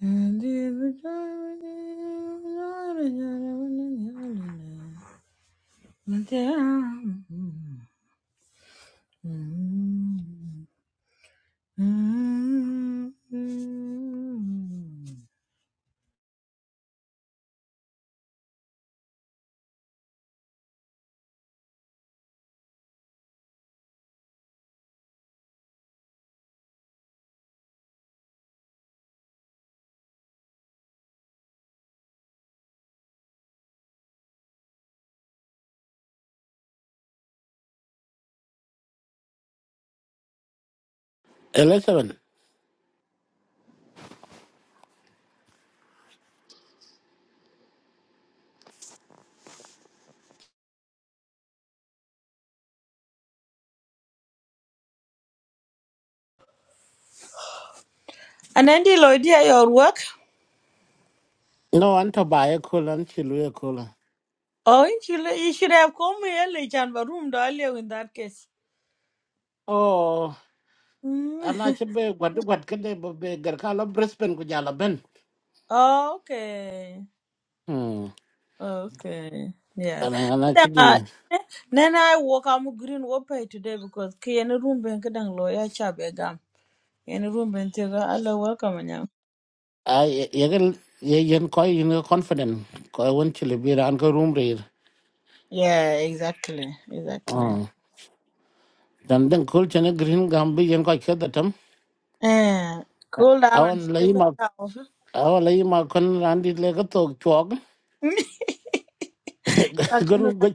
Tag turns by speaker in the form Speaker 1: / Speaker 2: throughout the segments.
Speaker 1: And
Speaker 2: Elizabeth.
Speaker 1: And Andy Lloyd, yeah, your work.
Speaker 2: No, anh thọ bài cool anh chỉ lui cool.
Speaker 1: Oh, you should, you should have come early, Chan, but room earlier in that case.
Speaker 2: Oh, anh ấy
Speaker 1: Mm.
Speaker 2: chỉ bị quạt quạt cái đấy bị gần cả là Brisbane của nhà là bên.
Speaker 1: okay.
Speaker 2: Hmm.
Speaker 1: Okay. Yeah.
Speaker 2: Anh anh ấy chỉ
Speaker 1: Kadang
Speaker 2: đi.
Speaker 1: ah, Then I walk am green wopay today because ki any room ben kadang lawyer chab egam. Any room ben tiga Allah welcome anyam.
Speaker 2: À, cái cái cái coi cái confident coi vẫn chỉ bị ra anh cái room rồi.
Speaker 1: Yeah, exactly. Exactly.
Speaker 2: Oh, dan dan cool cho nên green gambi, bị cái coi cái đó thầm.
Speaker 1: Eh, cool down and
Speaker 2: Awan
Speaker 1: chill
Speaker 2: lấy mà
Speaker 1: out.
Speaker 2: awan lấy mà con anh đi lấy cái tổ chuột. Guru gach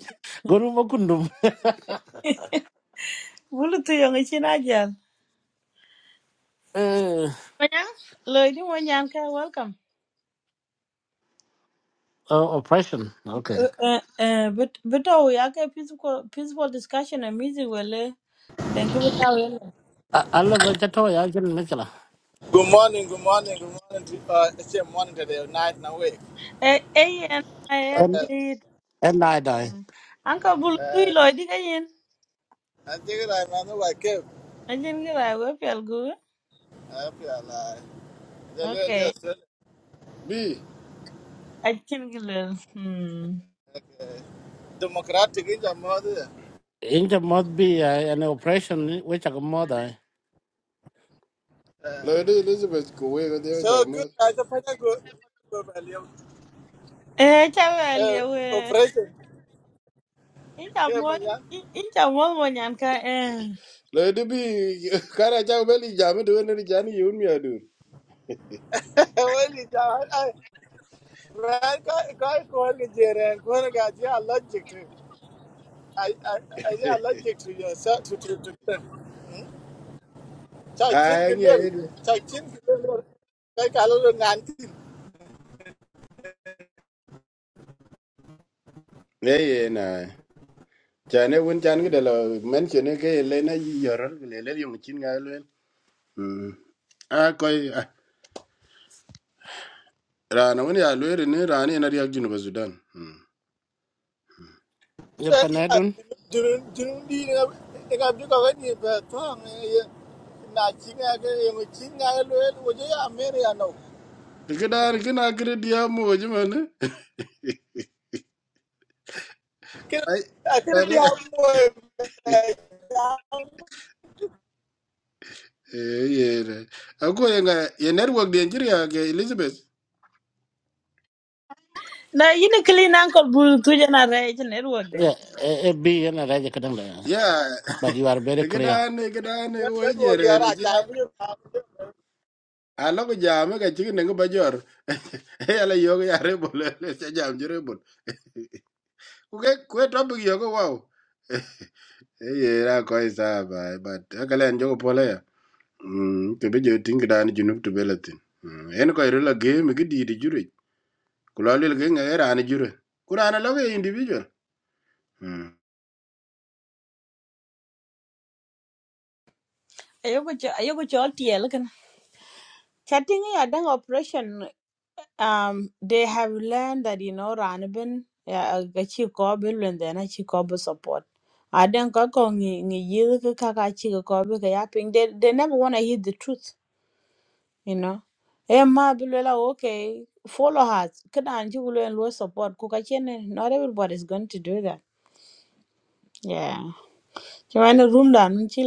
Speaker 2: guru mà kundum.
Speaker 1: Wulu tu yang ichi najal.
Speaker 2: Eh,
Speaker 1: Manya? Lady Manya, ka welcome.
Speaker 2: oh, oppression. Okay.
Speaker 1: Eh eh eh, but but oh ya ka peaceful peaceful discussion and music wele. Then give it away.
Speaker 2: A- Allah bên chắc thôi, anh chỉ nói cái là.
Speaker 3: Good morning, good morning, good morning. To, uh, it's a morning today, night and awake.
Speaker 1: Eh eh and
Speaker 2: en
Speaker 3: Okay.
Speaker 1: I
Speaker 2: en ai dai
Speaker 1: Mm. Anka bul tui
Speaker 3: Uh,
Speaker 1: loy di ka yin.
Speaker 3: I think I am remember I came.
Speaker 1: A jin ki rai we pial gu.
Speaker 3: I feel like uh, the little
Speaker 1: Okay.
Speaker 3: day still
Speaker 4: bi
Speaker 1: A jin ki lel. Hmm.
Speaker 3: like, uh, democratic in the mother.
Speaker 2: in the mod be uh, an operation which a mod dai
Speaker 3: Uh,
Speaker 4: loyde elizabeth ko wega dewa
Speaker 3: so
Speaker 4: chaka
Speaker 3: good.
Speaker 4: moth
Speaker 3: I just find a good good value.
Speaker 1: Eh, cha we
Speaker 3: Uh,
Speaker 1: we.
Speaker 3: operation.
Speaker 1: Incha
Speaker 3: Okay, my
Speaker 1: mon,
Speaker 3: young.
Speaker 1: in- incha mon mo nyan ka eh.
Speaker 4: loyde bi kara chaka beli jame to wende ni chani yun mi adun
Speaker 3: Well, it's all- I man, guy, guy, go and get and go and get. Yeah, allergic to. I, I, I, yeah, allergic to yourself to to to. chai tin
Speaker 4: ay
Speaker 3: ke
Speaker 4: ngi
Speaker 3: lwel
Speaker 4: ayede
Speaker 3: chai tin ke lwel kai ka lo ngan tin
Speaker 4: eye na chane wun chan gida lo mention ke ele na yi yoron gile ele yung chin ga elwen Mm. a koy ah, rana wun ya lwere ni rani ena riyak junuba sudan
Speaker 2: the
Speaker 3: ya ya
Speaker 2: panadun
Speaker 3: dun dun di na ka bi ka ni ba to na chi ke mo chi nga lwel ya mere ya no
Speaker 4: kidar kina kiri diya mo jima ne
Speaker 3: ke
Speaker 4: ay
Speaker 3: a ke di
Speaker 4: rana
Speaker 3: ha mo ya
Speaker 4: eye na ako yenga ye ga ye network di enjiri ya ke elizabeth
Speaker 1: Na yini kili na anka bul tui jana rai jin erwag de.
Speaker 2: yeah e be an raja kadang da
Speaker 4: Yeah,
Speaker 2: but you are very clear
Speaker 4: gadan gadan wo
Speaker 3: na do di
Speaker 4: jere na
Speaker 3: ara
Speaker 4: je.
Speaker 3: cha bi ka
Speaker 4: Alo ko jam ga chi ne ga bajor. E ala yo ga re bol le se jam jere bol. Ku ke ku to bi yo ko wow. E ye ra ko isa ba but ka len jo ko pole ya. Mm te be je tin gadan ju nup to belatin. En ko re la ge mi gidi di jure. Ku la le ge nga era ni jure. Ku ra na lo individual. Mm.
Speaker 1: Ayoko cho, ayoko cho tiel kan. Chatting ya dang operation um they have learned that you know ranbin uh, ga chi ko bi lwen de na chi ko bi support i don't go ko ni ni yil ka ka ka chi ko bi ka ya ping they they never want to hear the truth you know e ma bi lwe la okay follow her kada an ji lwen lo support ku ka chen not everybody is going to do that yeah you want room down, nun chi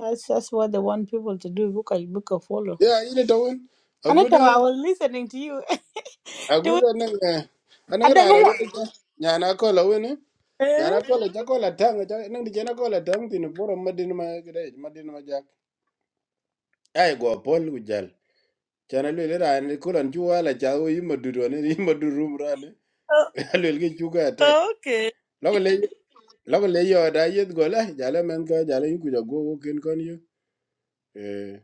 Speaker 1: that's that's what they want people to do book a book a follow
Speaker 4: Yeah, ini tawon. A
Speaker 1: anata
Speaker 4: good.
Speaker 1: i was listening to you to
Speaker 4: agudo nege
Speaker 1: i
Speaker 4: anang
Speaker 1: don't
Speaker 4: rara
Speaker 1: know
Speaker 4: wede cha nyana kola wene nyana
Speaker 1: Eh?
Speaker 4: kola cha kola tang cha nang di chana kola tang tin poro madin ma gre madin ma jak ai go pol ku jal chana le le ran kulan chu wala cha o yima duro ne yima durum rane le le chu ga ta
Speaker 1: Okay.
Speaker 4: logo le logo le yo da yet go la jala men ko jala yu ku ja go go ken kon yu eh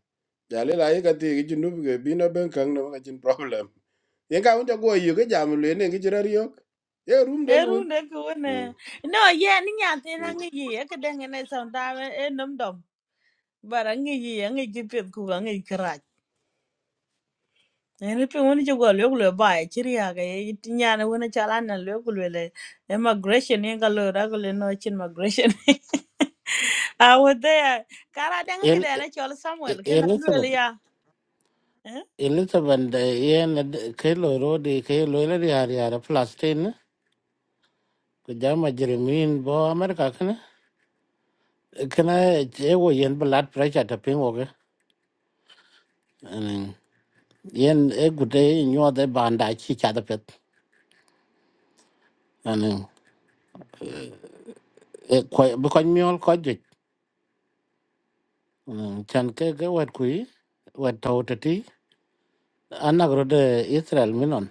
Speaker 4: jale la yi ka ti gi chu nu ge bino ben kang no ka chin problem ye ka un cha go yu ge jam le ne gi chira yok ye rum de
Speaker 1: Erunde kuone.
Speaker 4: gun
Speaker 1: No, yeah, ni nyate na ngi ye ke denge ne sonda e nom dom. Bara ngi ye ngi jipet ku ngi kraj. Ene pe woni jogo le kulo ba e chiri aga e nyane wona chala na le kulo le immigration ye ga lo ra kulo no chin migration. I was there. Kara denge ke
Speaker 2: El-
Speaker 1: dene chol
Speaker 2: E-
Speaker 1: Samuel ke na lo
Speaker 2: elizabeth
Speaker 1: ya. Eh?
Speaker 2: elizabeth the yen kelo ro di kelo le di hari ara plastin ku jama jeremin bo america kana kana e wo yen blood pressure ta ping wo ke Anin, yen e gude nyo de banda chi cha da pet anin e ko ko nyol ko Mm, chan ke ke wet kui wet tau tati anak rode Israel minon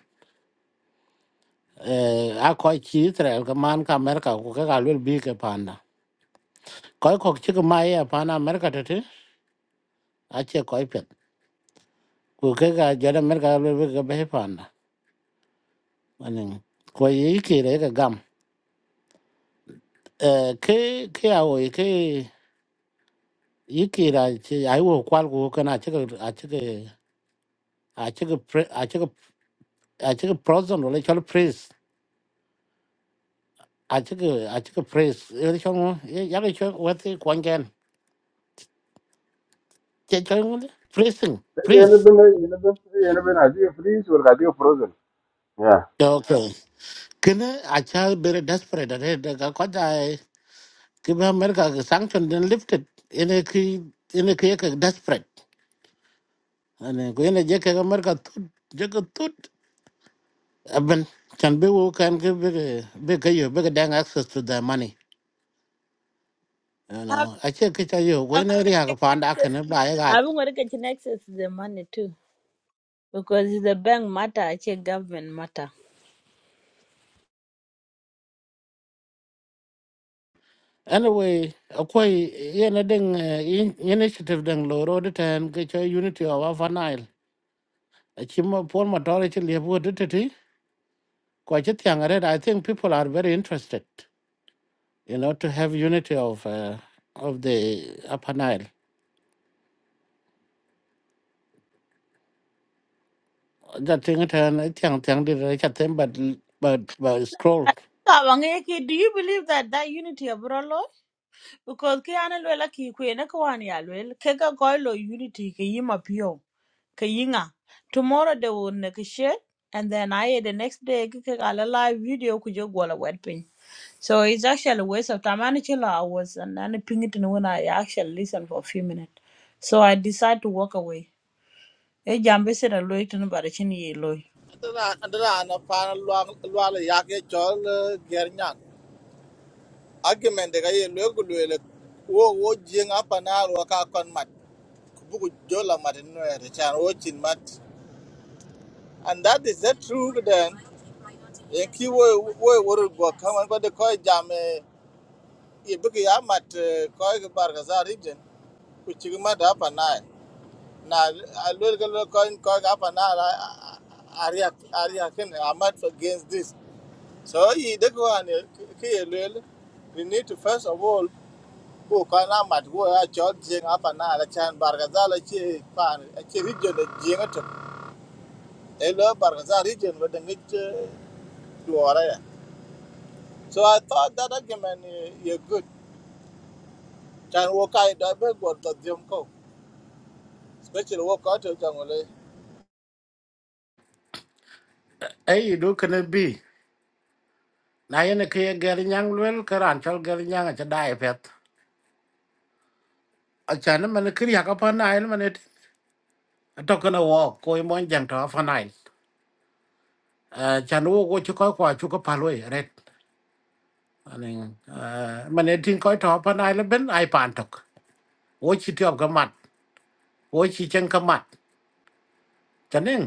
Speaker 2: eh a koi chi Israel ka man ka Amerika ku ka kalwel bi ke panda koi kok chi ka mai ya panda Amerika tati a che koi pet ku ke ka jada Amerika kalwel bi ke behi panda aning ko yi ki re ka gam eh ke ke a wo ke yi ki ra chi ai wo kwal ku ka na chi ka a chi ka a chi ka pre- a chi ka a chi ka prison wala chol priest à chứ cái à chứ cái freeze ở trong nó giá cái chỗ quét cái quan gian chế chỗ nó freezing
Speaker 4: يعني
Speaker 2: freeze
Speaker 4: بن يعني بن يعني بن عادية فريز ولا عادية فروزن يا
Speaker 2: Rồi, ok cái nó à cha bị desperate đấy đấy cái quan gia cái bên America cái sanction đến lifted cái này khi cái này khi cái desperate anh cái này giờ cái America tút giờ cái tút à bên chẳng biết vô can cái biết cái biết cái gì biết cái đang access to the money you
Speaker 1: Ab-
Speaker 2: know à chứ cái chỗ gì
Speaker 1: ab-
Speaker 2: cái này riêng cái phản đã cái nó bài cái
Speaker 1: I've been working to access the money too because it's the bank matter, actually government matter.
Speaker 2: anyway akwai yana din initiative din loro da ta ga cho unity of our nile a chimma for majority lebu da ta ti ko chi tyang red i think people are very interested you know to have unity of uh, of the upper nile that thing ta na tyang tyang di ra cha tem but but but scroll
Speaker 1: Kawangeke, do you believe that that unity of Rolo? Because ke ana lwela ki kwene kwani ya lwel, ke unity ke yima pio, ke Tomorrow they will make a shit, and then I the next day ke live video kujo gwala wet pin. So it's actually a waste of time. Ani chila hours and then ping it in when I actually listen for a few minutes. So I decide to walk away. E jambe se da loy tinu bara chini ye loy.
Speaker 3: le ya ke chol ger argument de ka ye lwel wo wo jenga panar wa ka bugu jola mat no ya chan o mat and that is the truth. then en ki wo wo wor go kan ko de ko jam eh, i bugu ya mat eh, ko ga bar ga za region ku ci ma da na na a lol ga lol ko ko ga pa na aria aria ken amat against this so i de ko an ki lol we need to first of all ko ka na mat go a chot jing apa na la chan bar ga za la ci pa ci region de jing to Hello, Barzar region with the meat duara. So I thought that argument is good. Can walk out the big what the Jimco, especially walk out of Jangole.
Speaker 2: ai you do can it be na yana ke gar nyang lwel karan chal gar nyang cha dai pet a chan man kriya ka pa nile man it to kana walk ko mo jang to upper nile à cha nó có chú có q u chú có pha lối red anh à mà n ê tin coi thọ pan ai là bên ai pan t o ọ c ôi chỉ t i ế u c á m a t ô chỉ chân c á mặt cho nên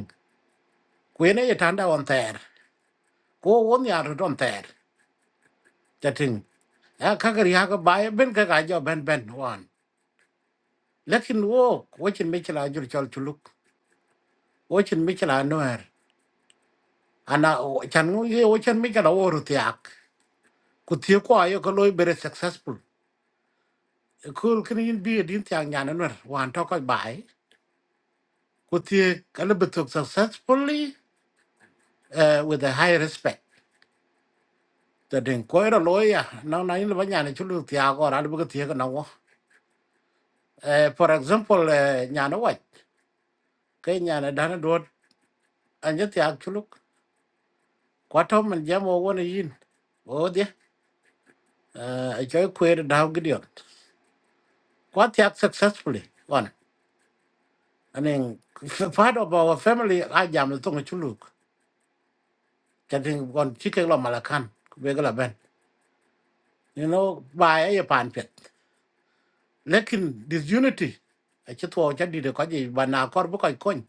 Speaker 2: quên ấ t h n g đ on tèr cô vốn n h rồi on tèr cho t h n g à các cái hàng cái bài bên cái cái cho bên bên h o n lekin wo wo chin mi chala jur chal chuluk o chin mi chala noer ana chan u ye o chin mi chala wo ru tiak ku tie ko ayo ko loy bere successful kul k i i n bi din tiang y a n noer wan to ko bai Kutie kalabatok successfully uh, with a high respect. The den koira loya na na in banya ne chulu tia go ra bu tia na wo. Eh, For example eh, nyana wat ke nyana dana dot anya tia chulu kwato man jamo wona yin. O dia a joy queer da gidion. Kwat tia successfully one. I mean part of our family I jam to chulu. Chatting on chicken lo malakan. Begala ben. You know, by a pan pit. lekin disunity a ci tuwo ca dide ko ji ba na kor bu koy kony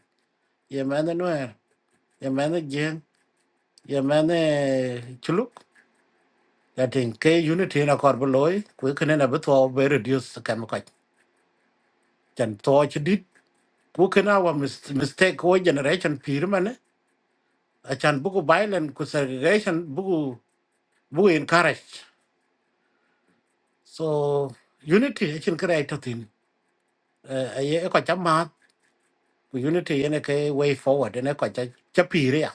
Speaker 2: ye mene nuer ye mene jeng ye mene culuk latin ke unity na kor bu loy ku kene na bu tuwo be reduce kam ko chan tuwo ci dit ku kena wa mis- mistake wo generation pir mane a chan buku violent ku segregation buku buku encourage so unity a chin kare to tin a ye ko chama ku unity yene ke way forward ne ko cha cha pir ya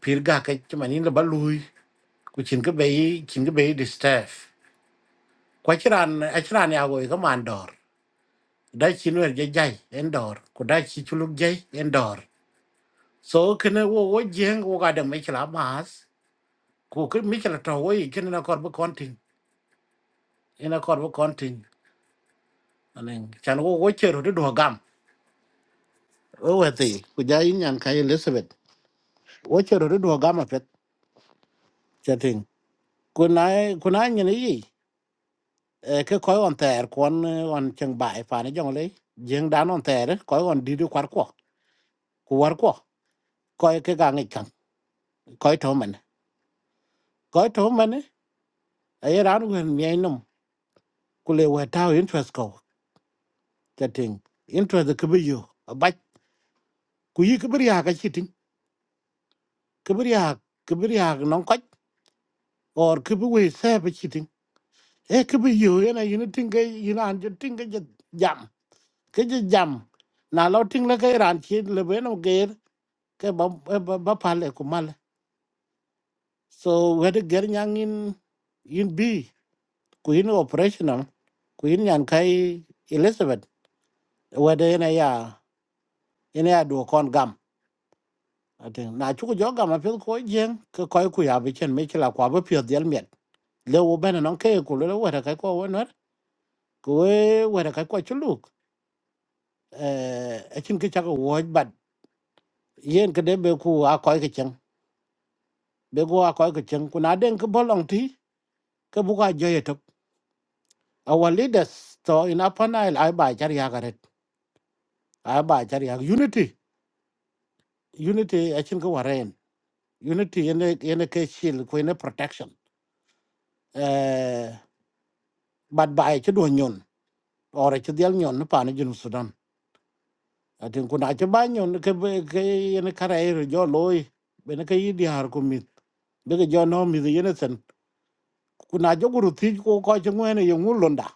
Speaker 2: pir ga ke chuma ni le balui ku chin ke bei chin ke bei distaff kwa chiran a chiran ya go ka man dor da chin wer je jai en dor ku da chi chuluk jai en dor so kene wo wo jeng wo ga de me chla mas ku ke me chla to wo i kene na kor bu kontin ina kor bu kontin anen chan wo wo chero de do gam o we ti ku ja yin yan kai elizabeth wo chero de do gam a pet chating ku na ku na nyi ni e ke koy on ter kon on cheng bai fa ne jong le jeng dan on ter koy on di du kwar ko ku war ko koy ke ga ngi kan koy to men koy to men e ran wen mi num ku le wa ta interest ko ta ting interest ke bi yo ba ku yi ke bi ya ga chitin ke bi ya ke bi ya non ko or ke bi we se ba chitin e ke bi yo na yin ting ke yin an je ting ke jam ke je jam na lo ting le ke ran chi le be no ger ke ba ba pal e ku so wede ger nyang in in b ku in operational ku in nyan kai elizabeth wede ene ya ene ya du kon gam atin na chu jo gam apil ko jen ke koy ku ya bi chen me chila kwa bi pyo del met le wo bene non ke ku le wede kai ko wonor ku we wede kai ko chuluk eh achin ke chak wo bat yen ke de be ku a koy ke chen be go a koy ke chen ku na den ke bolong ti ke bu ka jo ye tok our leaders to in upper nile ai ba char ya a ba chari ak unity unity achin ko waren unity ene ene ke shield ko ene protection eh bad ba ai chdo nyon ore chdial nyon ne pan jinu sudan atin kuna che ba nyon ke be- ke ene karair jo loy bene ke yidi har ko mit be ke jo no mi yene sen kuna jo guru ti ko ko che ngene yo ngulonda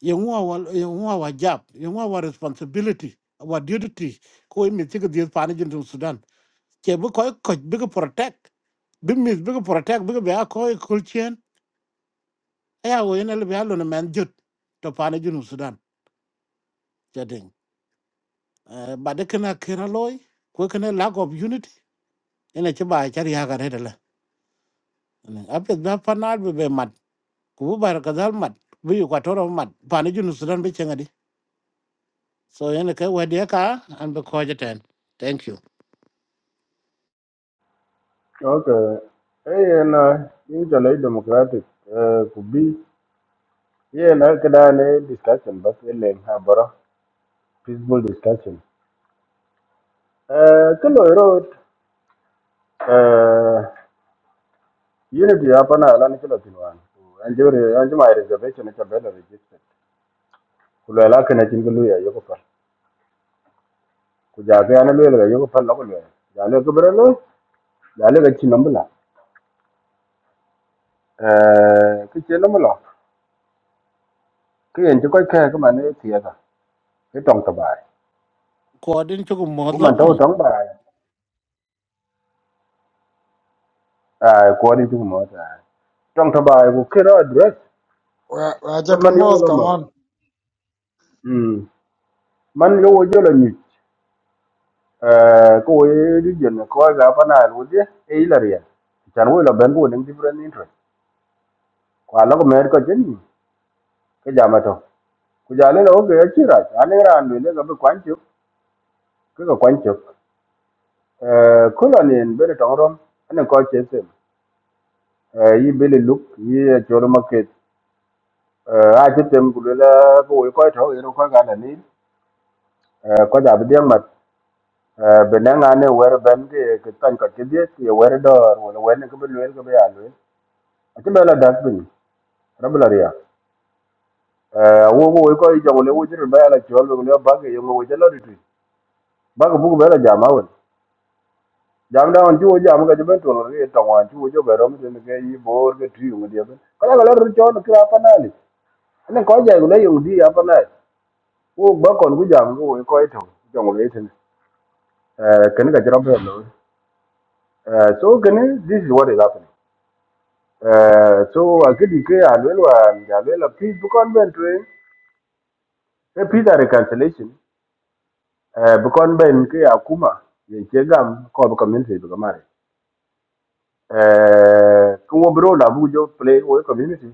Speaker 2: yo ngwa wal yo ngwa wa jab yo ngwa wa responsibility wa duty ko mi ti ke diet pan jinu sudan che bu ko ko be ke protect bi mis bi ki protect bi ki be a ko kul chen ya wo yen le be a lo na man jut to pa ne junu sudan chating ba de kana kera loy ko kana lack of unity ina ci ba char ya ga re de la a pe da pa na be be mat ku bu bar ka dal mat bi yu ka toro mat pa ne junu sudan be chenga di so yen ka wa de ka an be ko jaten thank you
Speaker 4: Okay. Hey, and uh, usually democratic uh, could be. Yeah, na kada ne discussion but ile ha bara peaceful discussion. Uh, kilo road uh, unity hapa na ala ni kilo tinwan. Anjuri anjuma reservation cha bela register. Kulo ala kana chingulu ya yoko par. Kujaga ana lo ya yoko par la kulo. Ya lo kubere lo. Ya lo gachi nambla. Eh, kiche cái hiện cho coi khe cái mà nó thiệt à cái trong tờ bài
Speaker 2: ko din chu ko mo
Speaker 4: của
Speaker 2: do
Speaker 4: mình đâu trong bài à của đi chung mở ra trong của kia đó address
Speaker 5: Ra- Raja
Speaker 4: cái mình yêu
Speaker 5: Kumod,
Speaker 4: là
Speaker 5: come
Speaker 4: mở
Speaker 5: on.
Speaker 4: ừ mình yêu cho là nhị à cô ấy đi dân coi gặp anh này luôn chứ ấy là riêng chẳng qua là bên của những different interest qua lúc mà có chân cái giá mà thôi cái giá này là ok chứ rồi anh ấy là người nó gặp quan chức cái gặp quan chức ờ cô là nên bên trong rồi anh ấy coi chết rồi ờ y bên lúc y chỗ đó market a ci tem cũng le ko we ko to ero ko ga na ni ko ja bi ma be na nga ne wer ben ke ke tan cái ke die ye wer do wo le wen ke be le ke be ya le a ti be la das bin rab la ria wo ko we ko i jong le wo jir ba la chol be le ba ke yo wo je lo di tu ba ko bu be la ja ma won jam da on ju wo jam ga je ben to lo ri to wan ju wo jo be ro mi ne ke yi bor ke tu ngi de ben ka này ro chol ke cái na li ne ko ja le yo di ya pa na wo ba kon ku jam ko we ko i to jong le Uh, can I get up here, Lord? Uh, so can I, this is what is happening. Uh, so I get declare Alwelo and Alwelo peace because when to a peace and reconciliation uh, because when ke akuma yenchegam ko community to kamare. Uh, kuwo bro la bujo play with community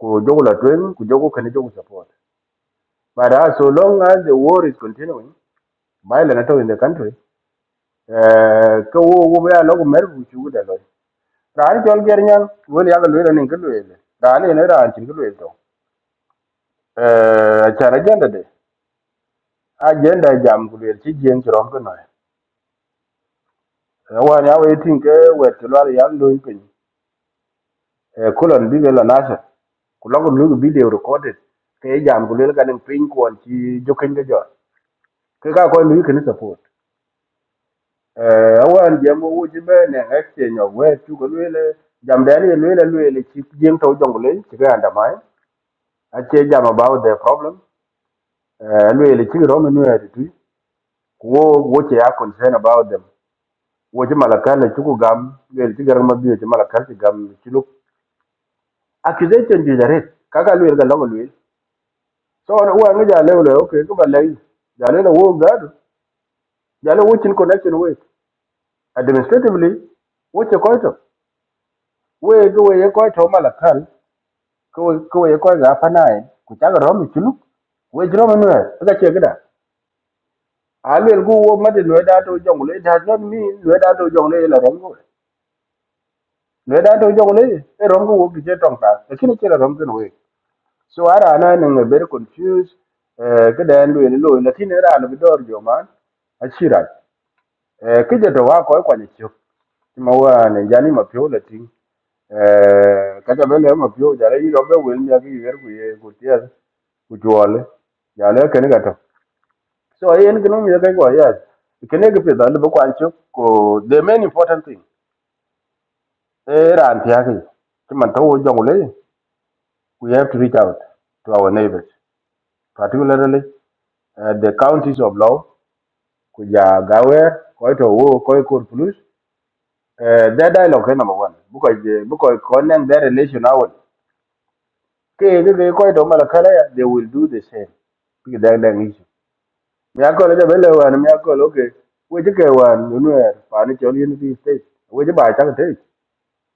Speaker 4: ku jogo la twen ku jogo kan jogo support. But uh, so long as the war is continuing, violent at all in the country, uh, ka wo wo ya logo mer bu chu da lo rani chol ger nyang wel ya lwele nin ke lwele rani ne ran chin ke lwele to eh acha agenda de agenda e jam ku lwele chi jien chrom ke no e wa ya we tin ke wet lwal ya lwele pin e kulon bi ke la nasa ku logo lu video recorded ke e jam ku lwele ka nin pin kwon chi jokin ke jor ke ka ko lu ke ni support eh awan jam wo ji be ne exchange of we chu ke lwele jam dani e lwele lwele chi jien to jongule chi ke andamai ache jam about the problem eh, lui le chi rom nu ya tu wo wo che ya concern about them wo che malakal le chuku gam le chi garam ma bi che malakal chi gam chi lu accusation di dare kaga lui ga long lui so na wa ngi ja le le okay ko ba le ja le wo ga do ja le wo chin connection we administratively wo che ko to we go we ko to malakal ko ko ye ko ga pa nai ku cha ga rom chi lu we jiro ma nu ga che ga da a le gu wo ma de no da to jong le da not mean no da to jong le la rom go le da to jong le e rom ko gi je tong ta e kini kira rom ken we so ara na ne ne ber confuse eh ke da ndu ne lo ne tin ra no bidor jo man a chira eh ke je to wa ko ko ni chok Ti ma wa ne jani ma pyo le tin eh ka ta bele ma pyo ja le ro be wel mi agi ger ku ye ku tia ku jole ya le ken ga to so e en gnu mi ga go ya ke ne ge pe da le ko an chok ko the main important thing e ra an tia ki Ti man to wo jong le We have to reach out to our neighbors, particularly uh, the counties of Law, Kuja Gawer, Koito Wo, Koikur Plus. Uh, Their dialogue is number one because they, because connect their relation out. Okay, they they Koito Malakala, they will do the same. Because that is issue. Me akol ja bele wan me akol okay. We je ke wan nuer pa ni chol unity state. We je ba ta te.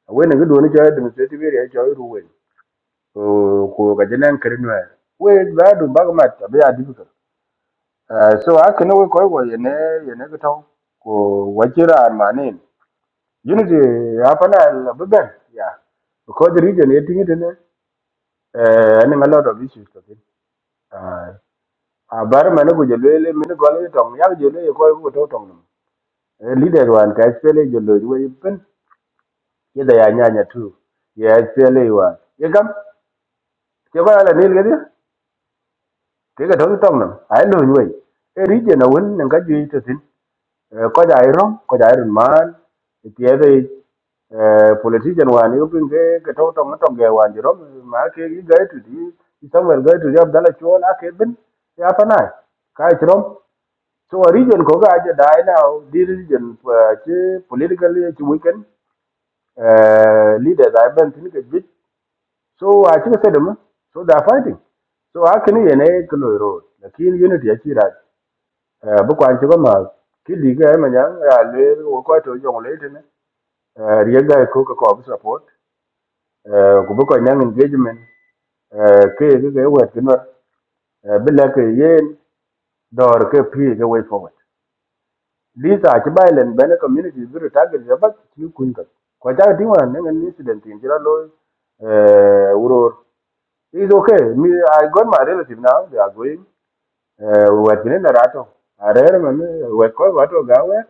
Speaker 4: We ne gudu ni chol administrative area chol ruwen. Ko ko ka jenen kri nuer. We da du bagmat be a difficult. Uh, so akene we koy go yene yene gito ko wajira manin unity hapana la beben yeah because the region eting it ne eh and a lot of issues to it uh a bar mane go jelele mine go le tong ya jele ko go to tong no leader wan ka spele jelo we pen ye da ya nyanya tu ye spele wa ye kam ke ba la nil gadi ke ga tong tong no ai lo we e region a won nga ji to tin ko ja rom ko ja iron man tiede politician wan yo pinge ke to to to ge wan ji rom ma ke gi ga tu di samuel ga tu jab dala chon a ke bin ya pa na ka ji rom so a region ko ga ja dai na di region che political che weekend leaders i ben tin ke bit so a ti ke sedem so da fighting so a kini yene kulo ro lakin unity a ti eh bu kwan ci ko ma ki di ga ma nyang ya le wo ko to jong le tin eh ri ga ko ko ko support eh ku bu ko nyang engagement eh ke ke ke wet kin eh bi la ke ye dor ke pi ke way forward lisa ci bay len ben community bi ta ga ja ba ci kun ka ko ja di wan ne ngen incident in jira lo eh wuror It's okay. Me, I got my relative now. They are going eh watine na rato arere mami weko wato gawe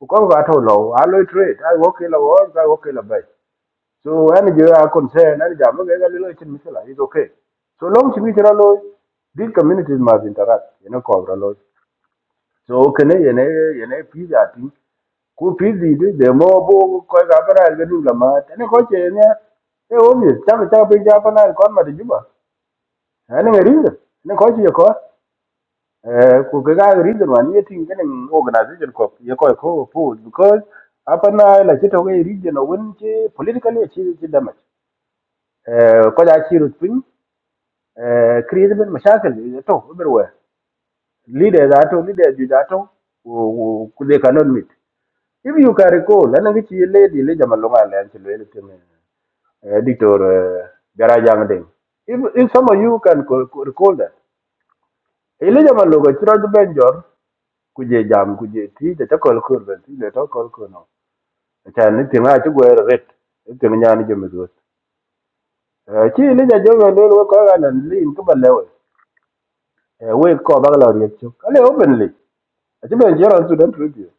Speaker 4: uko wato lo alo trade ai woke la wo ga woke la bai so ani je a concern ani jamu ga ga lilo chin misala is okay so long chi mitra lo these communities must interact you know cobra lo so kene yene yene pizza ti ku pizzi de de mo bo ko ga para ga du la ma tene ko che ne e o mi cha cha pe ja pa na kon ma de juba ani ngari ne ko che ko Eh, ku ga ga reason wan ye tin ganin organization ko ye ko ko pu because apa na la chito ga region won che politically chi chi damage eh ko ja chi rut pin eh create ben mashakal ye to everywhere leader da to leader ju da to ku ku they cannot meet if you can recall la ngi chi lady le jamal lo ngale an chi le tin eh dictor eh, garaja ngade if if some of you can co- co- recall that ile jamal lo ga chiro benjor ku je jam ku je ti de ta kol kol ben ti de ta kol kol no ta ni ti ma ti gwer ret ti ni nyani je mezo ki ni ja jo ben lo ko ga nan li in ku balle we we ko ba la ri chu ale openly ti ben jero su den tribute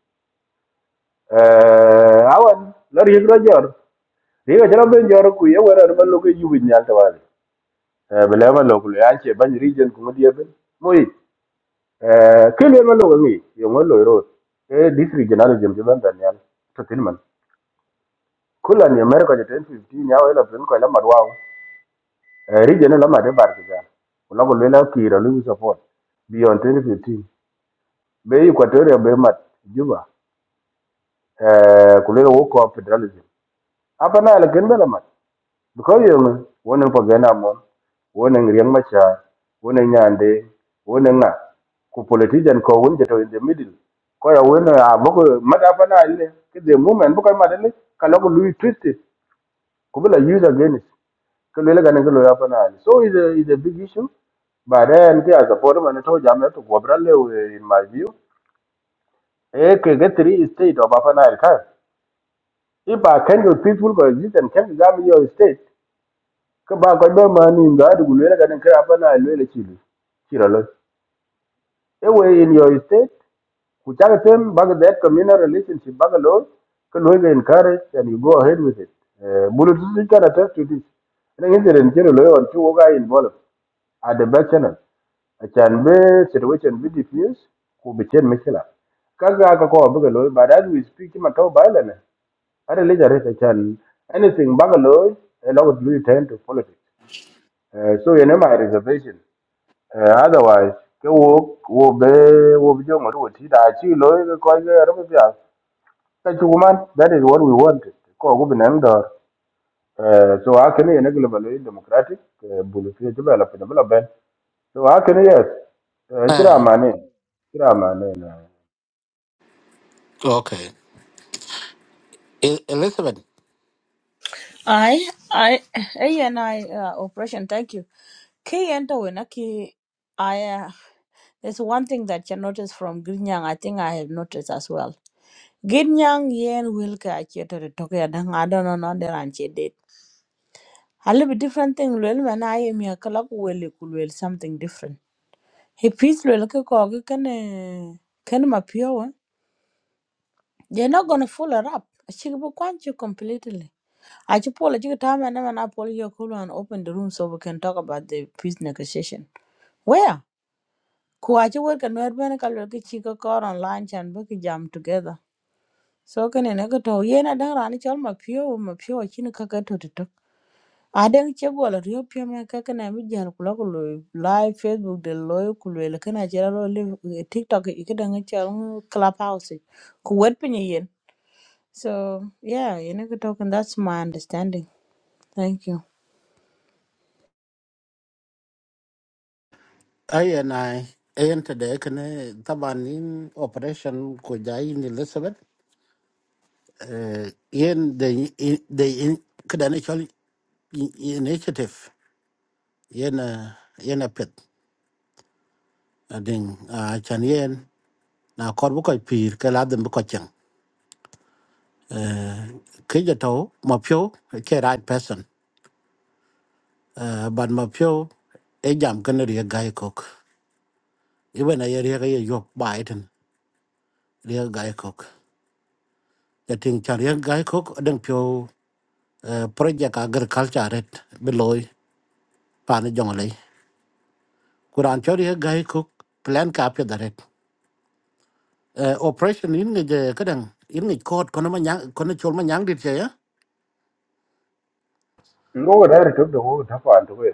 Speaker 4: eh awan la ri ro jor ri ga jero ben jor ku ye wera ba lo ko yu bin nyal ta wale eh bele ma lo ku ya che ban region ku mo die ben mo yi eh ke le ma lo ngi yo mo lo ro e district general jam jam dan nyal to tin man Kulon America je 2015 yaw elo tun ko lamar waw Eh, region elo ma de bar ki jam kula ko lela kiro lu support beyond 2015 be equatoria be mat juba eh kulela wo ko federalism apa na le gen bela mat because yo ngi wonen po gena mo wonen riang macha wonen nyande wonen na ku politician ko won je to in the middle ko ya wonen a boko mata apa na le ke the moment boko ma de le kala ko lu twist Kubila use again it. Kulele gane kulo ya pana ali. So it's a, it's a big issue. But then kia support man to jam to gobra le in my view. Eh ke three state of apana ali ka. If I can your peaceful coexist and can jam your state. Ke ba ko be man in da du kulele gane ke apana ali le chili. Chiralo. Ewe in your state Kuchaka tem baga that communal relationship baga lo can always encourage and you go ahead with it. Bulu tu can attest to this. Ina ngi den kero lo on two guy involved at the back channel. A can be situation be diffuse ku be chen mishila. Kaga ka ko baga lo but as we speak him at ba la na. Ara le jare ta can anything baga lo a lot of you tend to politics. Uh, so you know my reservation. Eh, otherwise ke wo wo be wo be jong ru ti da chi lo ke ko ke ro be ya ka chu man that is what we wanted ko gu bin an dor eh so a ke ne ne global democratic eh, bulu ti je bela pe bela ben so a ke ne yes eh,
Speaker 2: ah
Speaker 4: kira mane kira mane na
Speaker 2: okay E- elizabeth
Speaker 1: Aye, aye, eh, and I, uh, operation, thank you. Key enter when I key, I uh, there's one thing that you notice from Ginyang. I think I have noticed as well. Ginyang yen wilka achieto to toke adang I don't know non there and date. A little bit different thing lwel when I am here kalak wel kulwel something different. He peace lwel ke kogi kene kene mapio They're not gonna fool her up. Chikibu kwanchu completely. I Achipola chikitama and then I pull your cool and open the room so we can talk about the peace negotiation. Where? ku a ci wot ka nuwer bene ka lwel ki ci ko kor online chan be ki jam together so kene ne ko to yen adan rani chol ma pio wo ma pio chin ka ka to to adan che gol rio pio me ka kana mi jan ku lo ku lo live facebook de lo ku le kana che lo live eh, tiktok i ka dan chol clubhouse e, ku wet pinyi yen so yeah yen ko to kan that's my understanding thank you
Speaker 2: Ai này en ta de kene taban in operation của jai in Elizabeth eh yen de de in kadane chol initiative yen eh, yen a pet ading a chan yen na kor bu ko pir cái lá dem bu ko chen ke ja to ma pyo ke right person Eh, but ma pyo e jam kene ri gai kok even a riêng ri ga ye yo bai riêng ri gai kok ja ting chan ri gai kok ading pyo project agriculture ret beloy pan jongle kuran chori he gai cook plan ka pya daret operation in nge kadang in nge code kono ma nyang kono chol ma nyang dit che ya
Speaker 4: ngo da ri to do ta pa an to be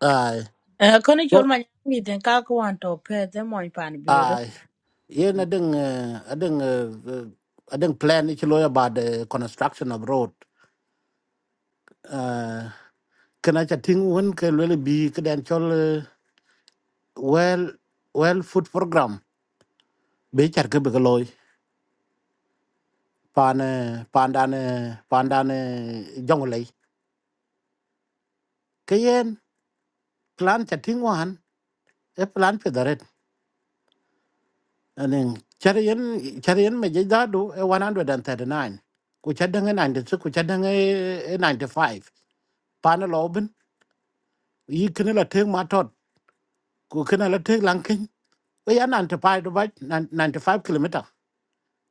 Speaker 2: ai
Speaker 1: eh kono chol
Speaker 2: Wo-
Speaker 1: ma mi den ka ko wan to pe de mo pan biure
Speaker 2: ai yen adeng eh, adeng eh, eh, adeng plan ich loya about the construction of road Eh, kana cha ting won ke lele bi kadan chol eh, well well food program be char ke be loy pan eh, pan dan eh, pan dan jongle ke yen plan cha ting wan e plan pe daret anen char yen char yen me je dadu e 139 ku cha dange 96 ku cha dange 95 pana loben yi kene la teng ma tot ku kene la teng lankin we ya 95 do ba 95 kilometer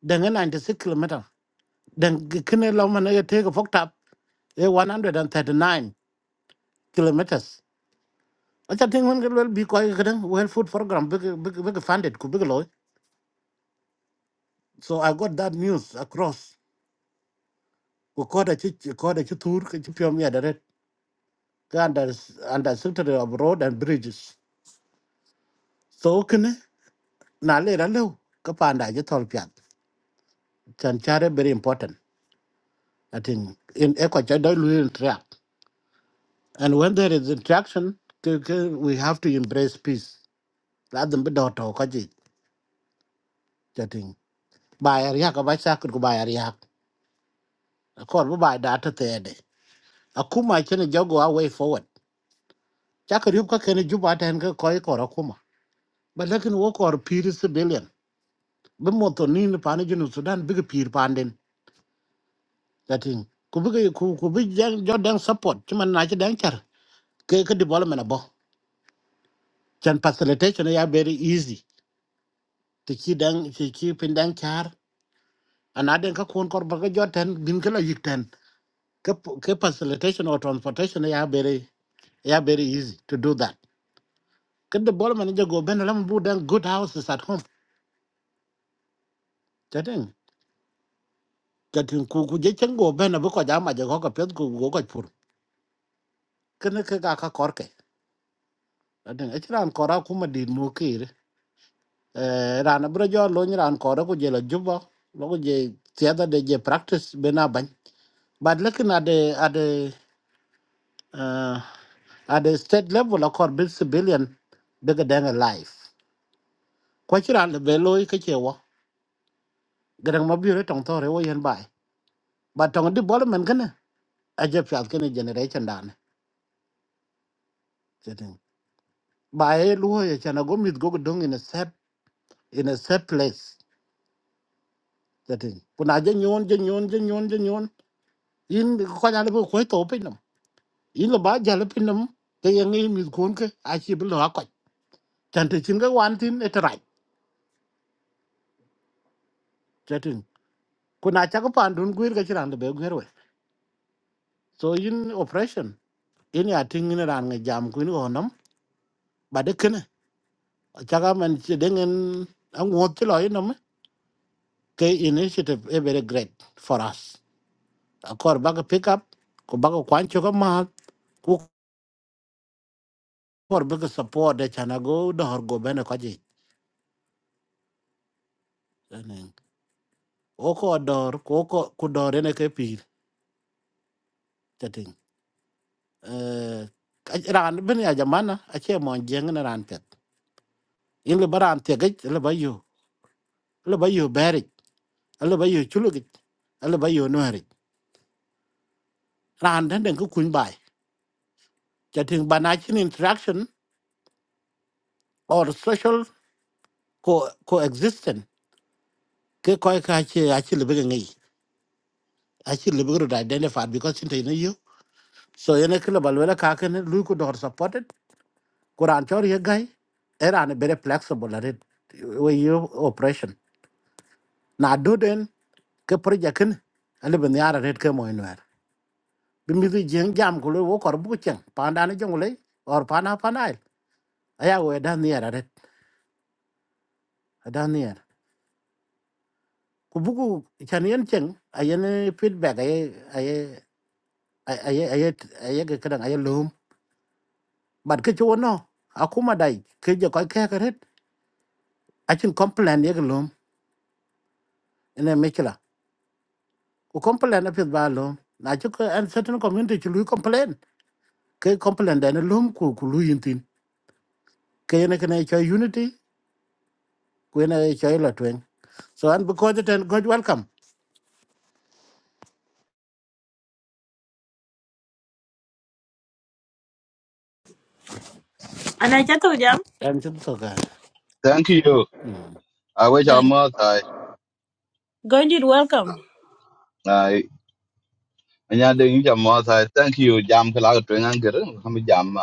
Speaker 2: dange 96 kilometer dan kene la man e teng fok tap e 139 kilometers acha ting hun gel bi ko ga dan well food program big big big funded ku big loy so i got that news across ko koda ci koda ci tour ko ci piom ya dare ka anda anda sector of road and bridges so kne na le ra lew ka pa anda je tol pian chan chare very important i think in eco cha do lu interact and when there is interaction ke- ke- we have to embrace peace la dum be do to ka ji cha ting bayar ya ka ba sa ko bayar ya ko bu ba da ta te de akuma chene jago a way forward chakari ka kene juba ten ka koi kora akuma but lekin wo kor piri civilian be moto ni ne pane jinu sudan bigi pir panden dating ku bigi ku ku bi jang jo dang support cuma na ci dang char ke ke development abo chan facilitation ya very easy ti ci dang ci ci pin dang char ana den ka kon kor baga jo ten bin ke la yik ten ke p- ke facilitation or transportation ya very ya very easy to do that ke development jo go ben lam bu dang good houses at home dating dating ku ku je chen go ben bu ko jama je ko ka pet ku go ko pur ke ne ke ga ka kor Aden ran kora kuma di mukir. Eh, Ran abro jo lo ni ran kora ku jela juba. Lo ku je tiada de je practice bena bany. But lekin ade ade uh, ade state level akor bil civilian bega denga life. Kwa chira le belo i kache wa. Gerang mabiyo tong tore wo yen bai. But tong di bol men kene. Aje fiat kene generation dane. Jeting. Bae luo ye chana go mit go dung in a set in a set place. Jeting. Kuna aje nyon je nyon je nyon je nyon. in ko ja le ko to pe nam in lo ba ja le pe nam ke ye ngi mi kun ke a chi bi lo ko chan te chin ga wan tin e tra te tin ku na cha ko pan dun guir ga chiran de be guir we so in operation in ya tin ni ran ga jam ku ni onam ba de ken cha ga man chi de ngen ang wo ti lo in nam e. ke initiative e very great for us a kor ba ga pick up ku ba ga kwan cho ga ma ku kor ba ga support de chana go dor go bene ko ji Oko dor, koko kudor ene ke pir chating. Eh, ran ben ya jamana, ache mon jeng na ran pet. In le baran tegej, le bayo, le bayo berik, le bayo chulugej, le bayo nuerik. Ran den den ku kun bai. Chating banachin interaction or social co coexistence. Ke koi ka ache ache le bege ngai. Ache le bege identified because inte ene yo. So ene ke le balwela ka ken lu ku dor supported kuran chori ye gai era ne bere flexible red we you operation na do den ke project này, ale ben yara red cái mo inwer bi mi di jeng jam ko wo kor bu chen panda ne jongule or pana panai aya we dan ne yara red dan ne yara ku bugu chan yen chen ayen feedback ay cái ay ay ay ke kadang ay lum bat ke chuno akuma dai ke cái ko ke red achin complain ye lum ene mechla ku complain a pith ba lom na ci ko an certain community ci lui complain ke complain da na lom ku ku lui tin. ke ne ke ne cho unity ku ne cho la twen so an because it and god welcome
Speaker 1: ana chato jam
Speaker 2: am ci to ga
Speaker 6: Thank you. I wish
Speaker 1: thank
Speaker 6: I'm
Speaker 1: you
Speaker 6: more tired.
Speaker 1: Gonjit, welcome
Speaker 6: I and I didn't jam more tired. Thank you, Jam Kalaka Twin Anger. I'm a jam.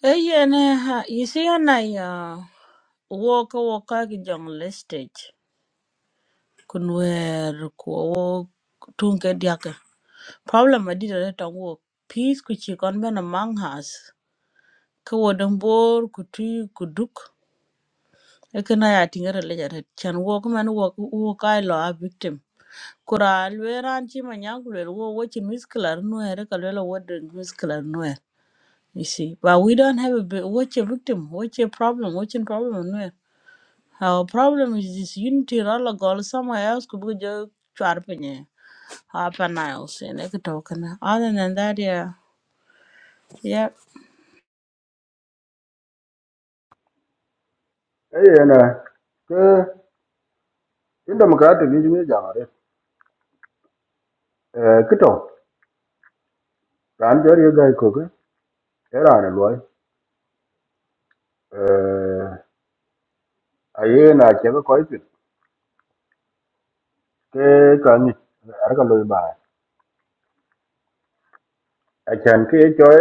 Speaker 1: Hey, na you see, na ya walk a walk ki jong listage kunwer ko tunke diaka problem adi da ta wo peace ku chi kon bena manghas ko wodon bor ku tu ku duk e kana ya tingere le chan walk man walk walk kai lo a victim kura lweran anchi manyang lwer wo wo chi misklar nuer ka lwelo wo de misklar nuer you see but we don't have a bi- wo chi victim watch chi problem wo chi problem nuer Our problem is this unity rala goal somewhere else could be just chwarpinye. Half an hours and I could talk And Other than that, yeah. Yeah.
Speaker 4: eh na ke in democratic ni me ja re eh kito ran jor ye ga ko ke era ne lo eh aye na che ko ke ka ni ar ka loy ba a chan ke choy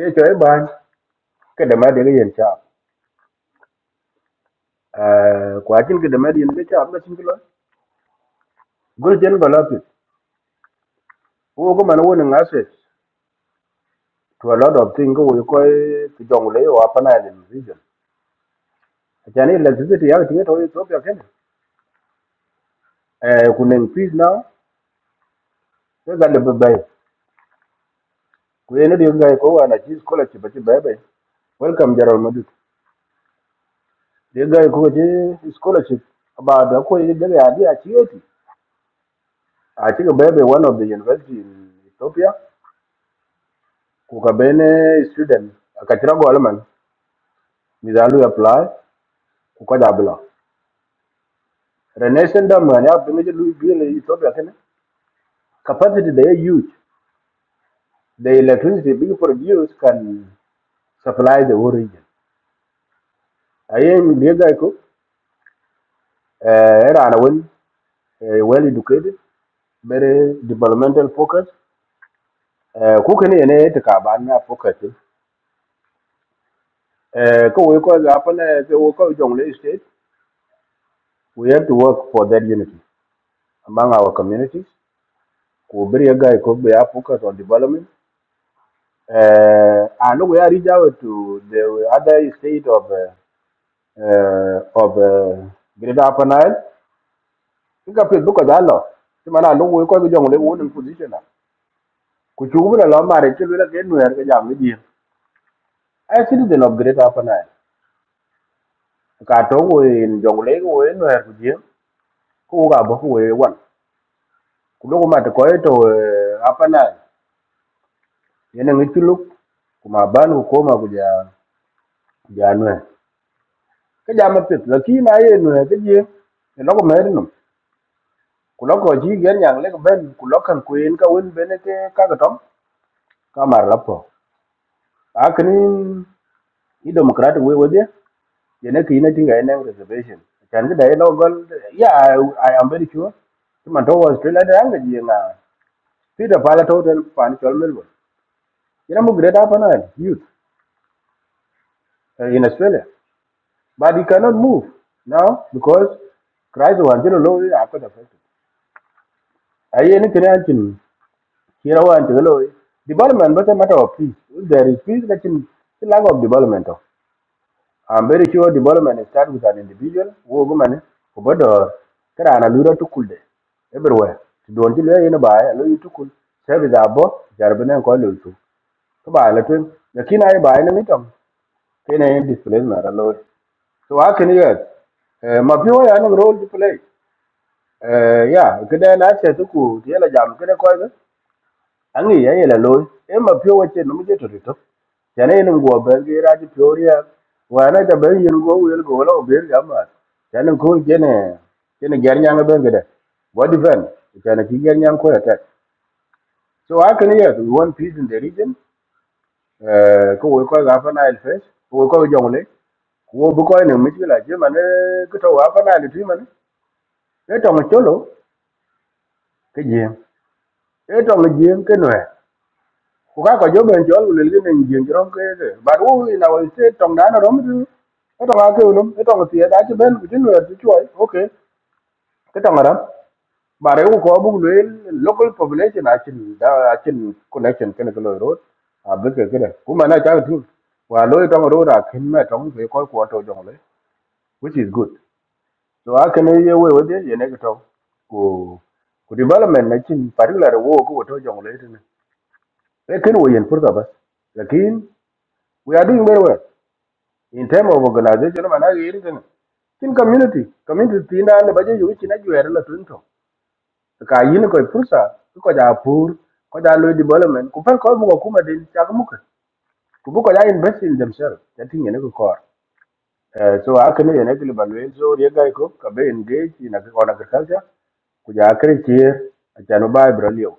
Speaker 4: ke choy ba ke de ma de ge yen cha eh kwa chin ke de ma de yen ge cha ma chin ke lo go jen ba la pi wo go man wo ni ngase to a lot of thing go ko ti jong le wa pa na de vision a chan ni electricity ya ti ge to to pya ken eh ku nen fees now ke ga le ba ba ku yen de ga ko wa na chi scholarship ba chi ba ba welcome jaral madut de ga ko je scholarship ba da ko je de ga ya chi I think maybe one of the university in Ethiopia, kukabene student, akachira go alaman, mizalu apply, kukaja abula. Renation dam gani hapo meje lui bile Ethiopia kene. Capacity they are huge. The electricity being produced can supply the whole region. Ayen liga iko, eh, era anawin, eh, well educated, very developmental focus. Eh, kukene ene etika bana focus. Eh, ko we ko hapo na ko weko jongle state, we have to work for that unity. among our communities. Kuhubiria guy could be a focus on development. Uh, and we are reach out to the other state of uh, uh, of uh, Greater Upper Nile. Kika pil buka dalo. Simana no we ko jong le won position. Ku chugu la mare chulu la genu er ga jam ji. A citizen of Greater Upper Nile. Ka to we in jong le we no er ku ji. Ku ga bo we wan. Ku lo ma ko to uh, Upper Nile. Yene ngi chulu kuma ban ku koma ku ja ja no. cái giờ mà tuyệt là khi mà ấy người cái gì thì nó có mấy nó của nó có gì cái nhà lấy cái bên của nó cần quyền cái bên bên cái các cái trong cái mà là phổ à cái này ý đồ mà cái democrat way way đấy thì nó khi nó chỉ cái này reservation cái cái đấy nó vẫn yeah I, am very sure nhưng mà đâu Australia đấy cái gì là thì là phải là thôi thì phải cho Melbourne vậy là một know great up and youth uh, in Australia but you cannot move now because Christ was you know low after the fact ấy nó cái này You know what? Hello. Development but a matter of peace. If there is peace, let him the lack of development. I'm very sure development starts with an individual, who woman, who but or karana lura to cool day everywhere. To don't delay in a buy, allow you to cool. Service abo, Jarbana and Kolu too. To To buy a little, the kin I buy in a meetum, can I display not alone. So how can you get? mapio yana role to play. Eh, Yeah, kida na ce tuku, yana jam kida kwa ang i ye le loy e ma pyo wa chen mu je to to chane ni go ben ge ra ji pyo ria wa na ta ben yin go wel go lo ben ga ma chane ko je ne je ne ger nyang ben ge de what defend chane ki ger nyang ko ya ta so how can you one piece in the region eh ko wo ko ga fa na el fes ko wo ko jong le ko wo bu ko ne mi ji la je ma ne ko to wa fa na le ti ma ne e to ma cholo ke je e to ma je ke no kuka ko jobe en jol le lin en jeng rom ke ke ba ru ina wal se tong dana rom tu e tong ake ulum e tong tie da ti ben ku tin wer ti choi okay ke tong ram ba re ko bu le local population a chin da a chin connection ken ko ro a be ke ke ku ma na cha tu wa lo tong ro da kin me tong ke ko ko to jong le which is good so a ken ye we we ye ne to ku ku development na chin particular wo ko to jong le ne e ken wo yen pur ka ba We are doing very well in terms of organization. Man, I hear it. In community, community tina ne baje yuwi china juere la tunto. Ka yin ko fursa ko ja pur ko ja lo development ku fan ko mu ko kuma din ta mu ka. Ku bu ko ja invest in themselves. That thing ne ko kor. Eh, So aka ne ne global way so ye ga ko ka be engage in agriculture ku ja kre tier a ja no ba bro liu.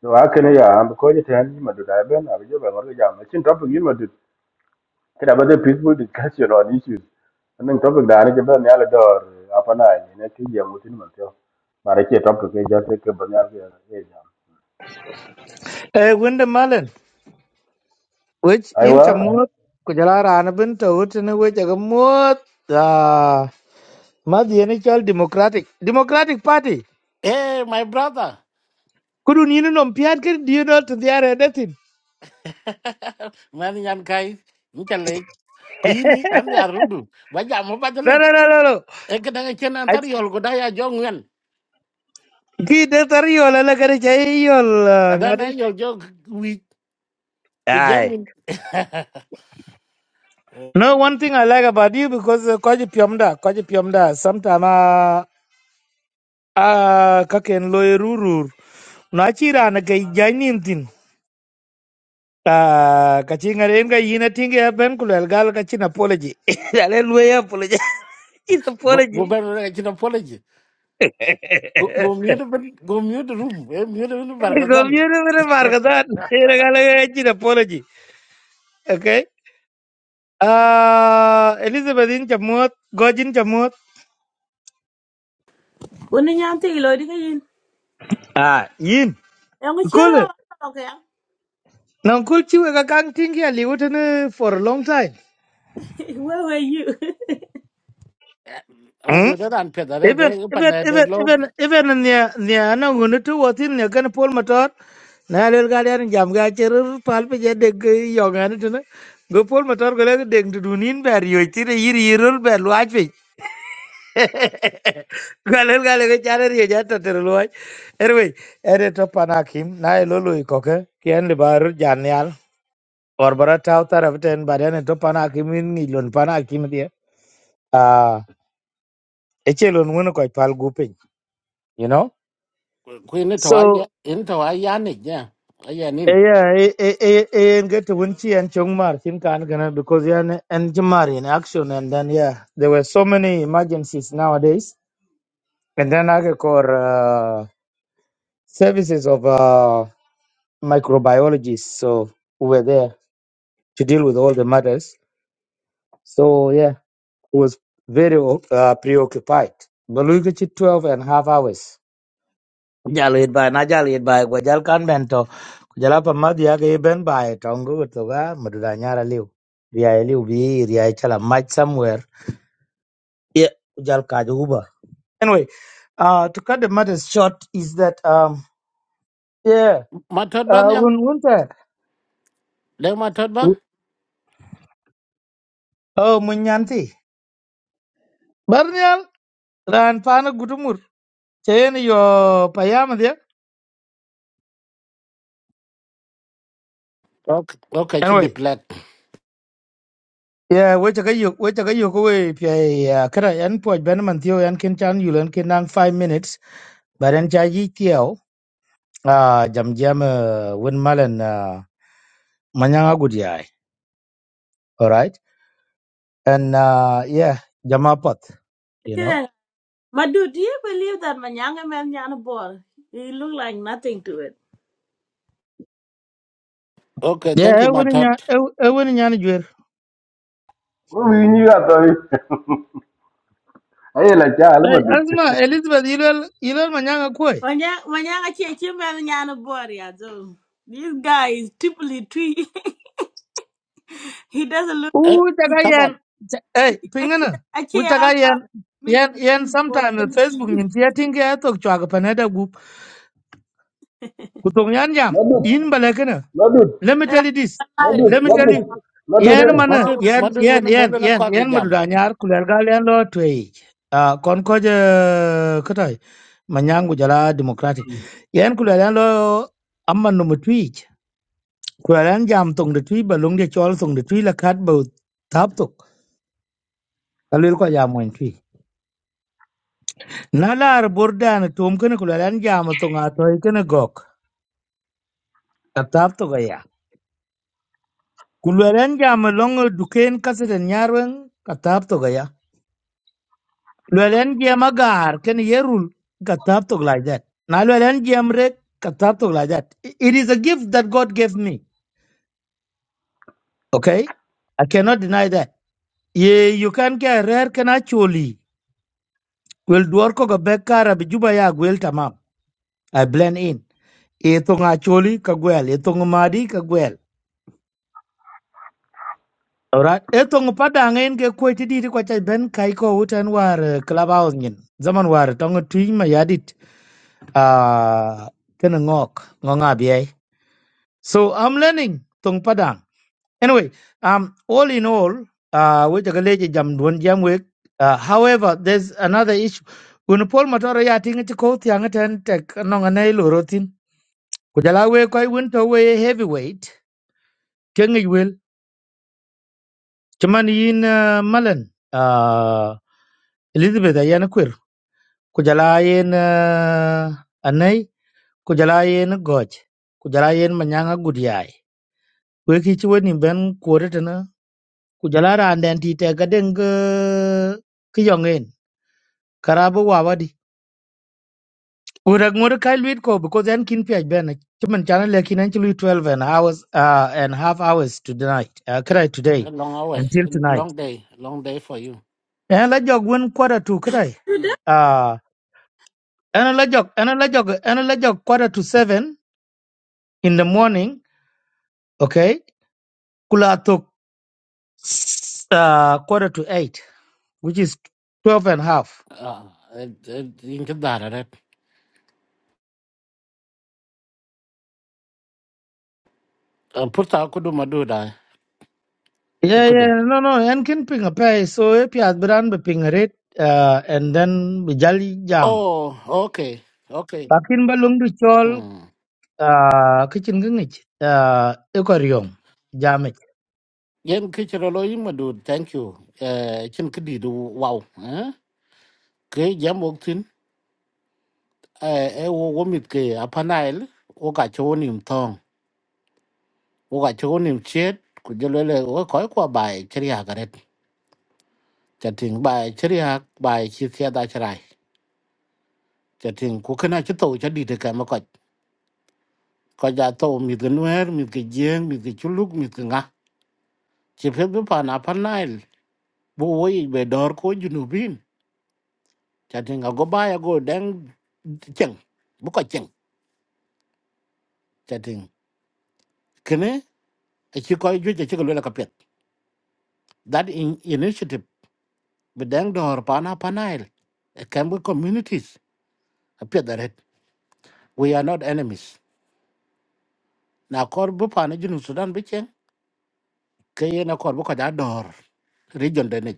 Speaker 4: So aka ne ya am ko je tan ma do da ben a je ba ngor ga ja ma chin top yin Kira ba the peaceful discussion on issues. Nang topic da ane jebe ni ala dor apa na ni ne ti ya mutin man tyo. Mara ke topic ke ja se ke ba ni ala ke ja.
Speaker 7: Eh, Windy Malin, which in
Speaker 4: Aiwa.
Speaker 7: Chamot, Kujala Ranabin, Tawutin, which Agamot, ah, Madiani Chal Democratic, Democratic Party.
Speaker 2: eh my brother
Speaker 7: Couldn't you know Piatkin, do you know to the other anything?
Speaker 2: man yan kai ni cha le ku yini am ya rudu ba ja mo ba dal
Speaker 7: No, no,
Speaker 2: e
Speaker 7: no, no, no.
Speaker 2: ke da ke nan
Speaker 7: I
Speaker 2: tar yol go da ya jo ngwen
Speaker 7: Ki detariol alakarechayol
Speaker 2: ada na
Speaker 7: ngadi.
Speaker 2: yol jo wi te
Speaker 7: Aye.
Speaker 2: jamin
Speaker 7: No, one thing I like about you because uh, kwaji piamda, kwaji piamda. Sometime ah ah kaken loy rurur. Na chira na kai Ah, kachingaren ka yina tinga ya ben kulel gal kachin apology. Dale luwe ya apology. Chin
Speaker 2: go go
Speaker 7: apology.
Speaker 2: ben ci apology Go go mute the go mute the room. Eh, mute the room bargazan.
Speaker 7: Community mere markadan. Ira gal ka chin apology. Okay. Ah, Elizabeth in chamot, Gojin chamot.
Speaker 1: When you are thinking, Lord, you
Speaker 7: Ah, yin.
Speaker 1: can
Speaker 7: Cool.
Speaker 1: chira okay.
Speaker 7: Now cool chiwe ka kang tinga ya liwutan for a long time.
Speaker 1: Where were you?
Speaker 2: Ama
Speaker 7: Hmm?
Speaker 2: do that and peda re
Speaker 7: even
Speaker 2: de
Speaker 7: even
Speaker 2: pana de
Speaker 7: even
Speaker 2: lo
Speaker 7: even even nya nya na ngunu tu watin nya kan pol motor na lel ga der jam ga cher pal pe je de yo ga ne tu go pol motor go le de du nin ber yo ti re yir yirol ber lwa pe ga lel ga le ga char re ja ta ter lwa erwe ere to panakim na lo lo ko ke ken le bar jan yal or bara ta ta ra ten bar ne to panakim ni lon panakim dia ah echelon wono ko pal gu piny, you know
Speaker 2: kuin to
Speaker 7: so
Speaker 2: ay in to ay yani ya.
Speaker 7: Eh,
Speaker 2: Ayanin.
Speaker 7: yeah, eh, eh, eh, eh, and get to Winchi and Chongmar, Tim Kanagana, because yeah, and and Jimari in action, and then yeah, there were so many emergencies nowadays, and then I call uh, services of uh, microbiologists, so who were there to deal with all the matters. So yeah, it was very uh, preoccupied. But look at you, 12 and a half hours. Jalo it by, na jalo it by, go jal kan Jalapa Madia gave Ben by Tongo Toga, Madudanyara Liu. Ria e Liu be Ria e Chala match somewhere. Yeah, Jal Kaja Uber. Anyway, uh, to cut the matter short is that, um, yeah,
Speaker 2: Matot ba
Speaker 7: uh,
Speaker 2: nyal.
Speaker 7: un unta.
Speaker 2: Le matot ba?
Speaker 7: Oh, Munyanti. Barnial, Ran Pana Gutumur. Chain your payama there.
Speaker 2: Okay, okay, to the
Speaker 7: Anyway.
Speaker 2: plate.
Speaker 7: Yeah, wait a go, we a go, go away. Yeah, Kara, and Poy Benaman Theo, and Ken Chan, you'll and Ken nang five minutes. But then Chaji Theo. uh, jam jam uh, win malan uh, manyanga good yai all right and uh, yeah jama pot you know
Speaker 1: Okay. But do, do you believe that my younger man yana ball. He look like nothing to it.
Speaker 2: Okay, thank
Speaker 7: yeah
Speaker 2: you
Speaker 7: e win
Speaker 2: matot.
Speaker 7: nya e win nya ni jwer
Speaker 4: Ko wi ni ga to ni. Ai la cha ala
Speaker 7: hey
Speaker 4: ma dut.
Speaker 7: asma elizabeth ilal ilal manyanga koi
Speaker 1: When ya when ya chechi man yana ball. ya so. This guy is typically tree. he doesn't
Speaker 7: u
Speaker 2: Eh,
Speaker 1: look.
Speaker 7: taka
Speaker 2: taban.
Speaker 7: hey pingana u
Speaker 1: Actually, I
Speaker 7: taka
Speaker 1: saw
Speaker 7: yan
Speaker 1: mix
Speaker 7: yan yan
Speaker 1: between Bob
Speaker 7: sometime eh,
Speaker 1: and
Speaker 7: facebook
Speaker 1: King.
Speaker 7: min tiya tinga ya tok chwa ga panada gup ku yan jam
Speaker 4: Ma dut.
Speaker 7: in balakana
Speaker 4: Ma dut.
Speaker 7: Let me
Speaker 1: And I
Speaker 7: tell you this.
Speaker 4: Ma
Speaker 1: and
Speaker 4: dut.
Speaker 7: Let me
Speaker 1: King is
Speaker 7: tell you.
Speaker 4: Ma dut.
Speaker 7: Yen
Speaker 1: really
Speaker 7: mana
Speaker 2: Madut
Speaker 1: Bob.
Speaker 7: yen
Speaker 2: madut
Speaker 7: yen
Speaker 2: when mo
Speaker 7: yen
Speaker 2: le na
Speaker 7: yen
Speaker 2: call with
Speaker 7: yen
Speaker 2: jam.
Speaker 7: madudanyar kulergal yen lo twey. Uh, kon ko je katay manyangu jala democratic yen kulergal lo amman no mutwi kulergal jam tong de twi balung de chol tong de twi la kat bo tap tok kalil ko jam wen twi na lar burdan tum ken kulergal jam tong a toy ken gok ka tap tok ya kulergal jam long duken kaseten nyarwen ka tap Llewellyn Jam agar can ye rule Katabtok like that. Now Llewellyn Jam red Katabtok like that. I- It is a gift that God gave me. Okay? I cannot deny that. Ye you can get rare can actually will dwarko ga bekara bijuba ya gwel tamam. I blend in. Etong actually kagwel, etong madi kagwel. Alright. Etong padang en ke kweti di kwa chai ben kaiko utan war eh, clubhouse nyin. Zaman war tong tuing ma yadit. Ah, uh, ngok, ngok So I'm learning Tong Padang. Anyway, um, all in all, uh, we take a I jam duan jam wek. Uh, however, there's another issue. When Paul Matara ya tinga ti kouti anga ten tek anong anay lorotin. Kujala we koi winter we heavyweight. Kengi will. Chaman yin uh, malan. Uh, Elizabeth ayana kwir. Kujala yin uh, anay. Kujala yin goj. Kujala yin manyanga gudiay. Weki chwe ni ben kuwaretana ku jala ran den ti te ga den ga ki yongen karabu wa wadi urak ngur kai luit ko because en kin piaj ben chimen chana le kin en chi luit 12 and hours uh, and half hours to the night uh, kray
Speaker 2: A
Speaker 7: today
Speaker 2: Long hours,
Speaker 7: until
Speaker 2: a
Speaker 7: tonight
Speaker 2: long day, long day for you.
Speaker 7: en la jog wen quarter to kray
Speaker 1: Do that?
Speaker 7: uh en la jog en la jog en la jog quarter to 7 in the morning okay kula to uh, quarter to 8 which is 12 and half
Speaker 2: Ah, eh, eh, in kedara re. Purta kudu madu da.
Speaker 7: Yeah, yeah,
Speaker 2: Kudu.
Speaker 7: no, no, and can ping a pay. So if you had brand be ping a rate, uh, and then be jolly jam.
Speaker 2: Oh, okay. Okay.
Speaker 7: Pakin balung du chol, uh, kitchen gingich, uh, ekorium, jamich.
Speaker 2: ยังคิดจะรออีกมาดู thank you เอ่อฉันคิดดีดูว้าวฮะเกย์ยำออกซินเอ่อเอโววอมิดเกย์อพันนัยล์โอกาสโชว์หนึ่งทองโอกาสโชว์หนึ่งเช็ดคุณจะเลยเลยโอ้คอยกว่าบ่ายเชริฮากันเลยจะถึงบ่ายเชริฮากบ่ายชีเซียดายจะถึงคุณขึ้นมาชุดโตชุดดีเดกันมาก่อนก่อนจะโตมีเดินเวรมีเกย์เยี่ยมมีเกย์ชุลุกมีเกย์งะจะเพิ่มเพิ่มผ่านอพันนัยล์บุ๋วอีกแบบดอร์โคยูนูบิน chatin a go ba ya go dang cheng bu ko cheng chatin kene a chi ko ju chi ko le ka pet that in initiative be dang dor pana panail a can be communities a pet that it we are not enemies na kor bu pana jinu sudan be cheng ke ye na kor bu ka da dor region de ne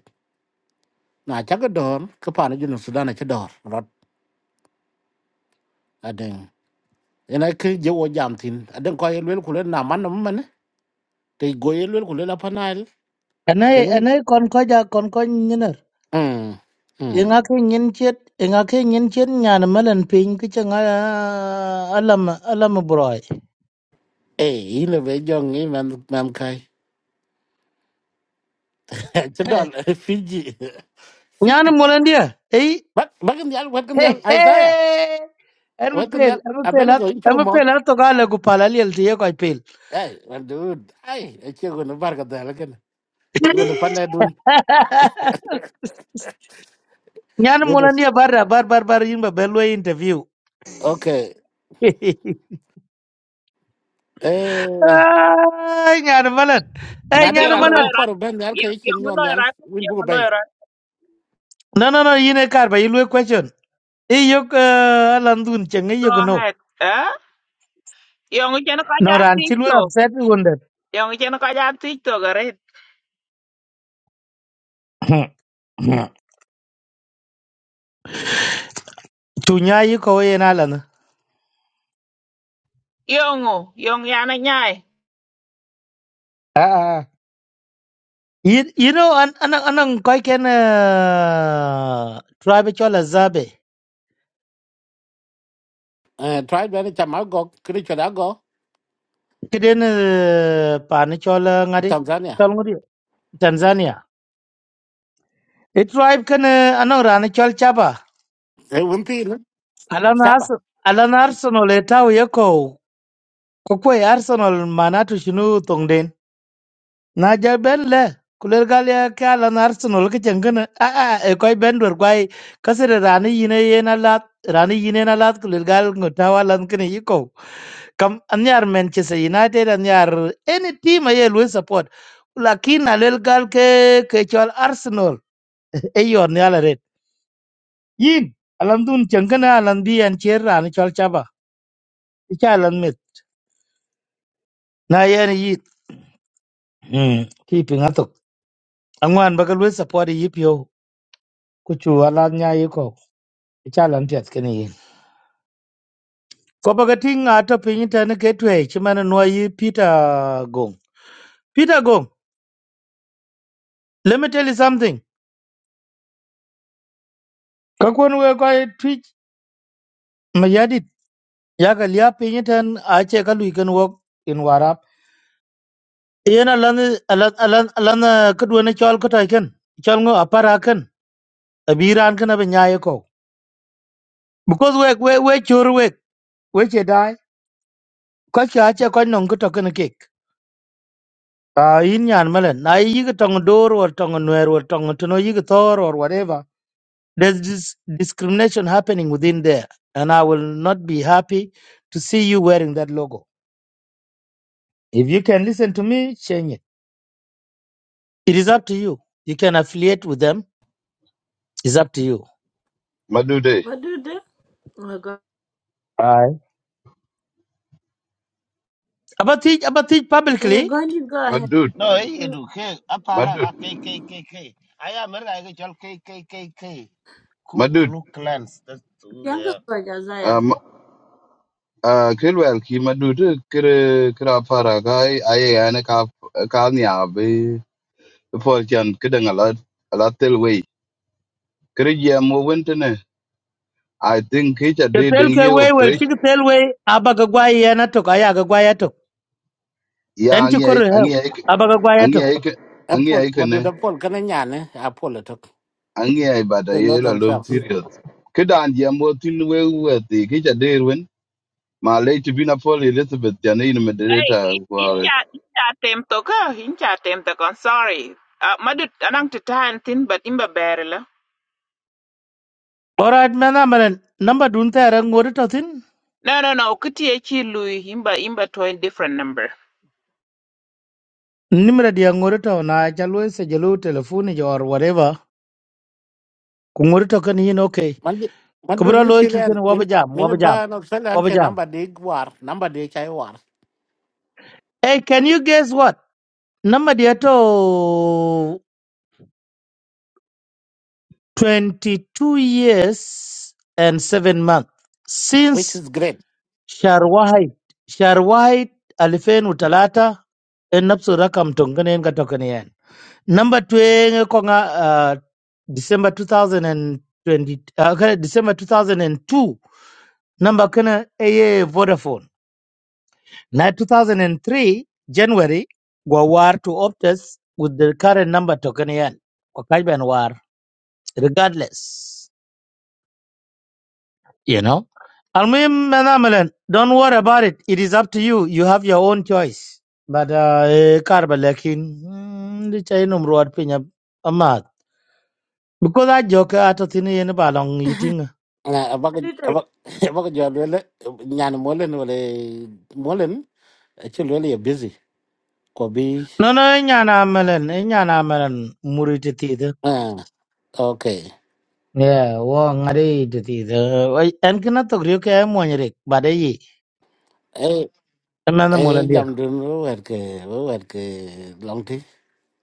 Speaker 2: na cha ga dor ka pana jinu sudan a cha dor rot a ding ina ke je wo jam tin a den ko ye le ku le na man na man te go ye le ku le la panail
Speaker 7: And I,
Speaker 2: benum
Speaker 7: and I concoja concoin yinner.
Speaker 2: mm
Speaker 7: Ingake nyin chet, ingake nyin chet nyan melon ping kitchen uh, alam, alam broy.
Speaker 2: Eh, ile be jong ni man man kai. Ci dol Fiji.
Speaker 7: Nyan
Speaker 2: Fiji.
Speaker 7: molandia, eh?
Speaker 2: Bak bakam yal wakam yal
Speaker 7: Hey,
Speaker 2: Isaiah.
Speaker 7: hey! Em
Speaker 2: Wakam
Speaker 7: pale,
Speaker 2: yal
Speaker 7: em
Speaker 2: abena
Speaker 7: pale,
Speaker 2: go in
Speaker 7: em
Speaker 2: chugo mot.
Speaker 7: pale, and to gala gupala liel tiye koi pale.
Speaker 2: Ay, man dude. Ay, e chugo no barka dala ken. Iwo no panda dun.
Speaker 7: Nyan
Speaker 2: Yodo.
Speaker 7: mulania barra bar bar bar yimba bello interview.
Speaker 2: Okay. Eh,
Speaker 7: Ay, nyan malan. Ay,
Speaker 2: na de
Speaker 7: nyan
Speaker 8: Yung
Speaker 2: rana we
Speaker 7: malan.
Speaker 8: loirat.
Speaker 2: kor ben yal kai chin
Speaker 8: Yung
Speaker 2: yon yal
Speaker 8: loirat.
Speaker 2: win
Speaker 8: Yung
Speaker 2: bu bay.
Speaker 8: loirat.
Speaker 7: No, no, no, yine karba yilwe question. I yok uh, landun chenge
Speaker 8: Go
Speaker 7: yok no.
Speaker 8: ahead. Eh? Yung chen ka ja
Speaker 7: No ran chilwe
Speaker 8: TikTok.
Speaker 7: upset me wonder.
Speaker 8: Yung chen ka ja TikTok arit.
Speaker 7: Tunya yuko yen alan.
Speaker 8: Yung yung yana nyai.
Speaker 7: Ah, ah. You, you know, an an an an koi ken uh, tribe chola zabe.
Speaker 2: Eh, try ben chama go kri choda go
Speaker 7: Kiden uh, pani chola ngadi.
Speaker 2: Tanzania.
Speaker 7: Chol ngadi. Tanzania. I tribe can anong rana chol chaba.
Speaker 2: E win pi ne.
Speaker 7: Alan
Speaker 2: Saba.
Speaker 7: Arsenal, Alan Arsenal etau yeko. Kokwe Arsenal manatu shinu tongden. Na ja ben le. Kuler galia ke Alan Arsenal ke chengana. A a e koi ben dur kwai. Kasere rani yine yena lat. Rani yine na lat kuler gal ngutawa lan kene yeko. Kam anyar Manchester United anyar any team aye lwe support. Lakin alel gal ke ke chol Arsenal. Eyor ni yin alam dun changana alam bi an cher ni chol chaba icha alam mit na yan yit mm keeping atok angwan bagal we support yi pyo kuchu ala nya yi ko icha alam piat kene yin ko baga ting ato ping ta ne ketwe chimana no yi peter gong peter gong let me tell you something ka kon we ko twitch mayadit yaga lia ping tan a che kan wok in warap yena lan lan lan lan kedua ne chol ko ta ken chol ngo apara abiran kana be nyaaye ko because we we we chur we we che dai ko cha cha ko non ko to kana kek a yin nyan malen na yi ga tong dor or tong nwer or tong to no yi ga tor or whatever there's this discrimination happening within there and i will not be happy to see you wearing that logo if you can listen to me change it it is up to you you can affiliate with them it's up to you
Speaker 6: Madude,
Speaker 1: What do that? Oh my god.
Speaker 7: Aye. about it about it
Speaker 1: Eh,
Speaker 7: publicly
Speaker 1: go ahead, go ahead.
Speaker 6: Madud,
Speaker 9: No, eh, you do. K, apara ga
Speaker 6: Madud,
Speaker 9: K K K K. I am a guy called K K K K. Ku
Speaker 6: Madud.
Speaker 9: Klux Klans. That's who they
Speaker 1: Pianga
Speaker 9: are.
Speaker 1: go Jazaya.
Speaker 6: Um, uh, Kilwell, Ki Madud, Kira Faraka, I and a cap, a carnia, be before Jan kidding a lot, a lot till way. Kirija more winter. I think Kitcha
Speaker 7: the
Speaker 6: did in
Speaker 7: tell
Speaker 6: you
Speaker 7: way
Speaker 6: of
Speaker 7: well
Speaker 6: fresh.
Speaker 7: chig tell way abaga gwa yana to kaya ga en
Speaker 6: Yeah,
Speaker 7: ci kor
Speaker 6: Angi,
Speaker 7: he
Speaker 6: Angi,
Speaker 7: abaga gwaya to
Speaker 6: Angi,
Speaker 2: Apple,
Speaker 6: Angi,
Speaker 2: madu
Speaker 6: Angi,
Speaker 2: da Apple kana nyane, Apple tok.
Speaker 6: angiyai bada
Speaker 2: They know
Speaker 6: ye la lom
Speaker 2: themselves.
Speaker 6: serious kedan jam wo tin we wati ke ja derwen ma le to bina pol elizabeth ya ne in
Speaker 8: Hey,
Speaker 6: moderator wa
Speaker 8: incha incha tem to ka. Incha tem to I'm sorry. Uh, madut anang to tan tin but imba berla.
Speaker 7: orat mena menen number dun ta ran ngori to tin
Speaker 8: No no no, kuti e chi lui imba imba to a different number.
Speaker 7: nimra dia ngori to na jalwe se jalu telephone jo or whatever ku ngori to kan yin okay
Speaker 2: man man do
Speaker 7: kubra
Speaker 2: ni
Speaker 7: loy ki kan
Speaker 2: chilen min
Speaker 7: waba jam
Speaker 2: min
Speaker 7: waba jam
Speaker 2: ba no selan
Speaker 7: waba
Speaker 2: che
Speaker 7: jam
Speaker 2: number de war number de chai war
Speaker 7: hey can you guess what number dia to 22 years and 7 months since
Speaker 2: which is great
Speaker 7: sharwahid sharwahid 2003 en nafsu rakam tongane en ga to kan Number twenty konga uh, December 2020 uh, kana December 2002 number kana eye Vodafone. Now 2003 January go war to Optus with the current number token yan. Wakajban war regardless. You know. Almuhim manamalan don't worry about it. It is up to you. You have your own choice. But uh, eh, karba lakin mm, di chay numruat pinya Because I joke at a thin in long eating. No,
Speaker 2: na abaga
Speaker 1: Madude.
Speaker 2: abaga abaga jo lele nyan molen wala molen che lele ya busy ko bi
Speaker 7: no, nyana melon, nyana melon, muriti theatre.
Speaker 2: ah okay
Speaker 7: Yeah, wong are it theatre. And cannot talk you care moneric, but a ye.
Speaker 2: eh
Speaker 7: A man the mullen
Speaker 2: eh
Speaker 7: dear.
Speaker 2: jam dun wer ke wer ke long ti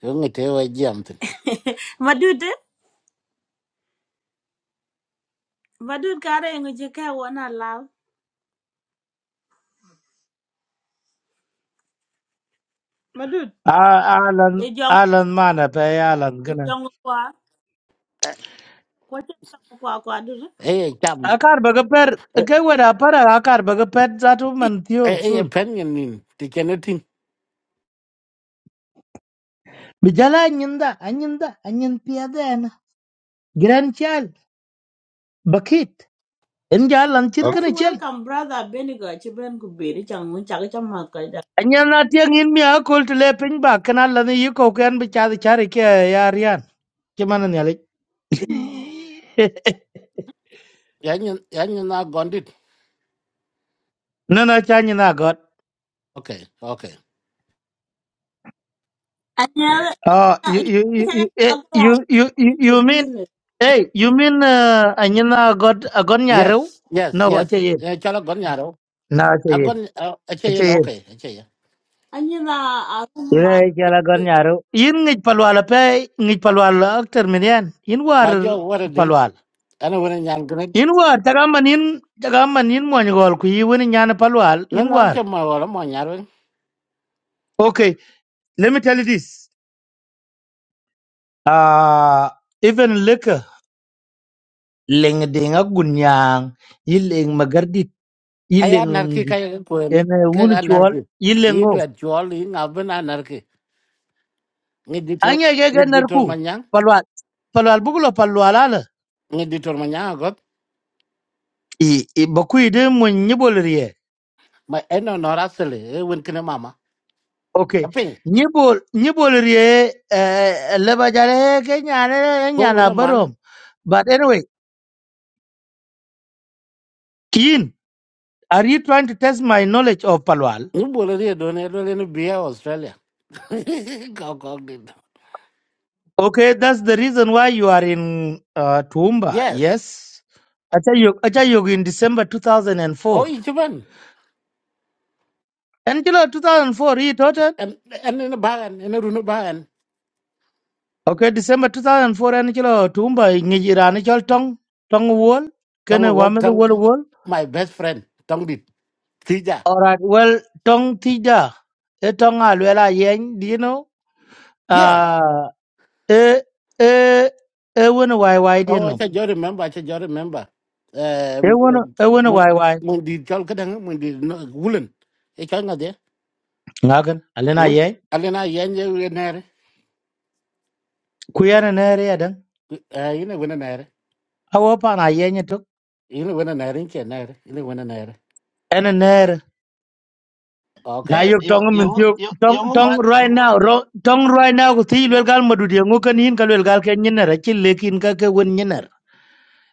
Speaker 2: yo ngi te wa jam tin
Speaker 1: Madude. Madude kare ngo jeka wana law. Madude. E
Speaker 7: Alan,
Speaker 1: jong
Speaker 7: Alan mana pay Alan
Speaker 1: e
Speaker 7: gonna.
Speaker 1: jong kwa. Kwa che jong kwa kwa dude.
Speaker 2: eh eh, jam
Speaker 7: A car bugger per, a
Speaker 2: eh
Speaker 7: gay with a para, a car bugger pet that woman theo
Speaker 2: eh eh,
Speaker 7: soon.
Speaker 2: pen yin tin ti kenetin
Speaker 7: Bijala anyinda, anyinda, anyin pia then. Grandchild, bucket. Injal and jalan
Speaker 1: Let's
Speaker 6: okay
Speaker 7: chirkin a
Speaker 1: welcome brother Benigo Chiben Kubiri Changu Chaka Chamaka.
Speaker 7: Anyan na tiang in mi akol to le ping ba kana la ni yuko kan bi cha chari ke ya rian. Ki ni alik.
Speaker 2: yan yan yan na gondit
Speaker 7: No no cha ni na god.
Speaker 2: okay okay
Speaker 1: Anyala
Speaker 7: Oh you you you you eh, you you you
Speaker 1: the
Speaker 7: you mean
Speaker 1: business.
Speaker 7: hey you mean uh, anyan na god agon nyaru?
Speaker 2: Yes, yes,
Speaker 7: No acha
Speaker 2: yes.
Speaker 7: ye.
Speaker 2: Eh, Chala gon yaro.
Speaker 7: No, acha ye.
Speaker 2: Agon ache ye
Speaker 7: Acha
Speaker 2: no
Speaker 7: ye.
Speaker 2: okay, ache ye.
Speaker 1: Anyi na arum ma
Speaker 7: Ye cha la gon nyaru. Yin ngi palwala pe ngi palwala akter minian. Yin war
Speaker 2: Ma jo wara di.
Speaker 7: palwal.
Speaker 2: Ana wara nyan gane.
Speaker 7: Yin war tagaman yin tagaman yin mo ni gol ku yi wani nyana palwal
Speaker 2: No
Speaker 7: yin
Speaker 2: no
Speaker 7: war.
Speaker 2: anche ma wala mo nyaro.
Speaker 7: Okay, let me tell you this. Uh, even liquor, ling ding a gunyang, yiling magardit,
Speaker 2: Aya
Speaker 7: yiling
Speaker 2: narki
Speaker 7: dit,
Speaker 2: kaya ka kwen.
Speaker 7: and a
Speaker 2: Ke ka
Speaker 7: wunichual,
Speaker 2: narki. Yi
Speaker 7: yilingo.
Speaker 2: dwa jol yi ngaben anarki. Ngi ditor
Speaker 7: Anya
Speaker 2: ngi
Speaker 7: yaga
Speaker 2: ditor
Speaker 7: narku,
Speaker 2: manyang.
Speaker 7: palwal, palwal bugulo palwalala.
Speaker 2: Ngi ditor manyang agot.
Speaker 7: I, i bakui de mun nyibolrie.
Speaker 2: Ma eno nora sele e win kine mama.
Speaker 7: Okay,
Speaker 2: Aping.
Speaker 7: nyibol, nyibolrie, uh, lebajare, kenyana,
Speaker 2: Go
Speaker 7: nyana
Speaker 2: win a man.
Speaker 7: barom. But anyway, Keen, are you trying to test my knowledge of palwal?
Speaker 2: Ni bolo ri do ne do le ni bia Australia. Có Go go
Speaker 7: Okay, that's the reason why you are in uh, Toowoomba.
Speaker 2: Yes.
Speaker 7: Yes, Achayok Achayok in December 2004. And
Speaker 2: Oh,
Speaker 7: four.
Speaker 2: ichiban.
Speaker 7: And kilo 2004 he taught it.
Speaker 2: and and in a bagan in a runu bahan.
Speaker 7: Okay, December 2004 and kilo Toowoomba ngijirani chol tong tong wol
Speaker 2: tong
Speaker 7: kene
Speaker 2: wol
Speaker 7: wame the
Speaker 2: tong
Speaker 7: wol wol.
Speaker 2: my best friend tong dit tija
Speaker 7: Alright, well tong tija e tong alwela yeng do you know?
Speaker 2: yeah
Speaker 7: Uh, e e e wena wai wai di
Speaker 2: oh I
Speaker 7: no.
Speaker 2: just remember I just remember eh
Speaker 7: E wena e wena wai wai.
Speaker 2: mun di jol kadang mun di wulen e kan ngade
Speaker 7: Ngagan alena
Speaker 2: wul
Speaker 7: yeng
Speaker 2: alena yanje wenere
Speaker 7: kuyana nere yadan.
Speaker 2: eh ina wenere
Speaker 7: Awopa na yeng
Speaker 2: ina wenere inche nere ina wenere
Speaker 7: and an air. Now
Speaker 9: Hey,
Speaker 2: okay
Speaker 7: you
Speaker 9: you
Speaker 7: tongue him
Speaker 9: you
Speaker 7: you
Speaker 9: you
Speaker 7: tongue
Speaker 9: you
Speaker 7: tongue
Speaker 9: man,
Speaker 7: right
Speaker 9: you
Speaker 7: now, ro-
Speaker 9: you
Speaker 7: tongue right now, with the well
Speaker 9: you.
Speaker 7: gal madudia, Mokan in Kalil Galkan Yener, a chill lake in Kaka win Yener.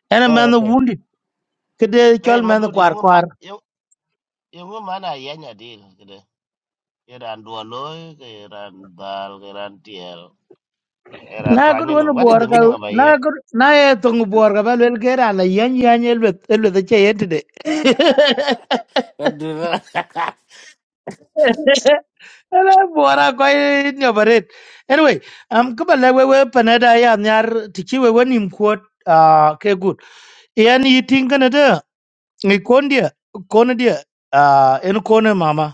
Speaker 7: And a
Speaker 2: oh
Speaker 7: man the
Speaker 2: okay
Speaker 7: wounded, Kade
Speaker 9: Hey,
Speaker 7: Chol
Speaker 9: my
Speaker 7: man the
Speaker 9: dude, you
Speaker 7: quar
Speaker 9: man,
Speaker 7: quar.
Speaker 9: you you man, I am a yanya deal. Kede. Iran dualoi, Iran bal, Iran tiel, Iran
Speaker 7: Na good one
Speaker 9: tuanyin.
Speaker 7: of
Speaker 9: What is the meaning
Speaker 7: borga,
Speaker 9: of a
Speaker 7: na
Speaker 9: year?
Speaker 7: good, na a tongue borga, well get on a yan yan with the chair today. Hello, Bora, quite innovative. Anyway, um, Kubala, we were Panada, and Yar Tichi, we were in quote, uh, yani yi tingana de ngi kondia kondia ah en kone mama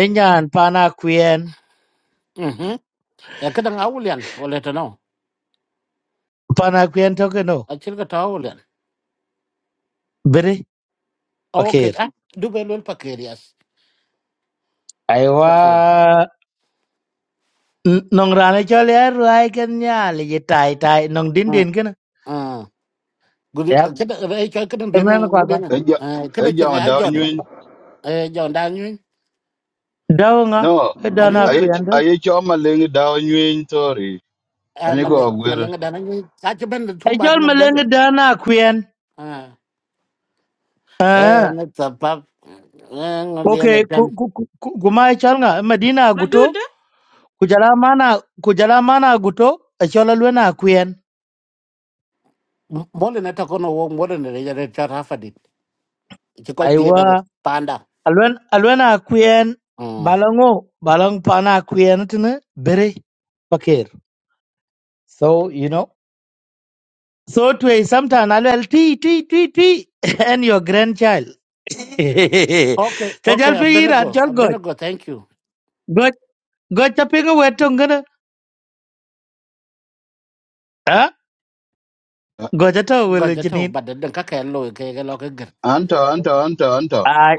Speaker 7: enyan pana kwen
Speaker 2: mhm e kadang awulian wala to no
Speaker 7: pana kwen to no
Speaker 2: achil ka tawulian
Speaker 7: bere
Speaker 2: okay
Speaker 7: okir
Speaker 2: ah dubelul pakerias
Speaker 7: aiwa
Speaker 2: okay
Speaker 7: nong rane chole rai ken nyali yi tai tai nong din
Speaker 2: Mm.
Speaker 7: din ken
Speaker 2: à guri
Speaker 7: yap
Speaker 2: cái đó cái cho cái đó biến này
Speaker 7: emran kwa
Speaker 2: nó
Speaker 7: kwa
Speaker 2: biến này
Speaker 6: eja
Speaker 2: à cái đó chẳng
Speaker 6: eja
Speaker 2: ai ai
Speaker 6: da
Speaker 2: giọt
Speaker 6: nyun
Speaker 2: ờ giọt đang như
Speaker 7: dawnga
Speaker 6: no
Speaker 2: anh
Speaker 7: dana
Speaker 2: như
Speaker 6: aye
Speaker 7: kwen de
Speaker 6: aye cho ma le da nyun tori
Speaker 2: à
Speaker 6: ani
Speaker 2: mà
Speaker 6: go
Speaker 2: lệ mà
Speaker 6: gwer
Speaker 2: lệ đang như sao cho bên là
Speaker 7: e
Speaker 2: thua ba
Speaker 7: chol
Speaker 2: thằng bên
Speaker 7: meleng
Speaker 2: được
Speaker 7: e dana kwen
Speaker 2: à
Speaker 7: ah
Speaker 2: ờ nó tập pháp ờ nó đi
Speaker 7: okay
Speaker 2: này
Speaker 7: ku
Speaker 2: trên
Speaker 7: ku ku ku- kuma e chol nga e medina guto
Speaker 1: dude,
Speaker 7: kujala mana kujala mana guto e chol e lwena kwen
Speaker 2: mỗi lần nó thắc nó uống mỗi lần này giờ cho ra phát đi chỉ có đi đó
Speaker 7: aiwa
Speaker 2: đấy panda
Speaker 7: Alwen alwen a kuen
Speaker 2: ừ
Speaker 7: balango balang pana a kuen tene bere pakir. So you know. So to a sometime alwel tee tee tee tee and your grandchild.
Speaker 2: ok ok
Speaker 7: Chajal pe iran
Speaker 2: abenago
Speaker 7: chal goj
Speaker 2: abenago thank you
Speaker 7: goj goj chapinga wetong gana. Ah goj ato
Speaker 2: gọi
Speaker 7: wele
Speaker 2: cho thằng bạn đừng các cái lỗi cái cái lo cái gần
Speaker 6: anto anto anto anto
Speaker 7: I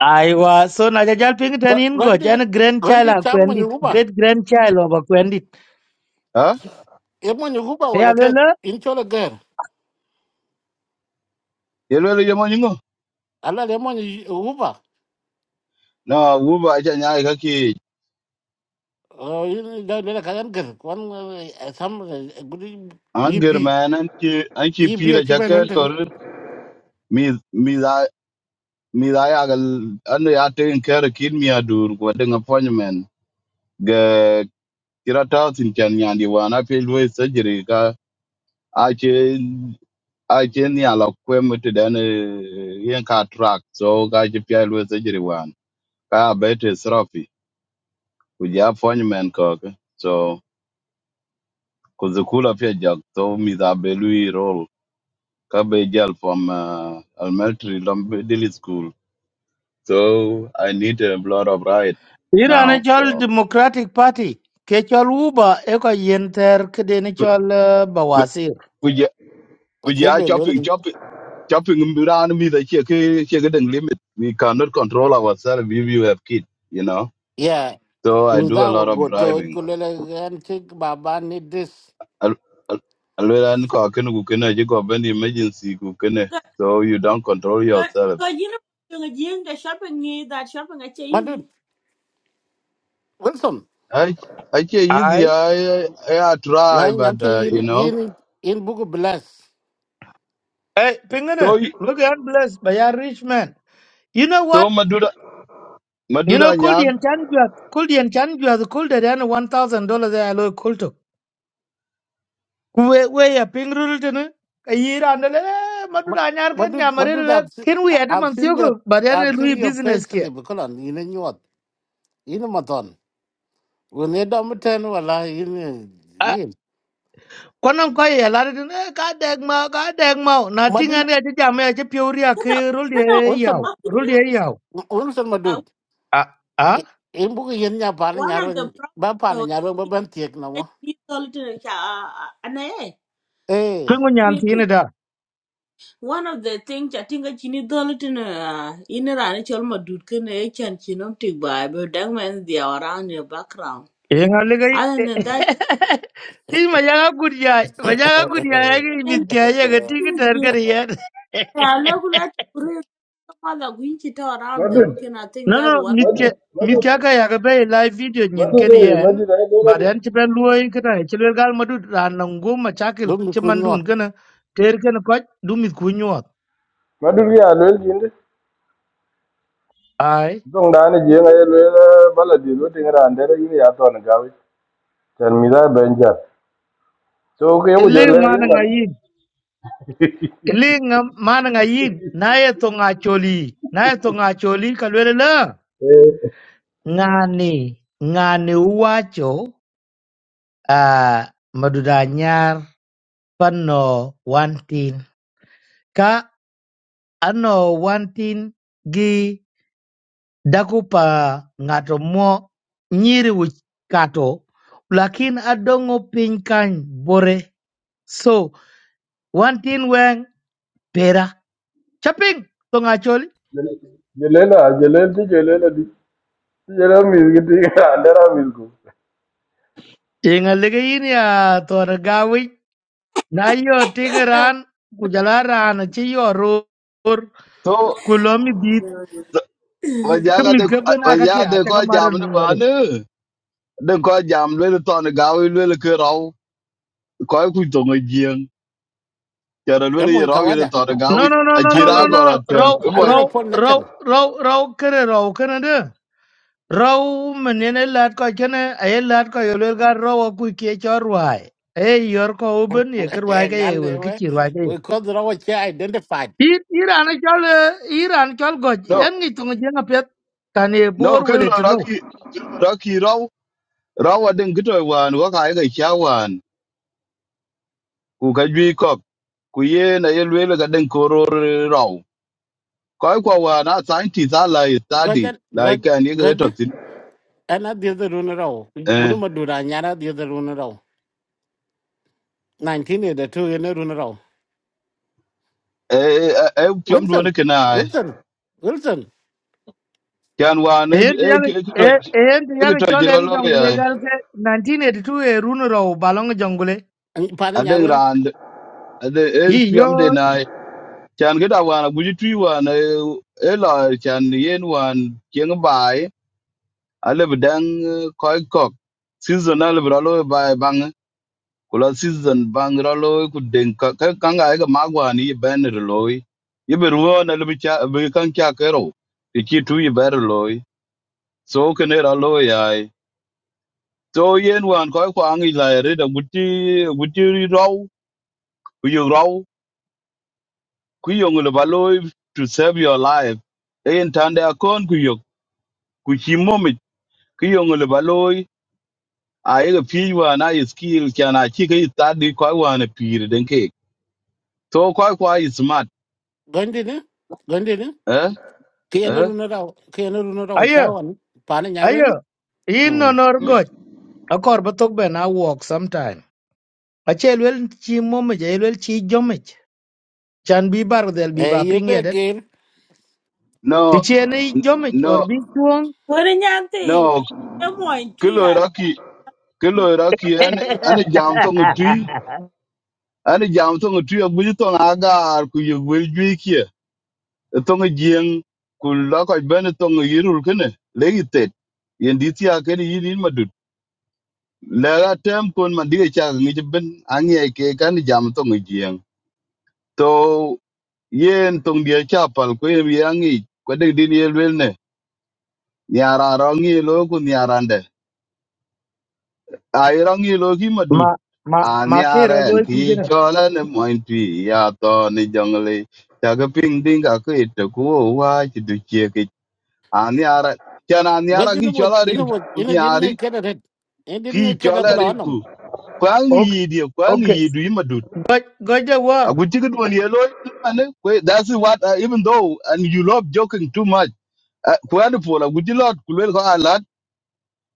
Speaker 7: I was so na jajal ping tanin
Speaker 2: gọi
Speaker 7: goj
Speaker 2: đi
Speaker 7: and
Speaker 2: gọi
Speaker 7: grandchild
Speaker 2: đi
Speaker 7: a
Speaker 2: chăm mà
Speaker 7: kwendit
Speaker 2: nhiều ba
Speaker 7: great grandchild of a kwendit.
Speaker 6: ha
Speaker 2: em mà nhiều ba vậy là cái in cho là gần
Speaker 6: ye le ye mo nyingo
Speaker 2: ala le mo ni uba
Speaker 6: no wu ba ja nya ka ki
Speaker 2: o da le ka gan gar kon sam e, gudi
Speaker 6: an
Speaker 2: yibi
Speaker 6: man an ki
Speaker 2: yibi
Speaker 6: pira
Speaker 2: e
Speaker 6: ja
Speaker 2: chebe non tan
Speaker 6: kor mi mi mi da ya gal ando ya taken care of kid mi adur ko den appointment ga kirata tin kan nyandi wana pe loy surgery ka a che a che ni ala kwem te dan eh, yen ka track so ga che pe loy surgery wan ka bete srafi ku ja appointment ko ka. so ku zukula pe jak so mi da be lui roll ka be jal from uh, elementary lam- daily school so i need a lot of ride
Speaker 7: Iran e
Speaker 6: now
Speaker 7: chol
Speaker 6: so
Speaker 7: Democratic Party ke chol uba e ko yen ter kede ni chol eh, bawasir.
Speaker 6: we are,
Speaker 2: o
Speaker 6: we are
Speaker 2: chebe le
Speaker 6: chopping,
Speaker 2: ni
Speaker 6: chopping, chopping around me. The check, check the limit. We cannot control ourselves if you have kids, you know.
Speaker 2: ya
Speaker 6: So I
Speaker 2: mi
Speaker 6: do
Speaker 2: da
Speaker 6: a
Speaker 2: wo
Speaker 6: lot
Speaker 2: go
Speaker 6: of
Speaker 2: to
Speaker 6: driving.
Speaker 2: ko le le gan ti baba ni this
Speaker 6: Al- al- alwela ni kwa kenu kukene, je kwa bendi emergency kukene.
Speaker 1: ga
Speaker 6: So you don't control
Speaker 1: ga
Speaker 6: yourself.
Speaker 1: ga yina jing the shopping ni that shopping ache easy.
Speaker 2: madud wilson
Speaker 6: I, I can't easy.
Speaker 7: Aye.
Speaker 6: I, I, I
Speaker 2: ma
Speaker 6: try,
Speaker 2: nyam
Speaker 6: but
Speaker 2: te
Speaker 6: uh,
Speaker 2: yin
Speaker 6: you know.
Speaker 2: yin yin buku bless
Speaker 7: Hey,
Speaker 6: So,
Speaker 7: pingana.
Speaker 6: y-
Speaker 7: Look at bless by a rich man. You know what?
Speaker 6: so madura,
Speaker 7: You know,
Speaker 6: madura
Speaker 7: could the
Speaker 6: nyar.
Speaker 7: chan juat, could yen chan could the then one thousand dollars I low could to. Kwe we a ping rule to ne. A year and the madu
Speaker 2: Ma-
Speaker 7: da nyar ken
Speaker 2: madud
Speaker 7: nyamare
Speaker 2: madud
Speaker 7: le.
Speaker 2: i've seen,
Speaker 7: Ken we at a
Speaker 2: i've
Speaker 7: man
Speaker 2: seen your
Speaker 7: but then a
Speaker 2: i've seen
Speaker 7: Louis
Speaker 2: your page
Speaker 7: business kia.
Speaker 2: slip kolon yin e nyot yin e maton woni dom ten wala yin e, yin
Speaker 7: Kwanan kwa ya lari din eh ka deg ma ka deg ma na tinga
Speaker 2: madud
Speaker 7: ne ti jam ya ti piori ya
Speaker 1: Kada
Speaker 7: ke rul
Speaker 1: kada
Speaker 7: ye
Speaker 2: wilson
Speaker 7: yaw rul
Speaker 1: akide
Speaker 7: ye yaw
Speaker 2: wilson madud
Speaker 1: uh,
Speaker 7: a a
Speaker 2: in bu ko yen nya pa na
Speaker 1: one of the
Speaker 2: nyaro ba
Speaker 1: problems
Speaker 2: pa na
Speaker 1: though
Speaker 2: nyaro ba ban tiek na mo
Speaker 1: that you cha anaye.
Speaker 2: eh
Speaker 7: pingu nyan ti ne da
Speaker 1: One of the things I think I need dollar to uh, in a run, it's almost dude can a chan chinom tick by, but dang man, they are around your background.
Speaker 7: e nga le gai
Speaker 1: Other than
Speaker 7: ti ma ya ga gud ya ma ya ga gud ya ya ga mit
Speaker 1: that,
Speaker 7: kya ya ga ti ki ter kar ya
Speaker 1: Yeah, look, let bring mother Guinchi to around them. Okay, and I think
Speaker 7: no
Speaker 1: that's
Speaker 7: no
Speaker 1: one.
Speaker 7: mit kya mit kya ka ya ga be live video
Speaker 4: Ma dut. Ma
Speaker 7: nyin
Speaker 4: dut.
Speaker 7: ken
Speaker 4: de, Ma
Speaker 7: yen
Speaker 4: dut. Ai do la
Speaker 7: ba
Speaker 4: dut.
Speaker 7: den ti ben luoi ka ta ti le gal ma du ran ngum ma chakil
Speaker 2: dum ni
Speaker 7: ti
Speaker 2: ku
Speaker 7: man dun
Speaker 2: nyot
Speaker 7: kana ter ken ko du mit ku nyot
Speaker 4: Ma dut ya lo jin de.
Speaker 7: ai
Speaker 4: Dong da ane je ngai lo bala di lo tinga ande re ni ya to na gawi. Tan mi da benja. So ke yo
Speaker 7: Ile
Speaker 4: jo le.
Speaker 7: mana ngayin. ile nga- mana ngayin. Naye to ngacholi. Naye to ngacholi kalwele la.
Speaker 4: Eh.
Speaker 7: Ngani. Ngani uwacho. Uh, madudanyar pano wantin. Ka ano wantin gi dakupa ngato mo nyiri wich kato. Lakin adongo piny kany bore. So, wantin weng pera. Chaping to ngacholi.
Speaker 4: jelela jelel ti jelela di ti jelela mi ki ti andera mi ku
Speaker 7: Tinga ligin ya tora gawi na yo tinga ran kujala ran ci yo ror
Speaker 6: So,
Speaker 7: kulomi bit
Speaker 6: so- wajaga
Speaker 7: kemi
Speaker 6: de,
Speaker 7: gaben aka ke
Speaker 6: wajaga de
Speaker 7: acha
Speaker 6: kwa
Speaker 7: kamar
Speaker 6: jamu ne bana. De kwa jamu le to ne gawi le ke koy ku to ngi jing ya ran
Speaker 2: e
Speaker 6: wele
Speaker 2: mo
Speaker 6: ya
Speaker 2: ka
Speaker 6: rawi ya
Speaker 2: wada
Speaker 6: to ga
Speaker 7: no
Speaker 6: wi
Speaker 7: no no
Speaker 6: a
Speaker 7: no
Speaker 6: chi
Speaker 7: no no
Speaker 6: ra
Speaker 2: adole
Speaker 6: go la
Speaker 7: no
Speaker 6: te
Speaker 7: raw
Speaker 6: mo
Speaker 2: adole
Speaker 7: raw
Speaker 2: pon na
Speaker 7: raw
Speaker 2: kan
Speaker 7: raw raw kere raw kene de raw menene lat ko kene ay lat ko yolel gar raw ku ke chorwai ay yor ko uben ye kerwai ke
Speaker 2: gal
Speaker 7: ye wel
Speaker 2: de
Speaker 7: ki
Speaker 2: we
Speaker 7: chirwai ke ye
Speaker 2: we ko dra wa che identified
Speaker 7: Ir iran chol eh, iran chol goj
Speaker 6: no
Speaker 7: en ngi tunga jenga pet kane
Speaker 6: no
Speaker 7: bor
Speaker 6: ke lo ra
Speaker 7: wele
Speaker 6: ki ra ki raw raw wa den gito wan wa ka ga cha wan ku ka jwi ko ku ye na ye wele ga den ko ro raw koy ko wa na scientist ala study
Speaker 2: gojan god
Speaker 6: like an ye ga
Speaker 2: god
Speaker 6: to tin
Speaker 2: ana de de run raw gudu
Speaker 6: eh
Speaker 2: ma dura nyara de de run raw 1982 yen run raw
Speaker 6: eh eh eh, pyom do
Speaker 2: wilson
Speaker 6: ne kana
Speaker 2: wilson wilson
Speaker 6: kan wan eh
Speaker 7: Endi
Speaker 6: eh
Speaker 7: yake
Speaker 6: ki to
Speaker 7: eh, endi
Speaker 6: ki
Speaker 7: yake
Speaker 6: to jiro
Speaker 7: cholen
Speaker 6: lo ya
Speaker 7: jongle garke 1982 e runu raw balong jongle.
Speaker 2: pa na
Speaker 6: a
Speaker 2: nyaro
Speaker 6: den ran a den eh pyom de
Speaker 7: Iyo
Speaker 6: na chan cái đào hoàn cũng truy hoàn ấy là chan yên hoàn kiêng bài à là bị đang coi cọc season à là bị rồi bài bang của là season bang rồi lôi của đỉnh cái cái cái cái cái mag hoàn này bên rồi lôi ये बेरुआ ना लबी चा बे कांग क्या करो ये की तू ये बेर लोय सो कने रा लोय आई तो ये नुआन को को आंगी ला रे द गुटी गुटी री Rao ku yo raw ku yo ngul ba loy to save your life e en tande akon ku ku ci momic ki yöŋö li ba a yeka piic waan a yi skill can a ci ka yi tat di kwai waan e piir den keek so kwai kwa yi smart
Speaker 2: gondi ne gondi ni.
Speaker 6: eh?
Speaker 2: ke yana
Speaker 6: Eh?
Speaker 2: runa da ke yana runa da
Speaker 7: ayo
Speaker 2: chawan nhà nyareng
Speaker 7: ayo. Inno nor goch. Akor batok ben I walk sometime. Achel wel chi momej el wel chi jomej. Chan bi bar del bi
Speaker 2: eh
Speaker 7: ba
Speaker 2: ye
Speaker 7: ping
Speaker 2: be
Speaker 7: yedet.
Speaker 2: gel
Speaker 6: no
Speaker 7: Ti chene
Speaker 6: n-
Speaker 7: jomej
Speaker 6: no
Speaker 7: or bi tuong.
Speaker 1: What in your
Speaker 6: no
Speaker 1: thing? Come on,
Speaker 6: ki
Speaker 1: three
Speaker 6: loi
Speaker 1: years.
Speaker 6: roki ki loi roki jam töŋ twi ani jam töŋ twi abuji töŋ agaar ku yek wel jui kie töŋ jieŋ ku lo kɔc bɛni töŋ yirul kene lek yen dit thia keni yin in Lega tem kun man diga cha ngi ben angi ke kan jam to ngi jiang. To yen tong dia cha pal ko yen yangi ko de din yel wel ne. Niara rangi lo ku niarande. Ai rangi lo ki madut.
Speaker 7: ma ma
Speaker 6: A
Speaker 7: ma kero
Speaker 6: niare en
Speaker 7: loy
Speaker 6: ki
Speaker 7: pigene.
Speaker 6: chola ne moin twi ya to ni jongle. Ta ga ping ding ka ko it ko wa chi du che ke. A niara chana
Speaker 2: ba
Speaker 6: niara
Speaker 2: nó
Speaker 6: ki
Speaker 2: bo
Speaker 6: chola
Speaker 2: ina
Speaker 6: rin
Speaker 2: bo
Speaker 6: ku
Speaker 2: ina din ngai
Speaker 6: niari
Speaker 2: kada red ina din
Speaker 6: ki
Speaker 2: ngai kada
Speaker 6: chola
Speaker 2: bula
Speaker 6: rin
Speaker 2: onam
Speaker 6: ku. Kwangi
Speaker 7: Ok
Speaker 6: yidi
Speaker 7: ok.
Speaker 6: kwangi yidu
Speaker 7: Goj goj
Speaker 6: Aku chicken one yellow. and then, That's what uh, even though and you love joking too much. Kuan pol aku chi lot kulwel ko alat.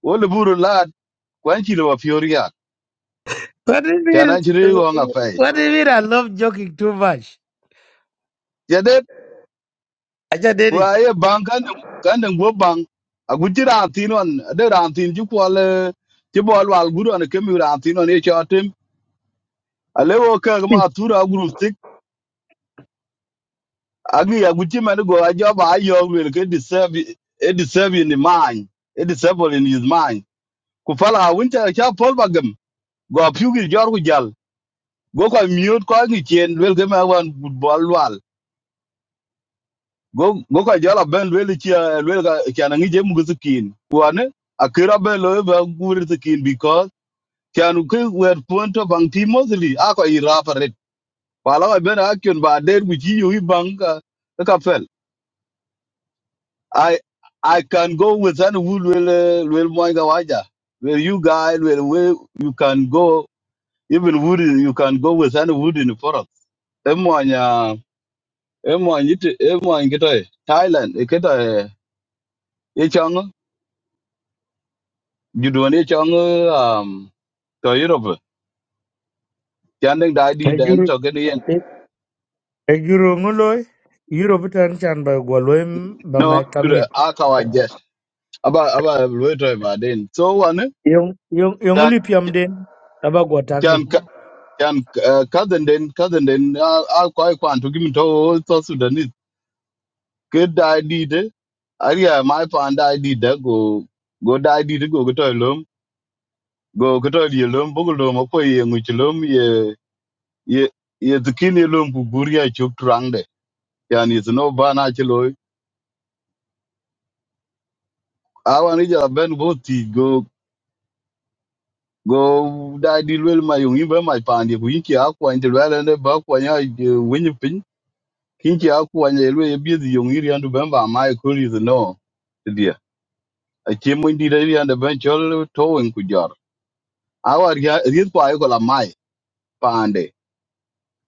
Speaker 6: Wo le buru lat kuan of lo fioria.
Speaker 7: What is
Speaker 6: Tiana a ko nga
Speaker 7: it?
Speaker 6: fai.
Speaker 7: What is it? I love joking too much.
Speaker 6: Yade
Speaker 7: I just did
Speaker 6: bank.
Speaker 7: it.
Speaker 6: aye bang kan kan deng bo bang. Aku chi ran tin on the ran tin chi ko le chi bol wal guru an kemi ran tin on e chatim. Ale wo ka ma tura guru tik. i aku chi man go ajoba ayo wel ke deserve it deserve in the mind. It deserve in his mind. ku fal a wun ta cha pol ba gem go pyu gi jor ku jal go ko miot ko ngi chen wel ge ma wan bol wal go go ko jala ben wel chi wel ga cha na ngi je mu gu kin wa ne a kira ben lo ba gu ri kin because cha nu ke wer pon to bang ti mostly a ko i ra pa ret pa la ben a kyun ba der gu chi yu i bang ka e ka fel i i can go with an wul wel eh, wel mo ga waja where you guys where, where you can go Even wood, is- you can go with any wood in the forest. Emwanya, emwanya ite, emwanya kita Thailand, kita e chang, juduan e chang um to Europe. Tiandeng dai di dan
Speaker 7: Ejuru
Speaker 6: to kene yen.
Speaker 7: ejuru ngoloi yuro bitan chan ba goloi ba mai
Speaker 6: No,
Speaker 7: kangin
Speaker 6: jure akawa jet. Aba aba loitoi ma den. So one
Speaker 7: yong Yung yung
Speaker 6: can
Speaker 7: li piam den aba gotaki
Speaker 6: can can cousin den cousin den al koi kwan to gimme to to Sudanese. Good dai di de. Aria my pan dai di de go go dai di de go to go kata di lom bogo lom ko ye ngi lom ye ye ye tikin ye lom ku chuk trang de yani is no bana chilo awan ija ben go ti go go da di lwel ma yung imbe ma pandi ku yiki akwa ndi lwel ne ba kwa nya eh, winyi pin kinki akwa nya lwe ye bi yung iri andu ben ba ma ko is no dia a chemo ndi da iri andu ben chol to wen ku jar awar ri kwa ko la mai pande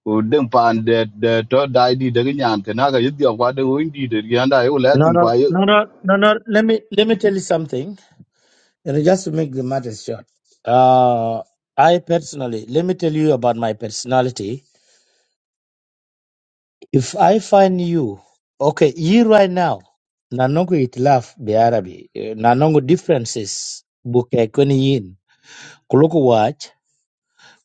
Speaker 6: udeng pan de de to dai di de nyan ke na ga yidi kwa de win di de yan dai ula
Speaker 7: No,
Speaker 6: tin
Speaker 7: no,
Speaker 6: kwa ye
Speaker 7: no, no, no, no. Let me let me tell you something. You know, just to make the matter short. Uh, I personally, let me tell you about my personality. If I find you, okay, you right now, nanongo itilaf be Arabi, eh, nanongo differences, buke kweni yin, kuluku watch,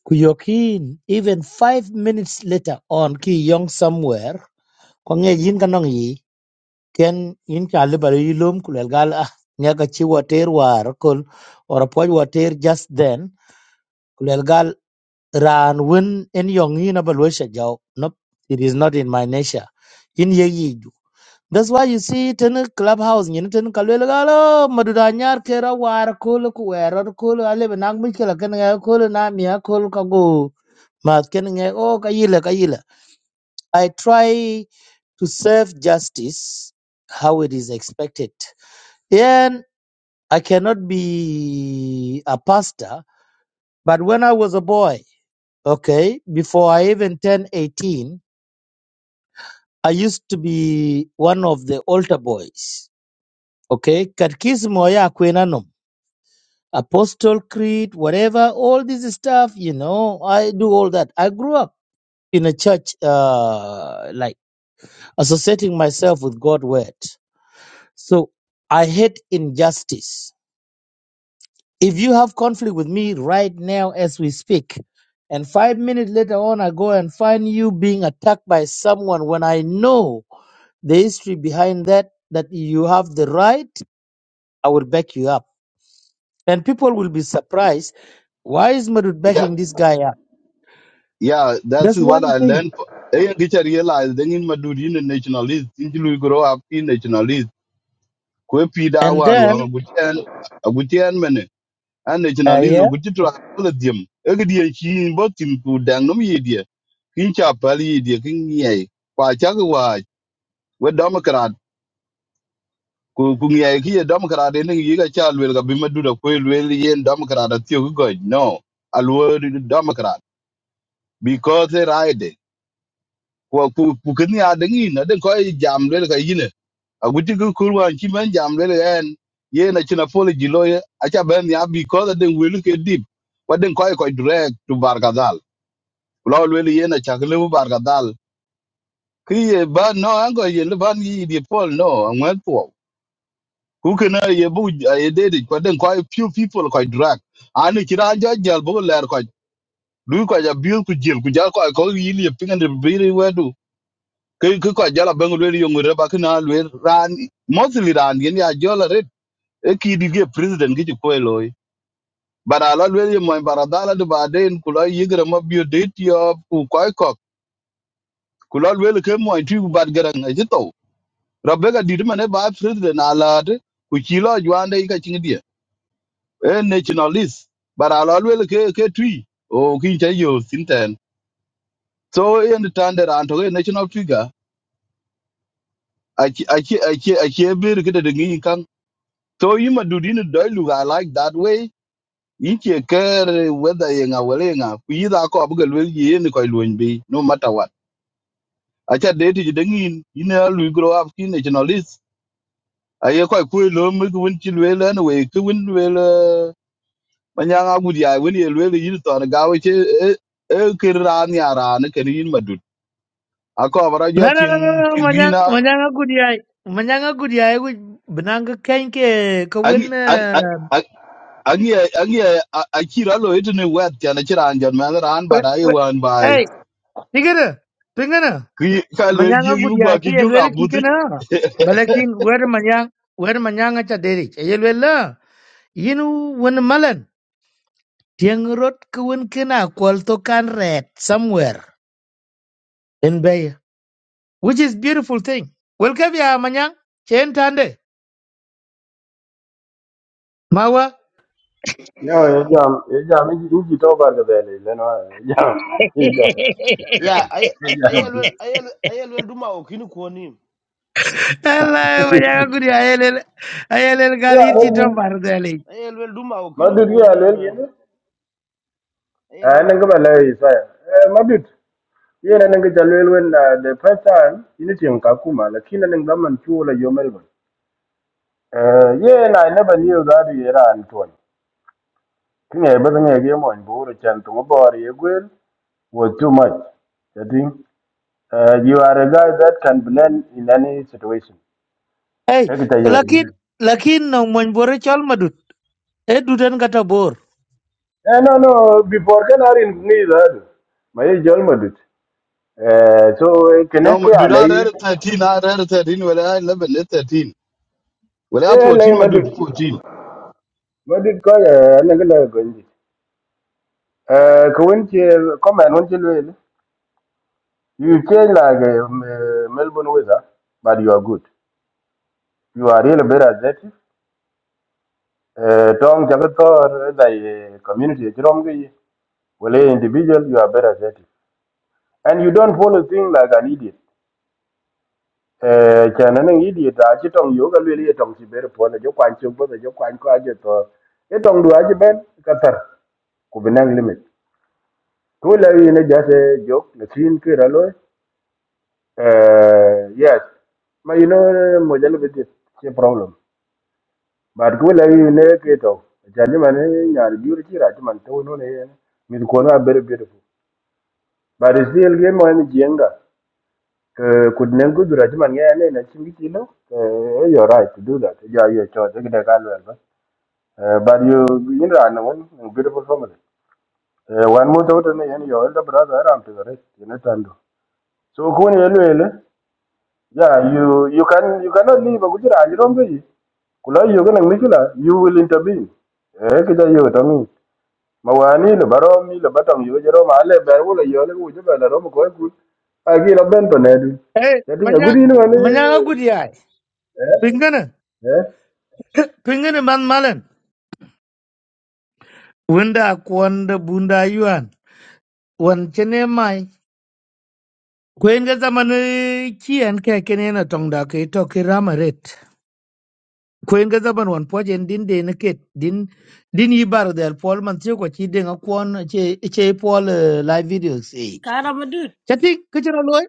Speaker 7: kuyokin, even five minutes later on, ki young somewhere, kwenye yin kanong yi, ken yin ka alibari yilum kulelgal ah, nyaka chi water war, kul, or apoj water just then, kulelgal ran win in yong yin abal wesha jau, nope, it is not in my nature. Yin ye yi That's why you see ten in clubhouse, you know, ten kalwel galo, madudanyar kera war kul kuwer kul ale benang mikela ken nga kul na mia kul kago mat ken nga o kayila kayila. I try to serve justice how it is expected. And I cannot be a pastor, but when I was a boy, okay, before I even turned 18, I used to be one of the altar boys. Okay, katkismo ya kwenano Apostle Creed, whatever, all this stuff, you know, I do all that. I grew up in a church, uh, like associating myself with God' word. So I hate injustice. If you have conflict with me right now as we speak, and five minutes later on, I go and find you being attacked by someone when I know the history behind that, that you have the right, I will back you up. And people will be surprised. Why is Madud
Speaker 6: yeah
Speaker 7: backing this guy up?
Speaker 6: yeah that's
Speaker 7: That's
Speaker 6: what
Speaker 7: one
Speaker 6: i
Speaker 7: thing.
Speaker 6: learned eh get to realize then in madu di nationalist in you grow up in nationalist ko pi da
Speaker 7: And
Speaker 6: wan
Speaker 7: then,
Speaker 6: wa gutian gutian men an
Speaker 7: uh,
Speaker 6: nationalist
Speaker 7: yeah.
Speaker 6: gutti to ala diem e ga di chi bo tin ku dang no mi di kin cha pali di kin ye kwa cha wa we democrat ku ku ngiai ki ye democrat, kra de ne yi ga cha lwel ga bi ma du da ko lwel yen democrat, kra da tiyo go no alwo democrat because they ride ko ku ku kin ya de ngi na de ko i jam lwel ga yine a guti ku ku wan ki men jam lwel en ye na china apology lo ye a cha ben ya because de wel ke dip wa de ko e ko direct to bargadal lo lwel ye na cha le bargadal ki ye ba no an go ye le ban yi di pol no an wan Who can I ye bu ye did it, but then quite few people quite drag. And it can jal bo ler quite do quite a bill ku jil ku jal quite call you a ping and the very where do. Kay ku quite jala bang really young reba can all wear ran mostly ran yen ya jala red. A kid you get president get you quite But I love really my baradala to baden kula yigra mob your date of quite cock. Kula really came my two bad garang a jito. Rebecca did man a bad president alad. Kuchilo juanda ika a nationalist, but I'll always ke ke tree or kincha yo sinten. So in the time that Anto a national figure, I ke- I ke- I ke- I ke be the kid in kan. So you ma do din do look I like that way. You can care whether you are willing up. Either I call Google will ye in the coil be no matter what. I chat date you dingin, you know, we grow up in nationalists. I hear quite cool, make win chill well anyway, We win well. manyanga ngudi ai wen ye lwele yin to na gawe che e e kirra ni ara ne ken yin madut ako bara jo
Speaker 7: No, no,
Speaker 6: tin
Speaker 7: no, no, no. no,
Speaker 6: tin
Speaker 7: Manyang,
Speaker 6: gina
Speaker 7: manyang good yai. Manyang a good yai. Which benang ka kain ke
Speaker 6: angi
Speaker 7: kawin.
Speaker 6: angi angi akira lo itu ne wet ya na kira anjon ma ran ba dai wan bai
Speaker 7: Hey, tingana, tingana.
Speaker 6: ki ka lwel
Speaker 7: Manyang
Speaker 6: ji
Speaker 7: a
Speaker 6: yu
Speaker 7: good
Speaker 6: gwa
Speaker 7: yai.
Speaker 6: ki
Speaker 7: Ki
Speaker 6: junga
Speaker 7: elwele
Speaker 6: budi
Speaker 7: kikana. Balakin where manyang, where manyang acha derich. Elwele. la. Yinu win malan. Tiang rot kawin kina kwal kan red somewhere in bay. Which is beautiful thing. Welcome ya manyang. Chen tande. Mawa.
Speaker 4: no e jam e jam i u ki to bar ka dele le no e jam e jam e
Speaker 9: Yeah, I I
Speaker 4: jam
Speaker 9: I
Speaker 4: ti
Speaker 9: will I will I will do my okinu kuonim.
Speaker 7: Allah wajaka kuni ayelel ayelel gal
Speaker 4: ya
Speaker 7: yirci
Speaker 4: le
Speaker 7: tom
Speaker 4: ni
Speaker 7: bar dali
Speaker 9: I will do my okinu
Speaker 4: madud ya le ki
Speaker 9: kuonim.
Speaker 4: ni a nan ka bala yi sa eh madud ye na nan ka jalel wen na the first time ini tim ka kuma la kina nan ga man chu la yo melbon eh ye na i never knew that you era antoni kine ba ne ge mo en buru chan tu mo bor ye gwel. was too much. I think uh, you are a guy that can blend in any situation.
Speaker 7: hey
Speaker 4: Take it
Speaker 7: lakin
Speaker 4: away.
Speaker 7: lakin no mon bore chol madut e duden kata bor
Speaker 4: Eh, no, no, before can I in neither. My jol madut. Eh, So can
Speaker 6: no
Speaker 4: kene ke
Speaker 6: madut ara
Speaker 4: alai
Speaker 6: 13 ara 13 wala 11 13 wala
Speaker 4: ke alai
Speaker 6: 14 madut
Speaker 4: madut
Speaker 6: 14
Speaker 4: madut ko ana gala gonji. Eh, ko wonche come and wonche lwel. You change like uh, Melbourne weather, but you are good. You are really better at that. Uh, tong jagat or the community jirom Well, hey, individual, you are better at it. And you don't follow things like an idiot. Eh, Chana an idiot, I achi tong yoga lili tong si bere pona jo kwan chumbo jo kwan kwa jo to. E tong du achi ben katar kubinang limit. Tu la you know just a joke, the scene ke ralo. Eh, yes. but you know mojalo bit a problem. But ku la you know ke to. Chani mane nyar biur chi ra chi man to no ne. Mi ko na very beautiful. But it's still game mo en jenga. ke could nem good raj man ya ne na chingi chilo eh you right to do that ja ye cho de de ka lwer ba Eh, but you you know no one beautiful family Eh, one more daughter ne yan your elder brother ram to the rest you know tando so ko ne lo ele yeah you you can you cannot leave a good raj rom be kula yo ga nang mikila you will intervene eh ke ja yo to mi mawani le baro mi le batang yo jero ma le ber wo le yo le wo je ba ro mo ko ku agi lo ben to ne du
Speaker 7: hey
Speaker 4: ya dinga
Speaker 7: manya
Speaker 4: gudi no
Speaker 7: manya
Speaker 4: ne
Speaker 7: gudi ay
Speaker 4: eh
Speaker 7: pingana
Speaker 4: eh
Speaker 7: pingana man malen wanda kwanda bunda yuan wan chene mai kwen ga zaman kian ke kene na tong ke to ki kwen ga zaban wan pojen din de ne ket din din yi bar del pol man tiyo ko chi den akwon che che pol eh, live videos e
Speaker 1: Caramba, dude.
Speaker 7: chati kichira loy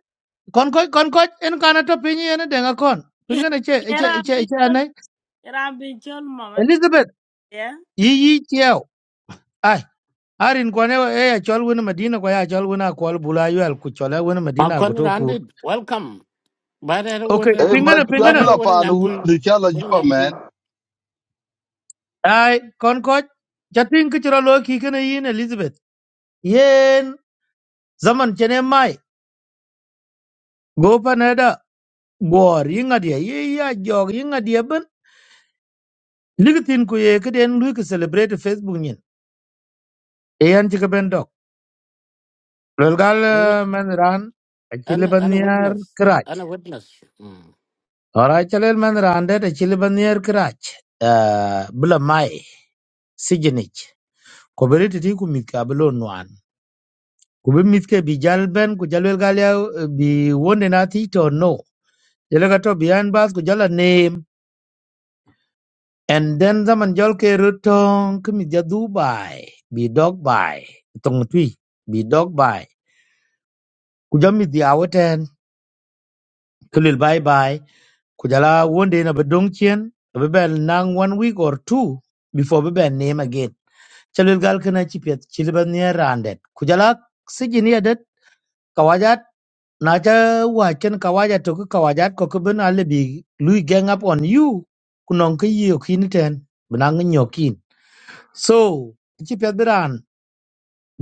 Speaker 7: kon ko kon ko en kana to pinyi en den akon
Speaker 1: Here
Speaker 7: pinga ne che che
Speaker 1: I've
Speaker 7: che
Speaker 1: been
Speaker 7: che
Speaker 1: told,
Speaker 7: anai
Speaker 1: here I've been told, Mama.
Speaker 7: elizabeth
Speaker 1: Yeah.
Speaker 7: yi yi tiyo ai arin ko ne e ya chol wona madina ko ya chol wona ko bula yal ku chola wona
Speaker 2: ma
Speaker 7: madina go
Speaker 2: kon
Speaker 7: to
Speaker 2: randi
Speaker 7: kur
Speaker 2: welcome ba da ro
Speaker 7: okay
Speaker 2: wona
Speaker 6: e
Speaker 2: won
Speaker 7: pinga ne
Speaker 6: madut
Speaker 7: pinga
Speaker 2: ba
Speaker 7: ne
Speaker 2: da ro
Speaker 6: abla pa
Speaker 2: wona
Speaker 6: no
Speaker 2: nyan kuy
Speaker 6: de kala
Speaker 2: wona
Speaker 6: jo
Speaker 2: nyan kuy
Speaker 6: man
Speaker 7: ai kon ko chati kichira loy ki kana yin elizabeth yen zaman chene mai go panada war yinga dia ye ya jog yinga dia ben ligitin ku ye keden lu ke celebrate facebook nyin e yan ti ben dok lol gal eh, men ran a
Speaker 2: anh,
Speaker 7: chile ban
Speaker 2: anh
Speaker 7: yar
Speaker 2: witness
Speaker 7: krach
Speaker 2: anh witness mm.
Speaker 7: ora chale men ran de chile ban yar krach eh bla mai sigenich ko beriti ti ku mit ka blo nwan ku be mit ke bi jal ben ku jalwel gal ya eh, bi wonde na ti to no Jalaga to biyan bas ku jala And then zaman jol ke rutong kemi ja Dubai bi dog by tong tui bi dog by kujami di awaten kulil bye bye kujala one day na bedong chien bebel nang one week or two before bebel name again chalil gal kana chipet chilban near randet kujala sijini adet kawajat naja wachen kawajat to ku kawajat ko ku ben alibi lui gang up on you kunong ke yokin ten benang nyokin so chipet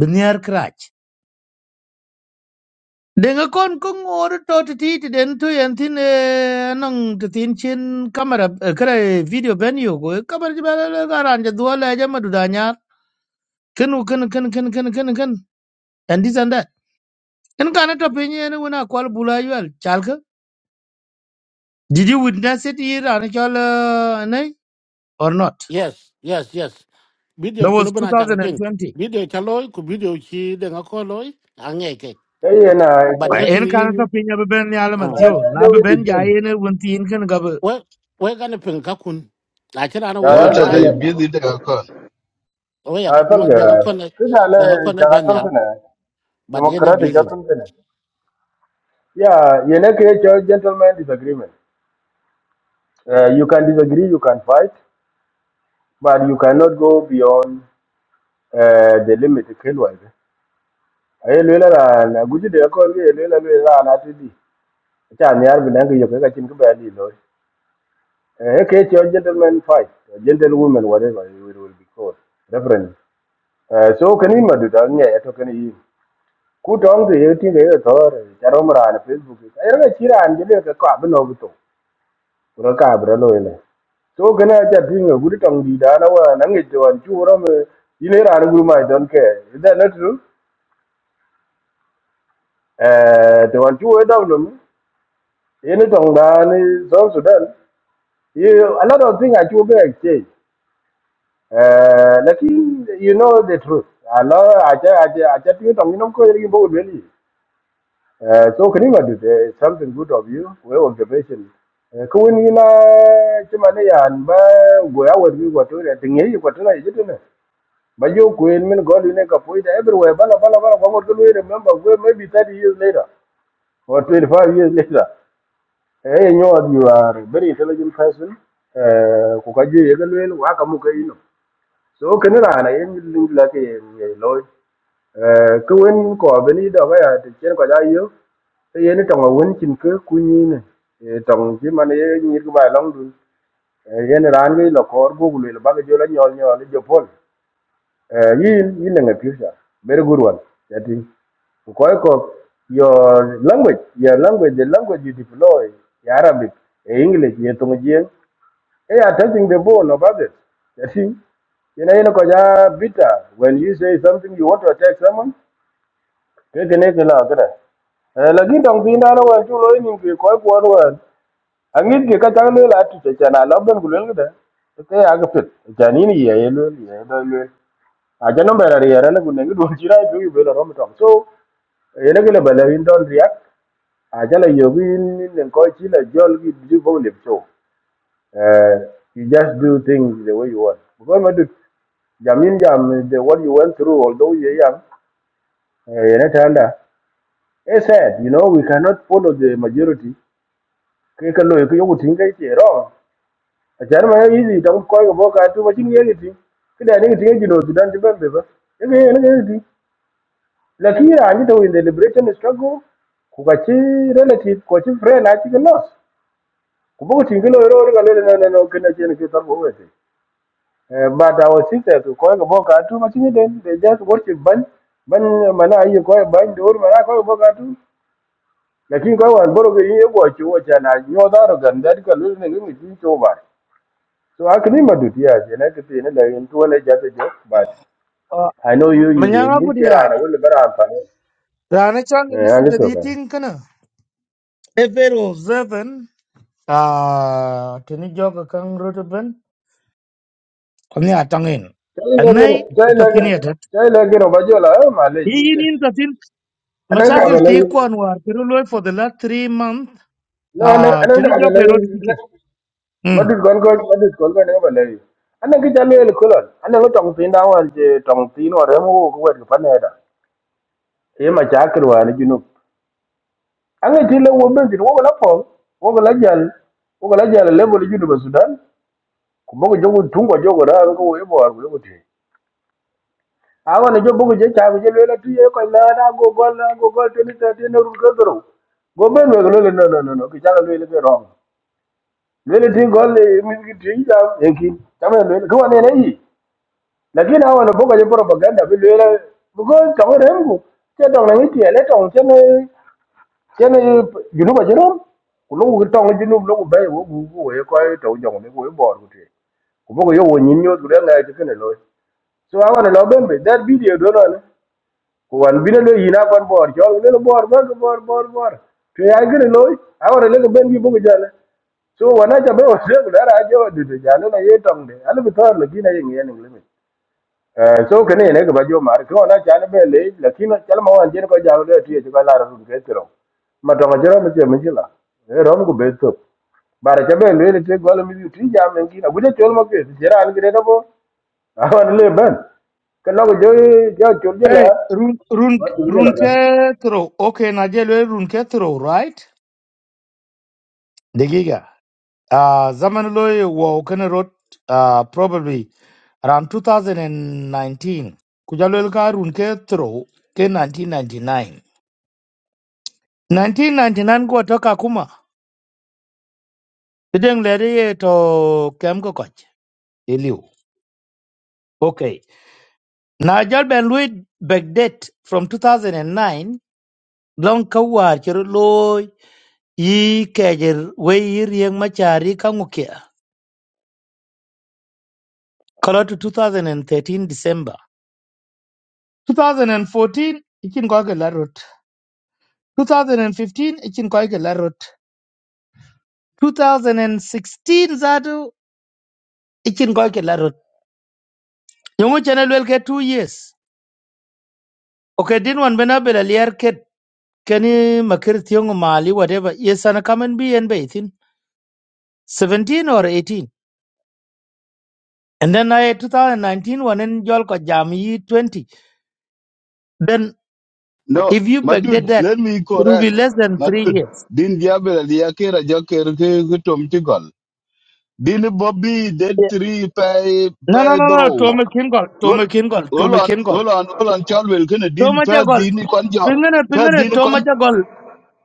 Speaker 7: Biniar krach. Denga kon kung oro to ti ti den tu yen tin eh, anong to tin chin kamera kare video ben yo go kamera jibala la garanja duala jama Ken ken ken ken ken ken ken kenu and this and that. En kana to penye en wena kwal bula yual chalka. Did you witness it here and chal nay or not?
Speaker 2: yes yes yes
Speaker 7: That
Speaker 2: video kuno
Speaker 7: was
Speaker 2: bana chaka ping
Speaker 7: 2020.
Speaker 2: video chaloy ku video chi de ngakoloy angeke
Speaker 4: kai yana
Speaker 2: but
Speaker 7: Right.
Speaker 2: lekin
Speaker 7: En kana to
Speaker 2: yin
Speaker 7: penye be ben ni alaman tiyo
Speaker 4: ta
Speaker 7: na
Speaker 4: jo
Speaker 7: be
Speaker 4: di
Speaker 7: ben
Speaker 4: tin
Speaker 7: jaye ne wunti en kenu gabe.
Speaker 2: we we gane pin ka kun lakini ana
Speaker 4: ka
Speaker 2: we
Speaker 6: no
Speaker 4: ya
Speaker 2: lo
Speaker 6: ta
Speaker 4: do
Speaker 2: lai
Speaker 6: dai
Speaker 4: kine
Speaker 6: bi de ka
Speaker 2: we ya
Speaker 4: a tal ga
Speaker 2: de ga fon
Speaker 4: kina le
Speaker 2: de ga fon
Speaker 4: ta ga
Speaker 2: ban
Speaker 4: tal
Speaker 2: yal
Speaker 4: kine
Speaker 2: ba de ne
Speaker 4: democratic ga
Speaker 2: bizi
Speaker 4: tal kine ya yana ke cho gentleman disagreement uh, you can disagree you can fight but you cannot go beyond uh, the limit kelwa ai le la na guji de ko le le la le la na ti di ta ni ar bidan ga yo ga chin ba li lo eh ke cho gentleman fight gentlewoman whatever it will be called reverend Eh, so kan in madu dal nye to kan in ku tong te yeti ge thor charom ran facebook ai er ga chiran jile ka ka bno bu to ku ka bra lo ile so kan a cha pin ga guri tong di da na wa na ngi to an chu ro me ile ran guri ma don ke is that not true eh to an chu e da lo ye ni tong da ni so sudan you a lot of thing I chu be exchange eh lakin you know the truth a lot a cha a cha a cha pin tong ni nom ko ri bo le ni Uh, so kaniba du uh, something good of you we observation uh, ko woni na chima ne yan ba go ya wor bi go to re tinge yi ko tana yitu ne ba yo ko en min gol ne ka poida everywhere bala bala bala ko ko we remember we maybe 30 years later or 25 years later eh you know you are very intelligent person eh ko ka je ye ga le wa ka mu ka ino so kana na na yin lingla ke loy eh ko wen ko beni do ga ya te chen ko ja yu te ye ni tong wen chin ke ku ni ne e tong ji man ye ni ku ba long dun e ye ni ran ge lo kor bu lu ba ge jo la nyol nyol jo pol e yin yin ne ngi pisa ber gurwan ya ti có cái your language your language the language you deploy the arabic e english the tong ji e ya testing the bone of others ya ti you know, you know, 'cause, uh, bitter. When you say something you want to attack someone, ke kene ke la kre e la gi dong pin da no wa chu lo ni ke ko ko ro angit ke ka chang le la tu cha na la ben ku le de ke ya ga pit ja ni ni ye ye le ye da le a ja no ba la ye ra le ku ne du chi ra ju be la ro mi tong so e le ke le ba le in don riak a ja la yo gi ni ne ko chi la jol gi ju bo le so eh you just do things the way you want because ma được jamin jam the what you went through although you young eh ne ta It's sad, you know, we cannot follow the majority. Kaya ka loyo kayo kuting kay chero. Achar ma easy tang ko ko boka tu machin ye giti. Kida ni giti jino sudan tiba mbeba. Yegi yegi yegi ti bembe ba. Ye ye ne giti. Lakira ani to in the liberation struggle ku ka chi relative ko chi friend achi ke loss. Ku boka ting lo ro ga le no no no kena chen ke tar bo wete. Eh, But our sister to ko ko boka tu machin den they just worship ban ban mana ayi ko ban dur mana ko boka tu. lakini kwa wan boro ge ye go chu cha na nyo da ro gan da ka lu ne ngi tin cho ba so a kini ma du ti ya je na ke ti ne da yin to ne ja te jo but i know you you yin ti
Speaker 7: Manyanga
Speaker 4: ra na wul bara pa ne
Speaker 7: Rana chang
Speaker 4: eh an
Speaker 7: Elizabeth
Speaker 4: to ka
Speaker 7: eating kana. Ever observant. Ah, tini joga kang rotaban. Kani atangin.
Speaker 4: tai le ge
Speaker 7: Anai
Speaker 4: tai le ge
Speaker 7: tatin yadat.
Speaker 4: tai le ge ro ba jo la eh, ma le ji
Speaker 7: Iin
Speaker 4: te
Speaker 7: in tatin.
Speaker 4: anan ka ba
Speaker 7: Mashakil ti kwan
Speaker 4: le
Speaker 7: Pero loy for the last three months.
Speaker 4: no anan
Speaker 7: Ah,
Speaker 4: anan
Speaker 7: tini
Speaker 4: ka ba le
Speaker 7: joga erod kike.
Speaker 4: ma
Speaker 7: Hmm.
Speaker 4: du gon ko ma du gon ko ne ba le anan ki ja le ko lon anan ko tong tin da wan je tong tin ore mo ko wet ko pa ne da e ma cha kru wa ne anga ti le wo benzin wo la pom wo la jal wo la jal level bol judu ba sudan ku bogo jogo tungo jogo ra ko wo ibo ar wo ti awa ne jogo bogo je cha go je le la tuye ko la na go gol na go gol te ni te te ne ru ko dro go ben we lo le no no no no ki cha le le ke rom le le ti gol le mi ki ti ja e ki cha me le ko ne ne yi lakini awa ne bogo je propaganda bi le le go ka wo rengu te dong na ni ti le tong te ne chen junub a jerom ku lu ki tong junub lu ku be wo ku ku we ko to jong ne ku bor ku te ku bo yo wo nyin nyot ku den ngai ke ne lo so a wan lo ben be that video do no ne ku wan bi ne lo yina kon bor jo ne lo bor ba bor bor bor to ya ke ne lo a wan le ke ben bi bo ku jale so wana cha be wo se ku dara jo du de jale na ye tong de ala bi to lo ki na ye ngi ne le Eh, so kene ne ga bajo mar ko na chane be le lakini chal ma wan jin ko jaw le tie ko la ru ke tro ma to jero me je me jila e rom go be to bare cha be le le te gol mi ti ja men gi na guje chol ma ke jera an gre da bo a wan le ben ke no go jo jo chol jela
Speaker 7: Hey, run run
Speaker 4: ma chol
Speaker 7: run
Speaker 4: jela
Speaker 7: ke throw. Okay, Nadia loy run ke throw, right? Degiga. Ah, zaman loy wo kana rot. Ah, probably. around 2019 kujalwel karun ke throw ke 1999 1999 go toka kuma tideng lere ye to kem ko koch iliu okay na jal ben lui backdate from 2009 long kawar chero loy yi kejer we yi rieng machari kangukia kolo to 2013 december 2014 ikin ko ke larot 2015 ikin ko ke larot 2016 zatu ichin koike larot yungu chene lwel ke 2 years okay din wan bena bela liar ke keni makir thiongo mali whatever yes ana kamen bi en be ithin 17 or 18 and then I 2019 one in jol ko jam yi 20 then if
Speaker 6: No,
Speaker 7: you
Speaker 6: my dude,
Speaker 7: backdate that
Speaker 6: let me
Speaker 7: it will
Speaker 6: correct.
Speaker 7: be less than
Speaker 6: My
Speaker 7: 3
Speaker 6: dude,
Speaker 7: years
Speaker 6: Din Gabriel, Yakira Joker, Tom Tigal. Din Bobby, Dead
Speaker 7: yeah.
Speaker 6: Three, Pay,
Speaker 7: no no
Speaker 6: Pay
Speaker 7: no no
Speaker 6: Draw.
Speaker 7: tome kin gol
Speaker 6: Hold
Speaker 7: tome kin gol
Speaker 6: hold
Speaker 7: tome
Speaker 6: on,
Speaker 7: kin gol
Speaker 6: hold on, hold on, Charles Wilkin, Din
Speaker 7: tome ja
Speaker 6: Pay,
Speaker 7: gol
Speaker 6: Din Conjo,
Speaker 7: pingana
Speaker 6: Pay,
Speaker 7: pingana
Speaker 6: Din
Speaker 7: tome
Speaker 6: Con.
Speaker 7: ja gol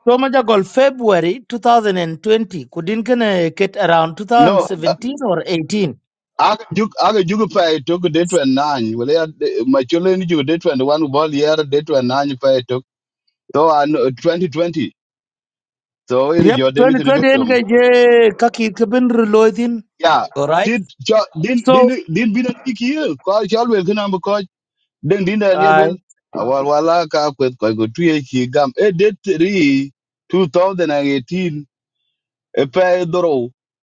Speaker 7: Roma Jagol February 2020. Couldn't can get around
Speaker 6: No,
Speaker 7: 2017 or 18.
Speaker 6: Aga Juk, Aga Juk Pay took a day to nine. Well, yeah, my children, you did one ball year, Date to nine, Pay took. So, I know 2020. So, in
Speaker 7: Yep,
Speaker 6: Jordan, you can
Speaker 7: 2020
Speaker 6: get
Speaker 7: en
Speaker 6: 'em.
Speaker 7: ga je kaki kabin reloading.
Speaker 6: Yeah.
Speaker 7: All right.
Speaker 6: Did jo- din din
Speaker 7: So,
Speaker 6: din bi na ki ye ko chal wel kana bu ko den din da ne
Speaker 7: uh,
Speaker 6: wel awal wala ka kwet ko go tu ye ki gam e de 3 2018 e pe doro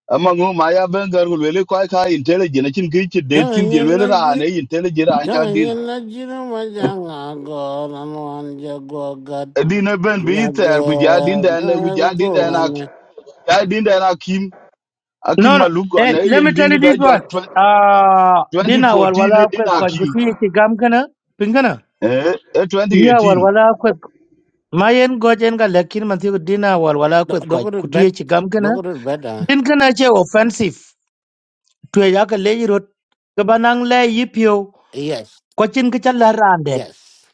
Speaker 6: ama ngu ma ya ben gar gul wel ko ka intelligent chin ki chi de tin di
Speaker 2: tanye
Speaker 6: wel
Speaker 2: na
Speaker 6: ra
Speaker 2: ji
Speaker 6: ne intelligent ra cha din
Speaker 2: tanye na ji na ma ja nga go na no an ja go ga
Speaker 6: E din e ben bi
Speaker 2: na
Speaker 6: ter ku ja din
Speaker 2: go
Speaker 6: da
Speaker 2: na
Speaker 6: ne ku ja
Speaker 2: go
Speaker 6: din da na
Speaker 2: man
Speaker 6: ja din da na kim akim
Speaker 7: no, no.
Speaker 6: maluko
Speaker 7: Hey,
Speaker 6: ne
Speaker 7: let me
Speaker 6: yen
Speaker 7: tell
Speaker 6: din
Speaker 7: you
Speaker 6: di
Speaker 7: this
Speaker 6: da jo
Speaker 7: one. Uh, dina
Speaker 6: 2014 e
Speaker 7: walwala
Speaker 6: din
Speaker 7: kwet kwa
Speaker 6: akim
Speaker 7: guti yeti gam kana pingana.
Speaker 6: eh e
Speaker 7: Yeah,
Speaker 6: 2018
Speaker 7: walwala kwet. Mayen gojen ga lakin manthi dina walwala kwet kwa
Speaker 2: dogo do
Speaker 7: kuti
Speaker 2: bed
Speaker 7: yeti gam kana.
Speaker 2: dogo do bed ah.
Speaker 7: Din kana che offensive. Tuwe yaka leji rot. Kabanang le yipyo.
Speaker 2: yes
Speaker 7: Cochin Kichala Randet
Speaker 2: yes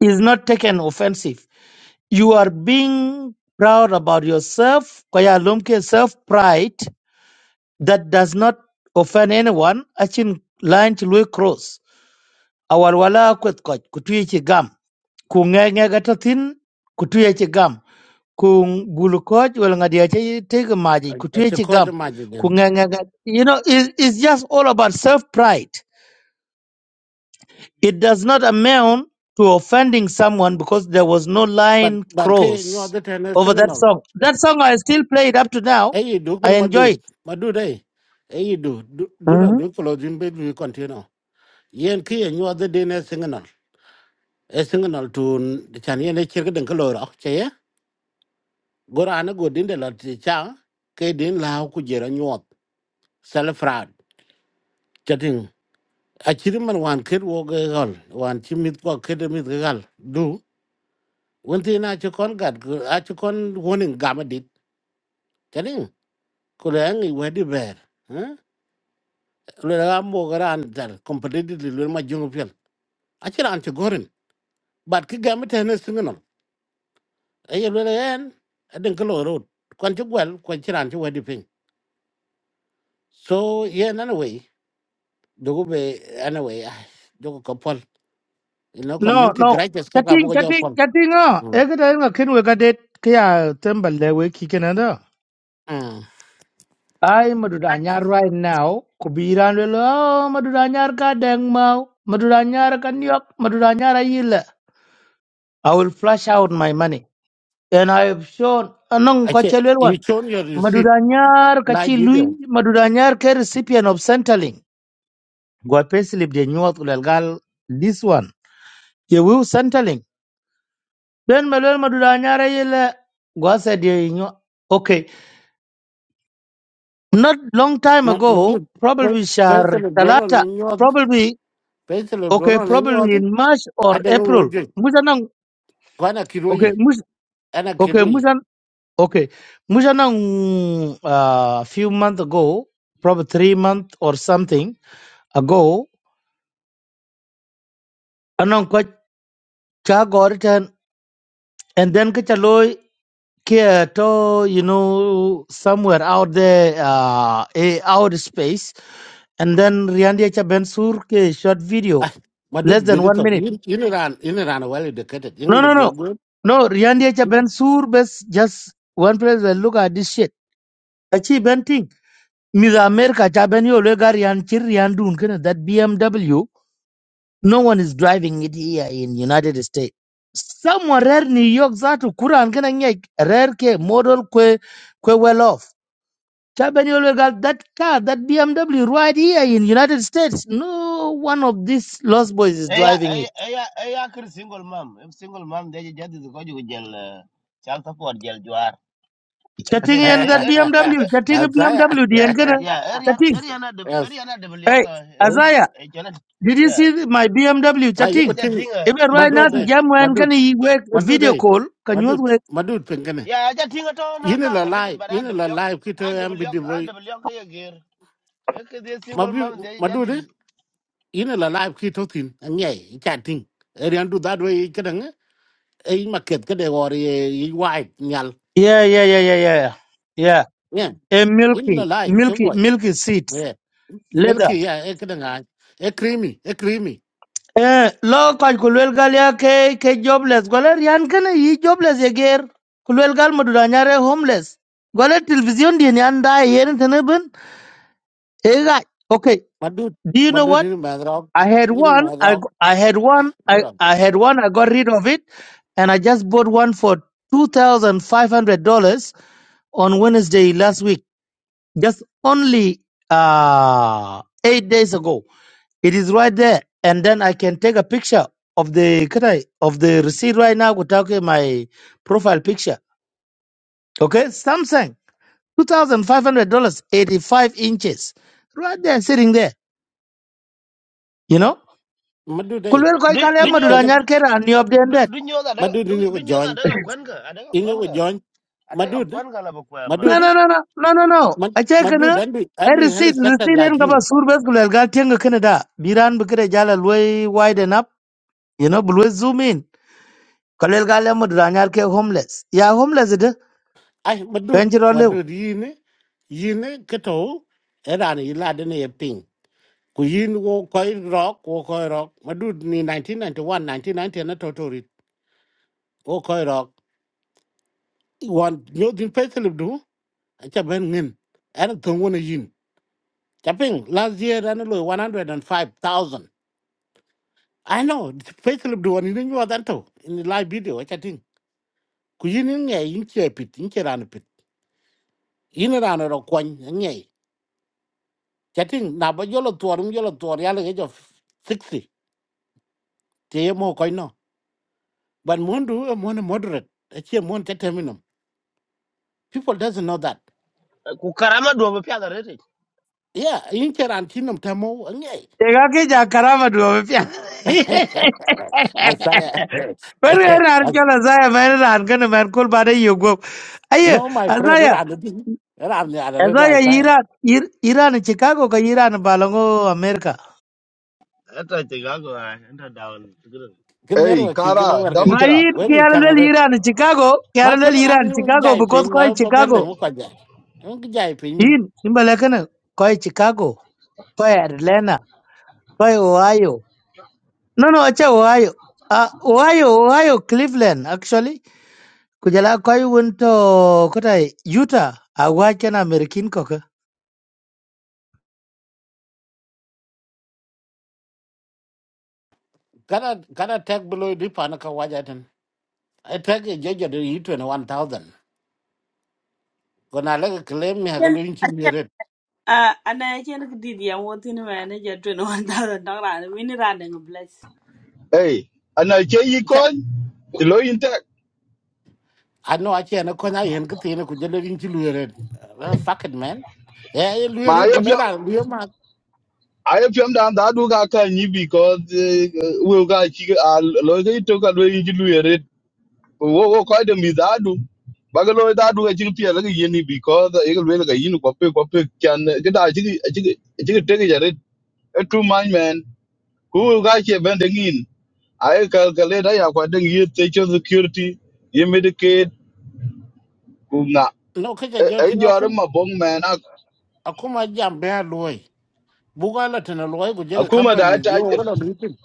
Speaker 7: is not taken offensive. You are being proud about yourself, Kwaya Lumke self pride that does not offend anyone. Achin line to Louis Cross. Our wala kwet koch, kutuye gam. Kungenge gatatin, kutuye gam. Kung bulu koch, well ngadiache take a maji,
Speaker 2: I I took
Speaker 7: kutuye
Speaker 2: out the
Speaker 7: gam.
Speaker 2: magic then.
Speaker 7: Kungenge gat- You know, it, it's just all about self pride. It does not amount to offending someone because there was no
Speaker 2: But
Speaker 7: line
Speaker 2: but ke nyo
Speaker 7: cross
Speaker 2: the
Speaker 7: over that
Speaker 2: tennis
Speaker 7: song. That song I still play it up to now.
Speaker 2: ấy đủ
Speaker 7: I
Speaker 2: cái mà đủ
Speaker 7: enjoy it.
Speaker 2: mà đủ đây ấy đủ đủ đủ là
Speaker 7: Mhm.
Speaker 2: đủ cái lo duyên bên lui còn thế nào yên khi anh nhớ đến đây sinh ngân ấy sinh ngân tuôn chẳng yên ấy chỉ cái đằng cái lo đó chứ ấy gọi anh gọi đến đây là chỉ chăng cái đến là cũng giờ anh nhớ sale fraud chắc chắn à mình hoàn kết vô gal hoàn chimit mít qua kết mít cái gal đủ vấn thế nào cho con gạt à cho con warning gamma dit chắc chắn cô lấy anh ấy về đi về Huh? lo da mo garan dal competitive lo ma jungo acira an ci gorin bat ki gami tene singinol ayi lele yen adin ka lo road kwan ci gwel kwan ci ran ci wadi ping so yen anyway dogo be anyway ah, dogo ka pol you know
Speaker 7: No,
Speaker 2: community
Speaker 7: no.
Speaker 2: gratis ka ka
Speaker 7: Chatting,
Speaker 2: bugo jo
Speaker 7: chatting,
Speaker 2: pol
Speaker 7: chatting. Ah,
Speaker 2: mm
Speaker 7: ekadaenga kinwe kadet kya tembal we kikenanda.
Speaker 2: mm
Speaker 7: I madudanyar right now. Kubiran lelo oh, madudanyar ka deng mau. Madudanyar ka nyok. Madudanyar ayila. I will flush out my money. And I have shown anong
Speaker 2: ache you
Speaker 7: kachelwel
Speaker 2: shown your receipt
Speaker 7: Madudanyar
Speaker 2: live
Speaker 7: kachi lui
Speaker 2: video
Speaker 7: Madudanyar ke recipient of Centerlink. Gwa payslip de nyuat ulal this one. Ye wiu Centerlink. Then melwel Madudanyar yele gwa se de nyuat. Okay, not long time
Speaker 2: ma ma
Speaker 7: ago,
Speaker 2: du
Speaker 7: probably shar
Speaker 2: pesel dono
Speaker 7: talata,
Speaker 2: ne nyod
Speaker 7: probably
Speaker 2: pesel
Speaker 7: okay,
Speaker 2: dono ne
Speaker 7: probably
Speaker 2: nyod
Speaker 7: in March or
Speaker 2: adin wo
Speaker 7: April.
Speaker 2: je
Speaker 7: Mujanang
Speaker 2: kwana
Speaker 7: okay,
Speaker 2: kiroyi
Speaker 7: mus
Speaker 2: ana
Speaker 7: okay,
Speaker 2: kiroyi
Speaker 7: mujan okay, mujanang a few months ago, probably three months or something ago. Cha got it and, and then get a loy care to you know somewhere out there uh a outer space and then Riandia Cha Bensur ke short video
Speaker 2: ah madud
Speaker 7: less than one
Speaker 2: bidito
Speaker 7: minute.
Speaker 2: yin yin ran yin ran well educated
Speaker 7: No
Speaker 2: yin
Speaker 7: no no.
Speaker 2: le
Speaker 7: No Riandia Cha Bensur best just one place and look at this shit. Achi Benting. Miss America Cha Ben yo le gar yan that BMW No one is driving it here in United States. Somewhere rare New York zatu kuran kana nyek rare ke model kwe kwe well off. Chabani always got that car, that BMW right here in United States. No one of these lost boys is
Speaker 9: Eya,
Speaker 7: driving
Speaker 9: eya,
Speaker 7: it.
Speaker 9: eya, eya, kir single mom. If single mom, they just is go to jail, uh, child support jail juar.
Speaker 7: Chatting
Speaker 9: Again,
Speaker 7: in
Speaker 9: they,
Speaker 7: that
Speaker 9: eh,
Speaker 7: BMW, chatting
Speaker 2: saya
Speaker 7: BMW, DM kana
Speaker 9: yeah, area,
Speaker 7: chatting.
Speaker 9: area na, de
Speaker 2: yes
Speaker 9: area na double
Speaker 7: Hey,
Speaker 9: yoga, area na,
Speaker 7: Azaya,
Speaker 9: eh,
Speaker 7: did you
Speaker 9: yeah.
Speaker 7: see my BMW
Speaker 2: saya yuk
Speaker 7: chatting?
Speaker 9: Eja
Speaker 2: betul
Speaker 9: tinga,
Speaker 7: Even
Speaker 9: eja
Speaker 7: right
Speaker 2: madu
Speaker 7: now, the
Speaker 2: deh
Speaker 9: tinga.
Speaker 7: jam when
Speaker 2: madu
Speaker 7: can he work
Speaker 2: madu
Speaker 7: video
Speaker 2: deh
Speaker 7: call? Can
Speaker 2: madu
Speaker 7: you work?
Speaker 2: madu pengkene
Speaker 9: Yeah, eja tinga to na
Speaker 2: ini la
Speaker 9: gaga, ready,
Speaker 2: live
Speaker 9: but I
Speaker 2: ini
Speaker 9: double
Speaker 2: la
Speaker 9: yoga,
Speaker 2: live kita
Speaker 9: I double
Speaker 2: yang
Speaker 9: yoga,
Speaker 2: bidi
Speaker 9: I
Speaker 2: boy
Speaker 9: double yoga ya gear. Okay, they single mom,
Speaker 2: mabu
Speaker 9: they
Speaker 2: madu
Speaker 9: just
Speaker 2: deh
Speaker 9: is.
Speaker 2: ini la live kita tin ngai chatting erian du dadu i kadang ai market kade ori i white nyal
Speaker 7: Yeah, yeah, yeah, yeah, yeah, yeah.
Speaker 2: ngen
Speaker 7: a
Speaker 2: ini la
Speaker 7: milky
Speaker 2: live ke
Speaker 7: milky
Speaker 2: boy
Speaker 7: milky seat
Speaker 2: yeah
Speaker 7: leather
Speaker 2: milky ya e kadang ai e creamy e creamy
Speaker 7: eh lo ka kulwel gal ya ke ke jobless gole rian kana yi jobless ye ger kulwel gal madura nyare homeless gole television di ni anda yen tene ben e ga okay
Speaker 2: madu
Speaker 7: do you know
Speaker 2: madu
Speaker 7: what
Speaker 2: ini madrok
Speaker 7: I had
Speaker 2: ini
Speaker 7: one, I,
Speaker 2: madrok
Speaker 7: g- I had one, I, I had one, I got rid of it, and I just bought one for $2,500 on Wednesday last week, just only uh, eight days ago. It is right there, and then I can take a picture of the can I- of the receipt right now without getting my profile picture. Okay, Samsung, two thousand five hundred dollars, eighty five inches, right there, sitting there. You know,
Speaker 2: Madud eh.
Speaker 7: Kulwel koi
Speaker 9: Do,
Speaker 7: kale
Speaker 9: do you,
Speaker 7: madura
Speaker 2: Pengen
Speaker 7: nyar kera ani of them
Speaker 9: do,
Speaker 7: that.
Speaker 9: do you that,
Speaker 2: Madud
Speaker 9: do,
Speaker 2: ini ko
Speaker 9: do you that,
Speaker 2: join.
Speaker 9: adega kwenka, adega
Speaker 2: Ini ko
Speaker 9: kwenka,
Speaker 2: join.
Speaker 9: adega
Speaker 2: Madud eh.
Speaker 9: kwenka la bukwa ma.
Speaker 7: No,
Speaker 2: Madud eh.
Speaker 7: no, no, no, no, no, no.
Speaker 2: Mad-
Speaker 7: I check na.
Speaker 2: Madud andu
Speaker 7: I
Speaker 2: andu hal
Speaker 7: receipt,
Speaker 2: settled
Speaker 7: receipt
Speaker 2: like
Speaker 7: en kaba
Speaker 2: you.
Speaker 7: surbes kulwel gal tienga Canada. Biran bukere jala lway widen up. You know, bulwe zoom in. Kulwel kale madura nyar ke homeless. Yeah, homeless ito.
Speaker 2: Ai Madud
Speaker 7: Venture
Speaker 2: Madud ini ini keto era ni ilade ni ping. Ku yin wo koi rock wo koi rock. Madud ni 1991 1990 na totori. Wo koi rock. Wan nyodin peselib du. Acha ben ngin. Era tungwana yin. Chaping last year analo 105,000. I know, Facebook do one thing about that too. In the live video, I chatting. Kujin in ngay in chia pit, in chia ran pit. In a ran ro kwan ngay. Chatting, na ba yolo tuar, um yolo tuar, yalo age of 60. Tie mo koi no. But mon do, a mon moderate. A chia mon chateminum. People doesn't know that.
Speaker 9: Kukarama dua bapia
Speaker 2: Yeah, in chia ran tinum tamo ngay.
Speaker 7: Tekakija karama duopya.
Speaker 2: Asaya.
Speaker 7: Wani yana harkar Azaya ma yana harkar da Mayar Kol ba dai yogo. Ayye,
Speaker 2: No, my friend,
Speaker 7: Azaya,
Speaker 2: ran the thing. Ran the other, I
Speaker 7: Azaya
Speaker 2: say.
Speaker 7: Iran, Ir- Iran Chicago ka Iran Balongo, America.
Speaker 9: Ata tiga ko ay, ata dawan tigre,
Speaker 2: Good
Speaker 6: Hey,
Speaker 2: network, you
Speaker 9: dawan
Speaker 2: can
Speaker 6: Kara,
Speaker 9: tan.
Speaker 2: work
Speaker 7: Ma
Speaker 6: Democrat.
Speaker 7: yin
Speaker 2: it.
Speaker 7: Iran Chicago,
Speaker 2: mà
Speaker 7: kiyarlel
Speaker 2: con làm
Speaker 7: Iran
Speaker 2: thì muốn
Speaker 7: Chicago
Speaker 2: dạy
Speaker 7: because
Speaker 2: phim mà
Speaker 7: koi
Speaker 2: không có thể để
Speaker 7: Chicago.
Speaker 2: muộn quá giờ, ông cái dạy phim mình,
Speaker 7: Yin, in balakana koi Chicago, koi Atlanta, koi Ohio. No, no, acha Ohio. Uh, Ohio, Ohio, Cleveland actually. kujala koi wonto kotai Utah awachen American koke.
Speaker 2: cái cái tech bôi luôn đi pha nước qua giờ thì tech cái giờ giờ đi ít rồi một thousand, còn lại cái claim mình phải giao
Speaker 1: Can-
Speaker 2: luôn
Speaker 1: I
Speaker 2: chín mươi
Speaker 1: can-
Speaker 2: lườn,
Speaker 1: Uh, and I can't did the one thing manager twenty one thousand dollars. We need running a bless.
Speaker 6: Hey, and I say you
Speaker 2: chắc
Speaker 6: coin, the law intact.
Speaker 2: anh nói chuyện anh nói chuyện này anh cứ giao luôn chín mươi lườn, fuck it man, cái lườn
Speaker 6: My
Speaker 2: rồi cũng người
Speaker 6: IFM,
Speaker 2: ta lườn mà
Speaker 6: IFM down that do got can you because eh, we got chicken, a lawyer took a way into it. We will quite a mizadu. Bagalo that do a chicken peer like a yeni because the eagle will like a yin copy copy can get a chicken, a chicken, a chicken take it. A true mind man who got you bending in. I calculate I have quite a year, social security, you medicate.
Speaker 2: lúc cái giờ giờ
Speaker 6: e
Speaker 2: thì anh
Speaker 6: jor
Speaker 2: không
Speaker 6: ma bong man ak
Speaker 2: anh không ai làm bia lười, buôn gai là cái nào lười giao cái công
Speaker 6: akuma
Speaker 2: ty
Speaker 6: da
Speaker 2: gì
Speaker 6: ta
Speaker 2: cũng là lười, cái company giờ cái là luyện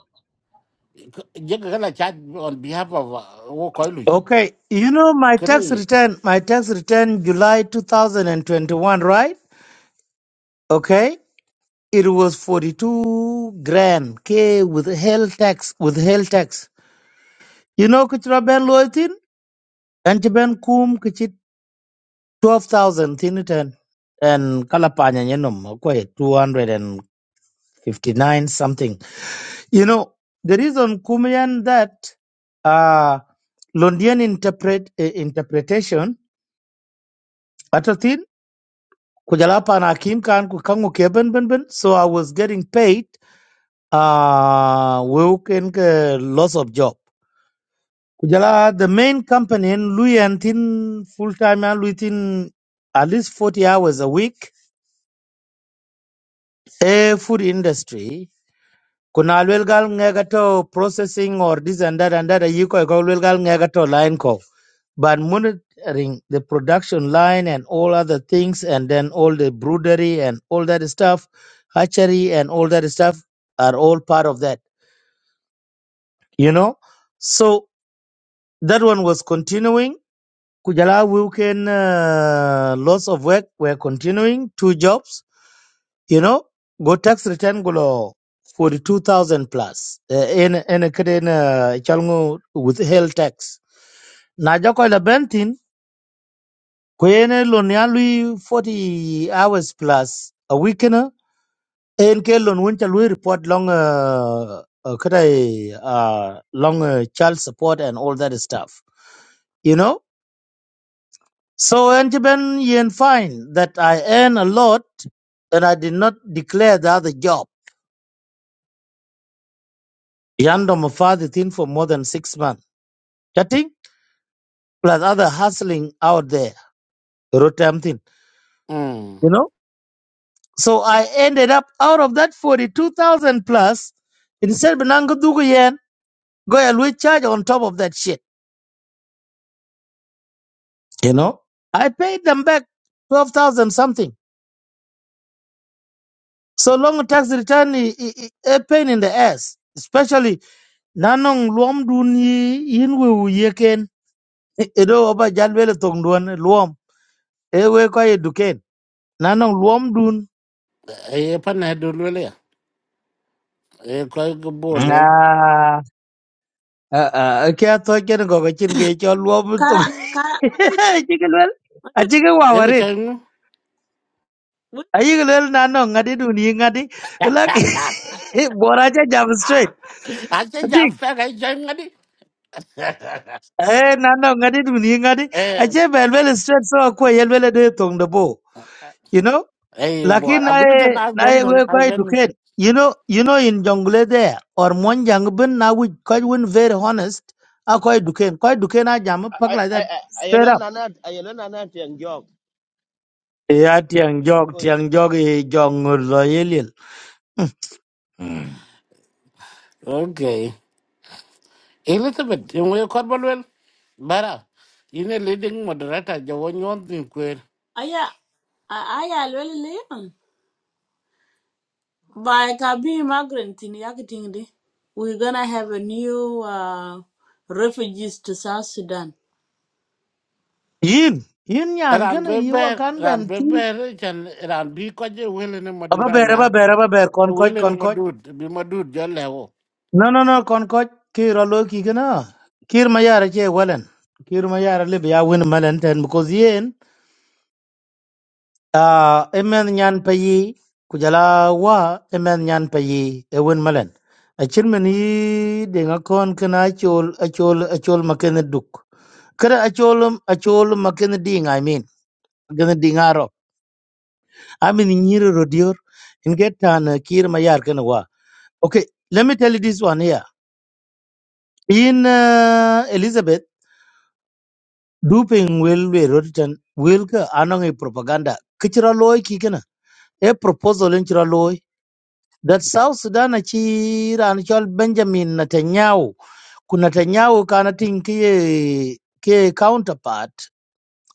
Speaker 2: chim giờ cái là chat on behalf của của cái lười,
Speaker 7: Okay, you know my
Speaker 2: cái
Speaker 7: tax
Speaker 2: này,
Speaker 7: return, my tax return July 2021, right? Okay, it was 42 grand K with hell tax, with hell tax. You know kuchra ben loitin and ben kum kuchit 12,000 thin it and and kalapanya nyenom okay 259 something. You know, the reason Kumian that uh, Londian interpret eh, interpretation atatin kujalapa na akim kan ku kangu ke ben ben so I was getting paid uh we can uh, loss of job kujala the main company in Luyan tin full time and within at least 40 hours a week a food industry Kuna alwel gal ngega processing or this and that and that you ko alwel gal ngega line ko but monitoring the production line and all other things and then all the broodery and all that stuff hatchery and all that stuff are all part of that you know so that one was continuing kujala weekend uh, loss of work were continuing two jobs You know, go tax return gulo 42,000 plus. Eh, En en kede na chalngu withheld tax. Na joko la bentin kuyene lon ya lui 40 hours plus a week na en ke lon wuncha lui report long uh, uh, kede uh, long uh, child support and all that stuff. You know? So en ben yen find that I earn a lot and I did not declare the other job. Yandom father thin for more than six months. chatting plus other hustling out there, Rotamthin,
Speaker 2: um
Speaker 7: you know. So I ended up out of that 42,000 plus, instead of Nangadugu yen, go and we charge on top of that shit, you know. I paid them back 12,000 something. So long tax return is a pain in the ass, especially nanong luom duni yinwe yeken. Edo oba jalwele tongduan luam ewe koye eduken. Nanong luam dun.
Speaker 2: e pa na du le le e ko ko bo le
Speaker 7: a ke atho chen go ga chin ge cho luo bu tu
Speaker 1: Cara, cara,
Speaker 7: chi ke lel a
Speaker 1: dude,
Speaker 7: chi ke wa
Speaker 2: e ke
Speaker 7: warit
Speaker 2: chen
Speaker 1: what?
Speaker 7: a yi ke lel na no ngadi du ni ngadi la ke bora cha jam straight
Speaker 2: a che ja
Speaker 7: atik
Speaker 2: fe ga chen ga di
Speaker 7: eh na no ngadi du ni ngadi
Speaker 2: e
Speaker 7: a che bel bel straight so ko yel bel de tong de bo you know
Speaker 2: e bo
Speaker 7: lakin
Speaker 2: a
Speaker 7: na
Speaker 2: gu te
Speaker 7: e
Speaker 2: na
Speaker 7: na
Speaker 2: ben
Speaker 7: e we
Speaker 2: a
Speaker 7: ko
Speaker 2: ben
Speaker 7: educate you know you know in jungle there or mon jang bin na we quite win very honest a ko educate ko educate na jam pak
Speaker 9: I
Speaker 7: like
Speaker 9: I
Speaker 7: that
Speaker 9: I
Speaker 7: straight
Speaker 9: ayana
Speaker 7: up
Speaker 9: nana ayana nana tiang jog
Speaker 7: Ya tiang
Speaker 9: ira
Speaker 7: jog
Speaker 9: koi
Speaker 7: tiang jog i jog ngur lo yelil.
Speaker 2: okay elizabeth yo we ko bo le bara ine leading moderator jo won yon tin kwer
Speaker 1: Aya, aya, really, By I've immigrant in Yakitingdi, we're gonna have a new uh, refugees to South Sudan.
Speaker 7: Yin yin yan
Speaker 2: ran
Speaker 7: kana
Speaker 2: be
Speaker 7: yi wa
Speaker 2: ber
Speaker 7: kan
Speaker 2: ran
Speaker 7: ben
Speaker 2: be
Speaker 7: ti.
Speaker 2: ber chen ran bi ko je wele ne
Speaker 7: Aba
Speaker 2: madura
Speaker 7: ber
Speaker 2: nya
Speaker 7: aba ber aba ber kon koch
Speaker 2: wele ne
Speaker 7: kon koch.
Speaker 2: madud bi madud jo lewo
Speaker 7: No no no kon koch ki ro lo ki kana. Kir ma yara che walen. Kir ma yara lib ya win malen ten because yin ah emen nyan pe kujala wa emen nyan pe e win malen. A chirmen yi dinga kon kana chol a chol a chol makin duk. Kada a chol a chol makin ding I mean. gana dingaro amin nyiro rodior in get an uh, kir mayar kana wa okay let me tell you this one here in uh, elizabeth duping will we rotan will ka anong e propaganda kichira loy ki kana a proposal in chira loy that south sudan chi ran chol benjamin netanyahu kuna netanyahu kana tin ki ki counterpart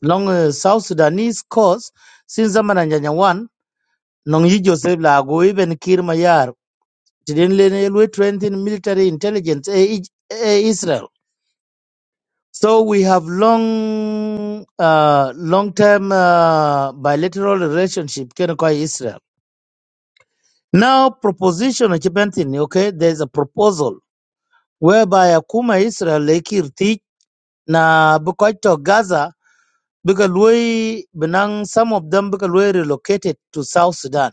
Speaker 7: long uh, south sudanese cause since zaman nyanya wan nong yi joseph lagu even kir mayar Jordan railway trained in military intelligence eh, eh, Israel. So we have long, uh, long-term uh, bilateral relationship Kenya kwa Israel. Now proposition achibantin, okay, there's a proposal whereby akuma Israel lekirti na bukaito Gaza because we, Benang some of them because we relocated to South Sudan.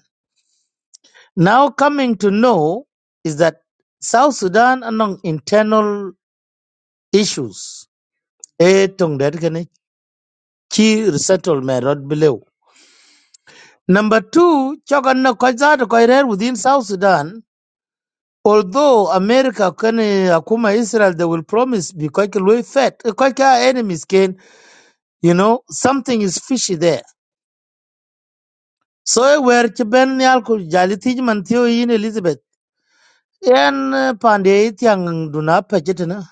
Speaker 7: Now coming to know is that South Sudan among internal issues e tong det kene chi resettlement rod below. Number two, chokan na koizat koirer within South Sudan. Although America can akuma Israel, they will promise because we fed because enemies can, you know, something is fishy there. So eh, where chiben ni alku jali tij man thiyo yin Elizabeth. Yan eh, pande itiang duna pachetina.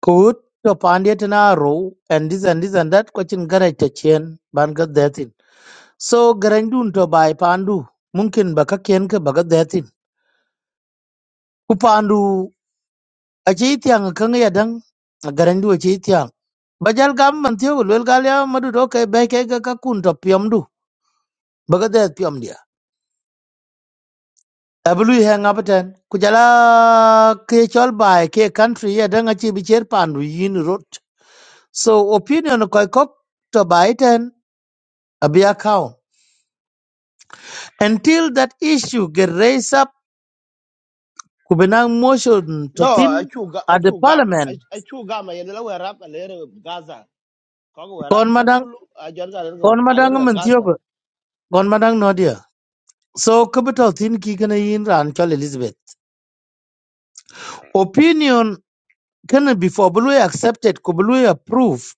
Speaker 7: Kut to pande tina ro and this and this and that question garage tachien ban gat so garandun to bai pandu mungkin baka ken ka baga datin ku pandu a ce tiyan kan ya dan garandu a ce bajal gam man tiyo lel gal ya madu do kai bai kai ga ka kun to piyam du baga dat piyam dia ablu he ngabaten ku jala ke chol bai ke country ya dan a ce bi cher pandu yin rot so opinion ko ko to bai ten abia kaun until that issue get raised up ku binang motion to
Speaker 9: No,
Speaker 7: thin
Speaker 9: achu ga
Speaker 7: at the
Speaker 9: achu gam,
Speaker 7: parliament
Speaker 9: achu gam ay nila werap aler Gaza. Kog werap
Speaker 7: Kon
Speaker 9: ben
Speaker 7: madang,
Speaker 9: kulu ajar ga aler
Speaker 7: kon madang
Speaker 9: aler Gaza.
Speaker 7: mentiogo, kon madang nodia. So capital thin kikana yin ran chol Elizabeth. Opinion can before blue accepted, kubului approved,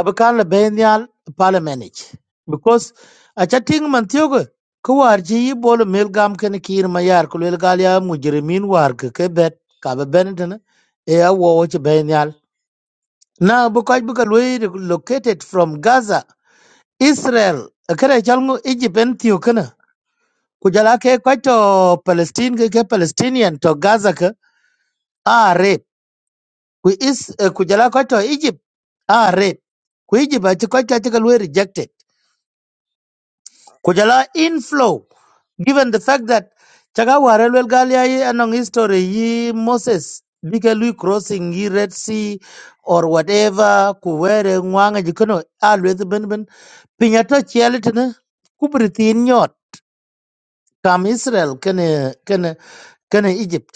Speaker 7: abakala benial parliament. ich. Because a chatting mentiogo, kuarji bol milgam can kir mayar kulilgalia mujerimin war kebet, kaba benetana, ea watch benial. Now because because located from Gaza, Israel, a chalmo chalmu Egypt and ku jala ke ko to palestine ke ke palestinian to gaza ke a rape ku is eh, ku jala ko to egypt a rape ku egypt a ti ko ta ti rejected ku jala inflow given the fact that chaga ware lwel galia yi anong history yi moses bike lui crossing yi red sea or whatever ku were ngwanga jikono a lweth ben ben pinya to chiel tene ku britin kam israel kene kene kene egypt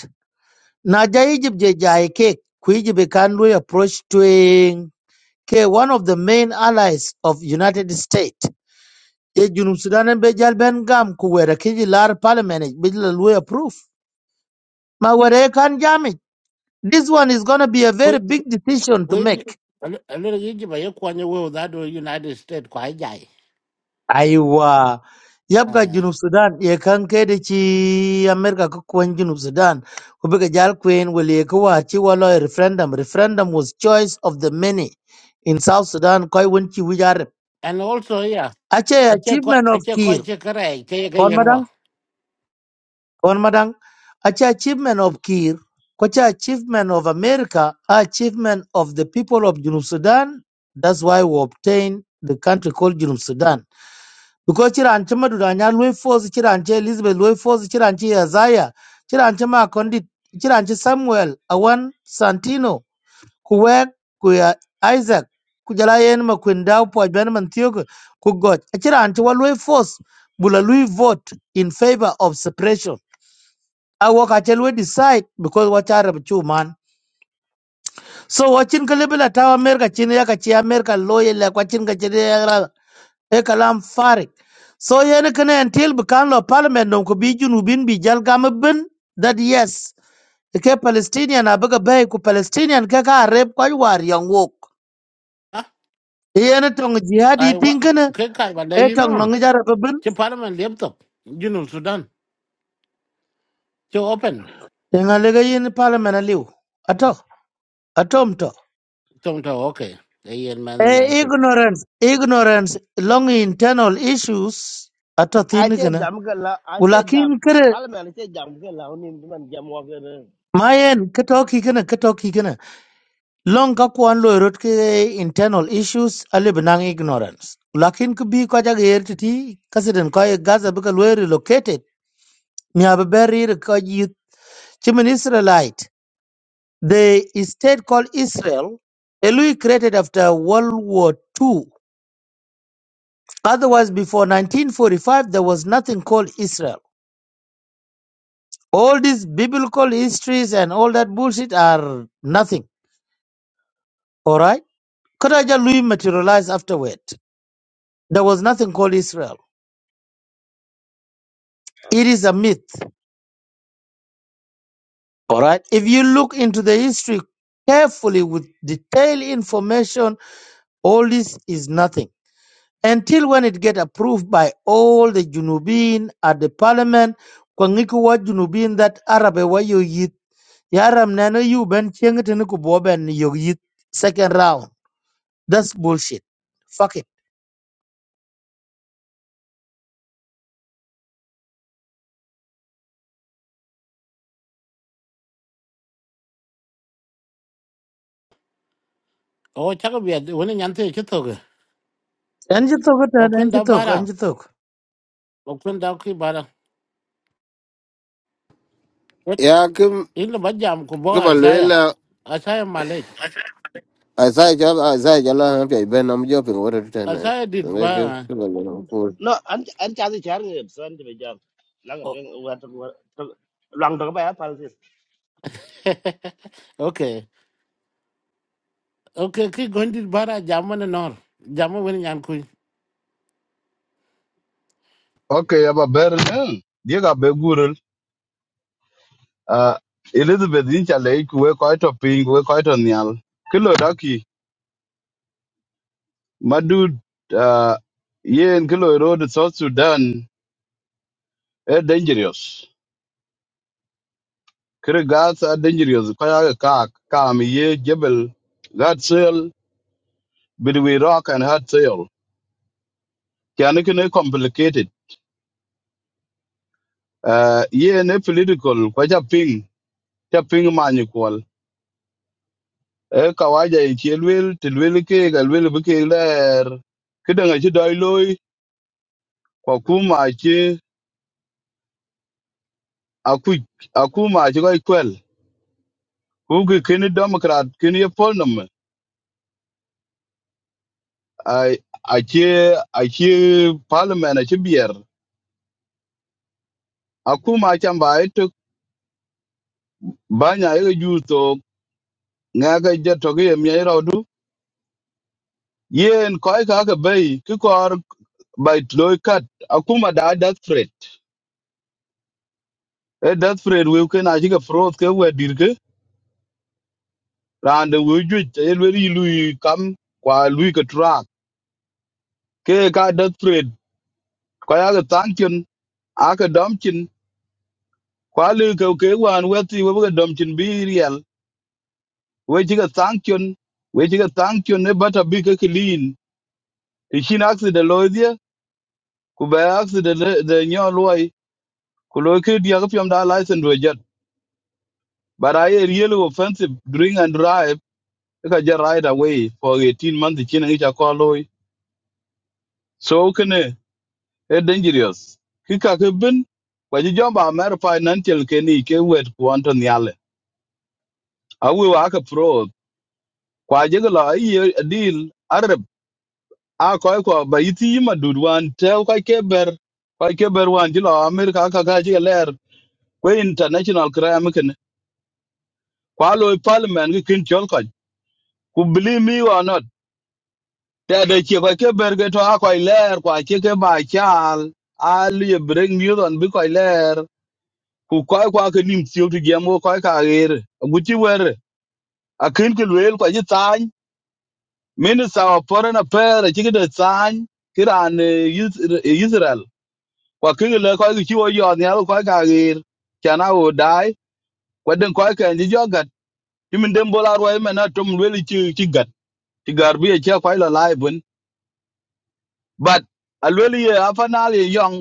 Speaker 7: Na jai jib je jai ke kuijibe kanlui approach to e ke one of the main allies of United States. Ye junub Sudan en be jal ben gam ku wera kiji lar parliament e, be jala lui approve. Ma wera e kan jami. This one is gonna be a very big decision to
Speaker 2: we
Speaker 7: make.
Speaker 2: a little bit by kwanya we that do united states kwa jai
Speaker 7: aiwa yabga
Speaker 2: uh,
Speaker 7: junub sudan ye kan kede ci america ko kwen junub sudan ko be jal kwen wali ko wa ci walo e referendum referendum was choice of the many in south sudan koy won ci wijar
Speaker 2: and also yeah
Speaker 7: ache
Speaker 2: a che ko
Speaker 7: achievement
Speaker 2: a
Speaker 7: of
Speaker 2: che ko
Speaker 7: kir
Speaker 2: che kare ke ke
Speaker 7: kon madang
Speaker 2: yenwa
Speaker 7: kon madang ache achievement of kir ko cha achievement of america achievement of the people of junub sudan that's why we obtain the country called junub sudan because chiran chama dudanya lui force chiran che Elizabeth lui force chiran che Isaiah chiran chama kondit chiran che Samuel awan Santino kuwek kuya Isaac kujala yen ma kwenda upo ajana man tiyogo ku God chiran che wa lui force bula lui vote in favor of suppression awo ka che lui decide because wa chara chu man so wachin ka lebela tawa America chin ya ka chi America loye la kwachin ka chin e kalam farik so yen kene until bekan lo parliament non ko bi junubin bi jal gam bin that yes ke palestinian abaga bay ku palestinian ke ka rep ko war yang wok yen tong jihadi
Speaker 2: i wa
Speaker 7: tingkene
Speaker 2: ke kai ba
Speaker 7: e
Speaker 2: you
Speaker 7: tong
Speaker 2: know
Speaker 7: non jara bin
Speaker 2: che parliament laptop you know sudan che open
Speaker 7: eh, ngale ga yen parliament aliu ato atom to
Speaker 2: tong to okay they yen man nyan
Speaker 7: e
Speaker 2: te
Speaker 7: ignorance ignorance long internal issues ato tin
Speaker 9: Ache
Speaker 7: kana
Speaker 9: jam ga la, ache
Speaker 7: ulakin
Speaker 9: jam.
Speaker 7: kere
Speaker 9: Pal men ache jam ga la unim man jam wa ga.
Speaker 7: mayen ketoki kana ketoki Long kakuan lo erot ke internal issues ali benang ignorance. Lakin kubi ko jag ti kasiden ko ye Gaza bika lo relocated mi ababeri ko yit chimin Israelite. The state called Israel Elui created after World War II. Otherwise, before 1945, there was nothing called Israel. All these biblical histories and all that bullshit are nothing. All right? Kodaja Lui materialized afterward. There was nothing called Israel. It is a myth. All right. If you look into the history carefully with detailed information, all this is nothing until when it get approved by all the Junubin at the parliament. Kwangikuwa Junubin that Arab wa yoyit. Yaram nano you ben chengetin kuboben yoyit second round. That's bullshit. Fuck it.
Speaker 2: o cha ko bi won nyan te che to ge
Speaker 7: Anji toko
Speaker 2: ba
Speaker 7: tan
Speaker 2: kun
Speaker 7: anji
Speaker 2: da
Speaker 7: toko
Speaker 2: bara
Speaker 7: anji toko.
Speaker 2: ba kun da ki bara what
Speaker 10: ya kim
Speaker 2: in ba jam ko
Speaker 10: ki
Speaker 2: bo
Speaker 10: ba lwe
Speaker 2: asaya
Speaker 10: la
Speaker 2: asaya malek
Speaker 10: a sai ja a sai ja la ha pe ben am jo pin wor ta na
Speaker 2: asaya dit
Speaker 10: nge ke
Speaker 2: ba
Speaker 10: ki ba lwe ko
Speaker 9: No, an an cha di char ga san de jam. La ga
Speaker 2: oh.
Speaker 9: teng wa to lang to ba ya pal sis.
Speaker 2: okay Okay, ki gondi bara jamma na nor. Jamma wani nyan kuy.
Speaker 6: okay aba ber ne die be gurul uh, elizabeth in chale ku we ko to ping we ko to nyal kilo daki madu uh, yen kilo road south sudan e dangerous kire gas are dangerous ko ya ka ka mi ye jebel that soil between rock and hard soil can it complicated uh, yen e political ko ja ping ja ping man e kawaja i ci luel ke ga luel bu ke ler kidanga ci doi kwa kuma ci aku akuma ci ga kwel ku ke kin democrat kin ye polnum ai a ci parliament a ci bier akuma ci ba ito banya ye ju to nga ga to ge mi ra du yen koi ka ga bai ki kor bai loi kat akuma da that threat e that threat we ken a ci ga froth ke we rande wi ju e le ri lui kam kwa lui ka tra ke ka da thread kwa ya ga tan chen a ka dam chin kwa le ka ke wan we ti we ga dam chin bi real we ji ga tan chen we ji ga tan chen ne bata bi ka clean ti chin accident lo dia ku ba accident de de nyo loi ku lo ke dia ga pyam da license do jet but i a really offensive drink and drive ka ja right away for 18 months chin ngi cha ko loi so kene e dangerous ki ka ke bin kwa ji jomba mer financial ke ni ke wet ku anto nyale a wi wa ka pro kwa ji la yi deal arab a ko ko ba yiti ma dudwan te ka ke ber ka ke ber wan ji la amerika ka ka ji ler ko international crime ken kwa lo e parliament ki kin chol ka ku believe me or not te de ki ka ke ber ke to a ko ler kwa ki ke ba chal a li bring you on bi ko ku koy kwa ke nim tiok ti gem go koy ka ger gu ti wer a ken ke luel ko ji tan minister of foreign affairs ti de tan kiran israel kwa ke le ko ji wo yo ne ko ka ger kana wo dai kwa den ko ke ji jogat ti min dem bola ro me na tum luel ti ti gat ti gar bi e che ko la lai bun but a luel ye afanal ye yong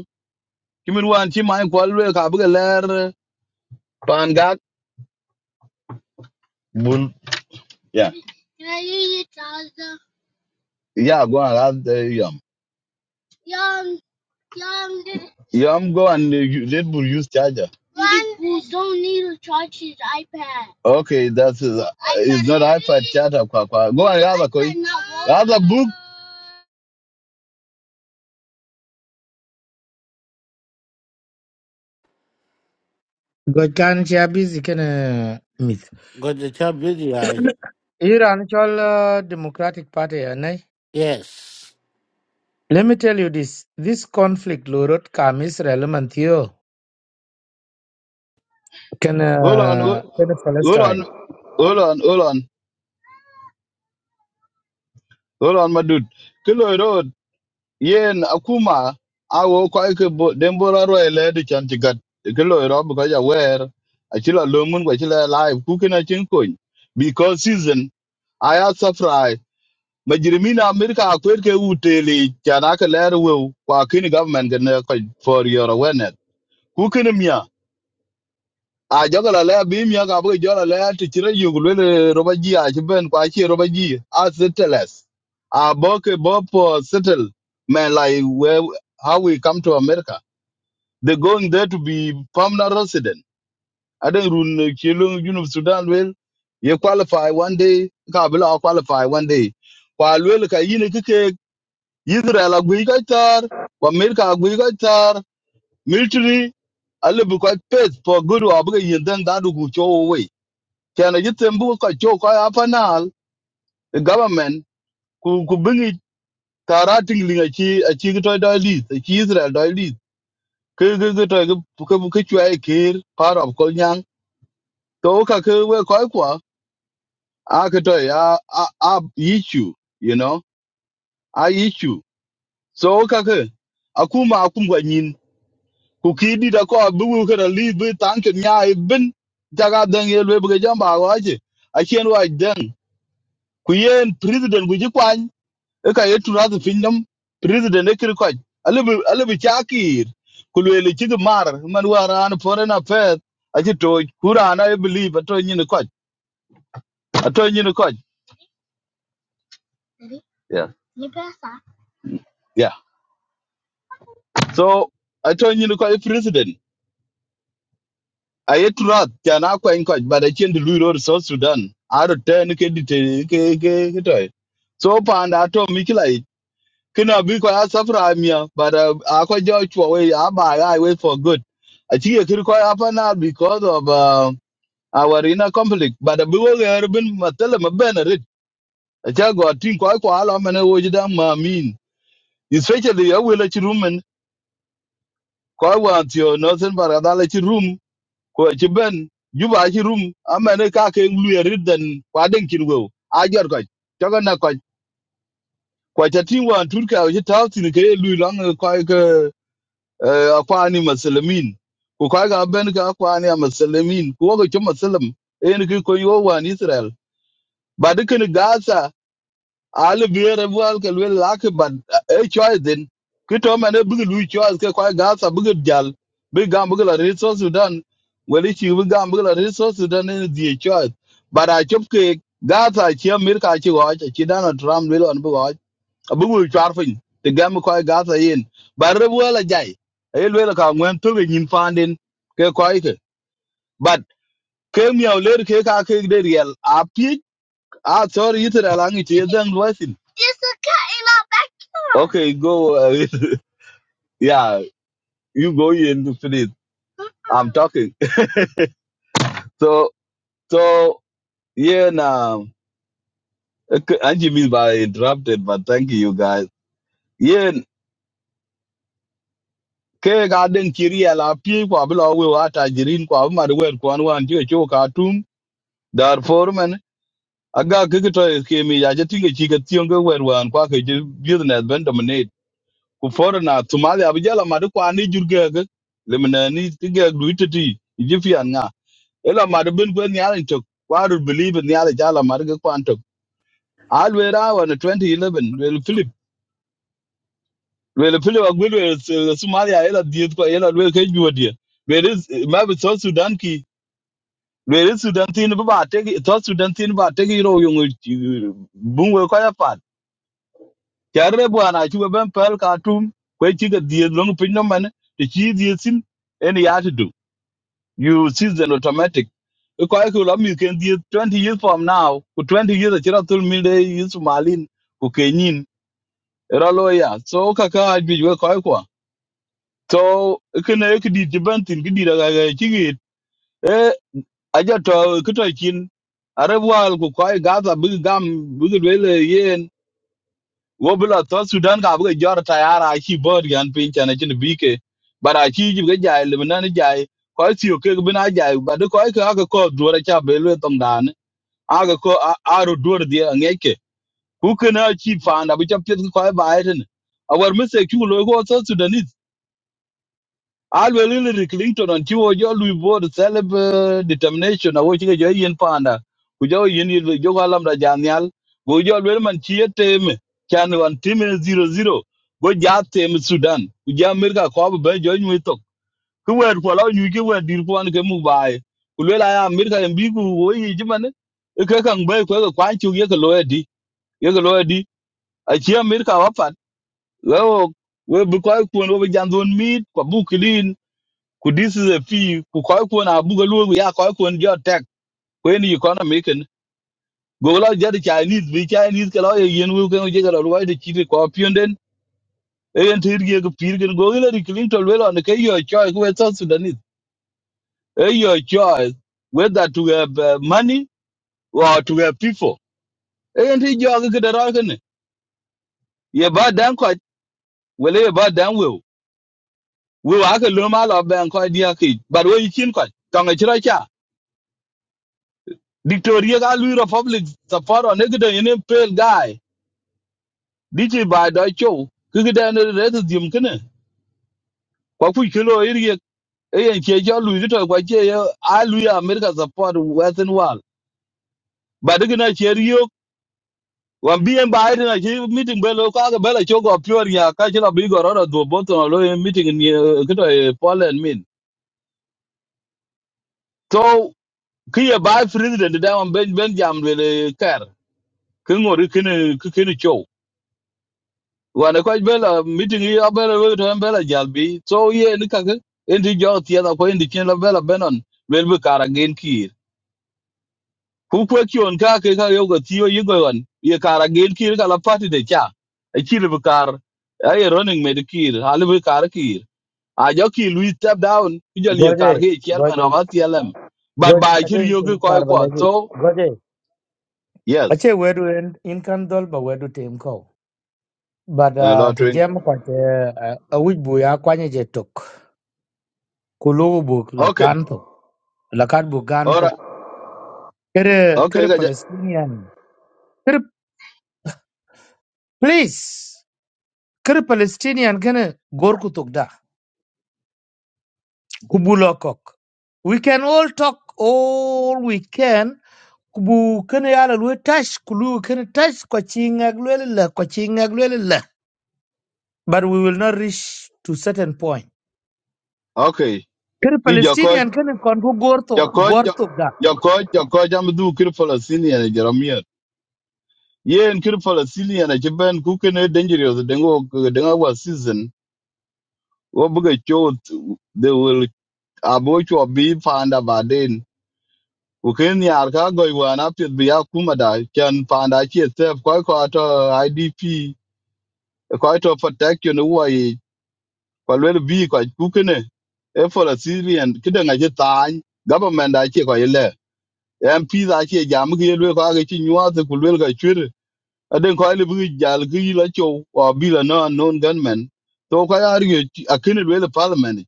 Speaker 6: ti min wan ti mai ko luel ka bu ler pan gak bun ya ya go ala Yeah, I'm going. uh, Red Bull use charger. Okay, that's uh, it's not iPad charger. Kwa, kwa. Go and have a coin. Have a book.
Speaker 7: God can she busy can uh, myth.
Speaker 2: Gojo cha busy ay.
Speaker 7: Iran chol uh, Democratic Party anai.
Speaker 2: Yes.
Speaker 7: Let me tell you this. This conflict lo rot kam Israel man thiyo. Can
Speaker 6: Hold on,
Speaker 7: uh,
Speaker 6: ho-
Speaker 7: can
Speaker 6: hold
Speaker 7: Palestine.
Speaker 6: on, hold on, hold on, hold on, my dude. Kilo road. Yen akuma. I will quite a boat. Then Bora Roy led the chant to get the Kilo road because I wear a chilla lumen, which is alive. Cooking a chincoin. Because season, I have surprise. ma jirmi na america akwet ke uteli chana ke ler we kwa kini government ke ne ko for your awareness ku kini mia a jogala le bi mia ka bu jogala le ti chira yugu le roba ji a chi ben kwa chi roba ji a settlers a bo ke bo po settle man like where how we come to america they going there to be permanent resident i don't run chilung junub sudan well you qualify one day ka bila qualify one day kwa lwel ka yine Israel agui ka tar, America agui ka tar, military alle bu ko pes for guru abu bu yin dan da du cho we. Kana yitem bu ko cho ko ya the government ku ku bingi tarating linga chi a chi to da list, a chi Israel da list. Ke ke ke to ke ke bu ke chwa ke part of kolnyang. To ka ke we ko kwa a ke to ya a a issue, you know, a issue. So ka ke akuma akum gwa ku kidi da ko bu wu kana li bi tankin nya ibin jaga dan ye le bi jam ba wa ji a chen wa dan ku yen president bu ji kwan e ka yetu na du finnam president e kir kwaj alibi alibi chakir ku le le chig mar man wa ran foreign affairs a ji to kura na e believe to nyin kwaj a to nyin kwaj yeah yeah so a to nyin president a yet rat can a in coach but I change the Luro South Sudan I return ke dite ke ke ke toy so pan da to mikilai kina bi ko a safra but uh, a ko jo chwa we a ba I wait for good I think it could quite happen now because of uh, our inner conflict but we will have been matele mabena rit a cha go tin ko ko ala mane wo jida ma min especially a wele chi rumen ko wa tio nothing but I let you room. ko ci ben juba ci rum amene ka ke luye ridden kwa den kin go a jor ko to na ko ko ta tin wan tur ka ji ta tin ke lu lang ko ke akwa ni muslimin ko ka ga ben ka akwa ni muslimin ko ga ci muslim en ki ko yo wan israel ba dukan gaza al bier e bual ke lwel lak ban e choy din ki to mane bigi lu choy ke gas gasa bigi jal bi gam bigi la rit so sudan weli chi bi gam bigi the rit so sudan ne di choy bara chop ke gasa chi mir ka chi wa chi dan tram lwel on bi wa bi wu char fin te gam kwa gasa yin bar re bual a jai e lwel ka ngwen to ge nyin fandin ke kwa ke but ke miaw ler ke ka ke de riel a pi a sorry itera langi chi Okay, go. uh, yeah, you go in finish. I'm talking. So, so yeah, now okay, Angie means by interrupted, but thank you guys. Yeah, ke garden kiri ala pi kwa bila we wata jirin kwa ma de wer kwa wan ti cho ka tum dar forman aga ke ke to ke mi ya je tinge chi ke tion ke wer wan kwa ke je business ben dominate ku forna tumali abijala ma de kwa ni jurge ke lemna ni tige gluitati je fi ila mar bin ko ni ala tok waru believe ni ala jala mar ko antok alwera wan 2011 wel philip wel philip agwel wel s- somalia ila diet ko ila wel ke juodie wel is ma bi so sudan ki wel is sudan tin bu ba te so sudan tin ba te ro yung bungwe wel ko ya pat jarre bu ana ben pel Katum tum ko chi ga diet long pin no man te chi diet sin en ya you season automatic because ku la mi 20 years from now ku 20 years chira tul mi de is malin Who kenin era lawyer so ka I bi we ko ko so kene ek di dibantin ki di daga ga chigit e aja to kito kin arabwal ku ko gaza big gam big le yen wo bila to sudan ka bu jor tayara ki bor gan pin chana chin bike bara ki ji ga jai le na ni jai ko ti o ke bina jai ba de ko ka ka ko dora cha be le Tom dan a ga ko a ro dor di ngeke ku ke na chi fa na bu cha pet ko ba ai den a war mi se ki lo ko to sudan alwe Hillary Clinton on chiwo jo lui board self eh, determination awo chike jo yen panda ku jo yen yen jo galam da janyal go jo man chie tem chan wan tim zero zero go ja tem Sudan ku ja Amerika ko be jo nyu to ku wer ko la nyu ke wer dir pon ke mu bai ku lwe la ya Amerika en bi ku wo yi jiman e ke kan be ko ko kwan chu ye ko lo di ye ko lo di a chi Amerika wa pat we o- we bu ko ku no be jan mit ko bu ku this is a fee ku koy ko na bu galu ku ya koy ko jo tek ko ni economy ken go lo jadi chinese bi chinese ke lo ye yen wu ken je galo lo de chiri ko pienden e en tir ge ku pir ken go le clinton we lo ne ke your choice we so sudanese e your choice whether to have uh, money or to have people e en ti jo ge de ro ken ye ba dan ko wele ye ba dan we we wa ke lo ma lo ben ko dia ki but we chin ko tong e chiro Victoria ga Louis Republic Sapporo ne gida yene pel guy dichi ba da cho ki gida ne re to dim kene kwa ku kilo iri e yen che cho Louis to kwa che yo a Louis America support Western world ba de gina che rio wan bien ba iri na che meeting be lo ka ga be la cho go pure ya ka che la bi go ro do boto lo yen meeting ni kito e Poland min so ki ye ba president da wan ben ben jam le ker ki ngori kene kene wana ko bela meeting yi abela we to bela jalbi so ye ni kaka endi jo tie da ko endi chen la bela benon wel bu kara gen kir ku ko kyon ka ke ka yo go tiyo yi go wan ye kara gen kir kala party de cha e kir bu kar ay running med kir hal bu kar kir a jo ki lui step down ki jo ye kar
Speaker 7: Goje.
Speaker 6: ge
Speaker 7: Goj
Speaker 6: chairman of atlm but
Speaker 7: goj
Speaker 6: by
Speaker 7: I
Speaker 6: kir
Speaker 7: think
Speaker 6: yo
Speaker 7: tum
Speaker 6: ge ko ko
Speaker 7: karbalegi.
Speaker 6: so
Speaker 7: Goje.
Speaker 6: yes
Speaker 7: Ache wedu en in kan dol ba wedu tem ko. But
Speaker 6: uh,
Speaker 7: uh, ti
Speaker 6: lotring
Speaker 7: jem kwa te uh, awij bu ya kwanye je tok. Kulugu bu
Speaker 6: okay
Speaker 7: lakan tok. Lakat bu gan
Speaker 6: all
Speaker 7: tok.
Speaker 6: right
Speaker 7: Kere kere
Speaker 6: okay ga ja-
Speaker 7: Palestinian. Kere please. Kere Palestinian kene gorku tok da. kubulokok. We can all talk all we can. Kubu kene yala lwe tash kulu kene tash kwa chingak lwele la kwa chingak lwele la. But we will not reach to certain point.
Speaker 6: okay
Speaker 7: Kene
Speaker 6: ki
Speaker 7: Palestinian kene kongo gorto
Speaker 6: Jacob,
Speaker 7: gorto ga.
Speaker 6: Jacob, Jacob, jam du kir Palestinian Jeremiah. Yen kir Palestinian ci ben ku kene dangerous dengo dengo wa season. Wo buga chot they will abo cho bi panda baden. Ku ken yar ka goy wana pit bi akuma da kan panda ci quite ko ko to IDP ko of protection Who wo yi ko Quite bi ko ku kene e Palestinian kidanga just tan government da ci ko MP da ke jam ke lwe ko age chin yuat ku lwe ga chwer aden ko ile bi jal ke ila cho wa bi la no unknown gunmen to ko ya ri a ken lwe le parliament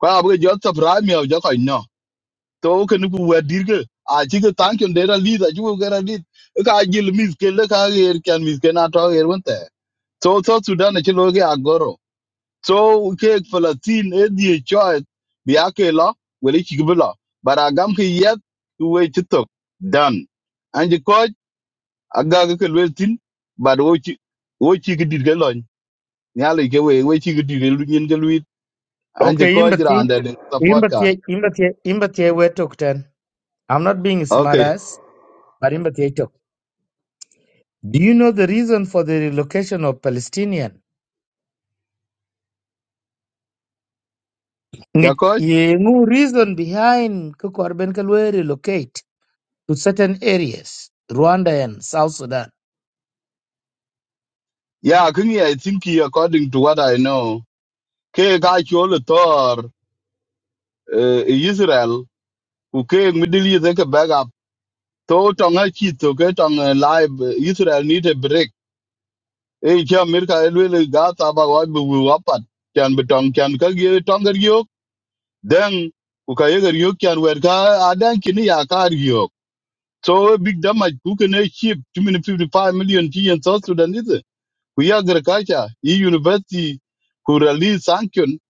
Speaker 6: ko a bi jot ta pra mi o jo ko no to ke ni ku wa dir ke a chi ke tank yon dera li da ju ke ra li ka jil mis ke le ka ger kan mis ke na to ger won te so so sudan ne chi lo ke agoro so ke Palestine e die choice bi ake lo wele chi gbla bara gam ke yet we chi tok dan anji ko aga ke le tin bad wo chi wo chi gidi ke lo nyale ke we we chi gidi ke lu nyin ke lu anji
Speaker 7: Okay,
Speaker 6: ko jra
Speaker 7: imbati
Speaker 6: ande the support ka
Speaker 7: imbati imbati imbati we talk ten. I'm not being smart
Speaker 6: okay
Speaker 7: ass, but imbati talk. Do you know the reason for the relocation of Palestinian?
Speaker 6: ya
Speaker 7: Ngich-
Speaker 6: ko
Speaker 7: ye ngu reason behind kukorben kalwe relocate. to certain areas, Rwanda and South Sudan.
Speaker 6: yeah kini i think he according to what i know ke ga chi ol tor eh, israel ku ke middle east e ke So tonga chito ke tonga live eh, Israel need a break. Hey, kia America elwele gata ba wa bu bu wapat. Kian betong kian ka gi tonga riok. Then ukayega riok kian werka adan kini ya ka riok. So eh, big damage who can a ship 255 million T and South Sudan is it? We agriculture, e university who release sanction.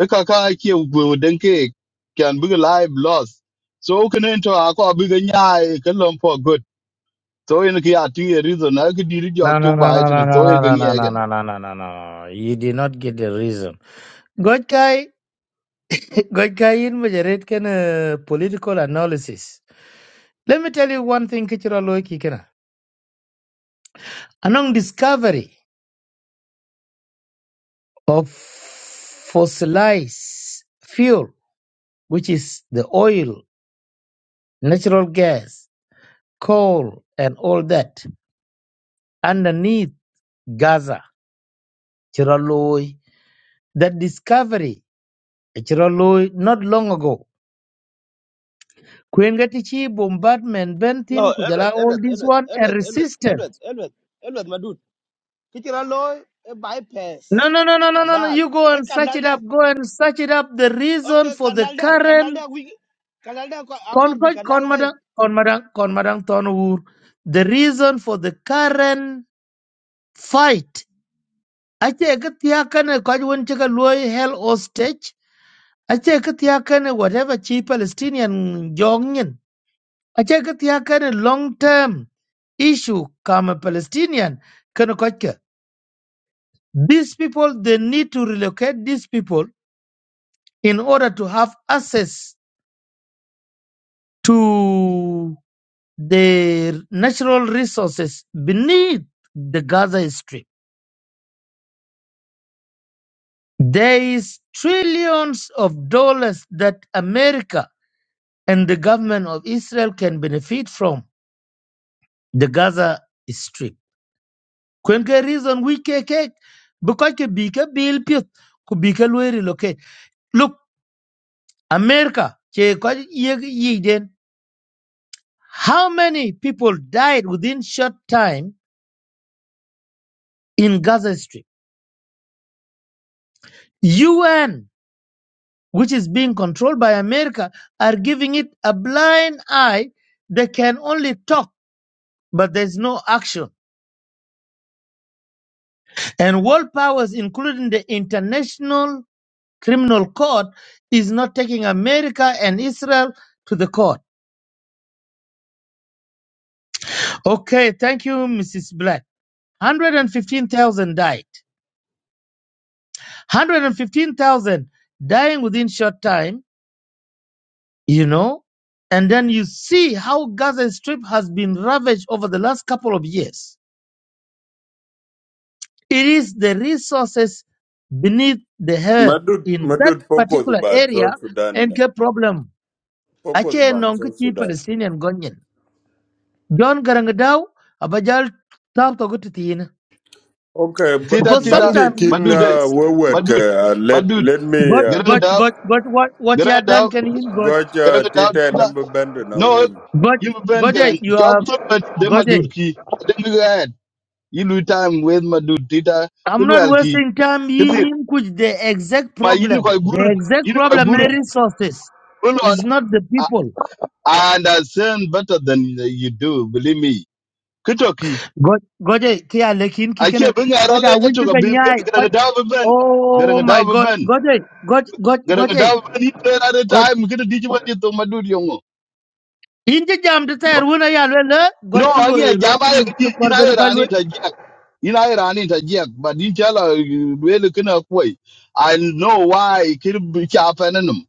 Speaker 6: Ekaka ake ugwe denke Can be live loss. So can enter ako big nyai kalom for good. so in ki a ti reason na ki diri jok
Speaker 7: No, no,
Speaker 6: chuk ba
Speaker 7: no, no,
Speaker 6: et ne
Speaker 7: no, no,
Speaker 6: so in ki
Speaker 7: no,
Speaker 6: ngi
Speaker 7: no, no,
Speaker 6: egen
Speaker 7: no, no, no, no, no, no. You did not get the reason. God guy, God guy in majaret can uh, political analysis. Let me tell you one thing, cultural loyalty can. Anong discovery of fossilized fuel, which is the oil, natural gas, coal, and all that underneath Gaza, Chiraloi, that discovery Chirolui not long ago. Kwengetichi bombardment
Speaker 9: No,
Speaker 7: Bentin
Speaker 9: elwet
Speaker 7: Kujala all
Speaker 9: elwet
Speaker 7: this
Speaker 9: elwet
Speaker 7: one and
Speaker 9: elwet elwet elwet
Speaker 7: resistance.
Speaker 9: elwet elwet ki chira loy e bypass
Speaker 7: No no no
Speaker 9: the
Speaker 7: no no no no
Speaker 9: canal
Speaker 7: you go
Speaker 9: e
Speaker 7: and search
Speaker 9: canal
Speaker 7: it
Speaker 9: da
Speaker 7: up, go and search it up the reason
Speaker 9: okay
Speaker 7: for the
Speaker 9: canal da canal da
Speaker 7: current
Speaker 9: wi canal da ko- akor bi
Speaker 7: conflict
Speaker 9: canal way
Speaker 7: conmadang conmadang conmadang tonwur. The reason for the current fight. Ache katiakane kajwan chika luoy hell hostage. Ache katiakane whatever chi Palestinian jongin acha ka tia kana long term issue kama palestinian kana kwacha these people they need to relocate these people in order to have access to the natural resources beneath the gaza strip there is trillions of dollars that america and the government of israel can benefit from the gaza strip kwen ke reason wi ke ke bi ko ke bi ke bil pit ku bi ke lo relocate look america che ko ye ye den how many people died within short time in gaza strip un which is being controlled by america are giving it a blind eye they can only talk but there's no action and world powers including the international criminal court is not taking america and israel to the court Okay, thank you, Mrs. Black. 115,000 died. 115,000 dying within short time, you know? And then you see how Gaza Strip has been ravaged over the last couple of years. It is the resources beneath the earth
Speaker 11: Madud,
Speaker 7: in that
Speaker 11: Madud, focus
Speaker 7: particular
Speaker 11: about
Speaker 7: area
Speaker 11: South Sudan.
Speaker 7: and the problem.
Speaker 11: Focus
Speaker 7: Ache
Speaker 11: about
Speaker 7: nongi
Speaker 11: South
Speaker 7: chi
Speaker 11: Sudan.
Speaker 7: Palestinian Gonyen. John Garangadaw, abajal tap to go to Tina.
Speaker 11: Okay, but
Speaker 6: tida
Speaker 7: Because
Speaker 6: tida
Speaker 11: Bangde
Speaker 7: sometimes
Speaker 11: kin
Speaker 6: madud eh,
Speaker 11: uh, wewet ke
Speaker 6: madud
Speaker 11: uh, let
Speaker 6: madud
Speaker 11: let me
Speaker 7: But
Speaker 11: uh,
Speaker 6: gerang
Speaker 7: but
Speaker 6: da
Speaker 7: but but what what you
Speaker 6: gerang
Speaker 7: had
Speaker 6: da
Speaker 7: done can in God.
Speaker 11: got uh,
Speaker 6: gerang da
Speaker 11: tita
Speaker 6: tida
Speaker 11: number band
Speaker 6: no
Speaker 11: nongin.
Speaker 7: But
Speaker 6: you ben
Speaker 7: Gode,
Speaker 6: gerang
Speaker 7: you
Speaker 6: chok
Speaker 7: have
Speaker 6: chuk ben de madud
Speaker 7: Gode.
Speaker 6: ki de ngi gad you lose time with madud tida ki
Speaker 7: I'm not
Speaker 6: wel ki
Speaker 7: wasting time
Speaker 6: kiti
Speaker 7: in in which the exact
Speaker 6: ma yin ko
Speaker 7: problem,
Speaker 6: gur
Speaker 7: the exact
Speaker 6: yin ko
Speaker 7: problem
Speaker 6: gur
Speaker 7: is resources.
Speaker 6: hold on
Speaker 7: It's not the
Speaker 6: I
Speaker 7: people.
Speaker 6: I understand better than you do believe me kitoki
Speaker 7: God Gode, kia lekin
Speaker 6: I
Speaker 7: kikena.
Speaker 6: bin ya
Speaker 7: But I
Speaker 6: rolle ke
Speaker 7: will
Speaker 6: to
Speaker 7: be the
Speaker 6: bi
Speaker 7: nyai. But
Speaker 6: garanga dawo ben
Speaker 7: oh
Speaker 6: garanga
Speaker 7: my
Speaker 6: dawo
Speaker 7: God,
Speaker 6: ben
Speaker 7: Gode, God God
Speaker 6: garanga
Speaker 7: Gode,
Speaker 6: dawo ben ni player at a
Speaker 7: God.
Speaker 6: time kida diji wadi to madud young.
Speaker 7: Inje jam de tayar wuna ya lele. God
Speaker 6: no
Speaker 7: kilo
Speaker 6: angi ya
Speaker 7: rot
Speaker 6: jama ya
Speaker 7: minti
Speaker 6: kiji ina
Speaker 7: korbe na
Speaker 6: ya
Speaker 7: kalu.
Speaker 6: rani ta jiak ina ya rani ta jack, but ni chala wele kina koi i know why kid bi cha fananum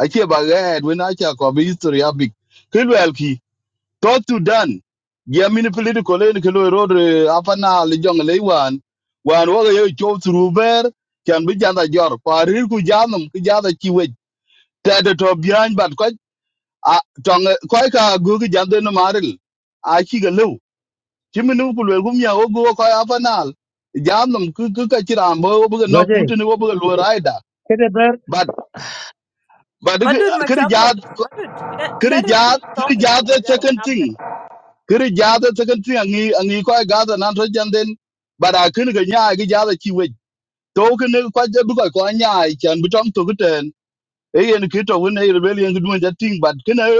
Speaker 6: ache ba ga head when acha ko bi history ya big kid to sudan ya mini political len ke lo rod eh, apa na le jong le wan wan wo ye cho truber kan bi janda jor parir ku janum ku jada ki we tade to bian bat ko a tong ko ka gu gi jande no maril a ki ga lu chiminu ku le gum ya wo go ko apa na janum ku ku ka tira mo wo bu no ku
Speaker 7: Gode,
Speaker 6: tin wo bu lo raida
Speaker 7: kete
Speaker 6: but but
Speaker 1: Madud
Speaker 6: kri jad
Speaker 1: Machagod, Madud, let,
Speaker 6: kri
Speaker 1: let him
Speaker 6: jad
Speaker 1: finish
Speaker 6: kri
Speaker 1: talking,
Speaker 6: jad the
Speaker 1: Kubajaban,
Speaker 6: second
Speaker 1: after.
Speaker 6: thing kiri jada takan ti angi angi ko gada nan to janden bara kin ga nya gi jada ki we to kin ko je bu ko nya i chan bu to guten e yen ki to won e rebellion gi dun jating but kin e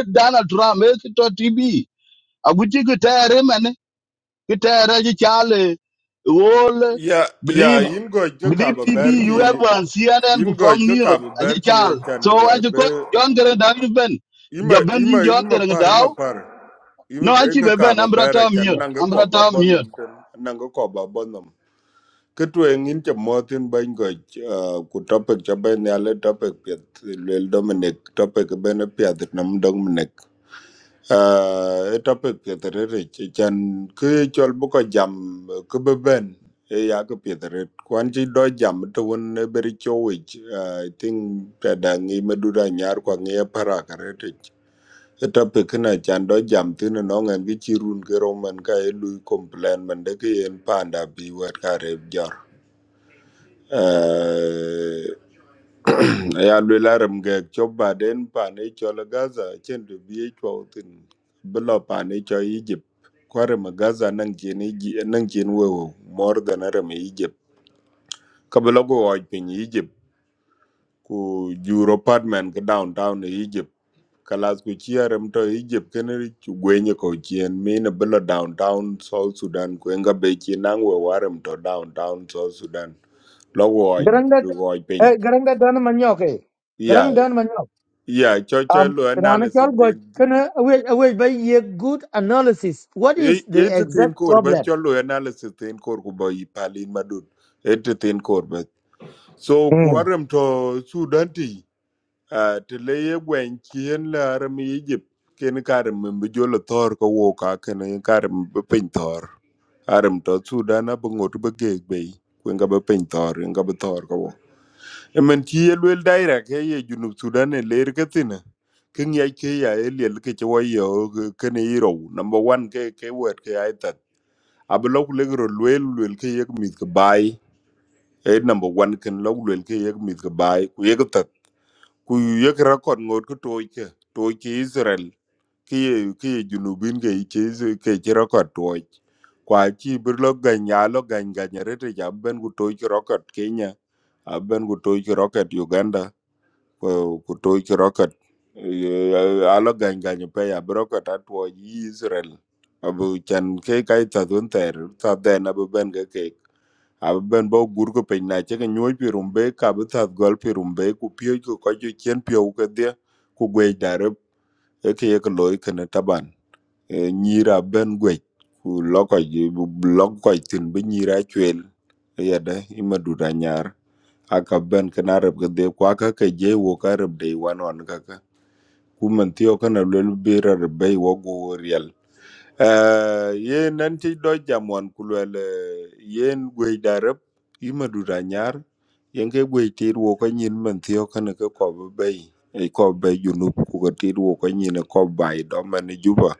Speaker 6: e Donald e ki to tv a ki tere man ki tere ji chale wol
Speaker 11: Yeah, yeah,
Speaker 6: believe
Speaker 11: in go jo
Speaker 6: believe
Speaker 11: kaba
Speaker 6: tv you have
Speaker 11: berki,
Speaker 6: one cnn
Speaker 11: in
Speaker 6: ku
Speaker 11: go
Speaker 6: fam
Speaker 11: jo
Speaker 6: news
Speaker 11: kaba
Speaker 6: a chal
Speaker 11: berki
Speaker 6: so
Speaker 11: chan
Speaker 6: a
Speaker 11: uh,
Speaker 6: ko
Speaker 11: be
Speaker 6: jon garen da ben
Speaker 11: ima
Speaker 6: jaben yin
Speaker 11: ima
Speaker 6: jon
Speaker 11: ima par ima
Speaker 6: garen
Speaker 11: par.
Speaker 6: no,
Speaker 11: Even
Speaker 6: achi
Speaker 11: eka
Speaker 6: beben,
Speaker 11: kaba
Speaker 6: I'm brought
Speaker 11: ber uh,
Speaker 6: out
Speaker 11: chan
Speaker 6: mute.
Speaker 11: nanga
Speaker 6: Ambra am brought
Speaker 11: koba
Speaker 6: mute.
Speaker 11: bonum ten nanga koba bonum. Cái truyền in cho mơ tin bên gọi của topic cho bên nhà lấy topic Việt Lil Dominic topic ở bên Việt Nam Dominic Ờ, cái topic Việt rất chứ, chan cứ cho bố có jam cứ bên bên ấy ya cái Việt rất quan chỉ đôi jam tôi vẫn beri chơi I think ta đang nghĩ mà đưa ra nhà qua nghe para cái rất rich cái topic này chan đôi jam tin là nó ngang cái chirun cái roman cái lui complain mình đấy cái yên panda bi vật cái rệp Eh, ya lwe larim ga chop baden pane chol gaza chen du bi chwa tin bilo pane cho egypt kware ma gaza nang chen Egy- nang chen wo wo, more than aram egypt kabilo go wa pin egypt ku juro apartment ka downtown egypt kalas ku chiarem to egypt ken ri chu gwenye ko chien mina bilo downtown south sudan ku enga be chien nang we warem to downtown south sudan lo go wa
Speaker 7: Garang da
Speaker 11: go pin
Speaker 7: eh, garang da dan manyok eh. Garang dan manyok.
Speaker 11: Yeah, cho cho
Speaker 7: Um,
Speaker 11: lo
Speaker 7: rana
Speaker 11: analysis
Speaker 7: chol go
Speaker 11: din.
Speaker 7: kana away away by ye good analysis. What is the
Speaker 11: It thin
Speaker 7: exact
Speaker 11: core but
Speaker 7: problem?
Speaker 11: cho lo analysis thin core ku boy palin madud. It thin core but. So
Speaker 7: Hmm.
Speaker 11: kuaram to Sudan ti uh, te le ye gwen chien la aram Egypt ken karam mbe jolo thor ko wo ka ken karam be pin thor. Aram to Sudan ab ngot be geg be. Kwen ga be pin thor, en ga be thor ko wo. emen ci ye luel daira ke ye junub sudan e ler ke thina ke ngiac ke ya e liel ke ci wai yo kene i rou number one ke ke wet ke ai tat abi lok legro luel luel ke yek mith ke bai e number one ken lok luel ke yek mith ke bai ku yek tat ku yek rakot ngot ke toy ke toy ke israel ke ye ke ye junubin ke ke ke ci rakot toy kwa chi bir lo ganya lo ganya rete ja ben ku toy ke rakot kenya aben ku toy ke rakot uganda ku ku toy ki rocket ala gany gany pe ya bi rocket atwo yi israel abu chan ke kai ta dun ter ta den abu ben ke ke abu ben bo gur ko pe na che ke nyoy pi rumbe ka bu ta gol pi rumbe ku pio ko ko ju chen pio ke dia ku gwe dare e e ke ye ko loy ke ne taban Eh, nyira ben gwe ku lokoj bu lokoj tin bi nyira chwel yada imadu da nyar aka ben kana rab ga de kwa ka ka je wo ka rab de wan on ka ka ku man tiyo kana lol be rar bai wo go real eh ye nan ti do jamon ku lol yen gwe da rab i ma du da nyar yen ke gwe ti wo ka nyin man tiyo kana ka ko ba bai e ko ba junub ku ka ti wo ka nyin ko bai do man juba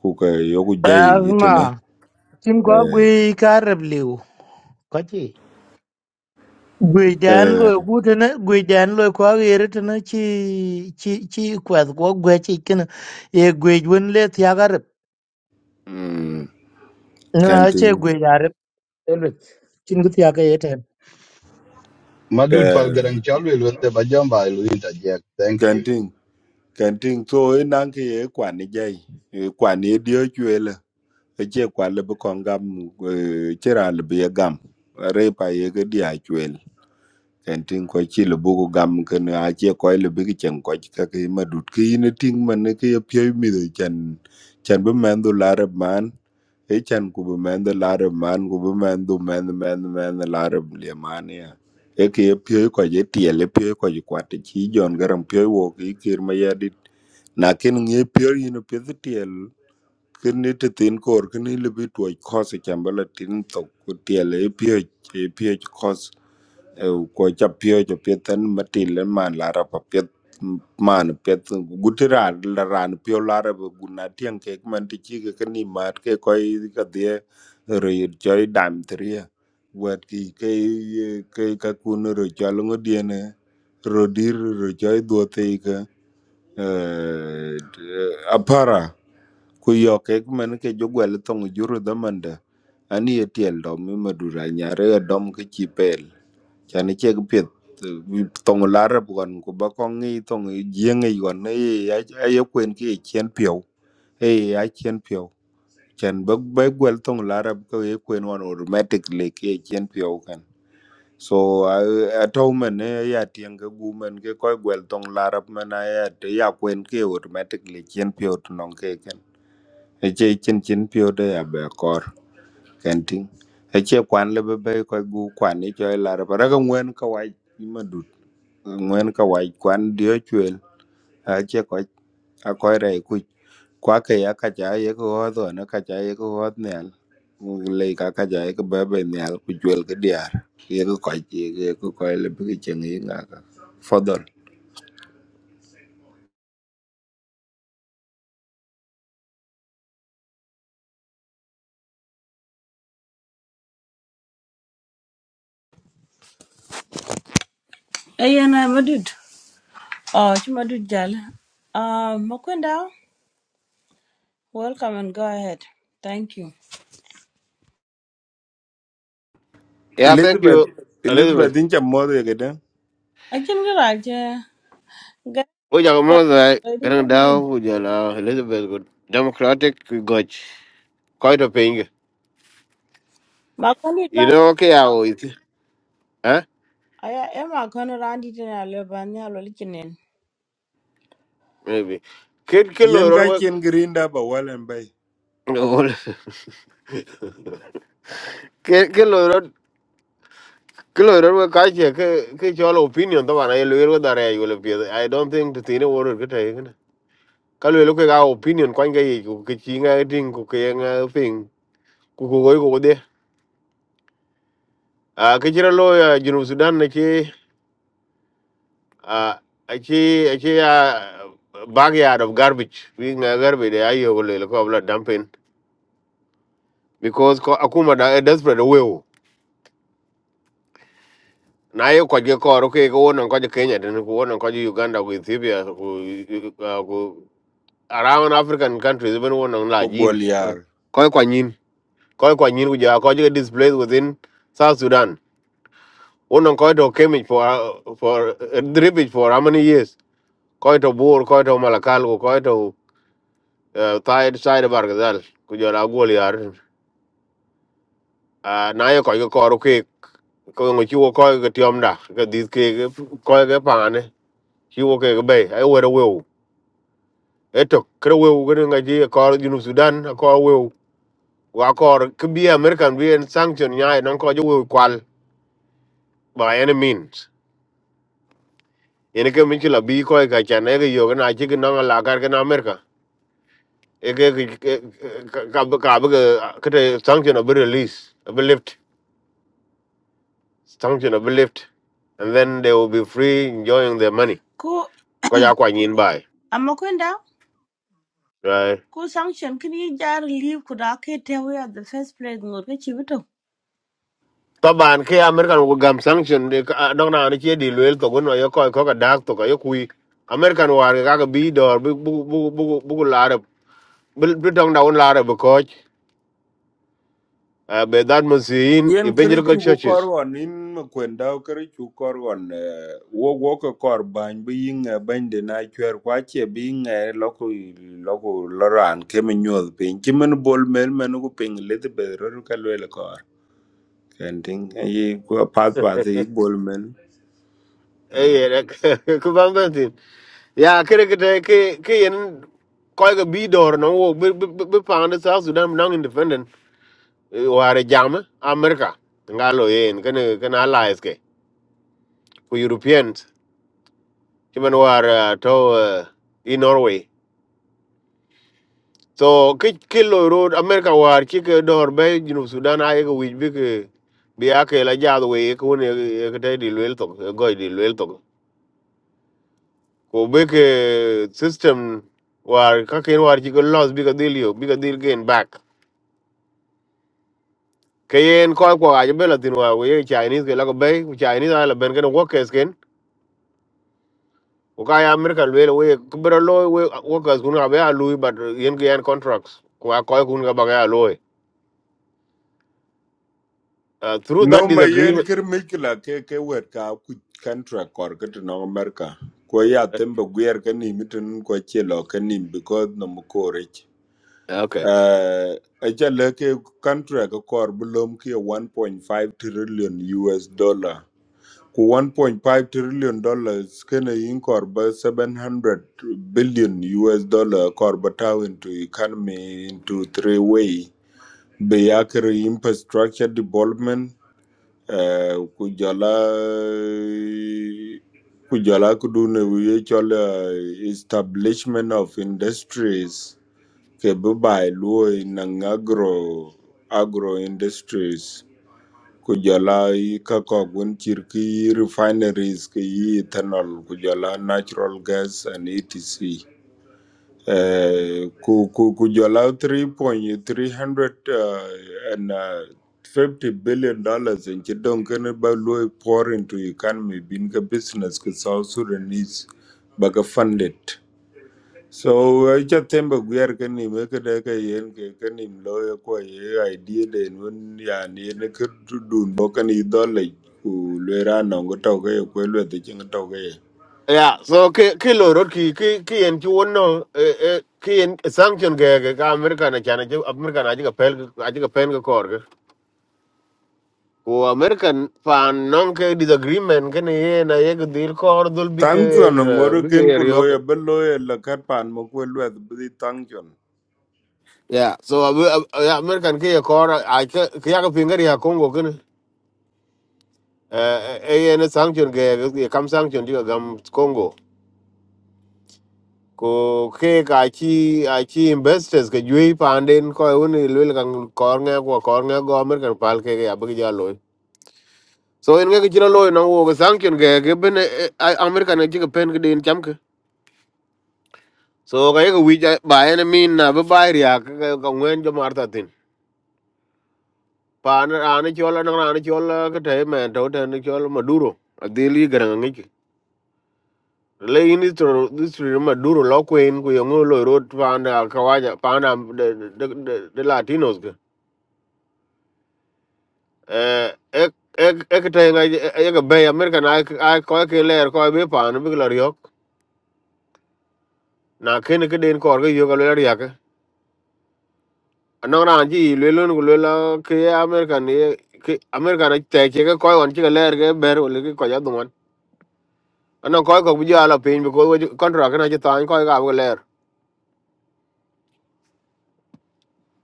Speaker 11: ku ka yo ku jai itena
Speaker 7: Asma. Tim ko
Speaker 11: eh
Speaker 7: gui karab liu. Kachi. Gui dan
Speaker 11: eh
Speaker 7: lo gu tana gui dan lo ko yere tana chi chi chi kwat ko gwe chi kana ye gui won le thya garab.
Speaker 11: mm
Speaker 7: Na che
Speaker 11: kanting
Speaker 7: gui garab. Chin gu thya ka
Speaker 6: Madud pal
Speaker 11: eh
Speaker 6: garang chalwe lwente bajamba ilu interject. Thank you.
Speaker 11: kanting Kan ting so e nang ke e kwan ni jai. E kwan e dio chwe le. E che kwan le bu kon gam eh, che ra le bu ye gam. Re pa ye ke dia chwe le. Kan ting ko chi le bu ko gam ke ne a che ko le bu ke chen ko chi ka ke ma dut ke yin e ting man ne ke ye pye mi de chan chan bu man du la re man. E chan ku bu man du la re man ku bu man du man man man la re le man ya. E ke pye ko ye tie le pye ko ye kwat chi jon garam pye wo ki kir ma ye na ken ŋe piöör yïn p y t h tyël kën ni t e t h n kor kënë lebi twöc kös ëcambë latin thok tyël epyöc epyöc kös kuöc ca pyöc opyeth n matïl man larab a p y e t man p e t guti r a a la r a n pio l a r a gun a tyeŋ k e man tye ci kekeni maat ke k ö k a d h e röc cöi dam thïria wëk ki ke ke kakun röc c ö longo dyene rodir röc c ö d u o t h a eh, apara ku yok ek men ke jogwel tong juru damanda ani etiel do mi madura nyare dom ke chipel pel chani che ke pet tong lar bukan ku ba kong ngi tong jieng e yon e ayo kwen ke chien pio e a chien pio chan ba ba gwel tong lar ko e kwen wan automatically ke chien pio so a to men e ya tien ke gu men ke koy gwel tong larap men a ya te ya kwen ke automatically chien piot non ke ken e che chin chin piot e ya be kor ken ting e che kwan le be be koy gu kwan ni cho e larap ra ga ngwen ka wai ma dut ngwen ka wai kwan dio ache koch akoryai kuc kwakei akaca ye ki hoth on akaca ye ki hoth nial ngulei kakaca ye ki bebe nial ku juel ki diar ye ki koc ye ki koc lebi ki ceng yi ngaka fodhol
Speaker 1: Ayana Madud. Oh, it's Madud Jal. Uh, Mukunda, welcome and go ahead. Thank you.
Speaker 10: ya thank
Speaker 11: elizabeth
Speaker 10: you
Speaker 11: elizabeth
Speaker 10: elizabeth
Speaker 11: inca moth yekede
Speaker 1: I can go right. Get
Speaker 10: o ja mo da
Speaker 1: ready
Speaker 10: gran
Speaker 1: for
Speaker 10: da
Speaker 1: yin.
Speaker 10: o ja la elizabeth good democratic goch quite a thing
Speaker 1: Makoni
Speaker 10: you
Speaker 1: bane.
Speaker 10: know ke ya o it ha
Speaker 1: Aya ema kono randi tena lebanya lolikinen.
Speaker 10: maybe kid ke lo
Speaker 11: yen ka
Speaker 10: ro
Speaker 11: cien ki rinda ba walen bai
Speaker 10: ko ke ke lo ro ke lo ro ka che ke ke cho lo opinion to ba na lwe ro da re yo le pie i don't think to tine wor ke ta cái lời lúc ke ga opinion kwan ga của cái ke chi nga ding ku ke nga phim của cô ku của cô đê à cái chira đó ya jinu sudan này ke à a ke a backyard of garbage we nga garbage ya yo go le ko bla dumping because ko akuma da a desperate way o na ye ko ge ko ro ke ko non ko je kenya den ko non ko je uganda ko ethiopia ko ah, ko around african countries even won non
Speaker 11: ku
Speaker 10: la jin
Speaker 11: gol yar
Speaker 10: ko ko nyin ko ko nyin ku ja ko je displaced within south sudan Uno koito Kemich for uh, for uh, Dribbage for how many years? Koito Bur, koito Malakal, koito uh, Tide Side Bargazal, Kujola Goliar. Uh, na yo koiko koro ke ko ngo chiwo koiko ke tiom da ke dis ke koiko ke pane chiwo ke ke bay ai wero wew eto kre wew gane nga ji kor junu Sudan ko wew wa kor ke bi American bi en sanction nyai non ko jo wew kwal by any means. Yene ke michila bi koiko ka chane ke yo na chi ke nanga lagar ke na America ege ka ka ka kete sanction will be released, will be lift, sanction will be lift, and then they will be free enjoying their money.
Speaker 1: Ku
Speaker 10: Kaya kwa nyin bai,
Speaker 1: amakunda.
Speaker 10: right?
Speaker 1: ku sanction kin yi jar leave ku da ke te at the first place ngor ke chi bito
Speaker 10: Taban ke American will gam sanction de dong na ni che di luel to gono yo ko ko ka dak to ka yo kui American war ga ka bi dor bu bu bu bu bu la re bu dong da un la re bu ko be that musin
Speaker 11: Yen kiri
Speaker 10: evangelical
Speaker 11: chugu
Speaker 10: churches
Speaker 11: korgon in makwenda kiri chugu korgon eh, wo wo ko kor bany bi yinga bany de na chwer kwa che bi yinga loko loko loran ke me nyol pin chimen bol mel men ku pin le de bedro ka le kor kenting yi ko pat pat yi bol mel
Speaker 10: eh ku ban ben ya kere kete ke ke yen koy ga bi dor no wo bi bi pande sa sudan non independent ware jam eh, america ngalo yen kene kene allies ke ku europeans kimen war eh, to eh, i norway so ke ke lo road america war ki ke dor be jinu sudan ay ga wi bi ke bi ake la jaad we ko ne ke te di lwel to go di lwel to ko be ke system war ka ken war ki ko loss bi ka dil yo bi ka dil gain back kayen koy ko aje bela tin wa we chinese ke la ko bay chinese ala ben ke wo kes ken o ka ya american le we bro lo we wo kas kun ga ba lu but yen ke yen contracts ko a koy kun ga ba ga lo through that
Speaker 11: no ma yen
Speaker 10: disagreement
Speaker 11: kiri mikla ke ke wet ka ku kantra kor ke to no amerika ko ya tembe gwer ke ni mitun ko che lo ke ni because no mu korech
Speaker 10: okay
Speaker 11: uh, achal ke country ka kor bulom ke 1.5 trillion US dollar ku 1.5 trillion dollars kena in kor ba 700 billion US dollar kor ba tau into economy into three way be akere infrastructure development uh, ku jala ku jala ku establishment of industries Ke bi bai luoi naŋ agro agro industries ku jɔla yi ka kɔk wen cir ki yi refineries ki yi ethanol ku jɔla natural gas and etc Eh, ku ku ku jɔla 3.300 uh, and uh, 50 billion dollars in ci don kene ba luoi pour into economy bin ka business ki South Sudanese ba ka funded So I just remember we are can him make a ke yen ke can him lawyer ko ye idea de nun ya ni ne ke dun bo kan i dole ku le ra no go to ke ko le de ching to ke
Speaker 10: yeah so ke ke lo rot ki ki ki en ti won no eh, eh, ki en sanction ke ke ka american na chana je american aje ka pel aje ka pen ga kor ke ko american fan non ke disagreement ke ne ye na ye ke dil kor dul bi ke
Speaker 11: tang cho
Speaker 10: en
Speaker 11: no ngor
Speaker 10: bi ke
Speaker 11: ken ku
Speaker 10: rio.
Speaker 11: lawyer be lawyer la kat pan mo ko le de tang cho
Speaker 10: Yeah, so uh, uh, uh, yeah, American ke kor ai ke ke ya ka pinga ya Congo kene. Eh eh eh, ne sanction ge ge kam sanction diga gam Congo. Ko ke ka chi a chi investors ke yui panden ko un lul kan kor nge ko kor nge go American pal ke ya bi ja loy. So en ge chira loy no wo ge sanction ge ge ben eh, eh, American ge ke pen ge din cham ke. So ga ge wi ja ba en min na ba ba ya ka ngwen jo martatin. pa an an chol an an chol ka te men to te ni chol maduro adili garang ngi ki le ini to this is maduro lo queen ku yo ngolo road pa an kawaja pa an de de de de latinos ke eh ek ek ek te nga ye ga be america na ai ko ke ler ko be pa an bi lo yok na ken ke den kor ge yo ga le ya ke no ran ji le lo ku le la ke america ni ke america na te ke ko on ti ga ler ge ber o le ko ja no koy ko bija la pin ko contract na jitan koy ga go ler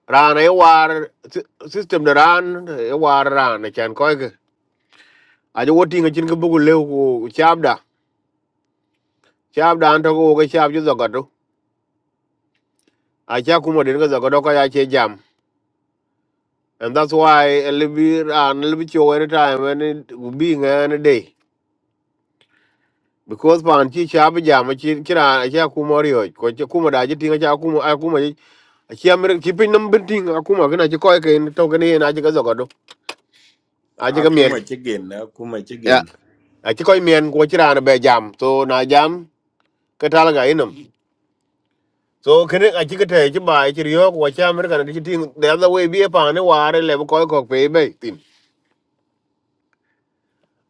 Speaker 10: ran e war system de ran e war ran e chan koy ga a jo woti ngin ko bugu lew ko chabda chabda an to go ga chab ju zagado a cha kuma den ga zagado ko ya che jam and that's why a libi ran libi cho every time when it being any day because pan chi chab jam chi kira a cha kuma ryo ko cha kuma da ji tinga cha kuma a kuma a chi amir ki pin nam bin tinga kuma gina ji koy ke to ga ne na ji ga zagado a ji ga miel
Speaker 11: akuma chigen akuma
Speaker 10: ya
Speaker 11: chigen
Speaker 10: a ci koy men ko ci rana be jam so na jam ka tal ga inum so kene a ci ka te ci ba ci riyo ko ci amerika na ci ting the other way bi pa ne ware le ko ko pe be tin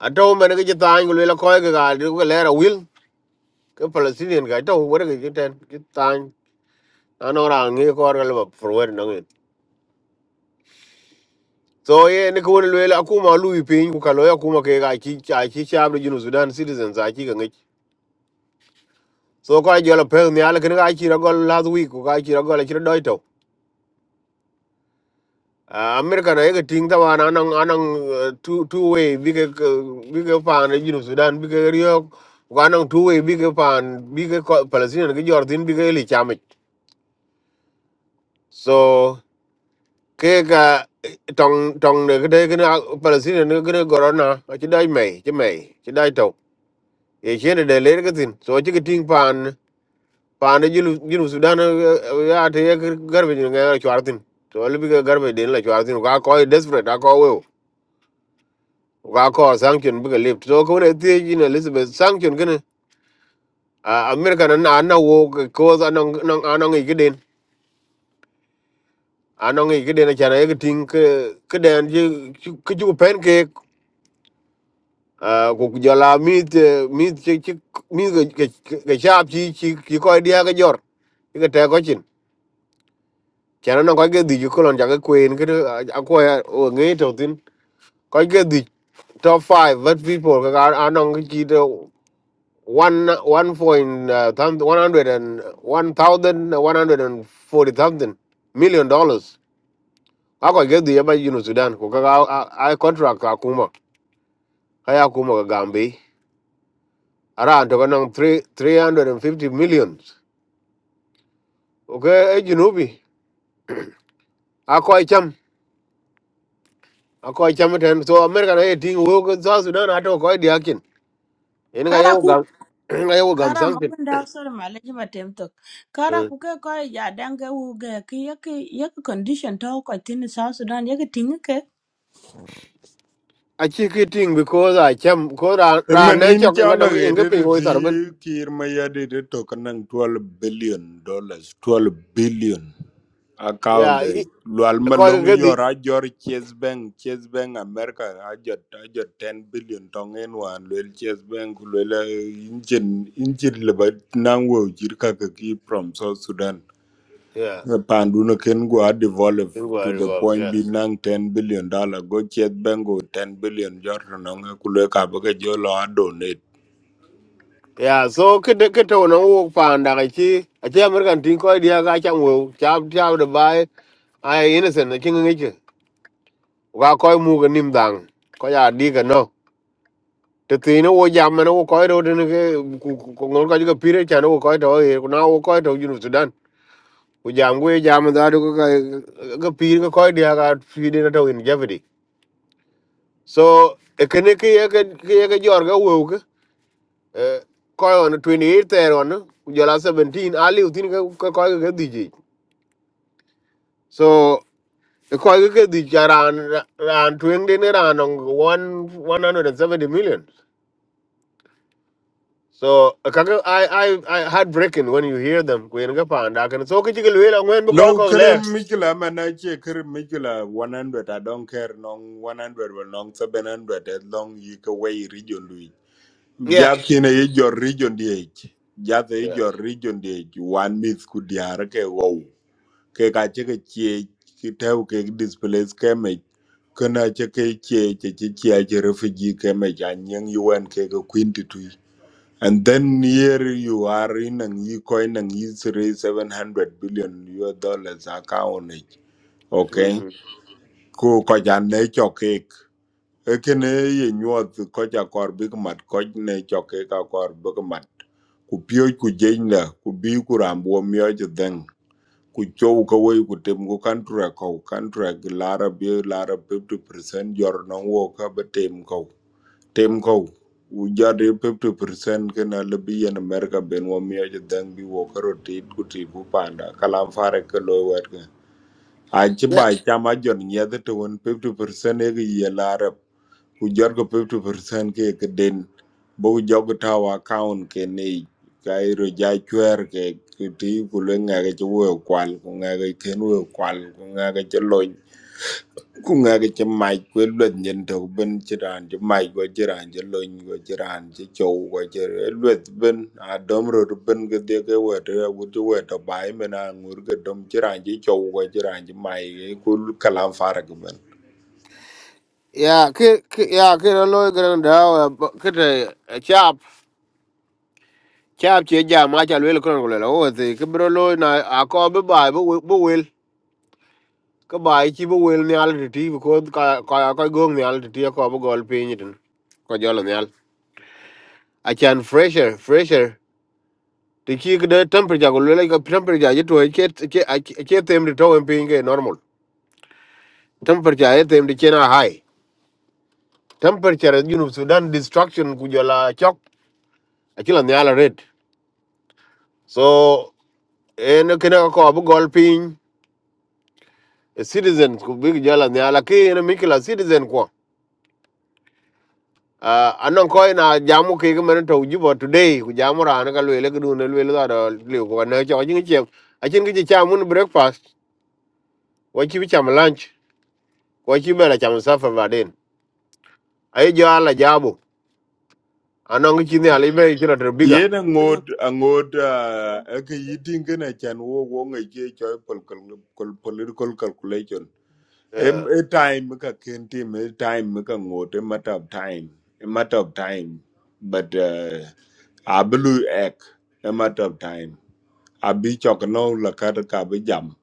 Speaker 10: a to men ga ci tan ko le ko ga ga du ko le ra wil ka palestinian ga to wore ga ci ten ci tan ano ra ngi ko ra le ba for wer no ngin so ye ne ko le le akuma lu yi pin ku ka lo ya kuma ke ga ci ci ci ci abdu junu sudan citizens a ci ga ngi so ko ay jola pe ni ala kene ga ci ra gol last week ko ga ci ra gol ci do Uh, America na yake ting da wana anang anang uh, two two way bige bige pan e jinu Sudan big Rio riyo anang two way bige pan bige ko- Palestine ke Jordan bige li chamit so ke ka tong tong ne ke ke na Palestine ne ke corona a chi dai mai chi mai chi dai to e chene de le ke tin so chi ke ting pan pan e jinu jinu Sudan eh, ya te ke garbe jinu ngai chwartin to le bige garbe den la chwartin ka ko e desperate ka ko weo ga ko sanction buga lift so ko ne te yin elizabeth sanction gane a america nan na na wo ko za nan nan anan yi giden anan yi giden cha na yitin ke ke den ji ke ju pen ke a ko ku jala mit mit ci ci mi ga ga chap ci ci ci ko dia ga jor ga te ko chin cha na ko ga di ju ko lon ja ga queen ke a ko ya o ngi to tin ko ga di top 5 what people ga anan ki one one point uh, thou- one hundred and one thousand one hundred and forty thousand million dollars. Ako get the yaba you know Sudan. Kuka I contract akuma. Kaya akuma ka Gambi. Ara anto kanang three three hundred and fifty millions. Okay, eh Junubi. Ako ay cham. Ako ay cham ten. So America na ting wo ko sa Sudan ato ko di akin. Ini kaya
Speaker 1: kara
Speaker 10: wo
Speaker 1: ku
Speaker 10: gam. Ini kaya wo gam
Speaker 1: kara ma
Speaker 10: sangpin.
Speaker 1: kun da sor ma le ji batem tok kara
Speaker 10: Eh.
Speaker 1: ku ke ko ya dan ga u ga ki ya ki ya ki condition to ko tin South Sudan ya ki tin ke
Speaker 10: Achi kiting because I cham ko ra ra ne
Speaker 11: manin
Speaker 10: chok
Speaker 11: chala
Speaker 10: ngadang
Speaker 11: ge de
Speaker 10: ingepe
Speaker 11: de
Speaker 10: wo
Speaker 11: ti
Speaker 10: tarbin.
Speaker 11: kir ma ya de de to kan 12 billion dollars twelve billion account
Speaker 10: Yeah,
Speaker 11: de lual ma
Speaker 10: ko
Speaker 11: long
Speaker 10: ga di
Speaker 11: yor a jor chase bank chase bank america a jot a jot 10 billion tong en wan luel chase bank luel eh, injin injin le ba nang wo jir ka ka from south sudan
Speaker 10: yeah
Speaker 11: Eh, pandu no ken go a develop
Speaker 10: in go
Speaker 11: to the
Speaker 10: river
Speaker 11: point
Speaker 10: yeah
Speaker 11: bi nang 10 billion dollar go chase bank go 10 billion jor no nga ku le ka ba ke a donate
Speaker 10: yeah so kede kete wono wo panda ga chi a chi american tin ko dia ga chang wo cha cha de bai ai innocent na king ngi chi ga ko mu ga nim dang ko ya di ga no te ti no wo jam no wo ko ro de ne ke ko ngol ka ji ga pire cha no wo ko to e na wo ko to ju sudan wo jam go jam da do ga ga pire ga ko dia ga fi de to in jeopardy so ekene ke ye ke ye ga jor ga wo koy on 28 ter on ku jola 17 ali utin ka koy ka dije so e koy ka dije ran ran twen de ne ran on 170 million so kaka i i i heartbreaking when you hear them ku en ga pa anda kan so ki jigel wela ngwen bu koy
Speaker 11: Low
Speaker 10: ko
Speaker 11: kerem
Speaker 10: ler
Speaker 11: mikula mana che kerem mikula 100 I don't care nong 100 well nong 700 as long you can way region lui.
Speaker 10: yeah
Speaker 11: Just in a your region DH. Just a
Speaker 10: yeah
Speaker 11: your region DH. One miss could diara ke wow. Ke ka che ke che ke tau ke displace ke me. Kana che ke che che che che che refugee ke me jan yang yuan ke ke queen And then here you are in an Ecoin and is raise seven hundred billion US dollars account. it, Okay.
Speaker 10: mhm
Speaker 11: Ku koja ne chokek. Ekene ye nyuat koja kor big mat koj ne chokek a kor big mat. Ku pio ku jenya ku bi ku rambo mio jadeng. Ku chou ka wei ku tem ku kantra kau kantra lara bi lara fifty percent jor nong wo ka betem kau tem ko u jade 50% kana lebi yan america ben wa mi aje dang bi wo karo tit ku tit bu panda kalam fare ke loy wet ke a ci
Speaker 10: Yeah,
Speaker 11: ba cha ma jon nyede to won 50% e gi ye la rep u jor ko 50% ke ke den bo jog ta wa account ke ne ka iro ja chwer ke ke ti ku le nga ke wo kwal ku nga ke ken wo kwal ku nga ke lo ku ŋɛk ci mac ku luet nyin tök bin ci raan ci mac ku ci raan ci luny ku ci raan ci cöu ku ci luet bin a döm rot bin ki dhiek ki wet agut ci wet öba i min a ŋur ki döm ci raan ci cöu ku ci raan ci mac ku kalam fark bin
Speaker 10: yeah, ki ki yeah, ki no loy gran da ki te chap chap che ja ma cha wel kron ko la o te ki bro loy na a ko be bai bu bu wel ka bai ci bo wel nyal ti ti ko ka ka ka gong nyal ti ti ko bo gol pin ni ko jolo nyal a chan fresher fresher ti ki de temperature ko le ka temperature ji to ke ke ke tem ri to en pin ke normal temperature e tem di chena high temperature you know sudan destruction ku jola chok a chila nyal red so en ke na ko bo gol pin citizens ku big jola nyal ki en mikla citizen ko uh, anan koy na jamu ke ke men to juba today ku jamu rana ka lele ku dun lele da da le ko na cho jing che a chin ke cha mun breakfast wa chi bi cham lunch wa chi be la cham safa baden ai jo ala jabu anan ki ne ali be chi to biga
Speaker 11: yen aŋot aŋot ëkä yi tiŋkën acan wo wo ŋic ci coy political calculation em
Speaker 10: eh
Speaker 11: e time ka ken tim e time ka ŋot e matter of time a matter of time but uh, abulu ek a matter of time abi chok no la kata ka bi jam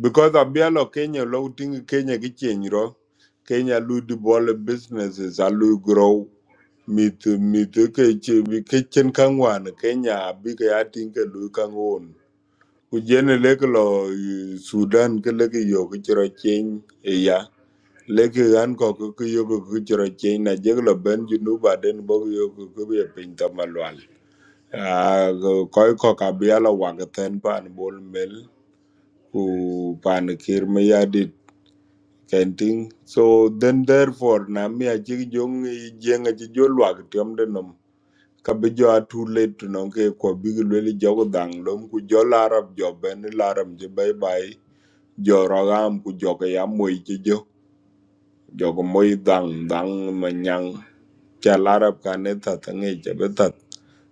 Speaker 11: because abielo kenya lo ting kenya ki chenro kenya lu di bol businesses alu grow Mi mit ke che bi ke chen kan wan kenya bi ke atin ke lu kan won ku jene le ke lo eh, sudan ke le ke yo ke chro chen e ya le ke an ko ke ke yo ke ke chro chen na je ke lo ben ju nu ba den bo ke yo ke ke be pin ta Ah, koi ko kabiala wagathen pan bol mel ku pan kir me yadit kenting so then therefore na mi achi jong i jeng achi jo lwak tiom de nom kabi jo a too late to non ke ko big lweli jogo dang lom ku jo larab jo ben larab je bye bye jo ragam ku jo ke ya moi chi jo jo ko moi dang dang manyang cha larab ka ne ta tangi je be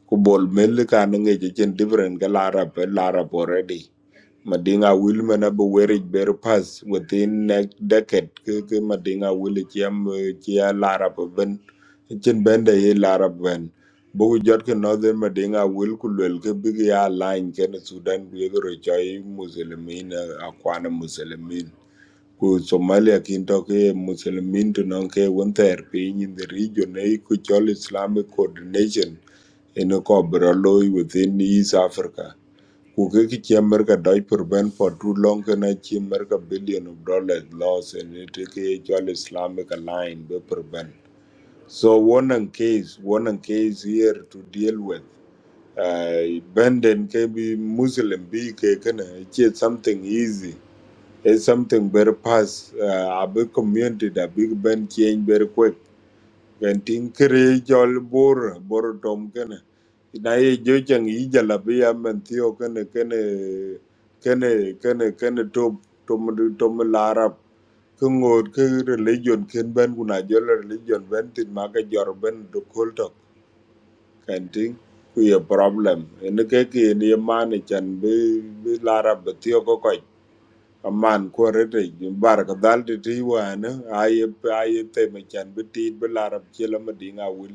Speaker 11: ku bol mel ka no nge chen different ga la rap la rap already madinga will men ab werig ber pass within next decade ke ke madinga will chiam chia la rap ben chen bende ye la rap ben bu jot ke northern madinga will ku lel ke big ya line ken sudan ku ye ro chai muslimin akwana muslimin ku Somalia kinto ke Muslimin to non ke won ter piny in the region e ku chol Islamic coordination in a cobra within East Africa. Ku ke ki chi America doi prevent for too long kana chi America billion of dollars loss and it ke chol Islamic align be prevent. So one and case, one and case here to deal with. Uh, Benden ke bi Muslim be ke kana it's something easy It's something very fast. Uh, a big community, the big band change very quick. When thing create all bor bor tom kena. Na ye jo chang i jala bi am thio kena kena kena kena kena top tom tom larap. Kungod ke religion ken ben kuna jola religion ben tin maka jor ben do kulto. Kan ting ku ye problem. Ene ke ke ni man chan bi bi larap thio ko man ko rete bar ka dal te ti wana aye aye te me chan bi ti bi la rab che la ma di nga wul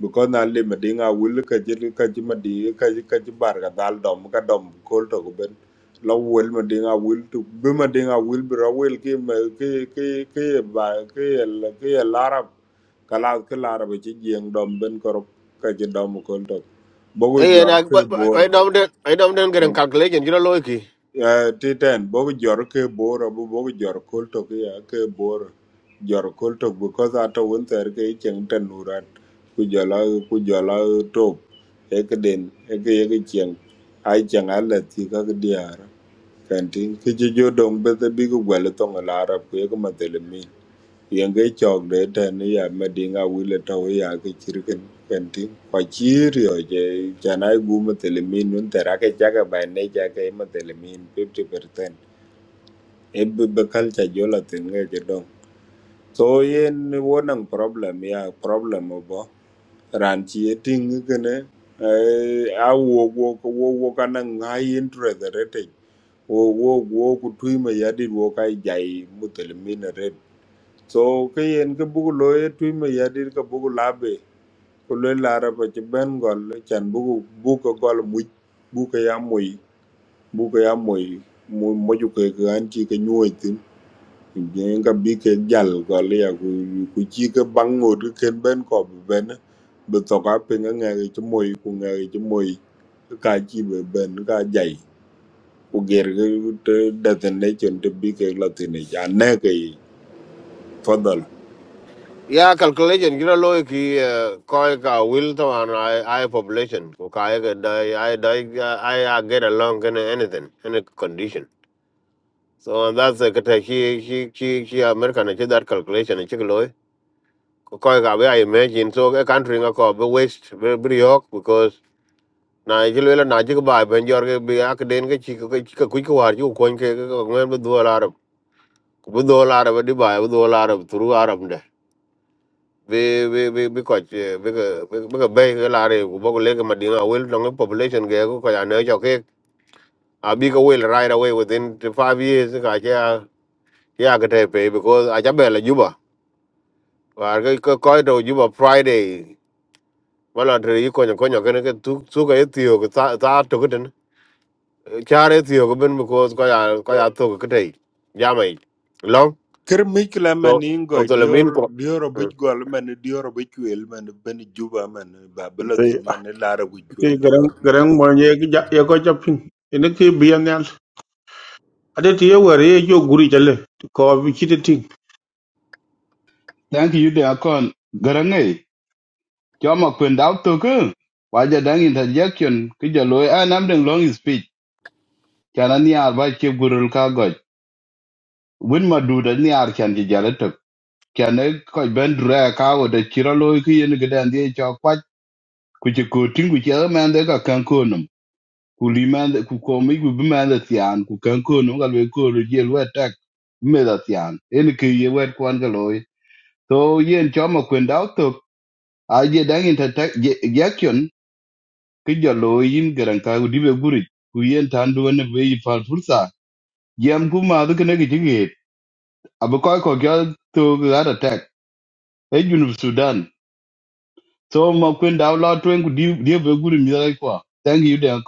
Speaker 11: bu ko na le ma di nga wul ka je ka je ma di ka je ka je bar ka dal dom ka dom ko to ko ben la wul ma di nga wul tu bi ma di nga wul bi ra wul ki ma ki ki ki ba ki la ki la rab ka la ki la rab che jeng dom ben ko ka je dom ko to bo
Speaker 10: eh
Speaker 11: jor
Speaker 10: na
Speaker 11: ke
Speaker 10: ai
Speaker 11: bor
Speaker 10: dom den ai dom den gren calculation jira loiki
Speaker 11: Ya titan bobu jor ke boro bu bobu jor kolto ke ya ke boro jor kolto because ato won ter ke cheng tanurat ku jala ku jala top e ke den e ke ye ke cheng ai cheng ala ti ka ke diar kantin ke je jo dong be the big gwele tong e la arab ku ye ke madele mi Yenge chok de ten ya medinga wile to ya ke chirken kenti kwa chirio je chana igu matelemin un terake chaka by nature ke matelemin 50% ebbe be culture jola ten ga je dong so yen wonang problem ya problem obo ran chi e ting kene eh, a wo wo wo wo kana ngai interest rate wo wo wo kutui ma yadi wo kai jai mutelemin so ke yen ke bugu lo ye twi me ya dir ke bugu la be ko le la ra pa che ben gol chan bugu bu ko gol mu bu ke ya mu bu ke ya mu mu mo ju ke ke an ti ke nyu tin je ka bi ke jal gol ya ku ku chi ke bang ngot ke ken ben ko be ben be to ka pe nga nga ke mu ku nga ke mu ka chi be ben ka jai ku ger ke te da ten ne chen te bi ke la tin ne ja ne ke fadal.
Speaker 10: ya calculation jira loiki koy ka will to an ai ai population ko ka ai ga dai ai ai get along in anything any condition So that's the kata he he he he America na che that calculation na chiklo. Koi ka be I imagine so a country nga ko be waste be be yok because na chilo la na chik ba ben jor ke be ak den ke chik ke chik ku ku war ju ko ke ko ngem be do la arab. Bu do la arab di ba bu do la arab turu arab de. Be be be be ko che be ke be ke be ke la re ku bo le ke madinga wel no population ke ko ya ne cho ke. A bi ka will right away within five years ka che ya ya ke te pe because a cha be la juba. và cái cái coi đồ như mà friday mà là trời ý coi nhở coi nhở cái này cái tu tu cái tiêu cái ta ta tu cái đến cha đấy tiêu cái bên mà có coi à coi à tu cái đấy giá mày long
Speaker 11: Ker mikla
Speaker 10: to
Speaker 11: man ingo
Speaker 10: một tuần là
Speaker 11: dior
Speaker 10: mình có
Speaker 11: dior obic gwal man dior obic wel man ben juba man ba
Speaker 12: ti
Speaker 11: belotin man lara ku
Speaker 12: ati
Speaker 11: wel
Speaker 12: garan
Speaker 11: dior
Speaker 12: garan mo nye ki ja ye ko japin ene ki bienal ade ti ye wari ye jo guri jale ko bi kiti ting
Speaker 6: Thank you de akon. Garang eh. Choma kwen dao toku. Waja dang interjection. Kija loe an amdeng long speech. Chana ni arba chep gurul ka goj. Win madud ni ar chan jijale tok. Chana koj ben dure ka wo de chira loe ki yen gede andye chwa kwach. Kuchi kuting kuchi ame ande ka kankonum. ku limanda ku komi ku bimanda tian ku kan ko no gal ko ro je tak meda tian en ke ye wet kwan ga to yen choma kwen dau to a je dang ta tak ya kyon ke jo loy in garan ka dibe guri ku yen tan du ne be yi fal fursa yam kuma ma du ne ge jige abu ko ko ga to ga ta tak e junu sudan so ma kwen dau la twen ku di- dibe guri mi da kwa thank you dan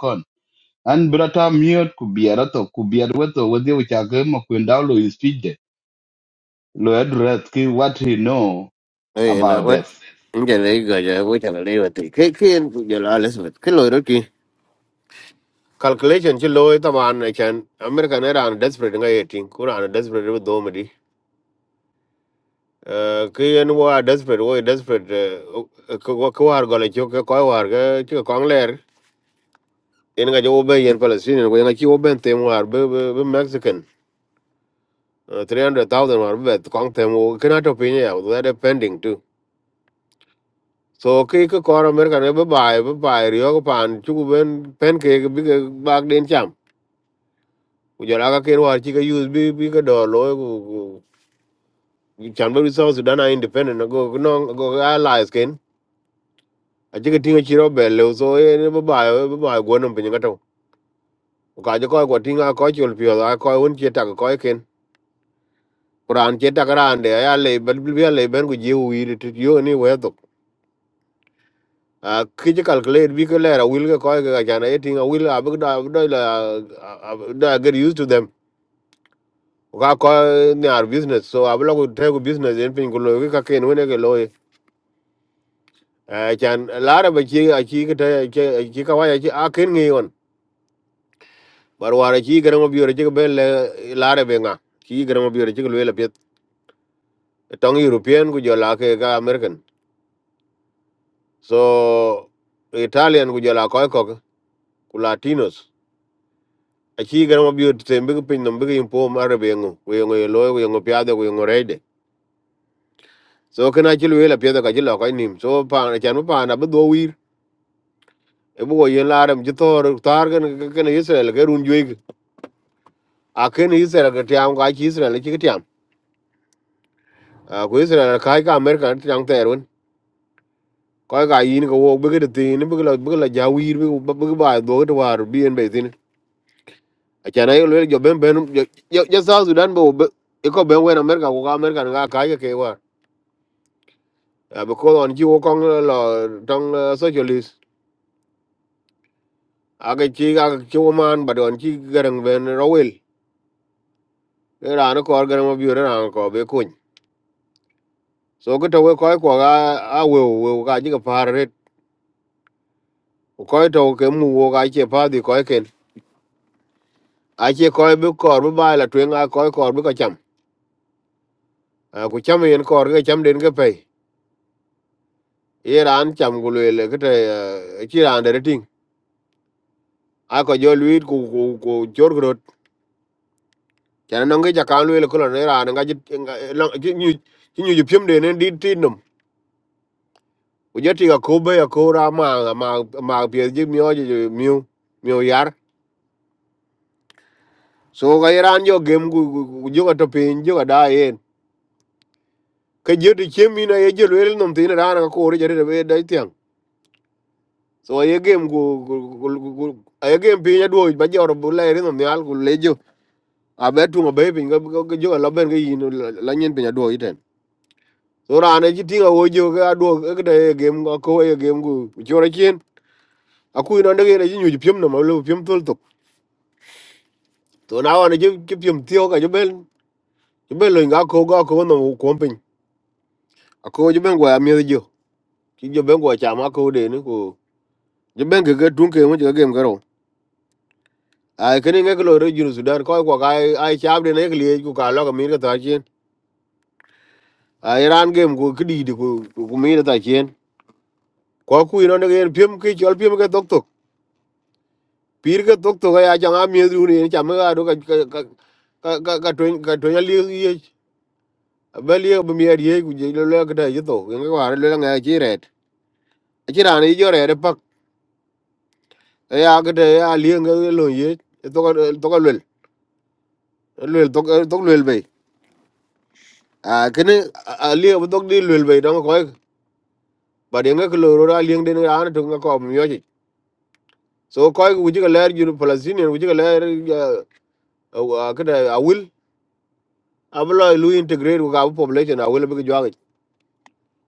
Speaker 6: an bi ta miöt ku biɛr athö ku biɛt wetho wedhi ucake makwin dau lo his speech de lo address ki what he know
Speaker 10: Oye, na
Speaker 6: about
Speaker 10: wet.
Speaker 6: this
Speaker 10: Inja le cái ja wet ala le wet. Ke ke en cái cái la les wet. cái lo ro ki. calculation chứ lôi tao mà anh này chán America này là anh desperate ngay ấy tiếng cũng là anh desperate với đồ mà đi Eh, ke yen wa desperate wo desperate eh, eh, ke wa- ke war gole cho ke ko war ke ke kong ler en ga jo be yen palestinian ko en ga chi wo ben tem war be be be mexican Eh, 300000 war be kong tem wo kana to pin ya wo that pending too so ke ke ko america ne be bai be bai ryo ko pan chu ben pen ke ke bi ke bag den cham ku jo la ka ken war chi ke use bi bi ke do lo ku ku- chan be South Sudan are independent go no go allies ken aje ke tinga chiro bele so e ne ba ba ba go no pinga to ka je ko ko tinga ko chul pio da ko un che ta ko ken quran che ta ran de ya le bel bel le ben go je wi ti yo ni we to a ki je calculate bi ko le ra wil ko ke ga jana e tinga wil a bu da do la da get used to them ka ko ne ar business so a bu lo go te go business en pin go lo ka ken wona ke lo e chan lara ba chi a chi ke ta chi ka wa ya chi a ken ngi on bar wara ci gara mo biore ci be le laare be nga ci gara mo biore ci le le pet tong european ku jola ke ga american so italian ku jola ko ko ku latinos a ci gara mo biore te mbi pin no mbi impo mare be ngo ku ngo lo ku ngo piade ku ngo reide so kana ci le le piade ka ci lo ko nim so pa chan pa na be do wir e bu go yen laare mi tor tar gan ken israel ke run juig a ken israel ke tiam ga ci israel ci tiam a ku israel ka ka american tiang terun koy ka yin ko wo be de tin be la be la jawir be be ba do to war bien be tin a chana yo le yo ben ben yo yo sa sudan bo be ko ben wen america ko ka america nga ka ye ke wa a be ko on ji wo kong lo tong eh, socialist a ke chi a ke wo man ba don chi garang ben rowel e ra no ko garang ma bi ra ko be kun so ko to we koy ko ga a we we ka ji ka par ret ko to ke mu wo ka che pa di ko ken a che ko be kor be ba la twen a ko ko be ka cham à ku cham yen kor ga cham den ga pe ye ran cham gu le le kete chi ran de ting a ko jo luit ku ku ku chor grot chan no ga ja kan le ko ne ran ga ji chi nyu chi nyu ju pim de ne di tin num ku je ti ga ko be ya ko ra ma ma ma pye ji myo ji myo myo yar so ga ye ran jo gem gu gu jo ga to pin jo ga da yen ka je ti chem ina ye je le num tin ran ga ko re je de be da tiang so ye game gu gu- gu- gu- ye game piny aduogo ba jor bu leri no nyal ku lejo abe tungo be piny ga ga- ga jo la ben ga yin la nyen piny aduogo iten so rane ji tinga wo jo ga aduogo ga de game ga ko ye game gu chora chien aku ino ndege ne ji nyu piem no ma lu piem tul tuk to na wane ji ji piem tio ga jo ben jo ben lo ga ko ga ko no ko piny ako jo ben gwa mi jo ki jo ben gwa chama ko de ni ko jo ben ga ga tunke mo jo game ga ro. ai kini ngek lo re junu sudan ko ko ai ai chab de ne kli ku ka lo mi re ta chin ai ran gem ku kidi di ku ku mi re ta chin ko ku ino ne gen pim ki chol pim ke tok tok pir ke tok tok ya janga mi du ni cha me ga do ka ka ka ka ka to ka to ya li ye ba li ba mi ye ku je lo lo ka ta yi to ngi wa re lo nga chi ret chi ran i jo re re pak ya ga de ya li ngi lo ye to ka to ka lo lo to ka to lo be a kini a li ba to di lo be dong ko ba de ngak lo ra lieng den ran to ngak ko myo ji so ko ku ji ga ler ju palestinian ku ji ga ler ka da awil ablo lu integrate ku ka bu population awil bi ga ji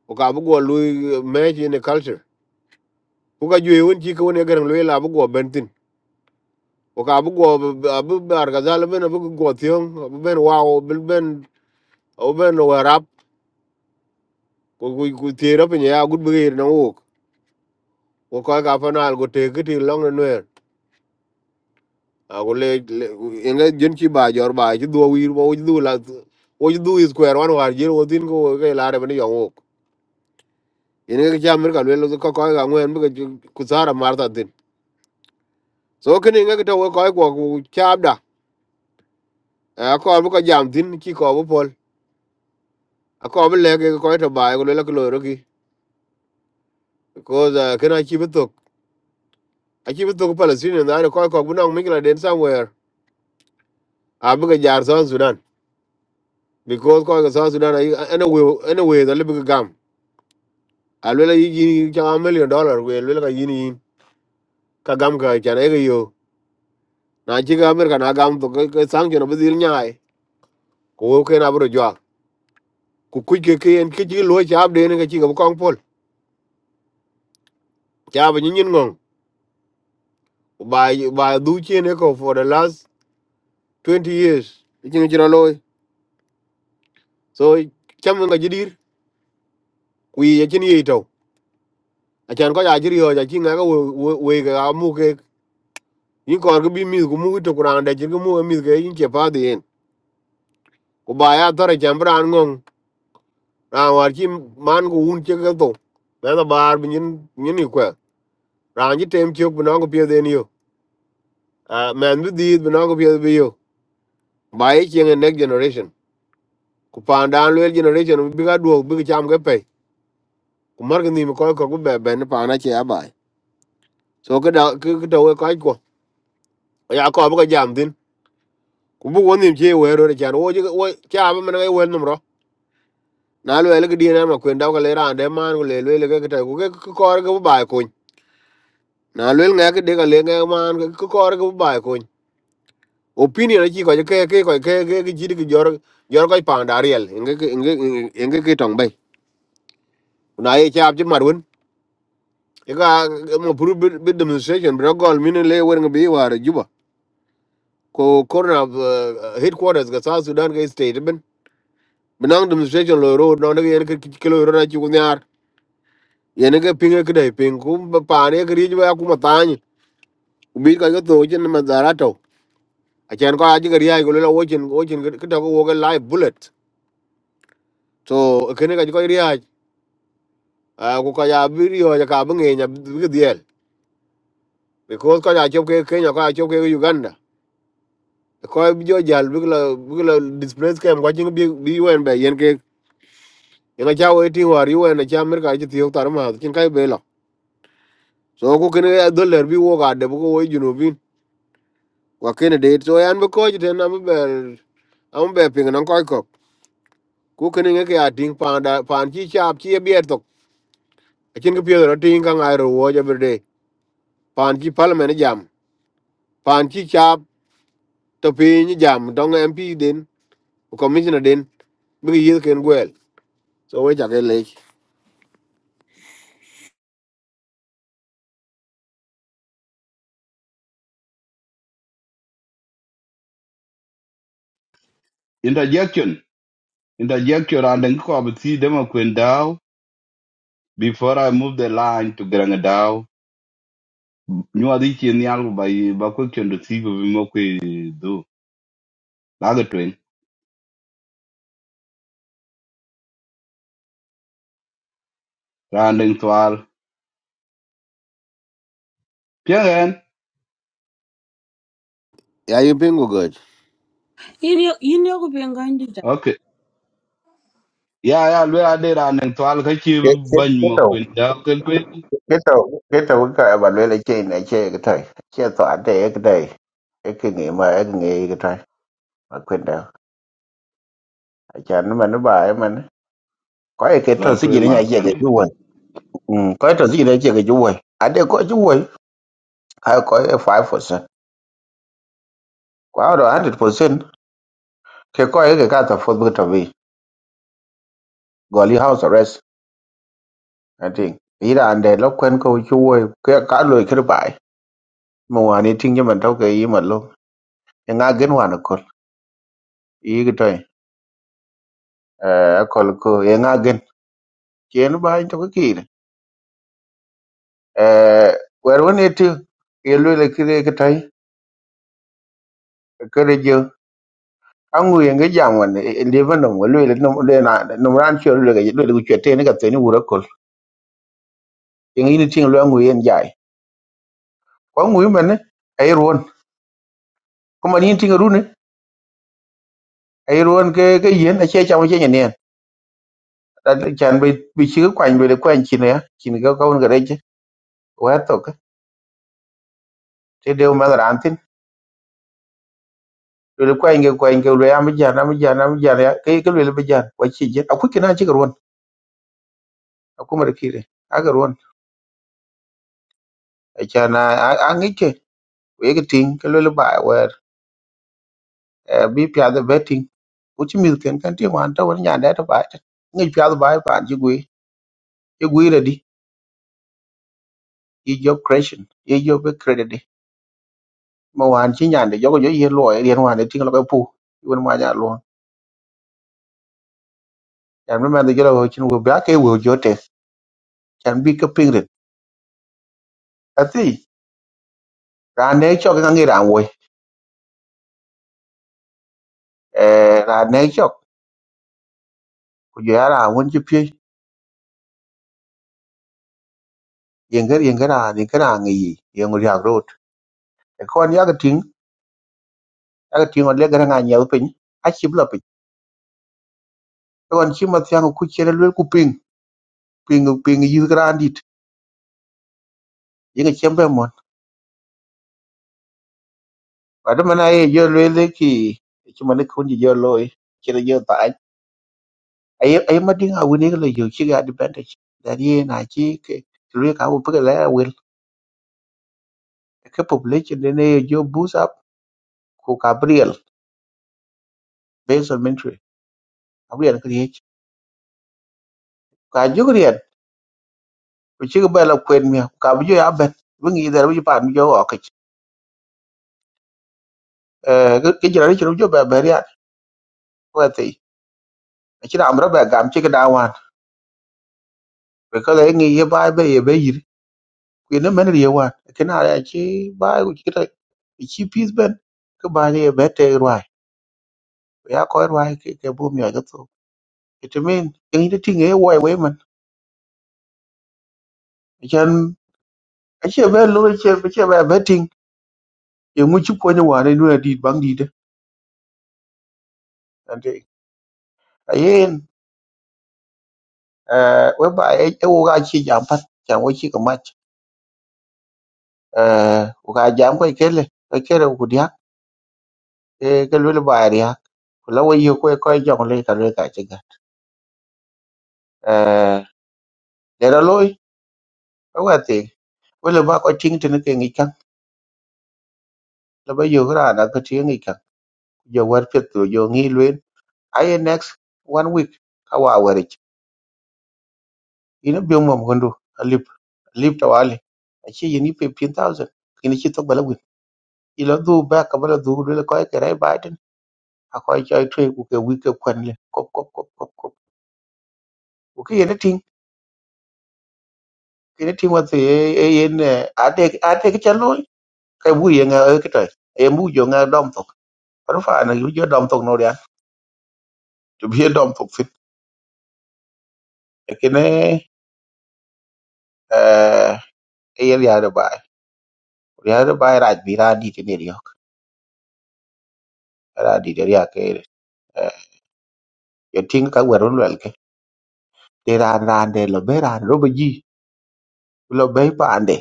Speaker 10: ku ka bu go lu me ji ne culture ku ka ju won ji ko ne garan lu la bu go bentin ku ka bu go bu bar ga zal ben bu go tion bu ben wa o bil ben o ben wa rap ku ku ku ti rap ne ya gut bi ga ir na wo ko ka fa na al go te ki ti long na ako le ene jen ki ba jor ba ki do wir bo ki do la wo ki do is kwer wan war jer wo tin ko ke la re bani yong wok ene ke cha mer ka le lo ko ko ga ngwen bu ku sara mar ta tin so ke ne ga to ko ko ku cha da a ko bu ko jam tin ki ko bu pol a ko bu le ke ko to ba ko le ko lo ro ki ko za ke na ki bu to a ki bu to palestinian na ko ko bu na mi la den somewhere a bu ga jar son sudan because ko ga son sudan ai anyway, we ene we da le bu gam alwela yijini changa million dollar kwe lwela ka yini yin ka gam ka chana ega yo na chika amerika na gam to ka sanction abu dhil nyai ko wo kena aburo jwa ku kuj ke kien ke chiki luo chaab dene ka chika bu kong pol chaab nyinyin ngong ba ba du chi chien eko for the last twenty years ching chira loy so cham nga jidir kwi ya chini yei tau achan ko ya jiri ho ya chinga ka we we ka amu ke yin kor ka bi mi ku mu to kurang da jir ku mu mi ke yin che pa dien ku ba ya tore chambran ngong ran war chi man ko un che ga to me da bar bi nyin nyin ni kwa ran ji tem chok bino ko pye den yo a man bi di bino ko pye bi yo ba ye chi next generation ku pan dan le generation bi ga duok bi ga cham ga pe ku mar ga ni ko ko ku be ben pa na che ba so cái da cái da we ka ko ya ko ba ga jam din ku bu woni che we ro de chan wo ji wo cha ba man ga we num ro na le le ga di na ma ku nda ga le ran de man ku le le ga ta ku cái ko ga ba ko na lwel nga ke de ka le nga man ko kor ko ba ko opinion ki ko ke ke ko ke ke ki jid ki jor jor ko pa ndariel inge ke- inge inge inge ki tong bay na ye chap ji marun e ka mo puru bi bi demonstration bro gol min le wer nga bi war juba ko corner of uh, headquarters ga south sudan ga state ben binang demonstration lo road no ne ke ke lo ro na ji ko nyar ye ne ke pinge ke dai ping ku pa ne ke ri ba ku ma tani bi ka ga to jin ma zarato acan ko aji ga riyaaj ko lola wocin wocin kita ko woga live bullet so kene ka ko riyaaj ko ka ya video ya ka bunge nya big deal because ko ya chop ke Kenya ko ya chop ke Uganda ko bi jo jal big la big la displace kem ko jing bi bi wen be yen ke yen cha wo ti war yu wen cha mer ka ji ti tar ma kin kai be la so ko kene ya dollar bi wo ga de bu ko wo junu bin ko kene de so yan be ko ji den am be am be ping nan ko ko ku kene ke ya ding pa da pa chi chap chi be to acin ke piedho rating ka ngai ro wo every day pan chi parliament jam pan chi chap to piny jam dong mp den ku commissioner den bi ki yith ken gwel so we chake lec
Speaker 6: interjection interjection and ngi ko abthi de makwin dau before i move the line to grang dau nyua dhi chien nyal ku ba yi- ba ko chendo thigo bi mokwe dhu lago twen randing twal piengen
Speaker 10: ya yin piny ku goch
Speaker 1: yin yo yin yo ku ben ga ndi da
Speaker 6: okay ya ya lwe ade randing twal ka chi
Speaker 12: Cái- cái-
Speaker 6: bany
Speaker 12: cái tàu-
Speaker 6: makwin dau ken twen
Speaker 12: cái tàu- cái tàu cái cài bà lưới là chơi này, chơi cái thời. Chê tỏa tê cái đây, Cái kỳ nghỉ mà, cái nghề cái thời. Mà quên đâu. Ở chả nó mà nó bà ấy mà nó- có cái- cái
Speaker 6: lo
Speaker 12: trò xích gì
Speaker 6: twen
Speaker 12: nó
Speaker 6: mak
Speaker 12: nhảy chê cái chú quầy. Ừ, có cái trò xích gì nó chê cái chú quầy. À, đây có chú quầy. À, có cái 5%. Quá rồi, 100%. Cái có cái- cái cái thập phương bưu trà vi. Gọi là house arrest. anh ý là I think ira ande lo kwen cả chuwe ke ka lo kir bai mo wani mình jaman cái ý yi luôn e nga gen hoàn wana còn ý cái toy e còn ko e nga gen chế nó ken bai cái ke kire e wer woni ti e lo le kire cái cái ke cái jo angu ye nge cái wan e le ban no lo le no le na no ran chuyện lười cái lo ke lo ke te ne ka te ni wura kol e ngi ni ting lo angu yen jai ko angu yi men e ruon ko man cái ting ru ne e cái cái ke yen a che cái mo che chan bi bi chi kwany bi kwany chi ne chi ne ga ka un gare chi wa to ka te de ma ran tin bi kwany ga kwany ga re am jan am jan am jan ya ke ke le bi jan wa chi je aku kina chi garwon aku ma kire a garwon a chan a ngi ke we ga tin ke le ba wa bi pya da betting u chi mi ken kan ti wan ta wan nya da ta ba ta ngi pya da ba pa ji gui ji gui re di i job creation i job credit di ma wan chi nya de yo yo ye lo ye wan de tin lo ka pu won ma nya Chan bi mɛn dhi jölö wo chin wo bia ke wo jo te chan bi ke ping rit athi ra ne chok ka ngi ra wo eh ra ne chok ku jo ra won chi pi yenger yenger ra ni kra ngi yi yeng ri ag rot e kon ya ga ting ya ga ting o le ga nga nyel pin a chi bla pin e kon chi ma tyang ku chi le ku ping ping ping yi gra dit yeng chem be mon ba de mana ye jo le le ki chi ma ne kun ji jo loy chi le jo ta ai ai ai ma ding a wini le jo chi ga advantage da ye na chi ke Tulu ka wo pe le The population nene yo boost up ko Gabriel based on ministry. Gabriel ko yech. Ka jugriel ko chi ba la kwen mi ka bu ya ben. Bu ngi der bu pa mi jo ok. Eh ke jira ri chiru jo ba ba ya ko te. Chi na amra ba gam chi da wan. Be ko le ngi ye ba be ye be yir. Ku ne men ri ye wan. Ke na ya chi ba ku chi ta chi peace ben. Ko ba ye be te rwai. Ya ko rwai ke ke bu mi ya to. It mean ngi ti ngi wo we man. Chan a chi be lo chi be chi be betting ye mu ci ko ne wa ne lura di bang di de ande ayen eh we ba e wo ga ci jam pat jam wo ci ka mat eh wo ga jam ko kele ko kele ku dia e ke lu ba ri ha ku la wo yo ko ko jong le ka le ka ci ga eh de ra loy ko wa te wo le ba ko ting te ne ke ngi kan la ba yo ra na ko ti ngi kan yo war pet lo yo ngi luen ayen next one week ka wa wa ri ina bi mom gondo alip alip tawali achi yini pe 10000 kini chi to Ilo dhuu ba ka ba lo dhuu lwe ko ke rai Biden a ko cho twe ku ke wi ke kwen le kop kop kop kop kop ku ke ne ting ke ne ting wa se e yen a de a de ke chalo ke wi ye nga e ke tai e mu jo nga dom tok par fa na yu jo dom tok no ya to bi dom tok fit e ke ne eh e yen ya de ba ya de ba e ra bi ra di ke ne ri ok ra di de ya ke eh ye ting ka wa ron wel ke de ra ra de lo be ran ro be ji lo be pa ande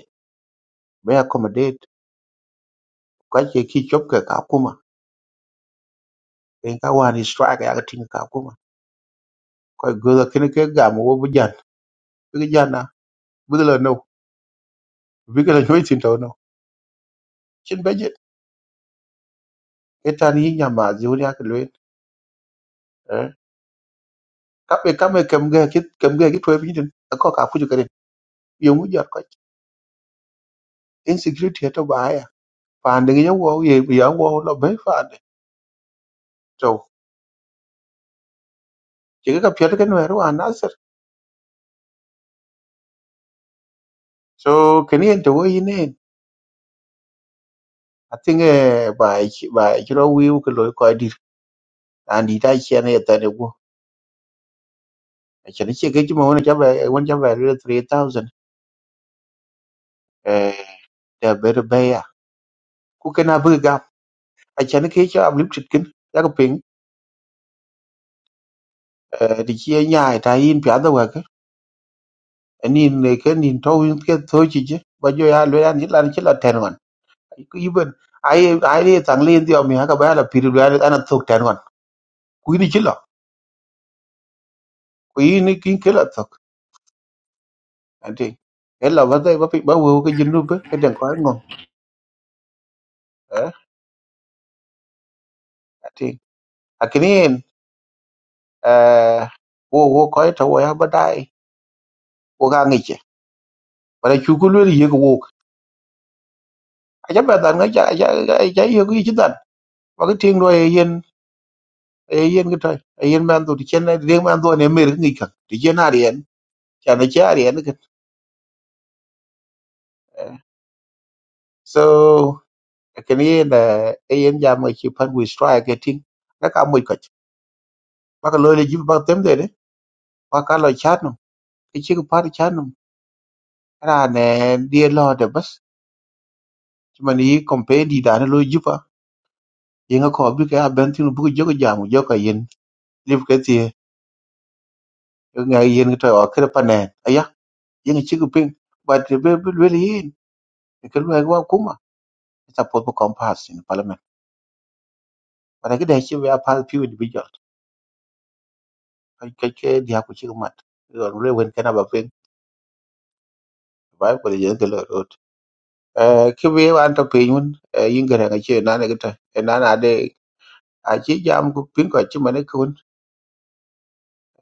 Speaker 12: be accommodate kwa che ki chop ke ka kuma en ka wan is strike ya tin ka kuma ko goda kin ke ga mo wo bujan bi jana bi la no bi la no tin to no chin beje etan yi nya ma ji uri ak lwe eh ka be ka me kem ga kit kem ga kit we tin ko ka fu ju kare yo mu jar ko insecurity to ba ya pa ndi ye wo ye ya wo lo be fa de to ke ka pye ken we ru anasir so ken yen to wo yi ne atinge ba ba kiro wi ku lo ko dir andi ta chen ye Cho nên cái Actually, che ke chuma wana chaba wana chaba rila 3000 eh da bere baya. Ku kana bu gap. Actually ke cha ablim chitkin ya ko ping eh di chi nya ta yin pya da wa ke. Ni ne ke ni to yin ke to chi je. Ba jo ya lo ya ni la chi la ten wan. Ku iben ai ai ni tang le ndio mi ha ka ba la pir lu ya ana tok ten wan. Ku ni chi la. Ku ni kin ke la tok. Ati. Ella ba dai ba pi ba wo ke jinu be ke den ko ngom. Eh ati. Akini en eh wo wo ko ta wo ya ba dai wo ka ngi che ba da chu ku lu ye ko wo a ja ba dan ga ja ja ja ye ko chi dan ba ga ting lo ye yen ye yen ga ta yen man do ti chen na de man do ne mer ngi ka ti chen na rien cha na cha rien ka so ka ni na e yen ja mo chi pan we strike ga ting na ka mo ka ba ka lo le ji ba đấy đấy. ne ba ka lo nó, cái chiếc chi ko pa nó no ra ne de lo de bas chi man yi kompe di da ne lo ji pa yin ko bi cái ben tin bu cái già một giờ cái yên. jamu cái gì nga yen ga tawa kre panen aya yen chi gu ping ba de be be le yin ke lu ga kuma ta pot ko compass in parliament para ga de chi we apal few individual ka ke ke dia ku chi mat ro le wen kana ba ping ba ko le yen ke lo rot eh ke we an ta pe yun yin ga ga che na ne ga ta na na de a chi jam ku ping ko chi ma ne kun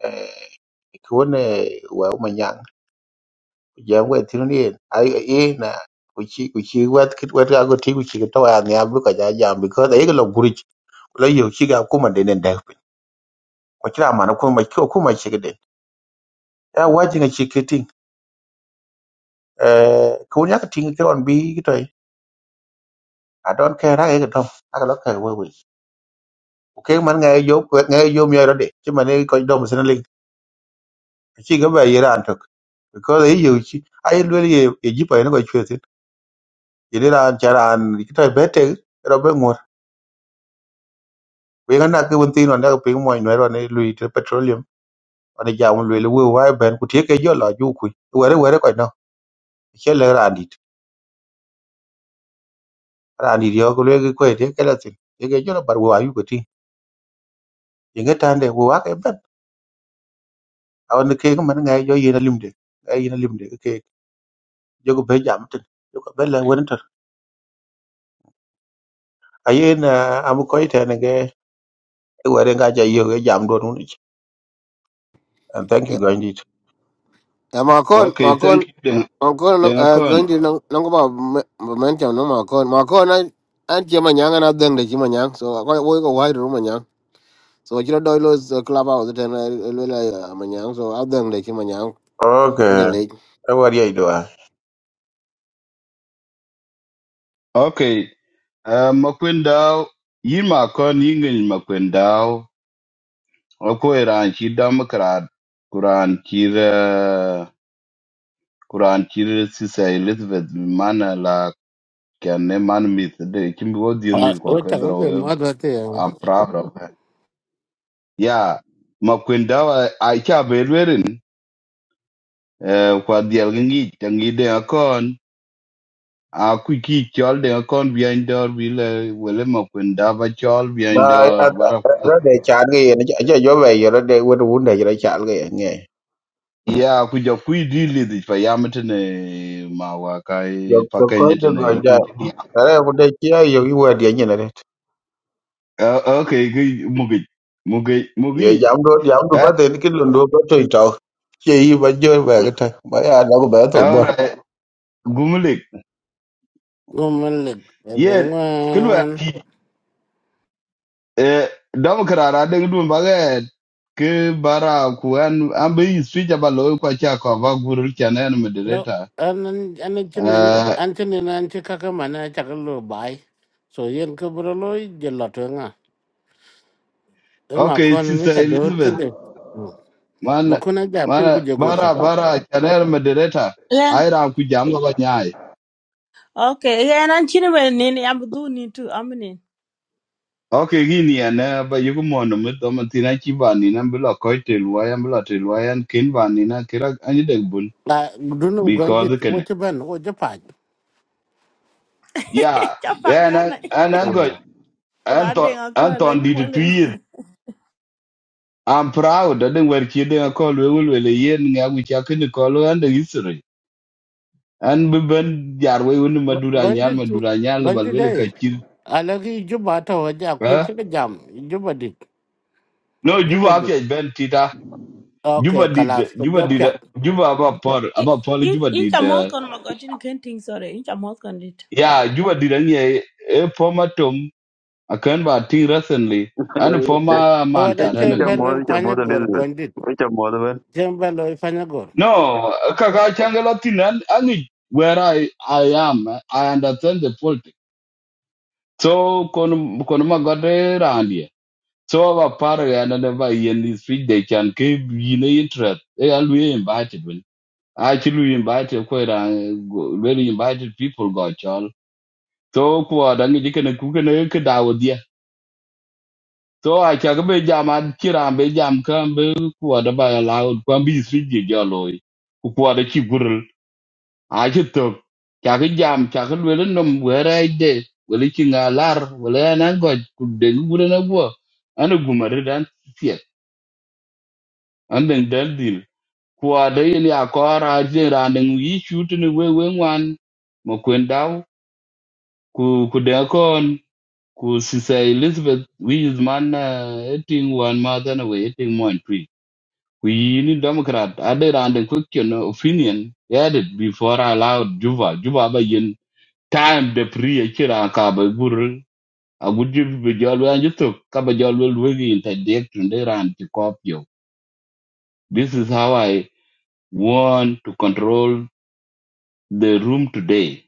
Speaker 12: eh kun eh wa ma nyang jam we tin ni ai ai na kuchi kuchi wet kit wet ga go ti kuchi to ya ne abu ka ja jam because ai ga lo la yo chi ga kuma de den da pin ko kira ma na kuma ko kuma chi ga de ya waji ga chi ke ting eh ko nya ka ting ke on bi ki toy a don ke ra ga dom a lo ka we we o ke man ga yo ko ga yo mi ra de chi ma ne ko dom sin ling chi ga ba yi ran tok ko la yo chi ai lo ye ye ji pa ne ko chwe tin ye ni ran cha ran ki toy be te ro be ngor we ga na ke won tin on da pin mo ne ro ne lui te petroleum on ja un le we wa ben ku te ke yo la ju ku we re we re ko no che le ran rani dio ko legi ko te kelatin ye ge jola bar wa yu ko ti ye ge tande wo wa ke ben awan ke ko man ngai jo yina limde ngai yina limde ke jogo be jam tin jogo be la won tor ayen am ko ite ne ge e wore ga ja yo ge jam do nun and thank you gandit
Speaker 10: ya makon
Speaker 6: okay thank
Speaker 10: makon
Speaker 6: you den
Speaker 10: makon
Speaker 6: den akon
Speaker 10: gondi nongo ba men cham no makon makon an che manyang an adheng de chi manyang so woi ko wai ru manyang so chiro doi lo so, club house ten lwela manyang so adheng de chi manyang
Speaker 12: okay e wore ye do a
Speaker 6: Okay. Uh, Makwendao, yin kon yingin Makwendao, ako iran chi Democrat, kuran chir, kuran chir sisa Elizabeth Mana la kyanne man myth, de chimbo deal
Speaker 2: Ah,
Speaker 6: myth kwa
Speaker 2: o ta ko be
Speaker 6: kedro,
Speaker 2: mother te.
Speaker 6: I'm proud of her. Yeah, Makwendao, I cha bedwerin, uh, kwa diel gengi, tangi de akon, a kwiki chol de akon behind door, wile, wile Makwendao chol
Speaker 12: ba
Speaker 6: behind door,
Speaker 12: ra de chan ge ye ne ja jo be ye ra de won won de ra chan ge ye nge
Speaker 6: ya kuja kuidili dhic pa yam tene mawa
Speaker 12: jo
Speaker 6: kai pa
Speaker 12: ko ko de
Speaker 6: tene
Speaker 12: go ja
Speaker 6: in
Speaker 12: ra wo de chi yo yu wa de
Speaker 6: uh, okay ki mugi mugi
Speaker 12: ye
Speaker 6: mugi
Speaker 12: jam do jam do
Speaker 6: eh
Speaker 12: ba den ki londo ba to ito che yi ba jo ba ga ta ba ya na ko ba to bor
Speaker 6: alright gumulik
Speaker 2: Gomalle.
Speaker 6: yen kelwa
Speaker 2: Ebongan.
Speaker 6: ki eh dam karara de dum baget ke bara ku an ambe switch ba lo kwa cha kwa ba gurul chana en
Speaker 2: No,
Speaker 6: moderator
Speaker 2: anan anan chimen
Speaker 6: eh
Speaker 2: antene na anche kaka mana ta lo bai. So yen ko bro lo jelato nga. E ma
Speaker 6: okay
Speaker 2: kon ni
Speaker 6: sister
Speaker 2: ta dot ko
Speaker 6: elizabeth
Speaker 2: je. Ma
Speaker 6: Mana
Speaker 2: kon ja pin ku
Speaker 6: mana
Speaker 2: je goto.
Speaker 6: bara bara kiana en moderator
Speaker 1: ren
Speaker 6: ai ra ku jam ga
Speaker 1: okay ren an chi ne ne ni am du ni tu am ni
Speaker 6: Okay, gini ana ba yuko mono mito matina chibani na bila koi tilwaya bila tilwaya and kin bani na kira anyi degbun
Speaker 2: La dunum gondi
Speaker 6: because
Speaker 2: o
Speaker 6: kene.
Speaker 2: te ban o je pa.
Speaker 6: Yeah,
Speaker 1: cha pa
Speaker 6: yeah, and
Speaker 1: ja
Speaker 6: I
Speaker 1: na
Speaker 6: and I
Speaker 1: ku da de
Speaker 6: Anton
Speaker 1: ga ko lo
Speaker 6: Anton
Speaker 1: di mo
Speaker 6: did two
Speaker 1: le ne
Speaker 6: years. I'm proud that they were kidding a call we will will yen nga which I can call and the history. And we ben jar we will madura
Speaker 2: Gondi
Speaker 6: nyan madura nyan level
Speaker 2: gondi
Speaker 6: will
Speaker 2: dai.
Speaker 6: kachir.
Speaker 2: Alagi juba ta waje akwai
Speaker 6: Huh?
Speaker 2: cika jam juba dit
Speaker 6: No,
Speaker 2: juba
Speaker 6: Juba
Speaker 2: dit
Speaker 6: afya ben tita.
Speaker 2: ok
Speaker 6: Juba did
Speaker 2: kalas ko jo
Speaker 6: Juba
Speaker 2: pyak
Speaker 6: did Juba about Paul about Paul
Speaker 1: in
Speaker 6: Juba
Speaker 1: in cha mo
Speaker 6: did.
Speaker 1: kon ma ga tin ken tin sore in cha mo
Speaker 6: Yeah, Juba didn't ye a former Tom a can ba ting recently and a
Speaker 13: Icha
Speaker 6: former man
Speaker 2: wada
Speaker 6: cat
Speaker 2: chen
Speaker 6: anyway.
Speaker 2: belwel
Speaker 13: muodho icha
Speaker 2: panya
Speaker 13: muodho
Speaker 2: gor
Speaker 13: Elizabeth.
Speaker 2: gondit
Speaker 13: Icha muodho ben.
Speaker 2: chen belwel panya gor
Speaker 6: No, Kaka Changalatin and and it- where I I am, eh, I understand the politics. So kon konuma gade randi. So our party and never in this speech they can keep in interest. They are we invited when actually we invited quite a very invited people got y'all. So kwa dangi jikene kukene kedawo So I can be jam and kiran be jam can be kuada by allowed can be sweet jolloy. Kuada chigurl. I should talk. Chaka jam, chaka will num where I did. Well, it ching a lar, will an angot, could then wouldn't a work. And a boomer than fear. And then del deal. Kuada in your car, I did running we shooting away when one. Mokwendao, ku kudakon, ku sisa Elizabeth, we is man, uh, eating one mother and away, eighteen one tree. We need Democrat added under question opinion added before I allowed Juba. Juba by yin time the pre chira kaba guru. I would give the jolly and you took kaba jolly wiggy in the deck and they ran to copy. This is how I want to control the room today.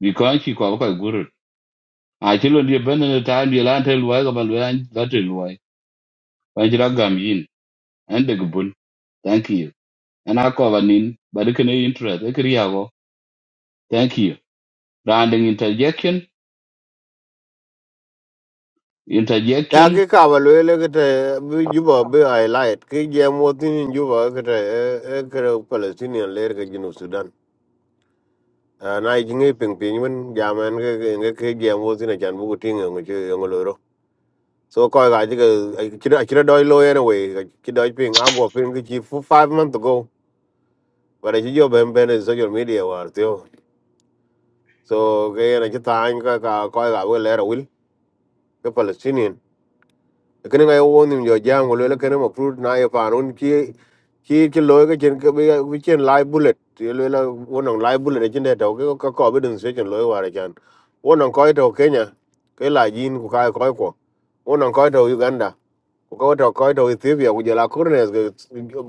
Speaker 6: Because she kaba guru. I chill on the abandoned time the land tell why about when that is why. When you gam yin and the gubun. Thank you. And I cover nin, but it can interest. I could Thank you. Rounding interjection,
Speaker 10: ya
Speaker 6: interjection.
Speaker 10: ki ka ba lwe le ke te bi juba bi ai lait ki je mo tin juba ke te e ke palestinian le ke jinu sudan Ah, na ji ngi ping ping men ja men ke ke nge ke je mo tin chan bu ku tin ngi che ngi lo ro so ko ga ji ke chi da chi da doi lo ene we chi doi ping a go ping ki chi fu 5 month ago but ji jo ben ben is social media war tio so ke ene chi ta an ka ka ko ga we le ro wil ke palestinian kene ngai wo nim jo jango le kene mo fruit na e panun ki ki ki lo ke chen ke bi chen live bullet ye le la wonong live bullet chen de to ke ko ko bi dun se chen lo wa re chan wonong ko to kenya ke la yin ku kai ko ko wonong ko to uganda ku ko to ko to ethiopia ku je la kurne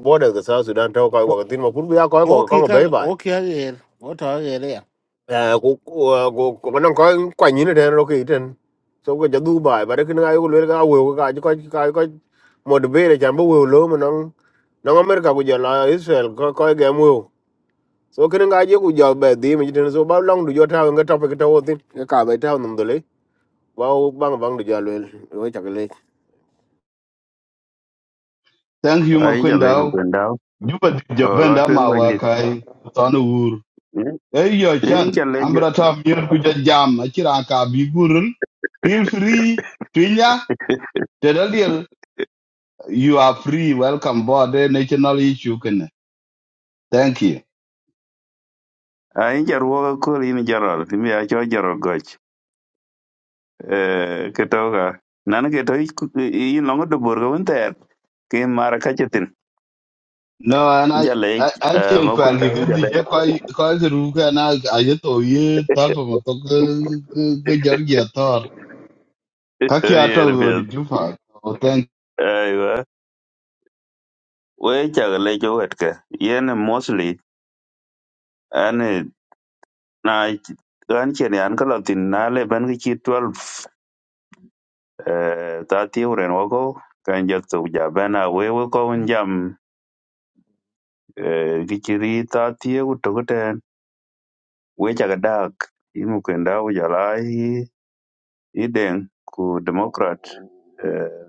Speaker 10: borders ke south sudan to ko
Speaker 2: o
Speaker 10: ko tin mo pur bi ko
Speaker 2: o
Speaker 10: ko
Speaker 2: ki
Speaker 10: ko
Speaker 2: ka
Speaker 10: be bye
Speaker 2: o ki a yer o ta a yer ya
Speaker 10: à ko ko ko nan ko kwa ni ne nó kì ten so cái ja du bai ba de kin ai ko le cái we cái ji ko ka ko mo de be le jam bo lo mo nan nan america ko giờ là israel ko cái ge mo so cái ga je ku ja be di mi ten so ba long du jo ta cái ta cái ta wo tin cái ba ta num de le ba bang bang du ja le we ta le
Speaker 6: Thank you,
Speaker 13: Ai lấy một
Speaker 6: Makwendao.
Speaker 13: mukwen dau.
Speaker 6: Juba di
Speaker 13: O lo
Speaker 6: jabenda
Speaker 13: chuyện của của anh đi,
Speaker 6: mawakai, tanu ur. Hey, yo,
Speaker 13: ấy
Speaker 6: chan.
Speaker 13: chào lấy
Speaker 6: Ambra ta mier kuja jam, achiraka bigurul. Feel free, Twinya. Tedaliel, you are free. Welcome board, eh, national issue kene. Thank you.
Speaker 13: ấy chào ruộng của đi mình chào rồi thì twen go ndi. Incha lei cái Ai icha ruoga kor in jaral. Timi acho jaral goch. Eh, Ketoka. Nan keto in longo do burga won ter. Ke mara kachetin.
Speaker 6: No, and I,
Speaker 13: Incha lei
Speaker 6: I, I
Speaker 13: eh,
Speaker 6: think kwa
Speaker 13: mukwen dau incha
Speaker 6: kikundi
Speaker 13: lei.
Speaker 6: je kwa, kwa you na ajeto ye talpa matoka kujargi atar. Kaki ato
Speaker 13: Yer
Speaker 6: go
Speaker 13: pia.
Speaker 6: di jufa. Oh, thank
Speaker 13: Aiwa. We cha lei jo wetka. Yen mostly anh này anh ane na anh chen an kalatin na le ban ki 12 Eh, ta tiuren wako kan jak tuk ja bena we we ko un jam gichiri ta tiu tokuten we chaka dak imu kenda u jala i i deng ku democrat eh,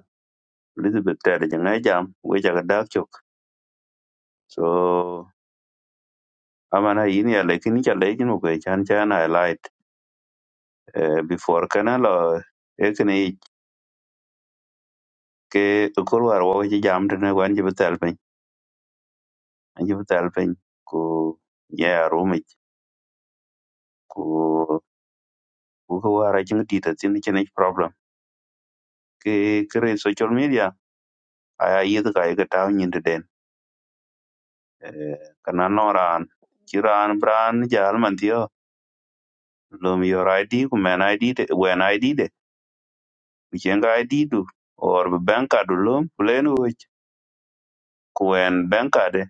Speaker 13: elizabeth tere janga jam we chaka dak chok so amana yin ya lekin cha lekin mu ke chan chan i light eh, before kana lo ekni ke kulwar wo ji jam tene wan ji betal pin an ji betal pin ku ya rumich ko wara chin di ta tin chin ich problem ke kre social media aya yid ga ga ta nyin de den Eh, kana noran kiran bran jal man tio lum your id ku men id de wen id de ku chen ga id du or be bank card lum plain which ku wen bank card de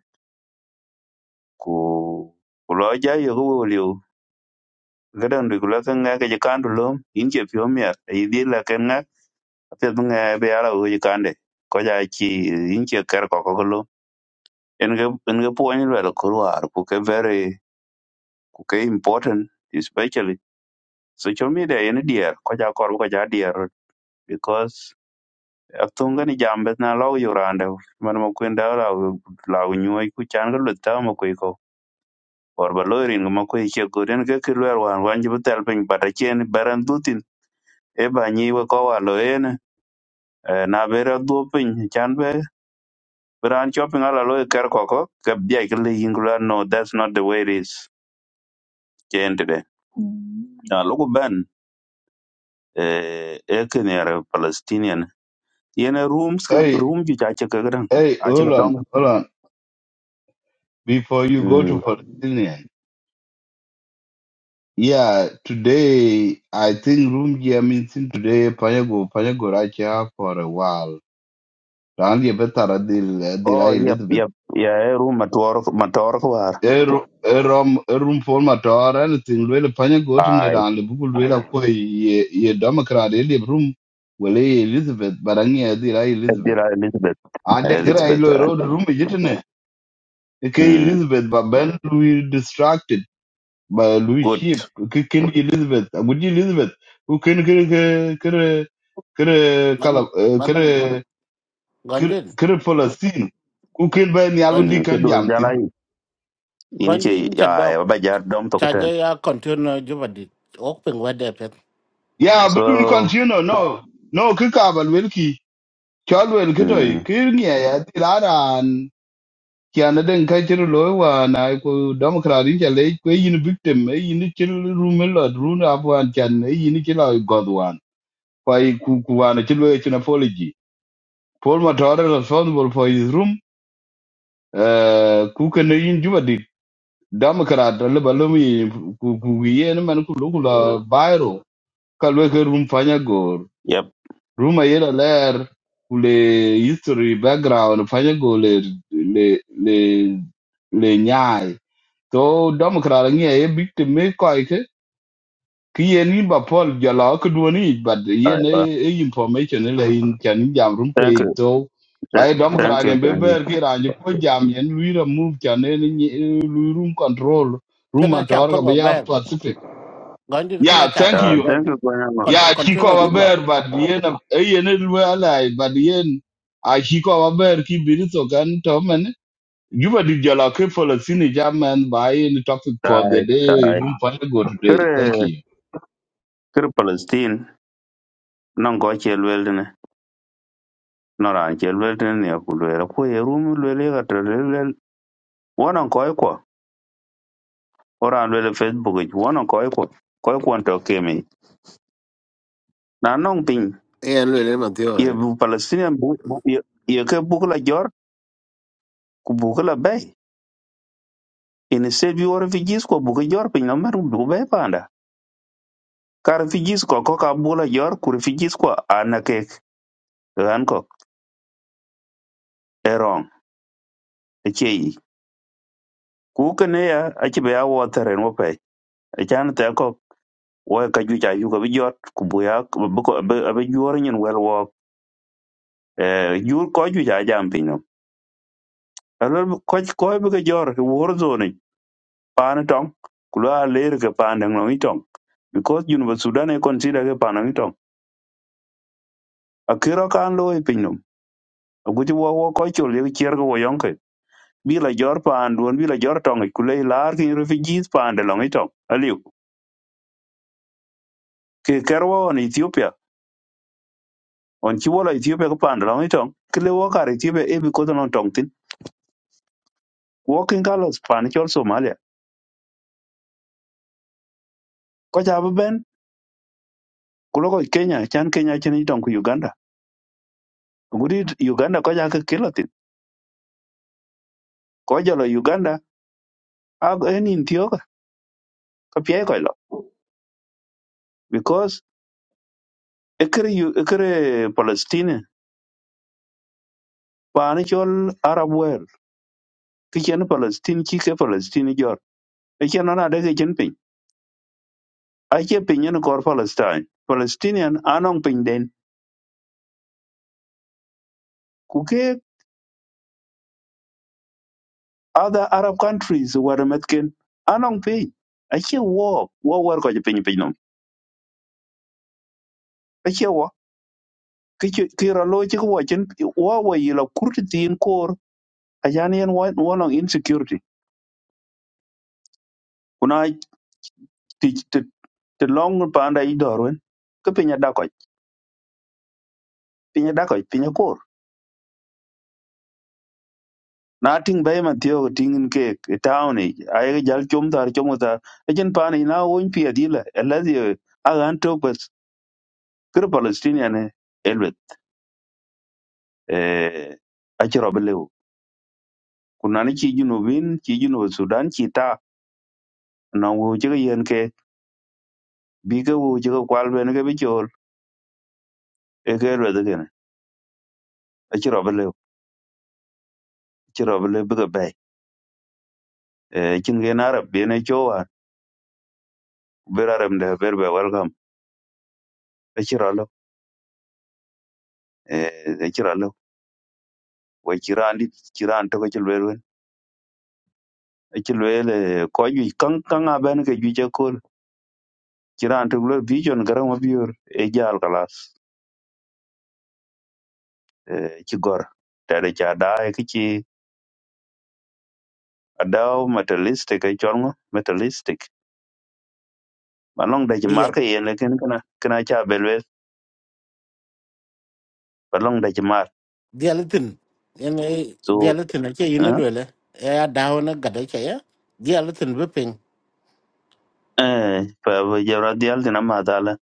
Speaker 13: ku ku lo ja yo ku liu gadan du ku la kan ga ga kan du lum in che pyo mer i di la kan ga te bu nga be ala u ji kan de ko ja chi in che ker ko ko en ga en ga puonj lwedo kor war ku ke very ku ke important especially social media en dier ko ja kor ko ja dier because atunga ni jambe na law yurande man ma kwenda law law nyuy ku chan ga lutta ma kwe ko or ba loirin ma kwe che ko den ga ki lwer wan wan jibu tel pin bata chen baran dutin e ba nyi we ko wa lo en eh, na bera du pin chan be bran chopping ala lo ker ko ko ke bia ke le yingla no that's not the way it is chen de ya logo ben eh ekin yare palestinian yene rooms
Speaker 6: you. Hey,
Speaker 13: room ju ja che kagran
Speaker 6: Hey,
Speaker 13: a che
Speaker 6: hold on,
Speaker 13: dom
Speaker 6: hold on. Before you go to
Speaker 13: mm
Speaker 6: Palestinian, yeah, today I think room here means in today Panyago Panyago Racha for a while. Randy Betara deal did I
Speaker 13: oh yep
Speaker 6: Elizabeth.
Speaker 13: yep ya e room mator mator ko war
Speaker 6: A room a room for Matar anything. thing really Panyago to
Speaker 13: ai
Speaker 6: Neran, the book will go ye ye Democrat in room. Well, hey, Elizabeth, but I did I Elizabeth.
Speaker 13: dira elizabeth
Speaker 6: I
Speaker 13: Eh,
Speaker 6: think I
Speaker 13: elizabeth
Speaker 6: rode
Speaker 13: ai.
Speaker 6: room, is it? Okay,
Speaker 13: mm
Speaker 6: Elizabeth, but Ben we distracted. ba Louis
Speaker 13: good
Speaker 6: Sheep ke ken Elizabeth aguji Elizabeth u can kere kere kere
Speaker 2: manda
Speaker 6: kala eh,
Speaker 2: manda
Speaker 6: kere kere
Speaker 2: gondit
Speaker 6: kere Palestine Who can buy ni alundi
Speaker 13: mm
Speaker 6: kan
Speaker 13: kedo jala
Speaker 6: jamtin
Speaker 13: yi. in
Speaker 2: gondit
Speaker 13: ke
Speaker 2: ni cha
Speaker 13: ya
Speaker 2: dok
Speaker 13: ya ba ja dom to
Speaker 2: cha
Speaker 13: ten
Speaker 2: je ya container juba dit o ping wede pet
Speaker 6: Yeah,
Speaker 13: so
Speaker 6: but we continue no no ke ka bal welki chal wel ke toy
Speaker 13: mm
Speaker 6: kir ni ya tiraran kiana den ka chiro lo wa na ko democrat in chale ko yin victim e yin chiro rumelo runa afwan chan e yin chilo godwan kwai ku ku wana chilo e china apology Paul Matara is responsible for his room. Uh, kuka na yin juba dit. Democrat alle balumi kugiye na man kulu kula bairo kalwe ke room fanya gor.
Speaker 13: yep
Speaker 6: Room ayera lair kule history background fanya go le le le le nyai. So Democrat ngi ay big to me quite. ki yen in ba pol jala ko duoni but
Speaker 13: ai
Speaker 6: yen e
Speaker 13: ba
Speaker 6: e information la in kan jam rum ko
Speaker 13: thank
Speaker 6: e
Speaker 13: you
Speaker 6: to
Speaker 13: Th-
Speaker 6: ai dom kra
Speaker 13: thank you
Speaker 6: den be
Speaker 13: thank you
Speaker 6: ber ki ran ko jam yen lui remove. move kan en lui room control room
Speaker 2: kana
Speaker 6: ma
Speaker 2: cha
Speaker 6: tor ka be
Speaker 2: korba
Speaker 6: ya
Speaker 2: ber
Speaker 6: pacific
Speaker 2: gondit
Speaker 6: yeah
Speaker 2: kana cha
Speaker 6: thank
Speaker 2: korba
Speaker 13: Ah,
Speaker 6: you
Speaker 13: thank
Speaker 2: ber
Speaker 13: you Gwanyama.
Speaker 6: yeah ki ko
Speaker 2: container
Speaker 6: ba
Speaker 13: Mm.
Speaker 2: juba
Speaker 6: ber but yen e yen e lui ala but yen a ki ko ba ber ki bi to kan to men you were the jala ke for the senior jam man by any topic for the
Speaker 13: Ai,
Speaker 6: day
Speaker 13: ai.
Speaker 6: room for the go today
Speaker 13: Kere,
Speaker 6: thank you
Speaker 13: kere Palestine. nan ko che lwel tini nan ran che lwel tini ni ku lwel ku ye rum lwel ye ka to lwel lwel wonan ko ko oran lwel e facebook ich wonan ko ko ko ko to kemi na non pin
Speaker 10: e le le man ti
Speaker 13: ye bu palestinian bu bu- ye ye ke bu la jor ku bu la bay ini se bi wor fi jis ko bu ke jor pin na mer bu bay panda kar fi jis ko ko ka bu la jor ku fi jis ko ana ke ran ko erong e chei ku ke ne ya a ci be a wo teren wo pe e chan te ko wo ka juic ayuk abi jot ku bui a abi juor nyin wel wok eh, jur ko juic a jam piny nom alor koc koy bi ke jor ki wor zoni paani tong ku lo a ler ke paan deŋ nom i tong because juniba sudan e consider ke paan deŋ i tong akiro kaan lo i piny nom aguci wo wo koc col yek cier ke wo yonke bi la jor paan duon bi la jor tong ic ku le i laar kin refugees paan de long i tong aliu ke ker wo on ethiopia on ci wola ethiopia ke paan de long i tong ki le wo kar ethiopia e bi kodhonon tong thin Walking colors pan chol somalia ko ja ben kulo ko kenya chan kenya chen itong ku uganda gudi uganda ko ja ka kilatin ko jalo uganda ag enin tioga ka pye ko lo because ekere Yu- ekere palestine pan chol arab world ki chen palestine ki ke palestine jor e chen ona de ke chen pin a che pin yen kor palestine palestinian anong pin den ku ke other arab countries were metken anong pin a che wo wo war ko je pin pin no kira lo ci ko cin wa wa yi la kurti tin kor a jan yen wa wa long insecurity kuna ti ti ti long pa anda i dorwen ko pinya da ko pinya da ko pinya kor na ting bay man tiyo ko tingin ke ke town e ay jal chom tar chom tar e jen pa ni na won pi adila alazi agan to bas kir palestinian e elbet e a ci robelew kuna ni ci junubin ci junub sudan ci ta na wo ci yen ke bi ke wo ci ko kwal ben ke bi e ke lo de gene a ci robe le ci robe le buga bay e cin ge na rab be ne cho war be ra rem de ber be welcome a ci ro lo e e ci ro lo we ci ran di ci ran to ko ci le wen a ci le le ko ju kan kan a ben ke ju je ko ci ran to lo vision garan wa biur e jal kalas e ci gor ta de cha da e ci adaw materialistic e chormo materialistic balong da ci marka yen ken kana kana cha belwe balong da ci mar
Speaker 2: dialatin ene
Speaker 13: so
Speaker 2: dialatin ake yin lwele e ya dawo na gada ke ya dialatin bipin
Speaker 13: eh pa jabra dial dina ma dala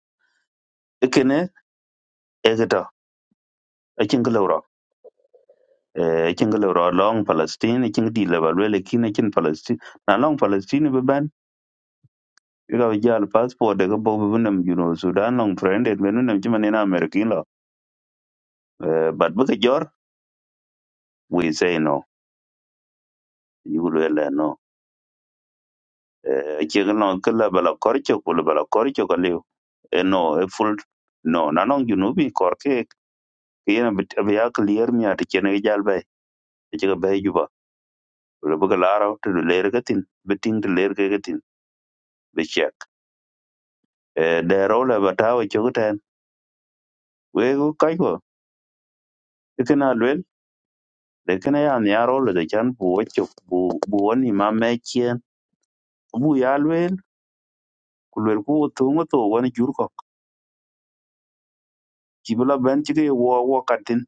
Speaker 13: ikene egeto ikin gelo eh ikin gelo long palestine ikin di le balwe le kin ikin palestine na long palestine be ban ga jal passport de bo be bunam juno sudan long friend et menu nam chima nena amerikin lo eh but bu jor we say no yulu le no eh ikin no kala bala korcho kula bala korcho kalio eh no e full no na long junubi korke kiyena be ya clear mi ati chene jal bay akin be le bëgg laara te du leer ka tin be ting te leer ka tin be check e de role ba ta we chu ten we go kai go ikena lwel de kena ya ni aro le de chan bu we chu bu bu woni ma me chien bu ya lwel ku lwel ku to ngo to won jur ko ki bula ben chi ke wo wo katin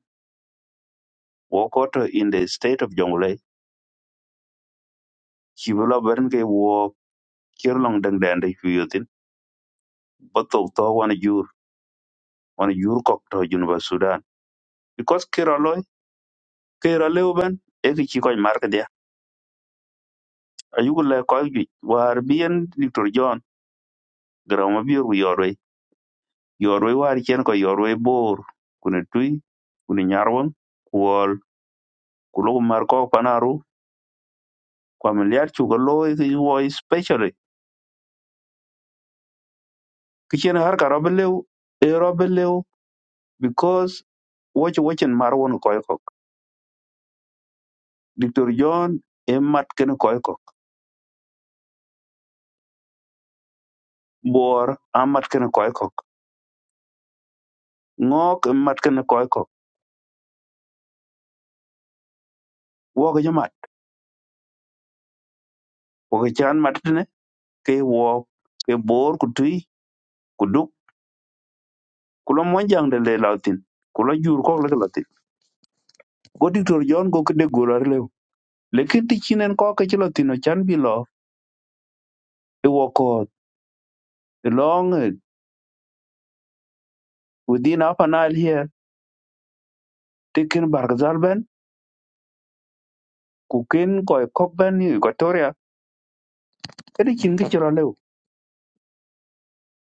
Speaker 13: wo ko to in the state of jongle ki bula ben ke wo kir long deng den de hu yotin ba to to won jur won jur ko to jun ba sudan because kira loy kira leu ben e ki ko mar ayuku le koy juic war bien dictor john garau mabir ku yorwe yorwe war chen ko yorwe bor kune tui kune nyarwan kuol kuloku mar kok panaru kwam liar chu ko loy ki wo especially ki chen har ka robe lew e robe lew because woch wochen mar won koy kok dictor john e mat ken koy kok bor amat ken koy kok ngok e mat ken koy kok wo ko jamat wo ko chan mat ne ke wo ke bor ku tui kulo mwanjang de le latin kulo jur ko le latin go diktor jon go kede gura le lekin ti chinen ko ke chilo tino chan bi lo e wo ko long eh, within half an hour here tikin bargazal ben ku ken ko e kok ben ni equatoria kede chin ke chiro le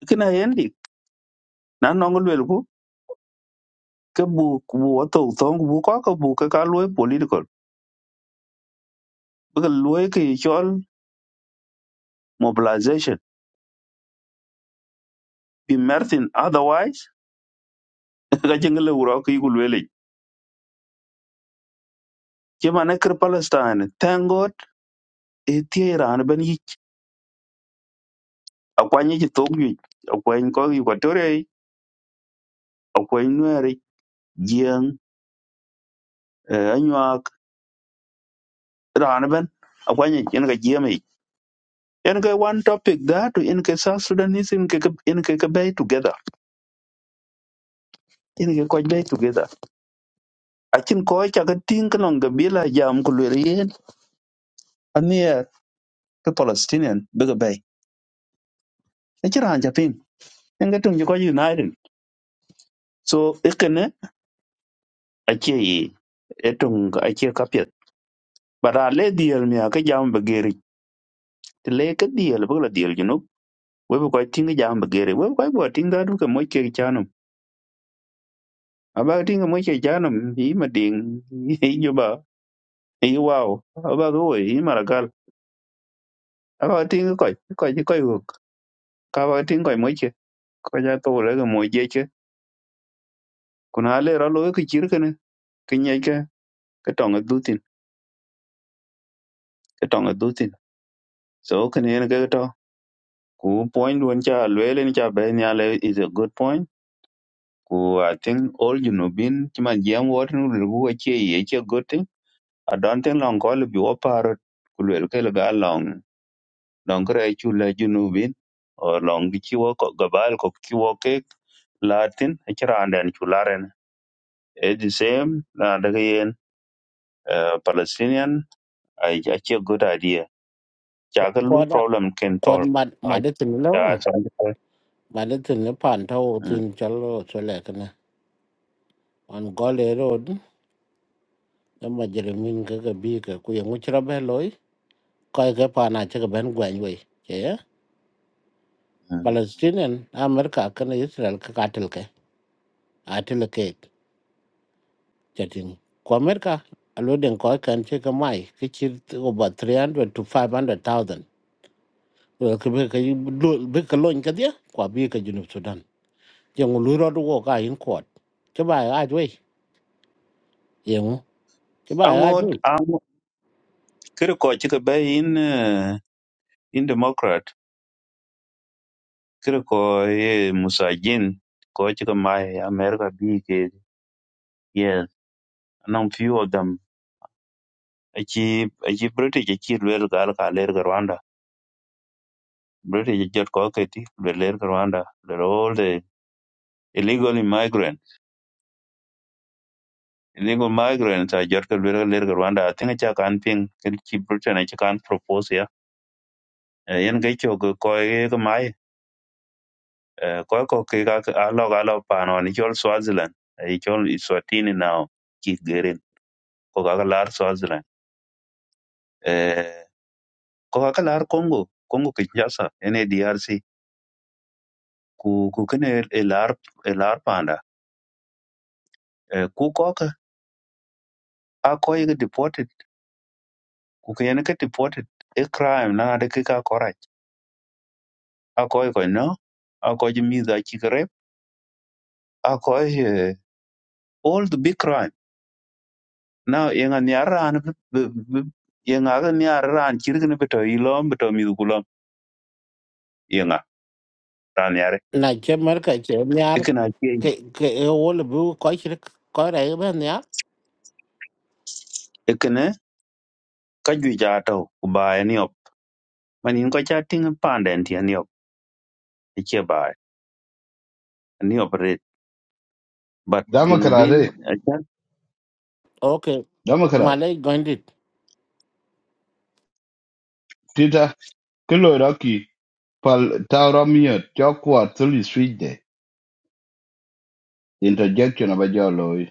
Speaker 13: kina yendi na nong le ku ke bu ku bu to tong bu ko ko bu ke ka lo political bu ke lo ke e chol mobilization bi merthin otherwise ka jingle uro ki ku le chimane kir palestine thank God tie ran ben yi akwany yi tok yi akwany ko yi kwatore akwany nuer jeng anyak ran ben akwany yin ga jiem yi yin ga one topic that in ke south sudanese in ke in ke bay together in ke ko bay together akin ko cha ga ting klong ga bila jam ku le yen anier ke palestinian be ga bay e chi ran ja ping yin ga tung ko united so ikene achi yi etung achi kapet bara le diel mi ka jam be ti le ka diel bu la diel junub we bu ko tinga jam ba gere we bu ko bo tinga du ka moy ke chanum aba tinga moy ke chanum yi ma ding yi ju ba yi wow aba go yi maragal aba tinga ko ko ji ko ko ka ba tinga ko moy ke ko ja to le ga moy je ke kuna le ra lo ke chir ke ne ke nye ke ke tong du tin ke tong du tin so ke ne ke to ku point won cha le le ni cha be nya le is a good point ku i think all you know bin chi ma jam wat nu lu ko che ye che good thing a don tin long ko lu wo parot ku lwel ke ga long long kre chu le junubin o long gi chi wo ko gabal ko chi wo ke latin a chira anden chu laren e the same na de yen eh, palestinian a a chi good idea cha ga lu
Speaker 2: ko da
Speaker 13: problem ken
Speaker 2: ko
Speaker 13: tol a
Speaker 2: madatin
Speaker 13: a
Speaker 2: lawo
Speaker 13: sa
Speaker 2: madatin ne panta o tin lo ma de tin le pan challo chole kana on gole road da majrimin ga ga bi ga ku yangu chira be loy kai ga pana che ga ben gwan we ke ya palestinian america kana israel ka katil ke atil ke chatin ko america alo den ko kan che ka mai ke chir over three hundred to five hundred thousand. ka be ka be ka lon ka dia kwa bi ka junub sudan yang lu ro do ka in court che ba ga jwe yang che ba ga
Speaker 13: angot
Speaker 2: jwe
Speaker 13: ang kre ko chi ka be in eh, in democrat kre ko ye musajin ko chi ka mai america bi ke yes among few of them achi achi british achi lwel gal ka ler ga rwanda british jot ko ke ti lwel ler ga rwanda they're all the illegal immigrants illegal migrants are jot ka lwel ga ler ga rwanda i think acha kan ping ken chi britain achi kan propose ya Eh, yen ga cho ko ko ye ga mai Eh, ko ko ke ga ka- a lo ga lo pa no ni chol swaziland ai chol iswatini now ki gerin ko ga ga lar swaziland eh ko ga ka lar congo congo kinshasa ene drc ku ku kene elar elar panda Eh, ku ko ka a ko ye deported ku ke ne ke deported e crime na de ke ka korach a ko ko no a ko ji mi da chi kre a ko eh, all the big crime now ye nga ni aran ye nga ga ni aran chir ne beto ilom beto mi du kulom ye nga ran yare
Speaker 2: na che mar ka che
Speaker 13: e
Speaker 2: nyar
Speaker 13: kana ke
Speaker 2: ke ke e wo le bu ko chi ko ra ba nya
Speaker 13: e kana ka ju ja to ku ba e ni op manin ko cha ting panden ti e ni op e che ba e ni op re but you know
Speaker 6: Dama
Speaker 13: been
Speaker 2: okay ma
Speaker 6: Democrat
Speaker 2: le gondit
Speaker 6: Peter Kiloraki pal taulo miyo chokwar thuli swide interjection of a jolloy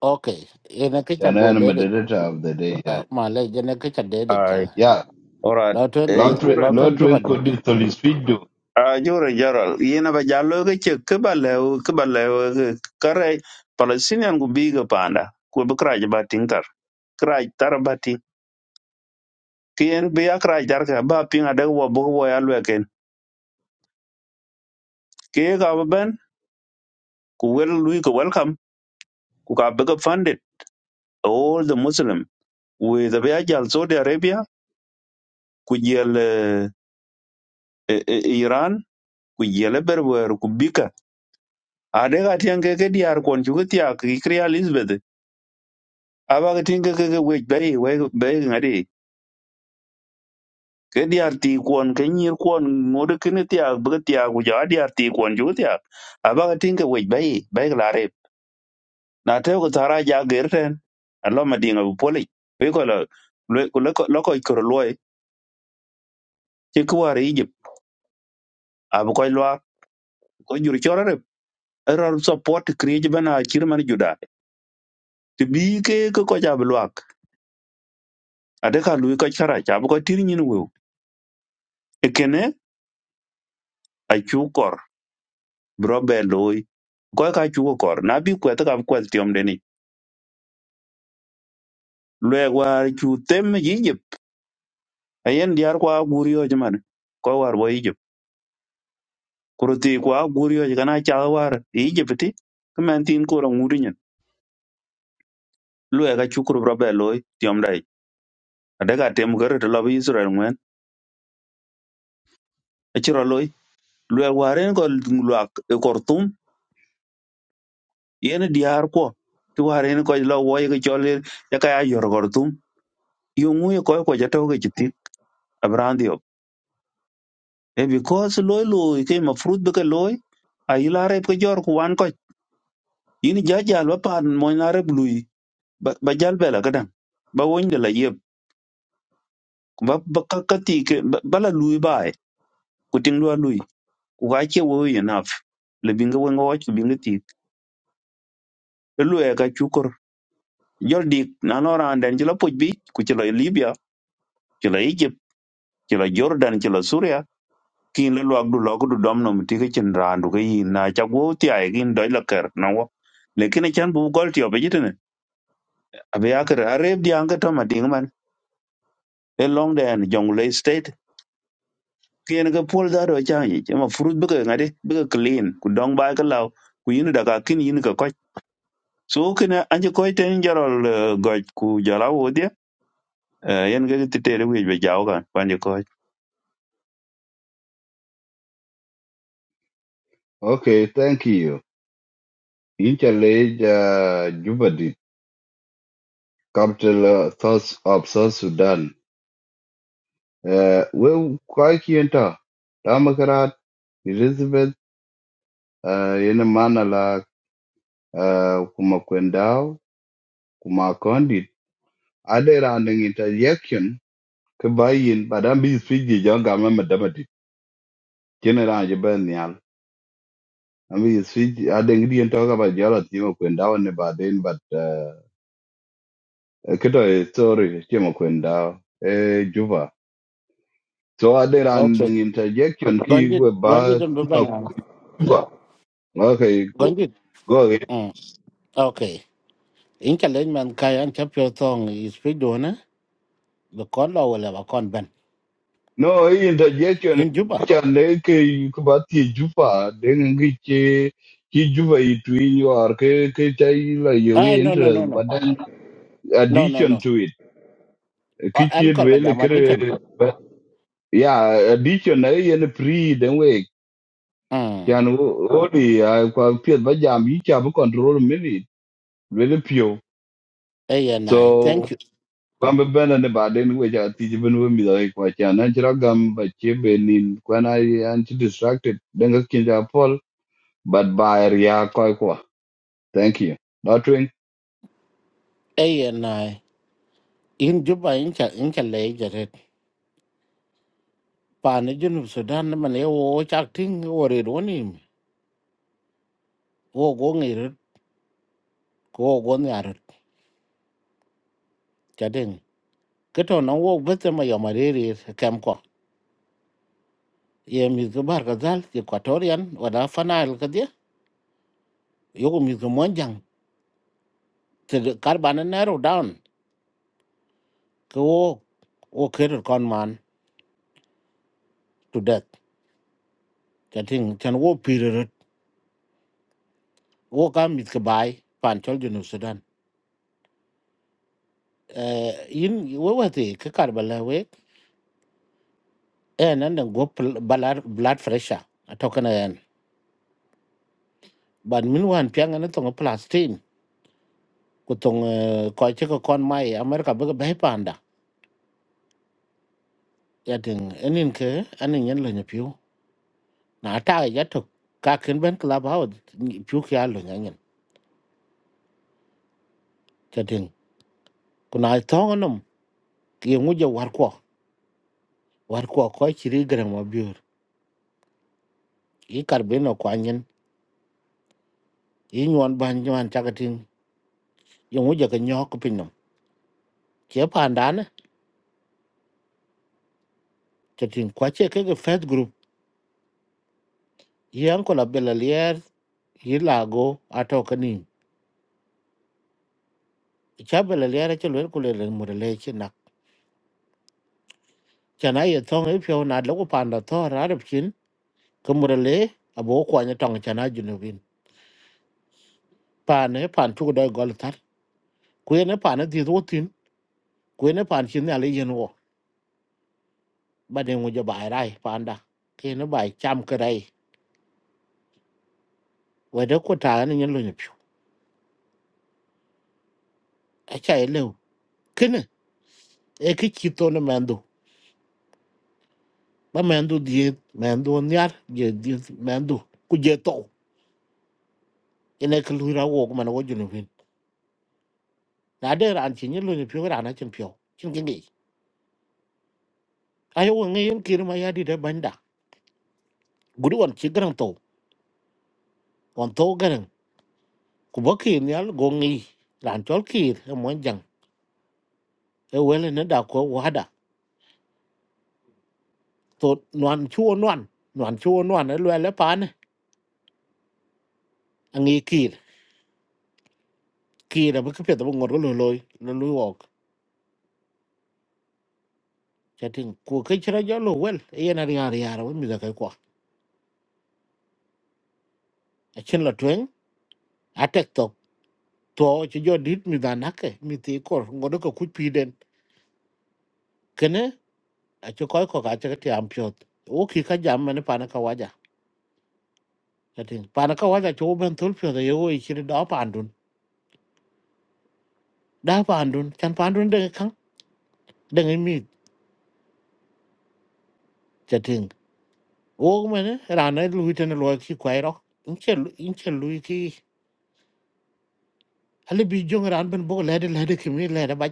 Speaker 2: okay e na ke cha go
Speaker 6: chanan
Speaker 2: de de
Speaker 6: moderator of the day yeah
Speaker 2: ma le je na ke cha de de cha
Speaker 6: yeah
Speaker 13: ora
Speaker 2: lo ton
Speaker 13: e
Speaker 2: de
Speaker 6: lottery
Speaker 2: lo
Speaker 13: joran
Speaker 2: ton ju ba
Speaker 6: lottery
Speaker 2: de
Speaker 6: kodi thuli swide
Speaker 13: a joran jaral yena ba jalo ga che ke ba le ke ba le kare palestinian gu bi ga panda ku bi kraj ba tin tar kraj tar ba tin kien bi ya kraj tar ka ba pin ada wo bo wo ya le ken ke ga ba ben ku wel lui ku welcome ku ka bi ga funded all the muslim with the ya jal saudi arabia ku jel eh, eh, eh, iran ku jel berwer ku bika ade ga tian ke ke diar kon chu ga tia ki kriya elizabeth aba tin ke ke we be we be ngadi ke diar ti kon ke nyir kon ngod ke ne tia be tia gu ja diar ti kon ju tia aba tin ke we be be la re na te ko tara ja gerten allo ma dinga bu poli we ko lo ko lo ko lo ko ko lo e ti ko war yi abu ko lo ko jur chora re error support kriye bana kir man juda ti bi ke ko ko ja bu lo ade ka lu ko chara ja bu ko tir nyin we e kene a chu kor bro be koy ka chu ko kor na bi kwet kam kwel tiom de ni lwe war chu tem yijip ayen diar kwa gurio jman ko war bo yijip kuruti kwa gurio kana cha war yijip ti kmen tin ko ro ngudi nyen lwe ka chu kur robe loy tiom dai ade ka tem gar de lobi israel ngwen e chiro loy lwe waren ko lwak e kortum yen diar ko ti waren ko lo wo ye ko chole ya ka ya yor kortum yungu ko ko jato ke chiti abrandi e because loy loy ke ma fruit be ke loy a yila rep ke jor ku wan ko yin ja jal ba pan mo na rep lui ba ba jal bela gadan ba won de la yeb ba ba ka ka ti ke ba ba la lui ba e. ku ting lo lui ku ga che wo enough le binga won go ku binga ti e lu e ka chukur jor dik na no ran den jela puj bi ku jela libya jela egypt jela jordan jela suria kin lo luak du lo ku du dom nom ti ke chin ran du ke yin na cha go ti ai gin doi la ker na wo lekin e chan bu gol ti obe jitene abe ya ker arep di ang to ma ding man e long den jong le state kien ke pol da do cha yi ma furut be ke ngade be ke clean ku dong ba ke law ku yin da ka kin yin ke ko so kina anje ko ten jarol eh, goj ku jara wo dia yen ge ti tere wi be jaw kan panje ko
Speaker 6: okay thank you interlage uh, jubadi capital uh, thoughts of south sudan uh, we kwa kienta Democrat Elizabeth uh, ina mana la uh, kuma kwendao ade ran in interjection ke bayin badam bi swiji jo gama madamati kene ran je ben nyal ami swiji ade ngidi en toga ba jara timo kwenda ne baden but uh, kito e story timo kwenda e juba so ade ran
Speaker 2: okay
Speaker 6: in interjection ki
Speaker 2: gondit
Speaker 6: we
Speaker 2: gondit
Speaker 6: ba
Speaker 2: dum ba
Speaker 6: timo
Speaker 2: na
Speaker 6: juba okay
Speaker 2: gondit
Speaker 6: go
Speaker 2: mm okay in challenge man kai an cha pyo tong is fi do the con law will have a con ben
Speaker 6: No, hii interjection
Speaker 2: in Juba.
Speaker 6: inaonyesha ndege kubati juba dengi che ki juba itu inywa ke ke chai la
Speaker 2: Ah,
Speaker 6: yoge
Speaker 2: no, no,
Speaker 6: interest
Speaker 2: no, no,
Speaker 6: but then
Speaker 2: no, no, no.
Speaker 6: addition to it
Speaker 2: Uh, I'm
Speaker 6: kichi
Speaker 2: called by
Speaker 6: well
Speaker 2: Jama Ditchen.
Speaker 6: kere yeah addition na yen pre then we
Speaker 2: Hmm.
Speaker 6: can only kwa pia ba jam yi cha control minute really pure
Speaker 2: A and I, thank
Speaker 6: so
Speaker 2: you.
Speaker 6: kwamba bana ne baden we ja ti ben we mi dai kwa cha na chira gam ba che benin kwa na anti distracted denga kinja but by ria koi kwa. Thank you. Notwing,
Speaker 2: A and I, in Juba, in Chal, in Chal, lay at it. Panajun of Sudan, man, a watch acting or it on him. Go go near it, go go near it. Chatting. Get on a walk with them, my Yamari, Camco. Yem is the Bargazal, the Equatorian, or Afana Alcadia. You miss the Monjang. The carbon narrow down. Go, okay, con man. to death ka ting chan wo period wo ka mit ka bai pan chol junu sudan eh yin wo wa te ka kar bala we eh nan da go pl- balar blood pressure a to kana yan ban min wan pyang an to plastin ku tong eh, ko che ko kon mai america ba bai panda ya ting enin ke anin yan lo nyapiu na ta ya to ka ken ben club house piu ka lo nyanyen ta ting kuna to ngonom ki ngu je war ko war ko ko chiri gran ma biur i kar beno ko anyen yi nyuan ban nyuan chaka ting yungu jaka nyok pinom che pandane to ting kwa che kege faith group yi anko la bela lier yi lago ato kanin cha bela lier che lwer kule le murele che nak chana ye thong e pyo na lagu panda tho rarab chin ke murele abo kwa nye tong chana junubin pane pan chuku doi gol tar kuye ne pane thi thu tin kuye ne pan chin ale yen wo bade ngu jo bai rai panda kene bai cham kerai wede kutane nyen lo nyepyo acha elew kene e ki chito na mendo ba mendo di mendo nyar je di mendo ku je to ene ke lu ra wo ko man wo ju no vin na de ran chi ni lu ni pyo ra na chen pyo chen ge ngi ayo wo ngi yen kir ma ya di de banda gudu wan chi gran to wan to gran ku ba ki nyal go ngi ran chol kir e mon jang e wele ne da ko wa da to nuan chu nuan nuan chu nuan e lu le pa ne ngi kir kir ba ke pye to ngor lo loy lo lu chatin ku ke chira jalo wel yen ari ari ara wen mi da kai kwa a chin la twen a tek tok to chi jo dit mi da nake mi ti kor ngodo ko ku pi den kene a chi koy ko ka cha ti am pyot o ki ka jam mane pa na ka waja chatin pa na ka waja cho ben tul pyo da yo i chiri da pa andun da pa andun chan pa andun de kan de mi chatin o mane ra na lu ten lo ki kwai ro in che in che lu ki hali bi jong ran ben bo le de le de ki mi le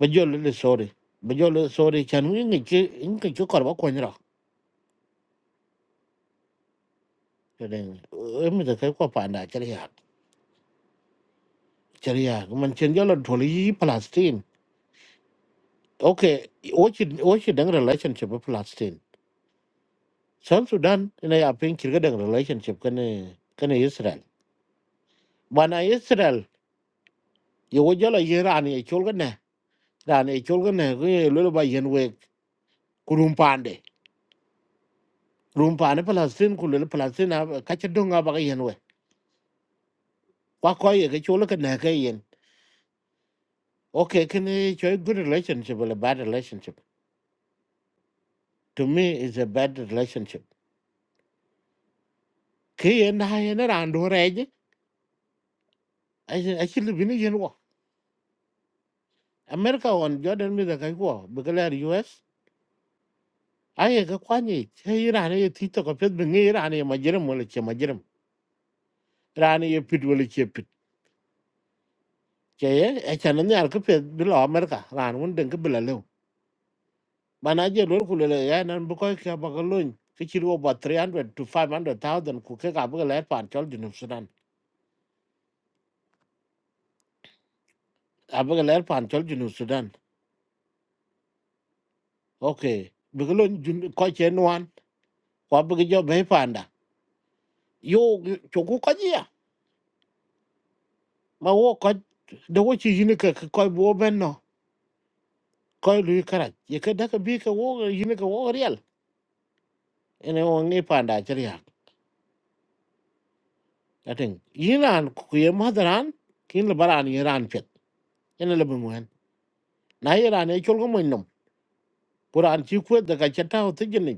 Speaker 2: ba jo le sorry ba jo le sorry chan wi ngi chi ngi chi kor ba ko ni ra de e em mới thấy ko pa na chari ya chari ya man chen giờ là tholi yi palestine okay o chi o chi dang relationship with palestine san sudan này ina ya chỉ kirga dang relationship cái này cái này israel bana israel yo bây giờ là iran ye chol ga ne ran ye chol ga ne ko le ba yen we kurum pande rum pande palestine ku le palestine ka cha donga ba yen we cái ko là cái chol cái ne Okay, can you show a good relationship or a bad relationship? To me, it's a bad relationship. Key and I and around her age, I said, actually, we need war. America on Jordan with the guy war, because US. I a Kwani, hey, Rani, a tito, a pet, bring here, Rani, a majerum, will it, a majerum. Rani, a pit, will it, a pit. Jay, a channel, the alcopet below America, Ran, one dink below low. Manager, local, and Bukoka Bagaloon, which you about three hundred to five hundred thousand, cook a bagal, and Jordan of Sudan. abaga ler pan chol junu sudan okay bigalo jun ko chen wan ko abaga jo be panda yo choku ko jia ma wo ko de wo chi yini ka ko bo ben no ko lu kara ye ka da ka bi ka wo yini ka wo real ene wo ngi panda chriya atin yinan ku ye madaran kin le baran yiran pet ene le bu muhen na yiran e chol ko mo nom quran chi ku da ka chata o tigini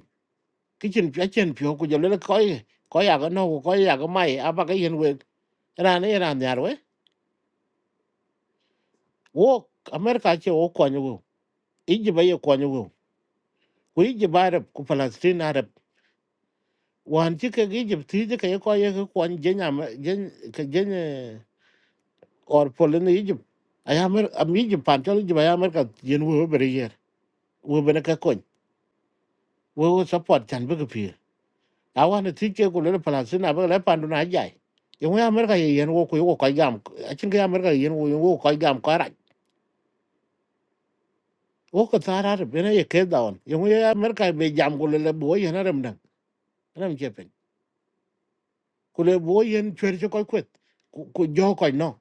Speaker 2: cái chuyện phía chuyện phiếu của giờ lên có có nhà cái nó có nhà cái mày à ba cái hiện về ra này ra nhà rồi wo America che wo ko nyu Egypt ye ko nyu ku Egypt Arab ku Palestine Arab wan chi ke Egypt ti je ke ko ye ke ko nyu je nya je ke je ne or Poland Egypt ay Amer am Egypt pan c h o Egypt ay America yen wo bere yer wo bene ka ko wo support chan be ke pi awan ti ke ko le palestina ba le pandu na jai yo ya amerika ye yen wo ko yo ko gam a chin ga amerika yen wo yo ko gam ko ra wo ko tara re bena ye ke daon yo ya amerika be jam ko le bo yen ram dan ram che pen ko le bo yen chwer che ko kwet ko jo ko no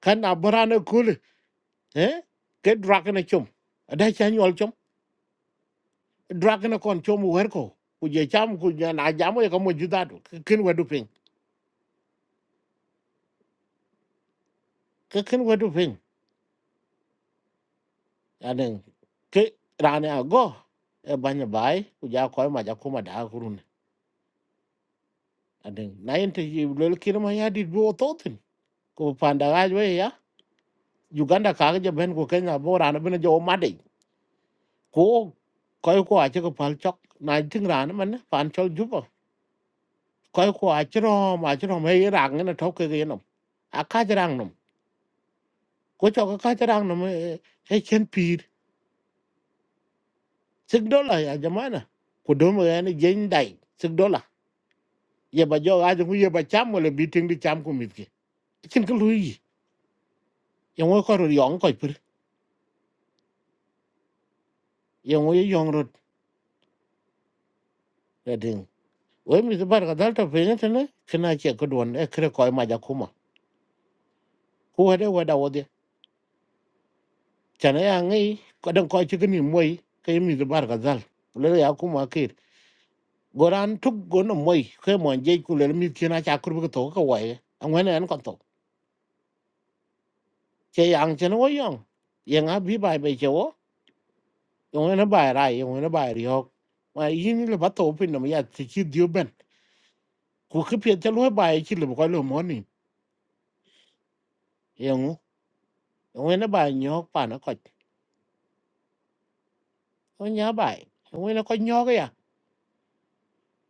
Speaker 2: kan abrana ko le eh ke drak na chum ada cha nyol chum drak na kon chum wer ko ku je cham ku ja na jam ye ko mo judadu kin wadu pen kin wadu yani ke rane ago e banya bai ku ja ko ma ja kuma da gurun adin na yin te lol kirma ya dit bo totin ko panda ga jo ya uganda ka ga ben ko kenya bo rane ben jo ma de ko ko ko a che ko pal chok na tin rane man pan chol juba ko ko a che ro ma che ro me rang na thok ke ge no a ka che rang no ko cho ka che rang no he chen pir sik dola ya jamana ko do mo ya ni jen dai sik ye ba jo ga ju ye ba cham wala bi ting di cham ku mit ki kin ko lu yi ye ngo ko ro yong ko pir ye ngo ye yong ro da ding we mi bar ga dal ta pe ne tene kina che ko don e kre ko ma ja kuma ku wa de wa da wo de chana ya ngi ko dan ko chi ni moy ke mi bar ga dal le ya kuma ke goran tuk gono moy ke mon je ku le mi kina cha kur bu ko to ko wa ye ngwen an ko to che yang chen wo yong ye nga bi bai be che wo yongena bai rai yongena bai ri hok ma yin le ba to pin no ya ti chi dio ben ku ke pye cha lo bai chi le ko lo mo ni yong yongena bai nyo pa na ko ko nya bai yongena ko nyo ga ya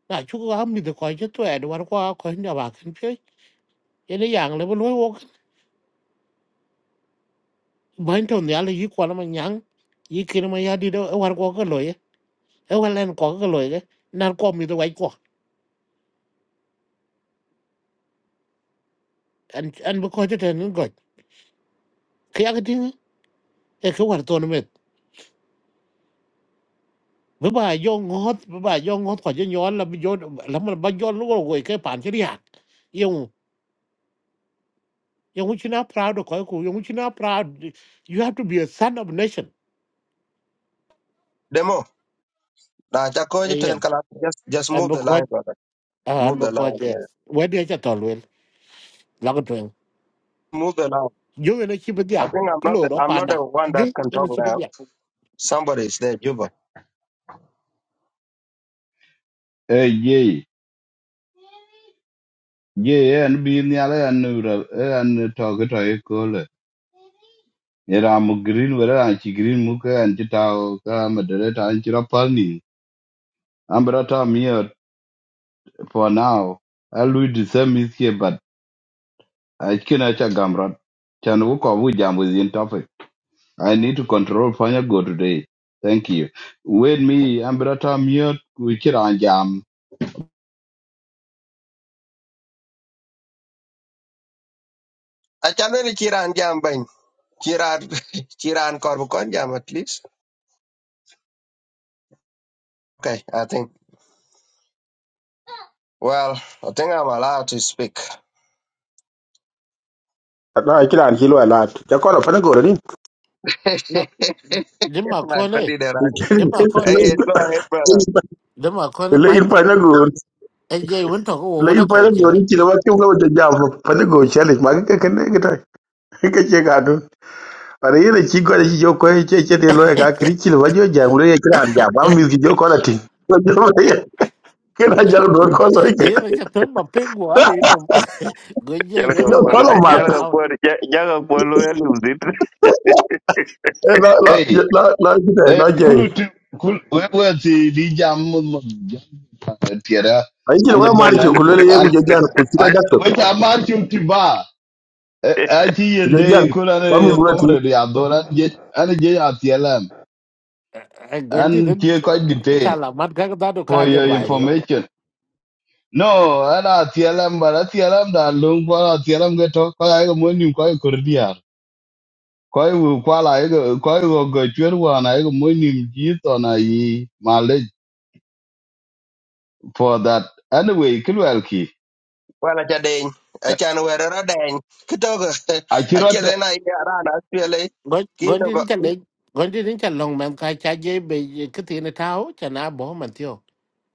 Speaker 2: na chu ga mi de ko che to e do war ko ko nya ba kin pye ye ne yang le bo lo wo ban to ne ale yi ko na ma nyang yi kin ma ya di do e war ko ko lo ye e war len ko ko lo ye na ko mi de wai ko an an bo ko che ten ni go ke ya ga ti e ko war to no me với bà yong ngót với bà yong ngót khỏi giỡn giỡn là mình giỡn là mình bận giỡn luôn rồi cái bản chất thì khác, yong yong chúng ta proud thôi cô, yong chúng ta proud you have to be a son of a nation
Speaker 14: Demo, Nah, Jacoji
Speaker 2: anh
Speaker 14: ten
Speaker 2: em
Speaker 14: Kala, just just
Speaker 2: anh
Speaker 14: move
Speaker 2: em
Speaker 14: the
Speaker 2: coi
Speaker 14: line, brother.
Speaker 2: anh
Speaker 14: Move
Speaker 2: em
Speaker 14: the
Speaker 2: coi
Speaker 14: line,
Speaker 2: thế,
Speaker 14: yeah.
Speaker 2: vậy thì chắc thôi rồi, lâu rồi,
Speaker 14: Move the line.
Speaker 2: yong anh ấy chỉ biết
Speaker 14: I
Speaker 2: giả,
Speaker 14: think I'm
Speaker 2: cái
Speaker 14: not the,
Speaker 2: lỗ đó
Speaker 14: I'm
Speaker 2: phản
Speaker 14: not the
Speaker 2: đã,
Speaker 14: one that
Speaker 2: anh
Speaker 14: can
Speaker 2: ấy
Speaker 14: talk
Speaker 2: chỉ biết
Speaker 14: now.
Speaker 2: giả,
Speaker 14: Somebody is there, Juba.
Speaker 6: eh, ye, ye, eh, and be in the alley and nura, and uh, talk it a call. it. Yeram green, whether I chi green muka and chitao, come a director and chirapani. Ambrata mere for now. I'll do the same is here, but I can a gamrot. Chan wuka wujam within topic. I need to control fire go today. Thank you. Wait me, Ambrata mere, which jam.
Speaker 14: I challenge Chiran Jambin. Chiran Chiran Korbukon Jam at least. Okay, I think well, I think I'm allowed to speak.
Speaker 12: na kila an kilo ala ta kono fa na goro ni
Speaker 2: nó, nếu mà
Speaker 14: My
Speaker 2: coi này,
Speaker 14: goodness, there are-
Speaker 2: nếu mà coi
Speaker 14: Hey, go ahead, brother.
Speaker 2: nếu mà coi nếu mà
Speaker 12: le
Speaker 2: coi
Speaker 12: in
Speaker 2: nếu mà
Speaker 12: pa na go
Speaker 2: cái gì muốn thằng cô
Speaker 12: le
Speaker 2: muốn
Speaker 12: in
Speaker 2: anh
Speaker 12: pa na
Speaker 2: em coi
Speaker 12: go ni
Speaker 2: thế,
Speaker 12: ki la nó ki ko da jam pa na go chale ma ka ka ne ga ta ka che ga do cái re ne ki go da ki jo ko che che de lo ga kri ki la ba jo jam le ki la ja ba mi ki jo ko la ti ko jo ba ye ki la ja do ko so ki
Speaker 2: em bây giờ tôi mà ping quá thì nó, cái gì nó
Speaker 13: Jalaga
Speaker 12: jo
Speaker 2: là
Speaker 12: ko
Speaker 13: polo,
Speaker 12: la
Speaker 2: makan
Speaker 12: ma
Speaker 2: cha
Speaker 13: jalaga
Speaker 2: lau
Speaker 13: polo, jalaga polo ya lumzit.
Speaker 12: la la
Speaker 6: Hey,
Speaker 12: la la ki
Speaker 6: Eh, kulu tu kul wewe ti di jam mo mo jam tiara
Speaker 12: Aichil
Speaker 6: anje
Speaker 12: kwa
Speaker 6: ben
Speaker 12: marcho
Speaker 6: an ti
Speaker 12: kulele ye
Speaker 6: an
Speaker 12: kujajan kuchika
Speaker 6: a-
Speaker 12: dakto
Speaker 6: we ta mar chum ti ba Eh, a ti yende
Speaker 12: kujajan
Speaker 6: kula
Speaker 12: kwa
Speaker 6: ne
Speaker 12: mizulati
Speaker 6: komre di adora je an je atielam
Speaker 2: gondi
Speaker 6: an
Speaker 2: din
Speaker 6: ti ko detail
Speaker 2: sala mat ka da do
Speaker 6: for
Speaker 2: ka je
Speaker 6: your
Speaker 2: bairi yo
Speaker 6: information no an atielam bara atielam da lung ko atielam ge to ko ay mo nim ko kor diar ko wu ko la ay ko ay go go chwer wa na ay mo nim ji to na yi for that. Anyway, Kilwelki,
Speaker 14: Well, I can I can wear a dang. Kitoga. I
Speaker 6: Achirot,
Speaker 14: kill
Speaker 6: de.
Speaker 14: an idea around. I feel
Speaker 2: gondi din
Speaker 14: it.
Speaker 2: chande gondi din chan long mem ka cha je be ke ti ne tao cha na bo man tio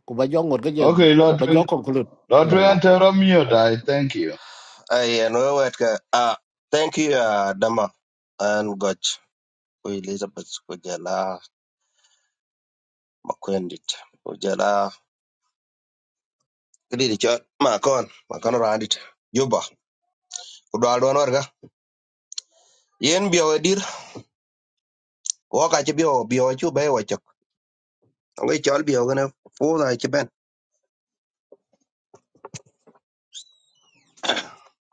Speaker 2: ku ba jo ngot ga je
Speaker 6: okay,
Speaker 2: ba
Speaker 6: Lord Ring,
Speaker 2: jo kon kulut
Speaker 6: Lord Ring and Teromute, die. thank you.
Speaker 14: I and we were ah thank you uh, Dama and Goch ku Elizabeth ku jala makwendit ku jala kidi chot makon makon randit juba ku dal don warga yen biyo dir wo ka chi biyo biyo chu be wo chok ngi chol biyo gane fu da chi ben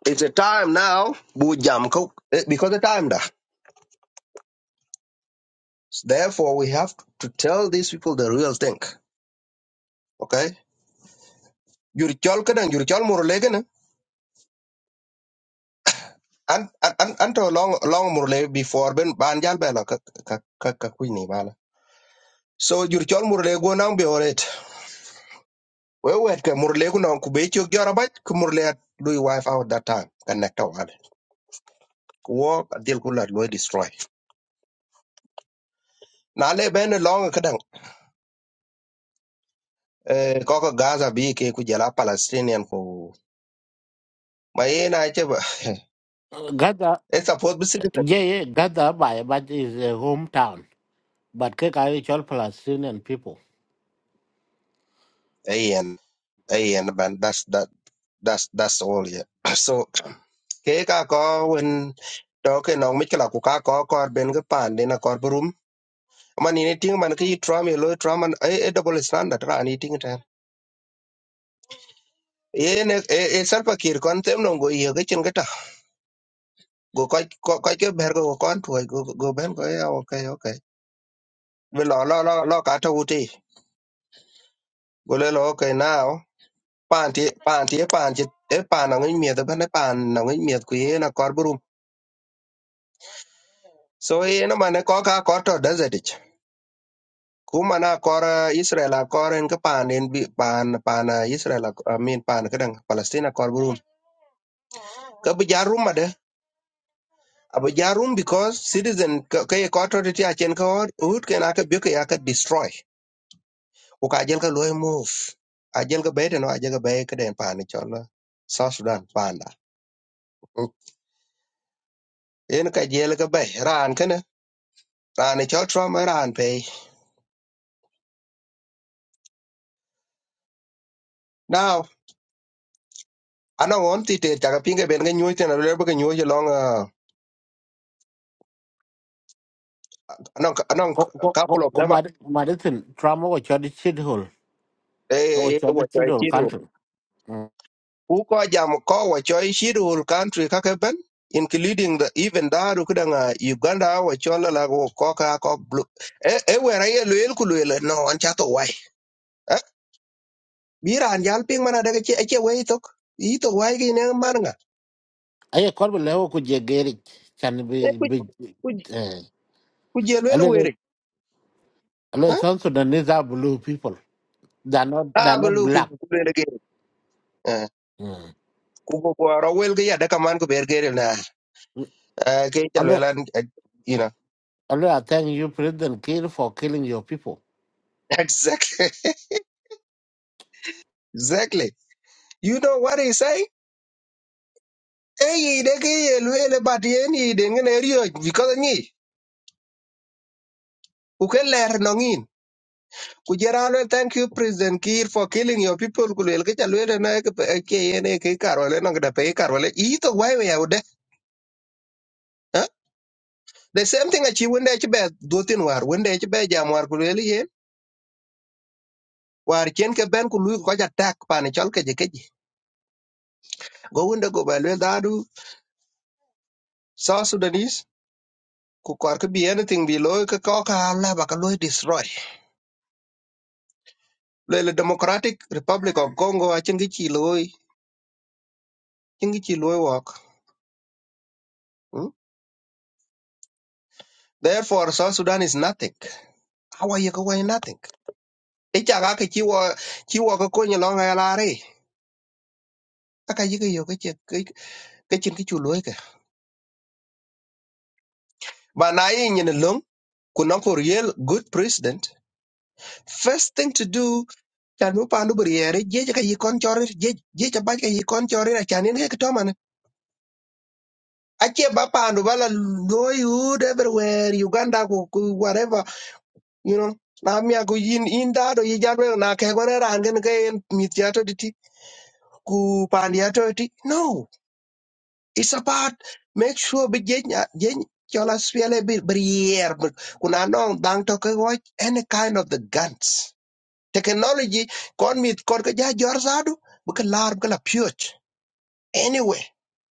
Speaker 14: it's a time now bu jam ko eh, because the time da therefore we have to tell these people the real thing okay jur chol kadang jur chol mur legen an an an an to long long murle before ben ban jal bela ka ka ka ka kwini bala so jur chol murle go nang be oret we wet ka murle go nang ku be chok jara bat ku murle lui wife out that time kan nek to wale ku wo dil ku la lui destroy na le ben long ka dang eh ko ko gaza bi ke ku jala palestinian ku ma ye na che ba
Speaker 2: gada
Speaker 14: it's supposed to be citizen
Speaker 2: je ye gada ba ye but is a hometown but ke ka ye chol palestinian people
Speaker 14: ayen ayen ban that's that that's that's all yeah so ke ka ko wen to ke no mi kala ku ka ko ko ben ga pan de na ko brum man ni ting man ki tram ye lo tram man e e double standard ra ni ting ta ye ne e e sar pa kir kon tem no go ye ga chen ga ta go ko ko ko ke ber go kon tu go go ben go ya okay okay we lo lo lo lo ka ta uti go le lo okay now pan ti pan ti pan ti e pan na ngi mi da ban pan na ngi mi ku ye na ko brum so ye na man ko ka ko to desert Kumana kor Israel a kor en ka pan en bi pan pan ah, Israel a eh, min pan kadang Palestina kor burum ka bi jarum ade abu jarum because citizen ka ka ye kor to ti a chen ko ut ken aka bi ka ya ka destroy u ka jel ka loy move a jel ka bete no a jel ka be ka den pan chol eh, South Sudan pan da Mm. en ka jel ka be ran kana ran chol Trump ran pe now ana won ti te ta ka pinga ben ga nyu te na le ba ga nyu long ah, anong anong
Speaker 2: ko ko
Speaker 14: couple
Speaker 2: ko
Speaker 14: of
Speaker 2: ko
Speaker 14: them
Speaker 2: ma ma de tin trauma wa chod chid hol
Speaker 14: e
Speaker 2: o
Speaker 14: e
Speaker 2: chod chid
Speaker 14: wachoi
Speaker 2: hol
Speaker 14: chirul
Speaker 2: country
Speaker 14: ku ko jam ko wachoi chirul country kake ben including the even daru kudanga uganda wachola la go koka kok blue e e wera ye luel ku luel no an chato wai Eh, biran jal ping mana daga che che wai tok i to wai gi ne marnga
Speaker 2: aye kor be lewo ku je gerik chan
Speaker 14: e
Speaker 2: bi
Speaker 14: ku
Speaker 2: bi
Speaker 14: ku
Speaker 2: eh
Speaker 14: ku je luel were
Speaker 2: Although
Speaker 14: eh
Speaker 2: South Sudanese are blue people, they're not
Speaker 14: a
Speaker 2: they're not
Speaker 14: blu ku
Speaker 2: black.
Speaker 14: ku luel ge Eh,
Speaker 2: Mm.
Speaker 14: ku ku ku ro wel ge ya daga man ku ber ge na Eh, ke chal
Speaker 2: Although,
Speaker 14: welan you know
Speaker 2: although I thank you, President Kiir, for killing your people.
Speaker 14: exactly exactly you know what he say e yide ki ye luele bat yen yiden ngene rioj because nyi ku ke ler no ngin ku jera lo thank you president kir for killing your people ku luele ke cha luele na ke pe- ke yen e ke karole no ngada pe karole i to wai we yaude huh? the same thing achi wende chi be dotin war wende chi be jam war ku luele yen war chen ke ben ku lu ko ja tak pan chol ke je ke ji go wende go ba le dadu so sudanese ku kor ke bi anything bi lo ke ko ka la ba ka lo destroy luele democratic republic of congo achen ke chi loy Chingi chi loy wok. mm. Therefore, South Sudan is nothing. Awa yaka way nothing. Icha kaki chi wo chi wo ka konyi long ay lari. Aka yika yo ka chik ka chin ki chu loy ka. Ba na yi nyin lung kunang for real good president. First thing to do chan mu pandu beriere jeje ka yikon chori jeje jeje ba ka yikon chori na chanin ka kitoman. Ache ba pandu bala loy hood everywhere Uganda ku ku- whatever you know na mia ku yin in da do yi jalwe na ke gore ran gen ke en mit ya to ti ku pan ya to ti no it's about make sure be gen gen chola spiele be brier kuna no dang to ke watch any kind of the guns technology kon mit kor ke ja jor sadu bu ke lar bu ke la pyot anyway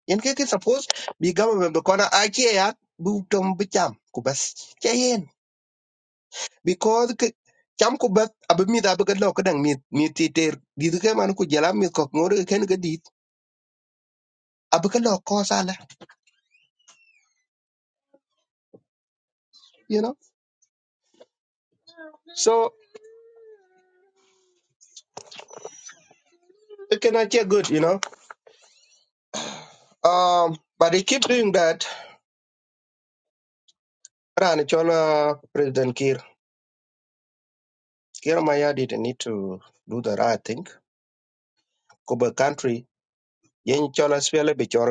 Speaker 14: yen ke ke suppose bi government be kona akie ya bu tom bu cham ku bas ke yen. because ke cham ku beth abe mith abe ke lo ke dang ter dit ke man ku jela mit kok ngor ke ken ke dit abe ke lo ko sala you know so it cannot actually good you know um but they keep doing that ran chola president kir kir maya did need to do the right thing ku be country yen chola swele be chor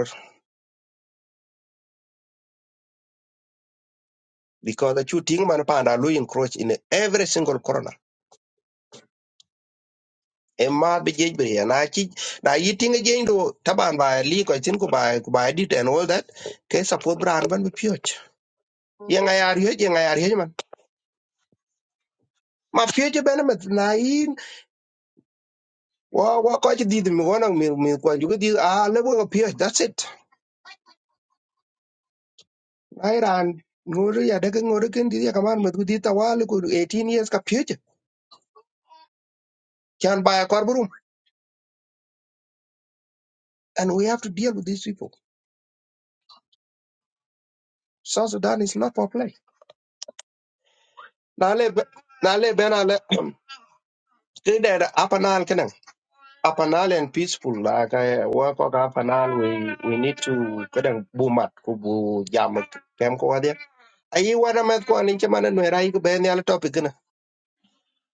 Speaker 14: because the shooting man panda lu encroach in every single corner emma be jej be na chi na yitinga je ndo taban ba li ko tin ko ba ko ba dit and all that ke support bran ban be pioch ye nga yar ye ye nga yar ye man ma pioch e ben e met na in wa wa ko ji dit mi wona mi mi ko ju di a le bo pioch that's it ai ran ngoru ya daga ngoru ken di ya kaman met ku di tawal ko 18 years ka pioch can buy a carburum and we have to deal with these people south sudan is not for play na le be- na le ben na le ke da apa na apanal and peaceful la ka wa ko apanal we we need to kadang bumat kubu bu jam kem ko wadia ayi wada met ko anin chama no rai ku ben yal topic na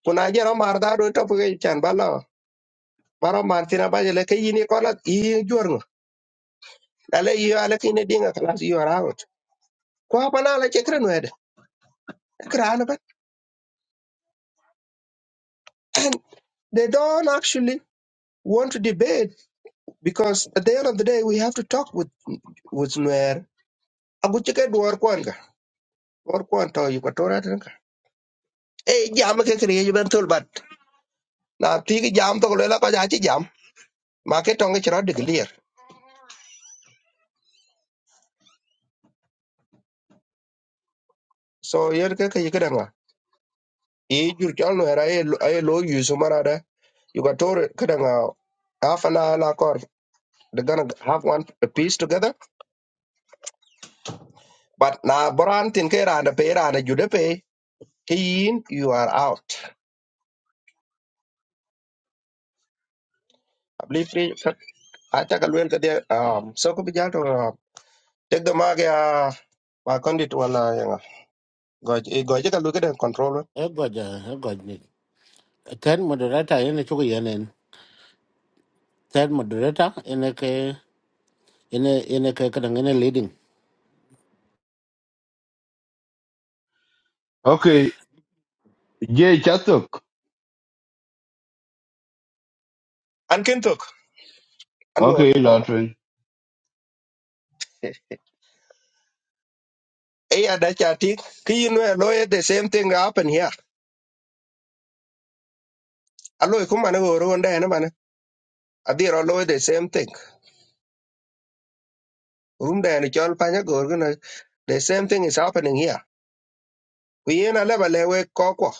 Speaker 14: kuna jero mar da do topic e chan bala baro mar tina ba jele ke yini ko la i jor no ale yi ale kine dinga class you are out ko apanal e chekre no ede krana but they don't actually want to debate because at the end of the day we have to talk with with nuer agu chike duor kwan ga duor kwan to yu e jam ke kriye ben tul bat na ti ki jam to le la ka ja chi jam ma ke tong chro de clear so yer ke ke ke danga e jur chal no era e e lo yu su mara da you got to ke danga half an hour la kor they gonna have one piece together but na boran tin ke ra da pe ra da ju de pe ke yin you are out i believe free a ta ka luen ke de um so ko bi ja to tek de ma ga ma kondit wala yanga goj e goj ka lu ke den control
Speaker 2: Eh, God, eh, God, ni. Third moderator, yun chuko yanin. Third moderator, yun ke yun yun ke kadang yun leading.
Speaker 6: Okay, Jay Chatuk,
Speaker 14: an ken tok
Speaker 6: okay, Lord Ring.
Speaker 14: e ya da cha ti ki yin we lo ye the same thing happen here a lo ku man go ro nda na man a di ro lo the same thing rum da ni chol pa nya go ro na the same thing is happening here ku yin a le ba le we ko ko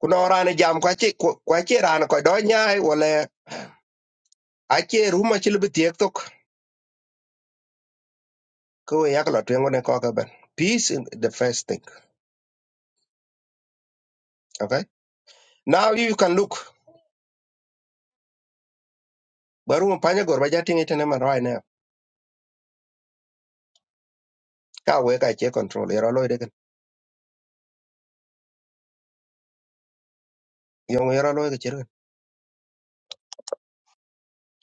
Speaker 14: ku no ra ni jam kwa chi kwa chi ra na ko do nya ai wala a che ru ma chi lu ti ek tok ko we yak lo twengo ne ko ka ben peace in the first thing okay now you can look baru ma pa nya go ba ja ti ni ne man right now ka we ka che control ro lo de yong ro lo ke chi ran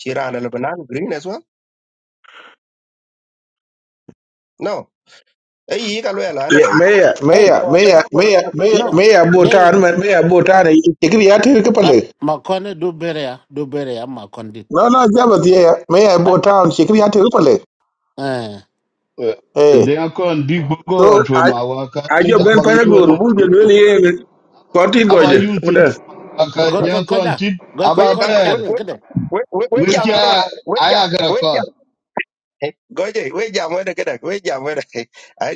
Speaker 14: chi ra na le ba na green as well no e yi ka lwela anyway
Speaker 12: meya
Speaker 2: Hey,
Speaker 12: meya
Speaker 14: before they
Speaker 12: meya
Speaker 14: are
Speaker 12: meya
Speaker 14: going
Speaker 12: meya
Speaker 2: no,
Speaker 12: meya
Speaker 2: yeah, yeah.
Speaker 12: botan meya botan chekri ya ter ke
Speaker 2: Ah,
Speaker 12: pale
Speaker 2: makone do bere ya, do bere ya makondi.
Speaker 12: no no jaba tie meya
Speaker 2: Ah,
Speaker 12: botan chekri ya ter pale
Speaker 2: eh,
Speaker 6: Uh, They
Speaker 12: eh
Speaker 6: are going to
Speaker 12: so
Speaker 6: go to my work. Tid
Speaker 12: ajo ben
Speaker 6: About
Speaker 12: pana
Speaker 6: you
Speaker 12: gor
Speaker 6: and
Speaker 12: bu je le
Speaker 6: it.
Speaker 12: ye koti goje
Speaker 6: about you, Tid.
Speaker 12: muda
Speaker 2: God
Speaker 6: they are
Speaker 2: kon
Speaker 6: going
Speaker 2: koja,
Speaker 6: to
Speaker 2: God
Speaker 14: we
Speaker 2: kon
Speaker 6: about
Speaker 14: ka
Speaker 2: koja
Speaker 6: bear.
Speaker 14: we
Speaker 2: chalul
Speaker 14: we
Speaker 2: kade.
Speaker 14: we we we
Speaker 6: Which
Speaker 14: jam
Speaker 6: I
Speaker 14: ra we jam
Speaker 6: I got a
Speaker 14: we
Speaker 6: card.
Speaker 14: jam goje we jam we de kada we jam we de ai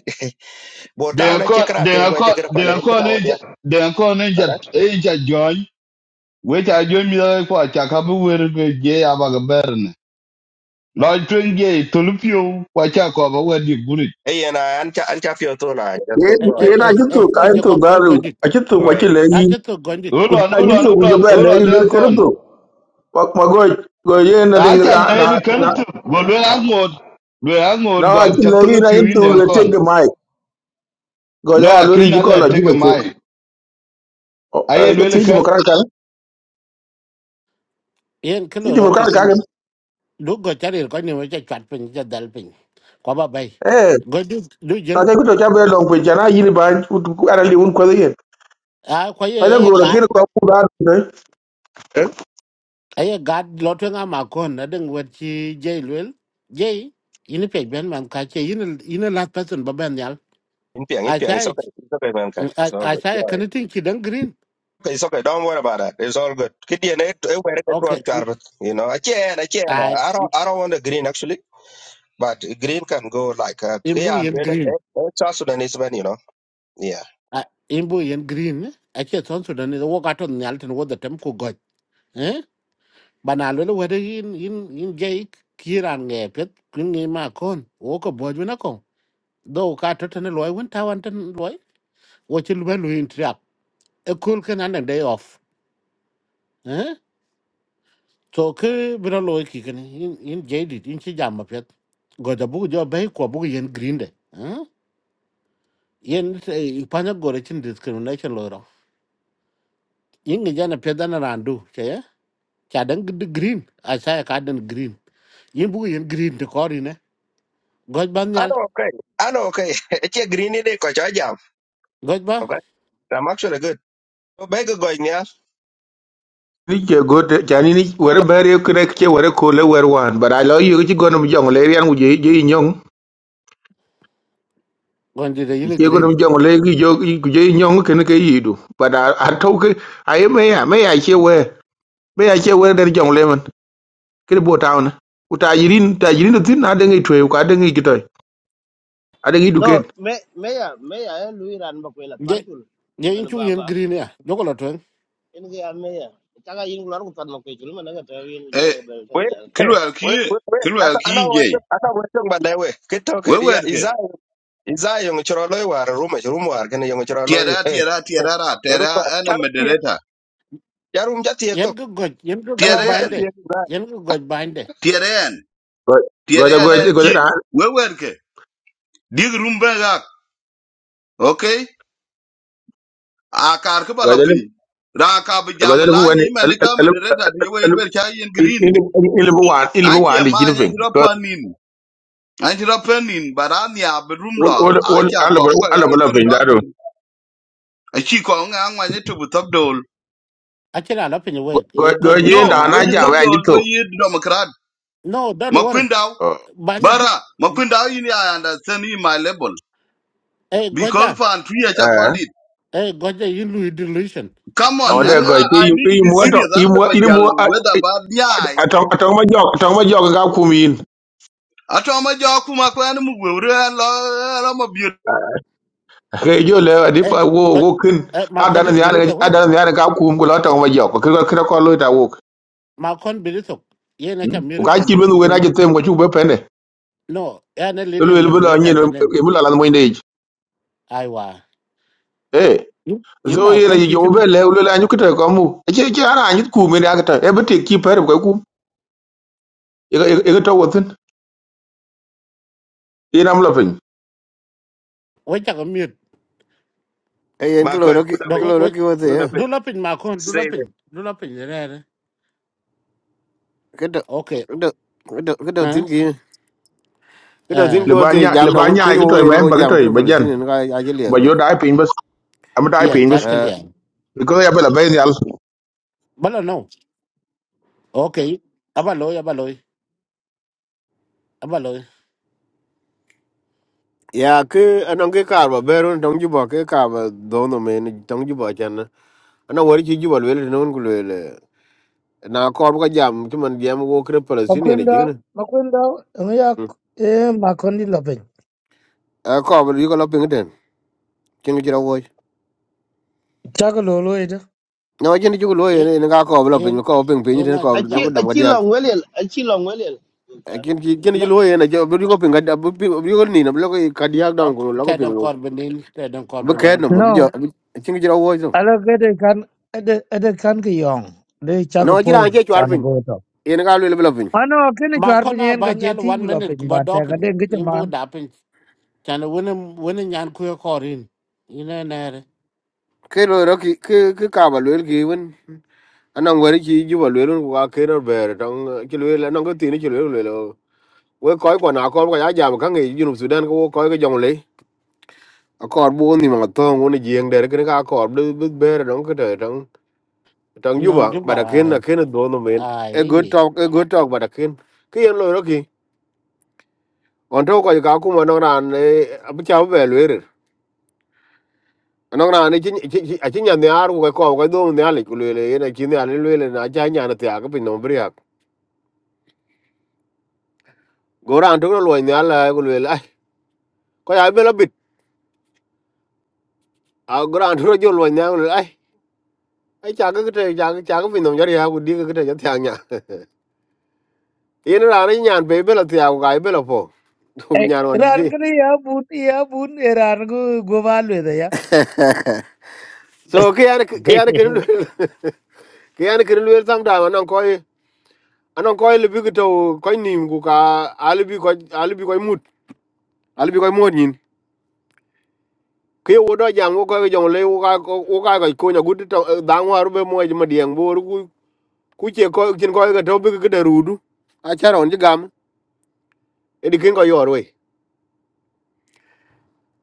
Speaker 6: They
Speaker 14: bota
Speaker 6: are
Speaker 14: na che
Speaker 6: called,
Speaker 14: kra
Speaker 6: they
Speaker 14: ter
Speaker 6: are
Speaker 14: wa che
Speaker 6: called,
Speaker 14: kra
Speaker 6: they
Speaker 14: pale
Speaker 6: are
Speaker 14: ke
Speaker 6: called,
Speaker 14: da wa dia
Speaker 6: they are called
Speaker 14: kada
Speaker 6: Agent John, which I joined me for Chakabu with Jay Abagaber. Lord Twenge, Tulupio, Wachako, Wadi Guri.
Speaker 14: e yena an cha an cha fio to na
Speaker 12: ye
Speaker 14: go
Speaker 2: Eh,
Speaker 14: go
Speaker 2: eh,
Speaker 14: ahead,
Speaker 12: ye na
Speaker 2: eh, eh,
Speaker 12: jitu
Speaker 14: go
Speaker 12: ka
Speaker 2: kija
Speaker 12: jitu
Speaker 2: kon koja
Speaker 12: garu
Speaker 2: gondi.
Speaker 12: ajitu
Speaker 14: go
Speaker 12: kwa chile yi
Speaker 2: Achetu gondi.
Speaker 6: Hold
Speaker 12: ku
Speaker 6: on, hold on,
Speaker 12: ajitu
Speaker 6: hold on,
Speaker 12: kujaba le
Speaker 6: hold on,
Speaker 12: yi
Speaker 6: there,
Speaker 12: lele
Speaker 6: con.
Speaker 12: keruto kwa mago go ye na ding
Speaker 6: I
Speaker 12: na
Speaker 6: can
Speaker 12: na
Speaker 6: hear the
Speaker 12: na
Speaker 6: current, but we're angod, we're angod,
Speaker 12: na
Speaker 6: God,
Speaker 12: ajitu le yi na
Speaker 6: Chapulupio in
Speaker 12: jitu
Speaker 6: there,
Speaker 12: le
Speaker 6: con.
Speaker 12: tege có đi
Speaker 6: No,
Speaker 12: Goja ya
Speaker 6: I
Speaker 12: lori ji
Speaker 6: cannot
Speaker 12: cái ji
Speaker 6: take a
Speaker 12: bacho.
Speaker 6: mile. I ain't
Speaker 12: Ka
Speaker 6: really
Speaker 12: ti cái
Speaker 6: current.
Speaker 12: mokran kan.
Speaker 2: Yen
Speaker 12: Ti
Speaker 2: kilo
Speaker 12: ji
Speaker 2: rocky
Speaker 12: cái
Speaker 2: kan
Speaker 12: kan.
Speaker 2: du go charir có ni mo cha chat pin cha dal pin ko ba bay
Speaker 12: Eh,
Speaker 2: go du du
Speaker 12: ta
Speaker 2: jin
Speaker 12: thấy cái ga kuto chabe long pe jana yini ban ara li un ko yen.
Speaker 2: à ko
Speaker 12: Fa da
Speaker 2: ye
Speaker 12: go
Speaker 2: ye
Speaker 12: la
Speaker 2: gat
Speaker 12: kir có ku da ne. Eh,
Speaker 2: a ye gat lo to nga mà con na đừng wet chi jay lwel jay ini pe bên mà ka che ini ini last person ba ben yal
Speaker 14: in piang in
Speaker 2: a
Speaker 14: piang is
Speaker 2: sai
Speaker 14: okay it's okay man ka it's all
Speaker 2: a
Speaker 14: good
Speaker 2: sai
Speaker 14: go
Speaker 2: cái này thì ki dan green
Speaker 14: okay it's okay don't worry about that it's all good kidie ne e were ke
Speaker 2: ok
Speaker 14: tuan char you know a chen a chen
Speaker 2: à
Speaker 14: i
Speaker 2: em
Speaker 14: don't i don't want the green actually But Green can go like uh,
Speaker 2: imbu
Speaker 14: yeah, and
Speaker 2: yên
Speaker 14: really, eh,
Speaker 2: green
Speaker 14: eh, South Sudanese man, you know. Yeah.
Speaker 2: à em imbu yên green á à che son Sudan dan ni wo ka ton yal tin wo da tem ko go bana lolo wede in in in jay kiran nge pet kun ni ma kon o ko boju na ko do ka to tan loy won ta wan tan loy o chi lu lu in trap e kul ken an day off eh to ke bra loy ki ken in in jay dit in chi jam ma pet go da bu jo bay ko bu yen green de eh yen pa na go re chin discrimination lo ro in ge jana pet dan randu che ya cha dan green a cha ka dan green yin bu yen green te ko ri ne goj ban
Speaker 14: I
Speaker 2: nyal
Speaker 14: know okay. I know okay. It's a green in it, I jam.
Speaker 2: goj ba
Speaker 14: Okay. I'm actually good. So beg going yeah.
Speaker 12: ni ke go te jani ni wore bare ku ne cái vừa ko le vừa hoàn, But I love you ji go no jong le yan u je je nyong.
Speaker 2: còn đi đây
Speaker 12: Ti
Speaker 2: yên
Speaker 12: ke go
Speaker 2: green
Speaker 12: no jong cái gi cái ku nhong cái ke cái gì yidu. But I I talk I am me ya me ya ai we. về ya che we der jong le man. Kir bo tauna. Utajirin tajirin tin na de ngi twe ko ade ngi kitoy. Ade ngi
Speaker 9: no
Speaker 12: duken
Speaker 9: me meya meya e lui ran ba kwela
Speaker 2: ye
Speaker 9: parkul
Speaker 2: ye in
Speaker 9: kulwel
Speaker 2: chu
Speaker 9: baba
Speaker 2: yên green ya nó có là chuyện
Speaker 9: en ge ya meya taga yin lor ko tan ko chul ma tawil ye
Speaker 6: Eh,
Speaker 9: bel tan
Speaker 14: Wait,
Speaker 9: ya
Speaker 14: hey,
Speaker 6: kilwel
Speaker 14: wait,
Speaker 6: ki
Speaker 14: wait, wait. I
Speaker 6: kilwel
Speaker 14: know
Speaker 6: ki
Speaker 14: I know what
Speaker 6: inje.
Speaker 14: you- I know what you but that way. Get
Speaker 6: We
Speaker 14: okay, yeah.
Speaker 6: wet
Speaker 14: Is
Speaker 6: ke.
Speaker 14: I is I young chorolo war room room war can young chorolo
Speaker 6: Tiara
Speaker 14: hey.
Speaker 6: tiara
Speaker 14: hey,
Speaker 6: tiara
Speaker 14: Room
Speaker 6: tiara
Speaker 14: war.
Speaker 6: an a
Speaker 14: Charum tie.
Speaker 6: moderator.
Speaker 14: Charum jati to.
Speaker 2: yên cứ gọi yên cứ
Speaker 14: Ana
Speaker 2: gọi
Speaker 14: room
Speaker 6: Tiara
Speaker 2: bind
Speaker 6: an
Speaker 2: đấy
Speaker 14: jati to.
Speaker 2: yên cứ gọi bind đấy
Speaker 6: tiara en.
Speaker 12: Goja
Speaker 6: tiara an
Speaker 12: goja
Speaker 6: an
Speaker 12: goja
Speaker 6: ki
Speaker 12: na
Speaker 6: we wet ke. Dig room back. Okay? a kar ki bala
Speaker 12: goja lim
Speaker 6: piny ra ka bi jam
Speaker 12: goja lim
Speaker 6: la
Speaker 12: wani
Speaker 6: yi man
Speaker 12: al al
Speaker 6: ka
Speaker 12: al
Speaker 6: moderator ti wel
Speaker 12: al
Speaker 6: wel cha yin green
Speaker 12: ilim wan
Speaker 6: a
Speaker 12: ilim
Speaker 6: ke
Speaker 12: wan di
Speaker 6: ma
Speaker 12: chin
Speaker 6: nya
Speaker 12: fin.
Speaker 6: jro
Speaker 12: Ko
Speaker 6: panin a jro panin barani a bi rum lo
Speaker 12: wol
Speaker 6: a
Speaker 12: wol
Speaker 6: cha
Speaker 12: al
Speaker 6: ko
Speaker 12: bol
Speaker 6: bu ko
Speaker 12: al bol
Speaker 6: ke ru
Speaker 12: fin
Speaker 6: da
Speaker 12: da do.
Speaker 6: gur a chi ko nga nga ne tu bu tab dol
Speaker 2: à chỉ là nó phải như vậy ye gọi
Speaker 6: no
Speaker 12: Goja
Speaker 2: về
Speaker 12: nda
Speaker 2: mà
Speaker 6: we
Speaker 12: na
Speaker 2: còn
Speaker 6: ji
Speaker 2: đi
Speaker 12: jam
Speaker 6: tab
Speaker 12: ya ngi
Speaker 6: dol we
Speaker 12: tok.
Speaker 6: yi democrat
Speaker 2: no don't
Speaker 6: ma
Speaker 2: worry bind chứ
Speaker 6: bara ma kwin daw yin i understand in my level
Speaker 2: eh gọi
Speaker 6: because
Speaker 2: ra
Speaker 6: for and three cha
Speaker 12: Eh,
Speaker 6: quality
Speaker 2: eh gọi ra yên lui delusion
Speaker 6: come
Speaker 2: yên
Speaker 6: on
Speaker 12: àwọn dẹ́
Speaker 2: yêu
Speaker 6: and
Speaker 12: gọ̀
Speaker 6: I,
Speaker 2: yêu
Speaker 6: i
Speaker 12: ìpé
Speaker 6: need to be
Speaker 12: imú
Speaker 2: gọi
Speaker 12: ọ̀tọ̀
Speaker 6: serious and
Speaker 12: imú
Speaker 6: the
Speaker 12: inimú
Speaker 6: bajal whether bad yeah
Speaker 12: àtọ̀mọ́jọ́ àtọ̀mọ́jọ́ ká kùm yìí
Speaker 6: atoma joku makwen mugweure lo lo mabiot
Speaker 12: kẹjọ lẹ àdífà
Speaker 2: eh
Speaker 12: wo
Speaker 2: gọi
Speaker 12: owó kín
Speaker 2: eh mà còn
Speaker 12: àdánù
Speaker 2: đi
Speaker 12: ní
Speaker 2: về đấy thôi
Speaker 12: àdánù ká kùm kò lọ́tọ̀mọ́jọ́ kò kíkọ́ kọ́ lóyún ìtàwó
Speaker 2: mà còn về đấy thôi ye này chả
Speaker 12: kò
Speaker 2: mới
Speaker 12: ká
Speaker 2: gọi
Speaker 12: kí
Speaker 2: đi
Speaker 12: lónìí
Speaker 2: cũng
Speaker 12: wẹ́n
Speaker 2: gọi
Speaker 12: náà jẹ́ tẹ́ mọ̀ tí ó bẹ́ pẹ́ndẹ̀
Speaker 2: no ye này
Speaker 12: lólu
Speaker 2: leading
Speaker 12: èlú bọ́lá
Speaker 2: moderator đó nên
Speaker 12: ọ̀nyẹ́
Speaker 2: ai wa
Speaker 12: Eh,
Speaker 2: in
Speaker 12: so
Speaker 2: mà
Speaker 12: yene
Speaker 2: còn
Speaker 12: yi
Speaker 2: thì cái nó-
Speaker 12: jobe le ulo la nyu kita kamu. Eche eche ara anyu ku mi ya kita. E bete ki pare ko ku. E e to wotin. E nam la pin.
Speaker 2: quay chắc ở miệt
Speaker 10: cái e en ko
Speaker 14: Ma ko
Speaker 10: cái
Speaker 14: tu
Speaker 10: ki
Speaker 14: da Good
Speaker 10: ko
Speaker 2: đó
Speaker 10: ro ki cái
Speaker 14: Tu da
Speaker 10: te
Speaker 14: pe.
Speaker 2: Du la pin ma kon, du la
Speaker 14: Stay
Speaker 2: pin, du la pin re re.
Speaker 10: cái do
Speaker 2: Okay.
Speaker 10: cái do cái do
Speaker 2: Eh?
Speaker 10: tin ki Kida zin
Speaker 2: Eh.
Speaker 12: Le
Speaker 10: ko te
Speaker 12: banya le
Speaker 10: jam na won
Speaker 12: banya e
Speaker 10: kunyo
Speaker 12: to
Speaker 10: we en
Speaker 12: me
Speaker 10: ko
Speaker 12: ba ki to
Speaker 10: jam
Speaker 12: e
Speaker 10: kir
Speaker 12: ba jan.
Speaker 10: Palestine en ka ajeli
Speaker 12: Ku ba
Speaker 10: avet.
Speaker 12: yo dai pin bas. Am dai
Speaker 2: Yeah,
Speaker 12: pin
Speaker 2: ta
Speaker 12: bas.
Speaker 2: kel
Speaker 10: Eh
Speaker 2: ya.
Speaker 12: Ko ya bela ben yal.
Speaker 2: Bala no. Okay. Aba loy, aba loy, aba loy.
Speaker 10: ya ke anong ke kar ba beron tong ju ba ke ka ba do no men tong ju ba chan. Ana wori ji ju ba le no un le. Na ko ba jam ti man jam go kir Palestine en ji
Speaker 7: Makwenda,
Speaker 10: ne
Speaker 7: Makwenda, ngoya
Speaker 10: jigen.
Speaker 7: e makondi lopin.
Speaker 10: Eh ko ba yu ko lo ping ten. Kin ji ra wo.
Speaker 7: Chago lolo ida.
Speaker 10: No jin ju lo ye
Speaker 2: Ye
Speaker 10: ne ka ko ba lo
Speaker 2: ye
Speaker 10: ping ko ping ping
Speaker 2: ye
Speaker 10: ten
Speaker 2: na
Speaker 10: ko
Speaker 2: jin
Speaker 9: achi
Speaker 10: do ko
Speaker 2: jam.
Speaker 10: dam ga
Speaker 9: achi
Speaker 10: dia.
Speaker 9: long welel achi long welel
Speaker 10: Kin ji kin ji
Speaker 2: Na
Speaker 10: lo ye ne jo bu ko ping ga da bu ko ni na lo ko ka dia dang ko lo ko
Speaker 2: ta
Speaker 10: ping
Speaker 2: don
Speaker 10: wo.
Speaker 2: kor benin, ta don kor
Speaker 10: Bu ke no
Speaker 2: benin.
Speaker 10: ma bi jo.
Speaker 7: No,
Speaker 10: Kin ji ra wo
Speaker 7: ala gede kan ede ede kan ke yong. Le chago
Speaker 10: no ci
Speaker 7: pol
Speaker 10: dan ci chwar
Speaker 7: chan
Speaker 10: pin
Speaker 7: go to.
Speaker 10: yen ga lwel bla pin
Speaker 7: Ano kini
Speaker 2: Ma
Speaker 7: chwar
Speaker 2: kon a
Speaker 7: pinyen ka
Speaker 2: ban yal
Speaker 7: chethi
Speaker 2: one minute ku
Speaker 7: lopin
Speaker 2: ba
Speaker 7: ba ta ka
Speaker 2: dopin.
Speaker 7: den gicha
Speaker 2: Yin bu
Speaker 7: man.
Speaker 2: da pin. Tan wani wani nyan ku korin. Ina na re.
Speaker 10: ke lo ro ki ke ke ka ba lwel ki wen anan wari ci ju ba lwel ku ka ke no ber tong ci lwel anan ko tin ci lwel lwel we ko ko na ko ko ya jam ka ngi ju sudan ko ko ke jong le a kor bu ni ma to ngun ji ng der ke ka kor bu bu ber dong ke der tong tong ju
Speaker 2: Ina
Speaker 10: ba ba
Speaker 2: juba
Speaker 10: da ken na ken do no men
Speaker 2: ai
Speaker 10: a good
Speaker 2: ye.
Speaker 10: talk a good talk ba da ken ke yen lo ro ki on to ko ka ku mo no ran e abu cha ba lwel no na ne chi chi chi nya ne ar ko ko ko do ne ale ku le le ne chi ne ale le le na cha nya na ta ko pin no bri ha go ran to lo ne ala ku le le ai ko ya be lo bit a go ran to jo lo ne ku le ai ai cha ko te cha ko cha ko pin no ja ya ku di ko te ja ta nya yin ra ne nya be be lo ta ku ga be lo po ku
Speaker 7: Eh,
Speaker 10: nya ron ki
Speaker 7: ran kene ya bun ya bun e ran go gowal we ya.
Speaker 10: so ke ya ke ya ke lu ke ya ke lu sam da ma non ko anon ko le bi ko to ko nim ku ka ali bi ko ali bi ko mut ali bi ko mo ke wo do jam wo ko jong le wo ka wo ka ko ko nyagu to dang waru be mo ma dieng bor ku ku che ko kin ko ga to bi ga da rudu a charon ji gam e di kin ko yor we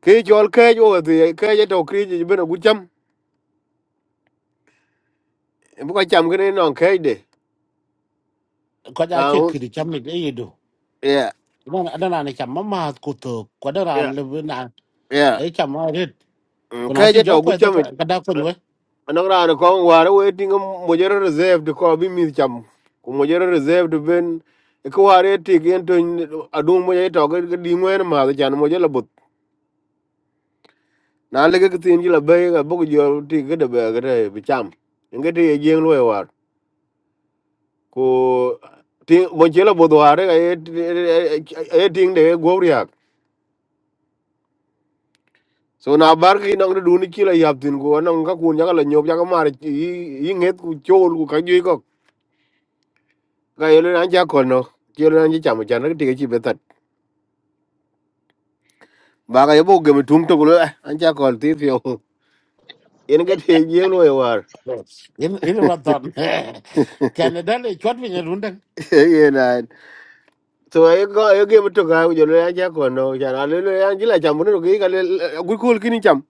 Speaker 10: ke jol ke jo de ke je to kri ji be no gu cham bu ko cham ke no ke de
Speaker 2: Ko da
Speaker 10: na
Speaker 2: che kiri cham ni ye do.
Speaker 10: yeah
Speaker 2: Ina adana ne cham ma ma ku to. Ko da
Speaker 10: yeah
Speaker 2: ran le
Speaker 10: yeah
Speaker 2: ấy chả mà hết còn ai
Speaker 10: ke
Speaker 2: chứ
Speaker 10: je
Speaker 2: gió
Speaker 10: to gu
Speaker 2: quẹt cái
Speaker 10: cham
Speaker 2: cái đa phần vậy
Speaker 10: anong ran ko waru we ting mo je reserve de ko bi mi cham ku mo je reserve de ben ko ware ti gen to adung mo je to ga di ngwen ma ga chan mo je na le ke tin ji la be ga bu jo ti ke de be ga de bi cham nge ti jeng lo war ko ti mo che la bo do are ga e ting de go riak so na bar ki nang du ni ki la yap tin ko nang ka kun ya la nyop ya ka mar yi yi nget ku chol ku ka ji ko ga ye le an ja ko no ki le an ji cham chan ke ti ke chi be tat ba ga ye bo ge mi tum to ko an ja ko ti fi o en ke ti jeng lo war
Speaker 2: in in mà toàn Canada này chót với nhà luôn
Speaker 10: so ay go ay ge to ga jo le ja ko no ja la le le an ji la cham no ge ga le gu ko ki ni cham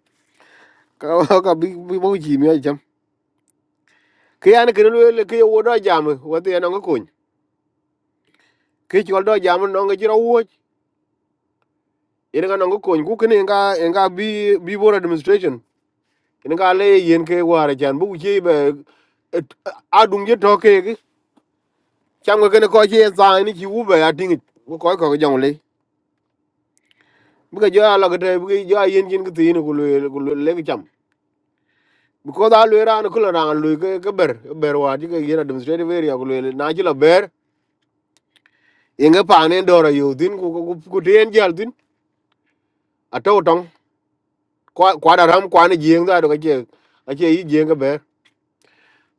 Speaker 10: ka ka bi bi bo ji mi cham ke an ke le le ke wo do jam wo te no ko ke ti do jam no ge ro wo ene ga no ko ku ke ne ga en ga bi bi bo administration ene ga le yen ke wa ra jan bu ji be a dung je to ke ge cham ga ne ko ji za ni ji u be a ding ko ko ko jong le bu ga jo la ge te bu ga jo yen jin ke ti ni ku le ku le ke cham because a lwe ran kula ran lwe ke ke ber ke ber wa ji ke yen administrative area ku lwe na ji la ber yenge pa ne ndoro yo din ku ku ku ku den jal din ato tong kwa kwa da ram kwa ne jeng da do ke je a je yi jeng ke ber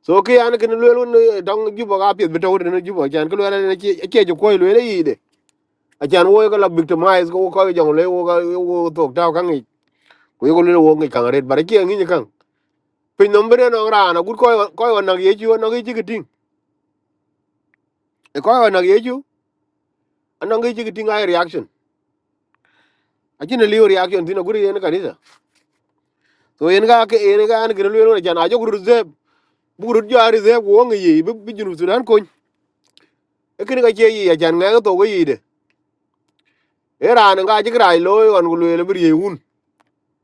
Speaker 10: so ke an ke lwe lu dong ju bo ga pye be to ne ju bo jan ke lwe ne ke ke ju ko lwe ne yi de a jan wo ga la victimize ko ko jong le wo ga wo to ta ka ngi ku ko lwe wo ngi ka ret bar ke ngi ni kan pin nombre no ran a gut ko ko na ye ju no ge ji ke ting ko na ye ju anong ge chigi tinga reaction ajina liu reaction dina guri yen kanisa so yen ga ke yen ga an gure lwelo jana ajo guru ze buguru jo ari ze wo ngi yi bi junu sudan kon e kini ga che yi ajan nga to go yi de e ran ga ji grai lo on gulu le bi yun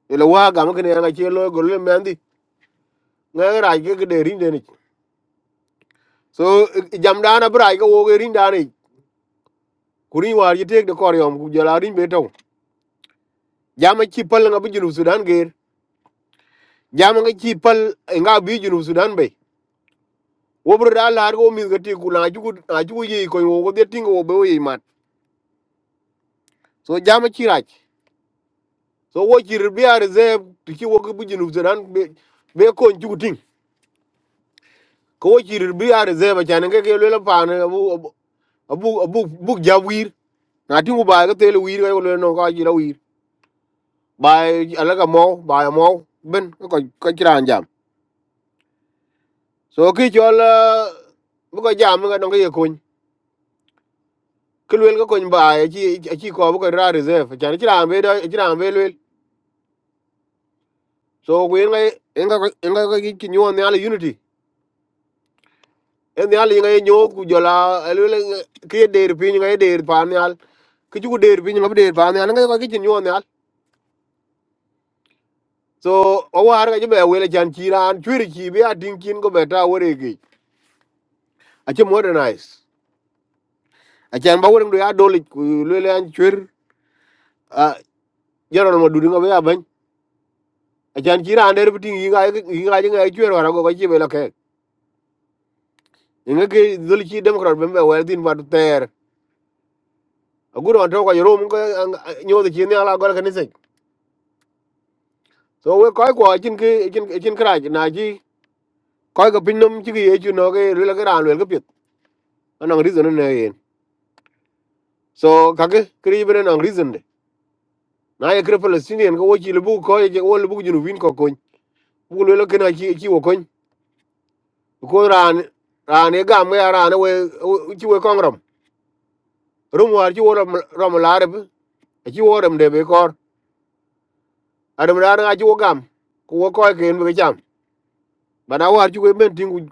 Speaker 10: ele wa ga mkene ga che lo gulu le mendi nga ra ge ge de rin de ni so e, e, jam dana bra ga wo ge rin da ni kuri war yi tek de kor yom ku jala rin be to jama chi pal nga bi junu sudan ge jama nga chi pal nga bi junu sudan be wo bro da lar go mi gati ku na ju na ju ye ko wo de ting wo be ye mat so jama ci raj so wo ci bi ar ze ti ki wo bu jinu zeran be be ko ju ting ko wo ci bi ar ze ba chan ke ke le pa ne abu abu abu bu ja wir na tingu ba ga tele wir ga le no ka ji la wir ba ala ga mo ba mo ben ko ko ci ran jam so ki chol eh, bu ko jam ga no ga ye ko ke lwel ga ko ba ci ci ko bu ko ra reserve chan ci ran be do ci ran be so ku yin ngai yin ka yin ka ki ki nyon ne ala unity en ne ala ngai nyon ku jola elu le ki der pin ngai der pa ne al ki ku der pin ngai der pa ne al ngai ka ki nyon ne al so o war ga be wele jan ki ran chwiri ki be a din kin go beta wore ki a che modernize a chan ba wore ndo ya doli ku le le an chwir a jara ma dudu ngai ya ban a chan ki ran der pin ngai ngai ngai chwir wara go ka chi be la ke ngai ki dol ki democrat be be wer din ba ter aguro on to ko rom ko nyodo chi ne ala gor kanise so we koy ko chin ki chin chin kraj na ji koy ko pinnum chi ki yechu no ge rila ga ran wel ga pit anong reason ne yen so kage kri bene anong reason de na ye kre palestinian ko chi lubu ko ye wo lubu junu win ko kon bu lo ke na chi chi wo kon ko ran ran ye gam ya ran we chi we kongrom rum war chi wo rom rom larab chi wo rom de be kor adam ran ga chi wo gam ko wo koy ken be cham bana war ci ko men tin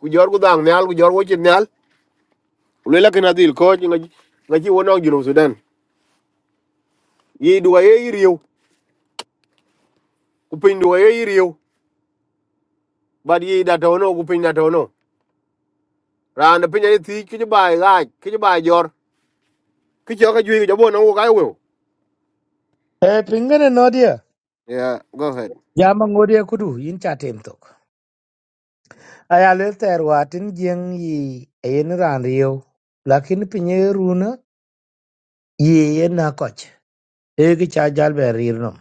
Speaker 10: ku jor ku dang nyal ku jor wo ci nyal lu la kana dil ko nga nga ci wono jinu sudan yi duwa ye riyo ku pin duwa ye riyo bad yi da to no ku pin da to no ran da pin ye ti ki ba ga ki ba jor ki jo ka ju ga bo no ga wo
Speaker 7: Eh, pingane no dia.
Speaker 10: yeah go ahead
Speaker 7: Jama ngodia kudu yin chatem tok. Aya le ter jeng yi e yen ran riyo. Lakini pinye runa yi yen na e ki cha jal be rir nom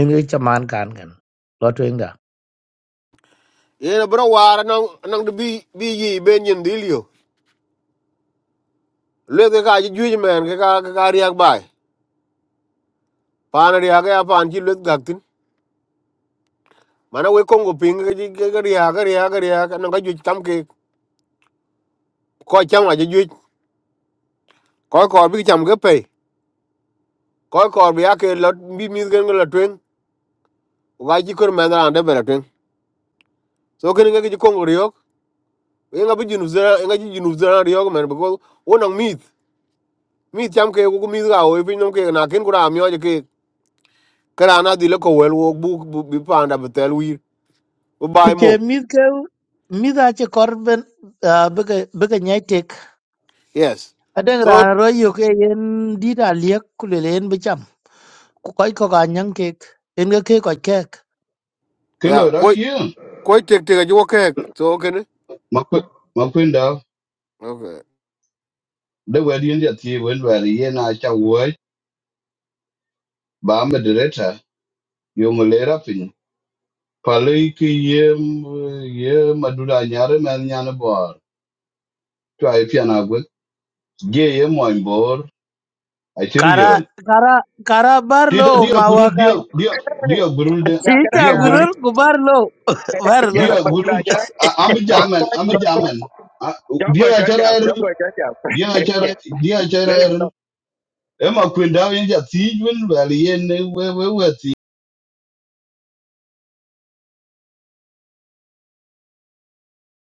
Speaker 7: en ki cha man kan kan lo twen Kuche
Speaker 10: ye na bro war nang nang de bi bi yi ben yin dil yo lu ga ka ju men ga ka ka riak bai pan riak ya pan ci lu ga tin mana we kongo pin ga ji ga riak ga riak ga riak nang ga ju tam ke coi chăng là duy, ko chang la cái ko ko bi cham ge cái ko ko bi cái la bi mi gen la twen wa ji kor men ran de cái twen cái ken ge ji kong riyo e nga bi junu zera nga ji junu zera riyo men ko wonang mit mit cham cái ko mi ga o bi nom cái na ken kura mi o cái cái kara na di le ko wel wo bu bu- bi pa nda betel wir bu
Speaker 7: ku
Speaker 10: bai
Speaker 7: che
Speaker 10: mo
Speaker 7: mi ke mi da che kor ben be ke be ke
Speaker 10: yes so
Speaker 7: ro yu ke yen di da liek ku le len be cham ku koi ko ga kek en ke ke kek
Speaker 6: ke
Speaker 10: yeah
Speaker 6: lo ra
Speaker 10: ko
Speaker 6: ki
Speaker 10: ko tek tek cái wo ke so ken
Speaker 6: ma ku ma ku nda
Speaker 10: okay
Speaker 6: de wa di nda ti wen wa ri ye na cha wo ba me direta yo mo le ra pin pa le ki ye m- ye ma du da nya re ma nya na bo to ai pi na gwe ge ye mo in bor a ti ri ye
Speaker 7: kara kara kara bar
Speaker 6: ti
Speaker 7: lo
Speaker 6: da dia
Speaker 7: ma
Speaker 6: guru
Speaker 7: wa
Speaker 6: dia dia
Speaker 14: Hey.
Speaker 6: dia guru de
Speaker 14: Yeah, get
Speaker 6: dia guru
Speaker 7: gurul
Speaker 14: a
Speaker 7: ku bar lo bar lo
Speaker 6: dia guru
Speaker 14: guy.
Speaker 6: cha a- am
Speaker 14: con
Speaker 6: jaman
Speaker 14: coi
Speaker 6: am
Speaker 14: con coi
Speaker 6: jaman A-
Speaker 14: cháu coi
Speaker 6: dia
Speaker 14: cháu
Speaker 6: cha ra
Speaker 14: chào
Speaker 6: er
Speaker 14: cháu coi cháu chào
Speaker 6: dia cha ra dia cha ra
Speaker 14: lấy được không?
Speaker 6: er. Emma kwenda wenja tij wen wel yen we we we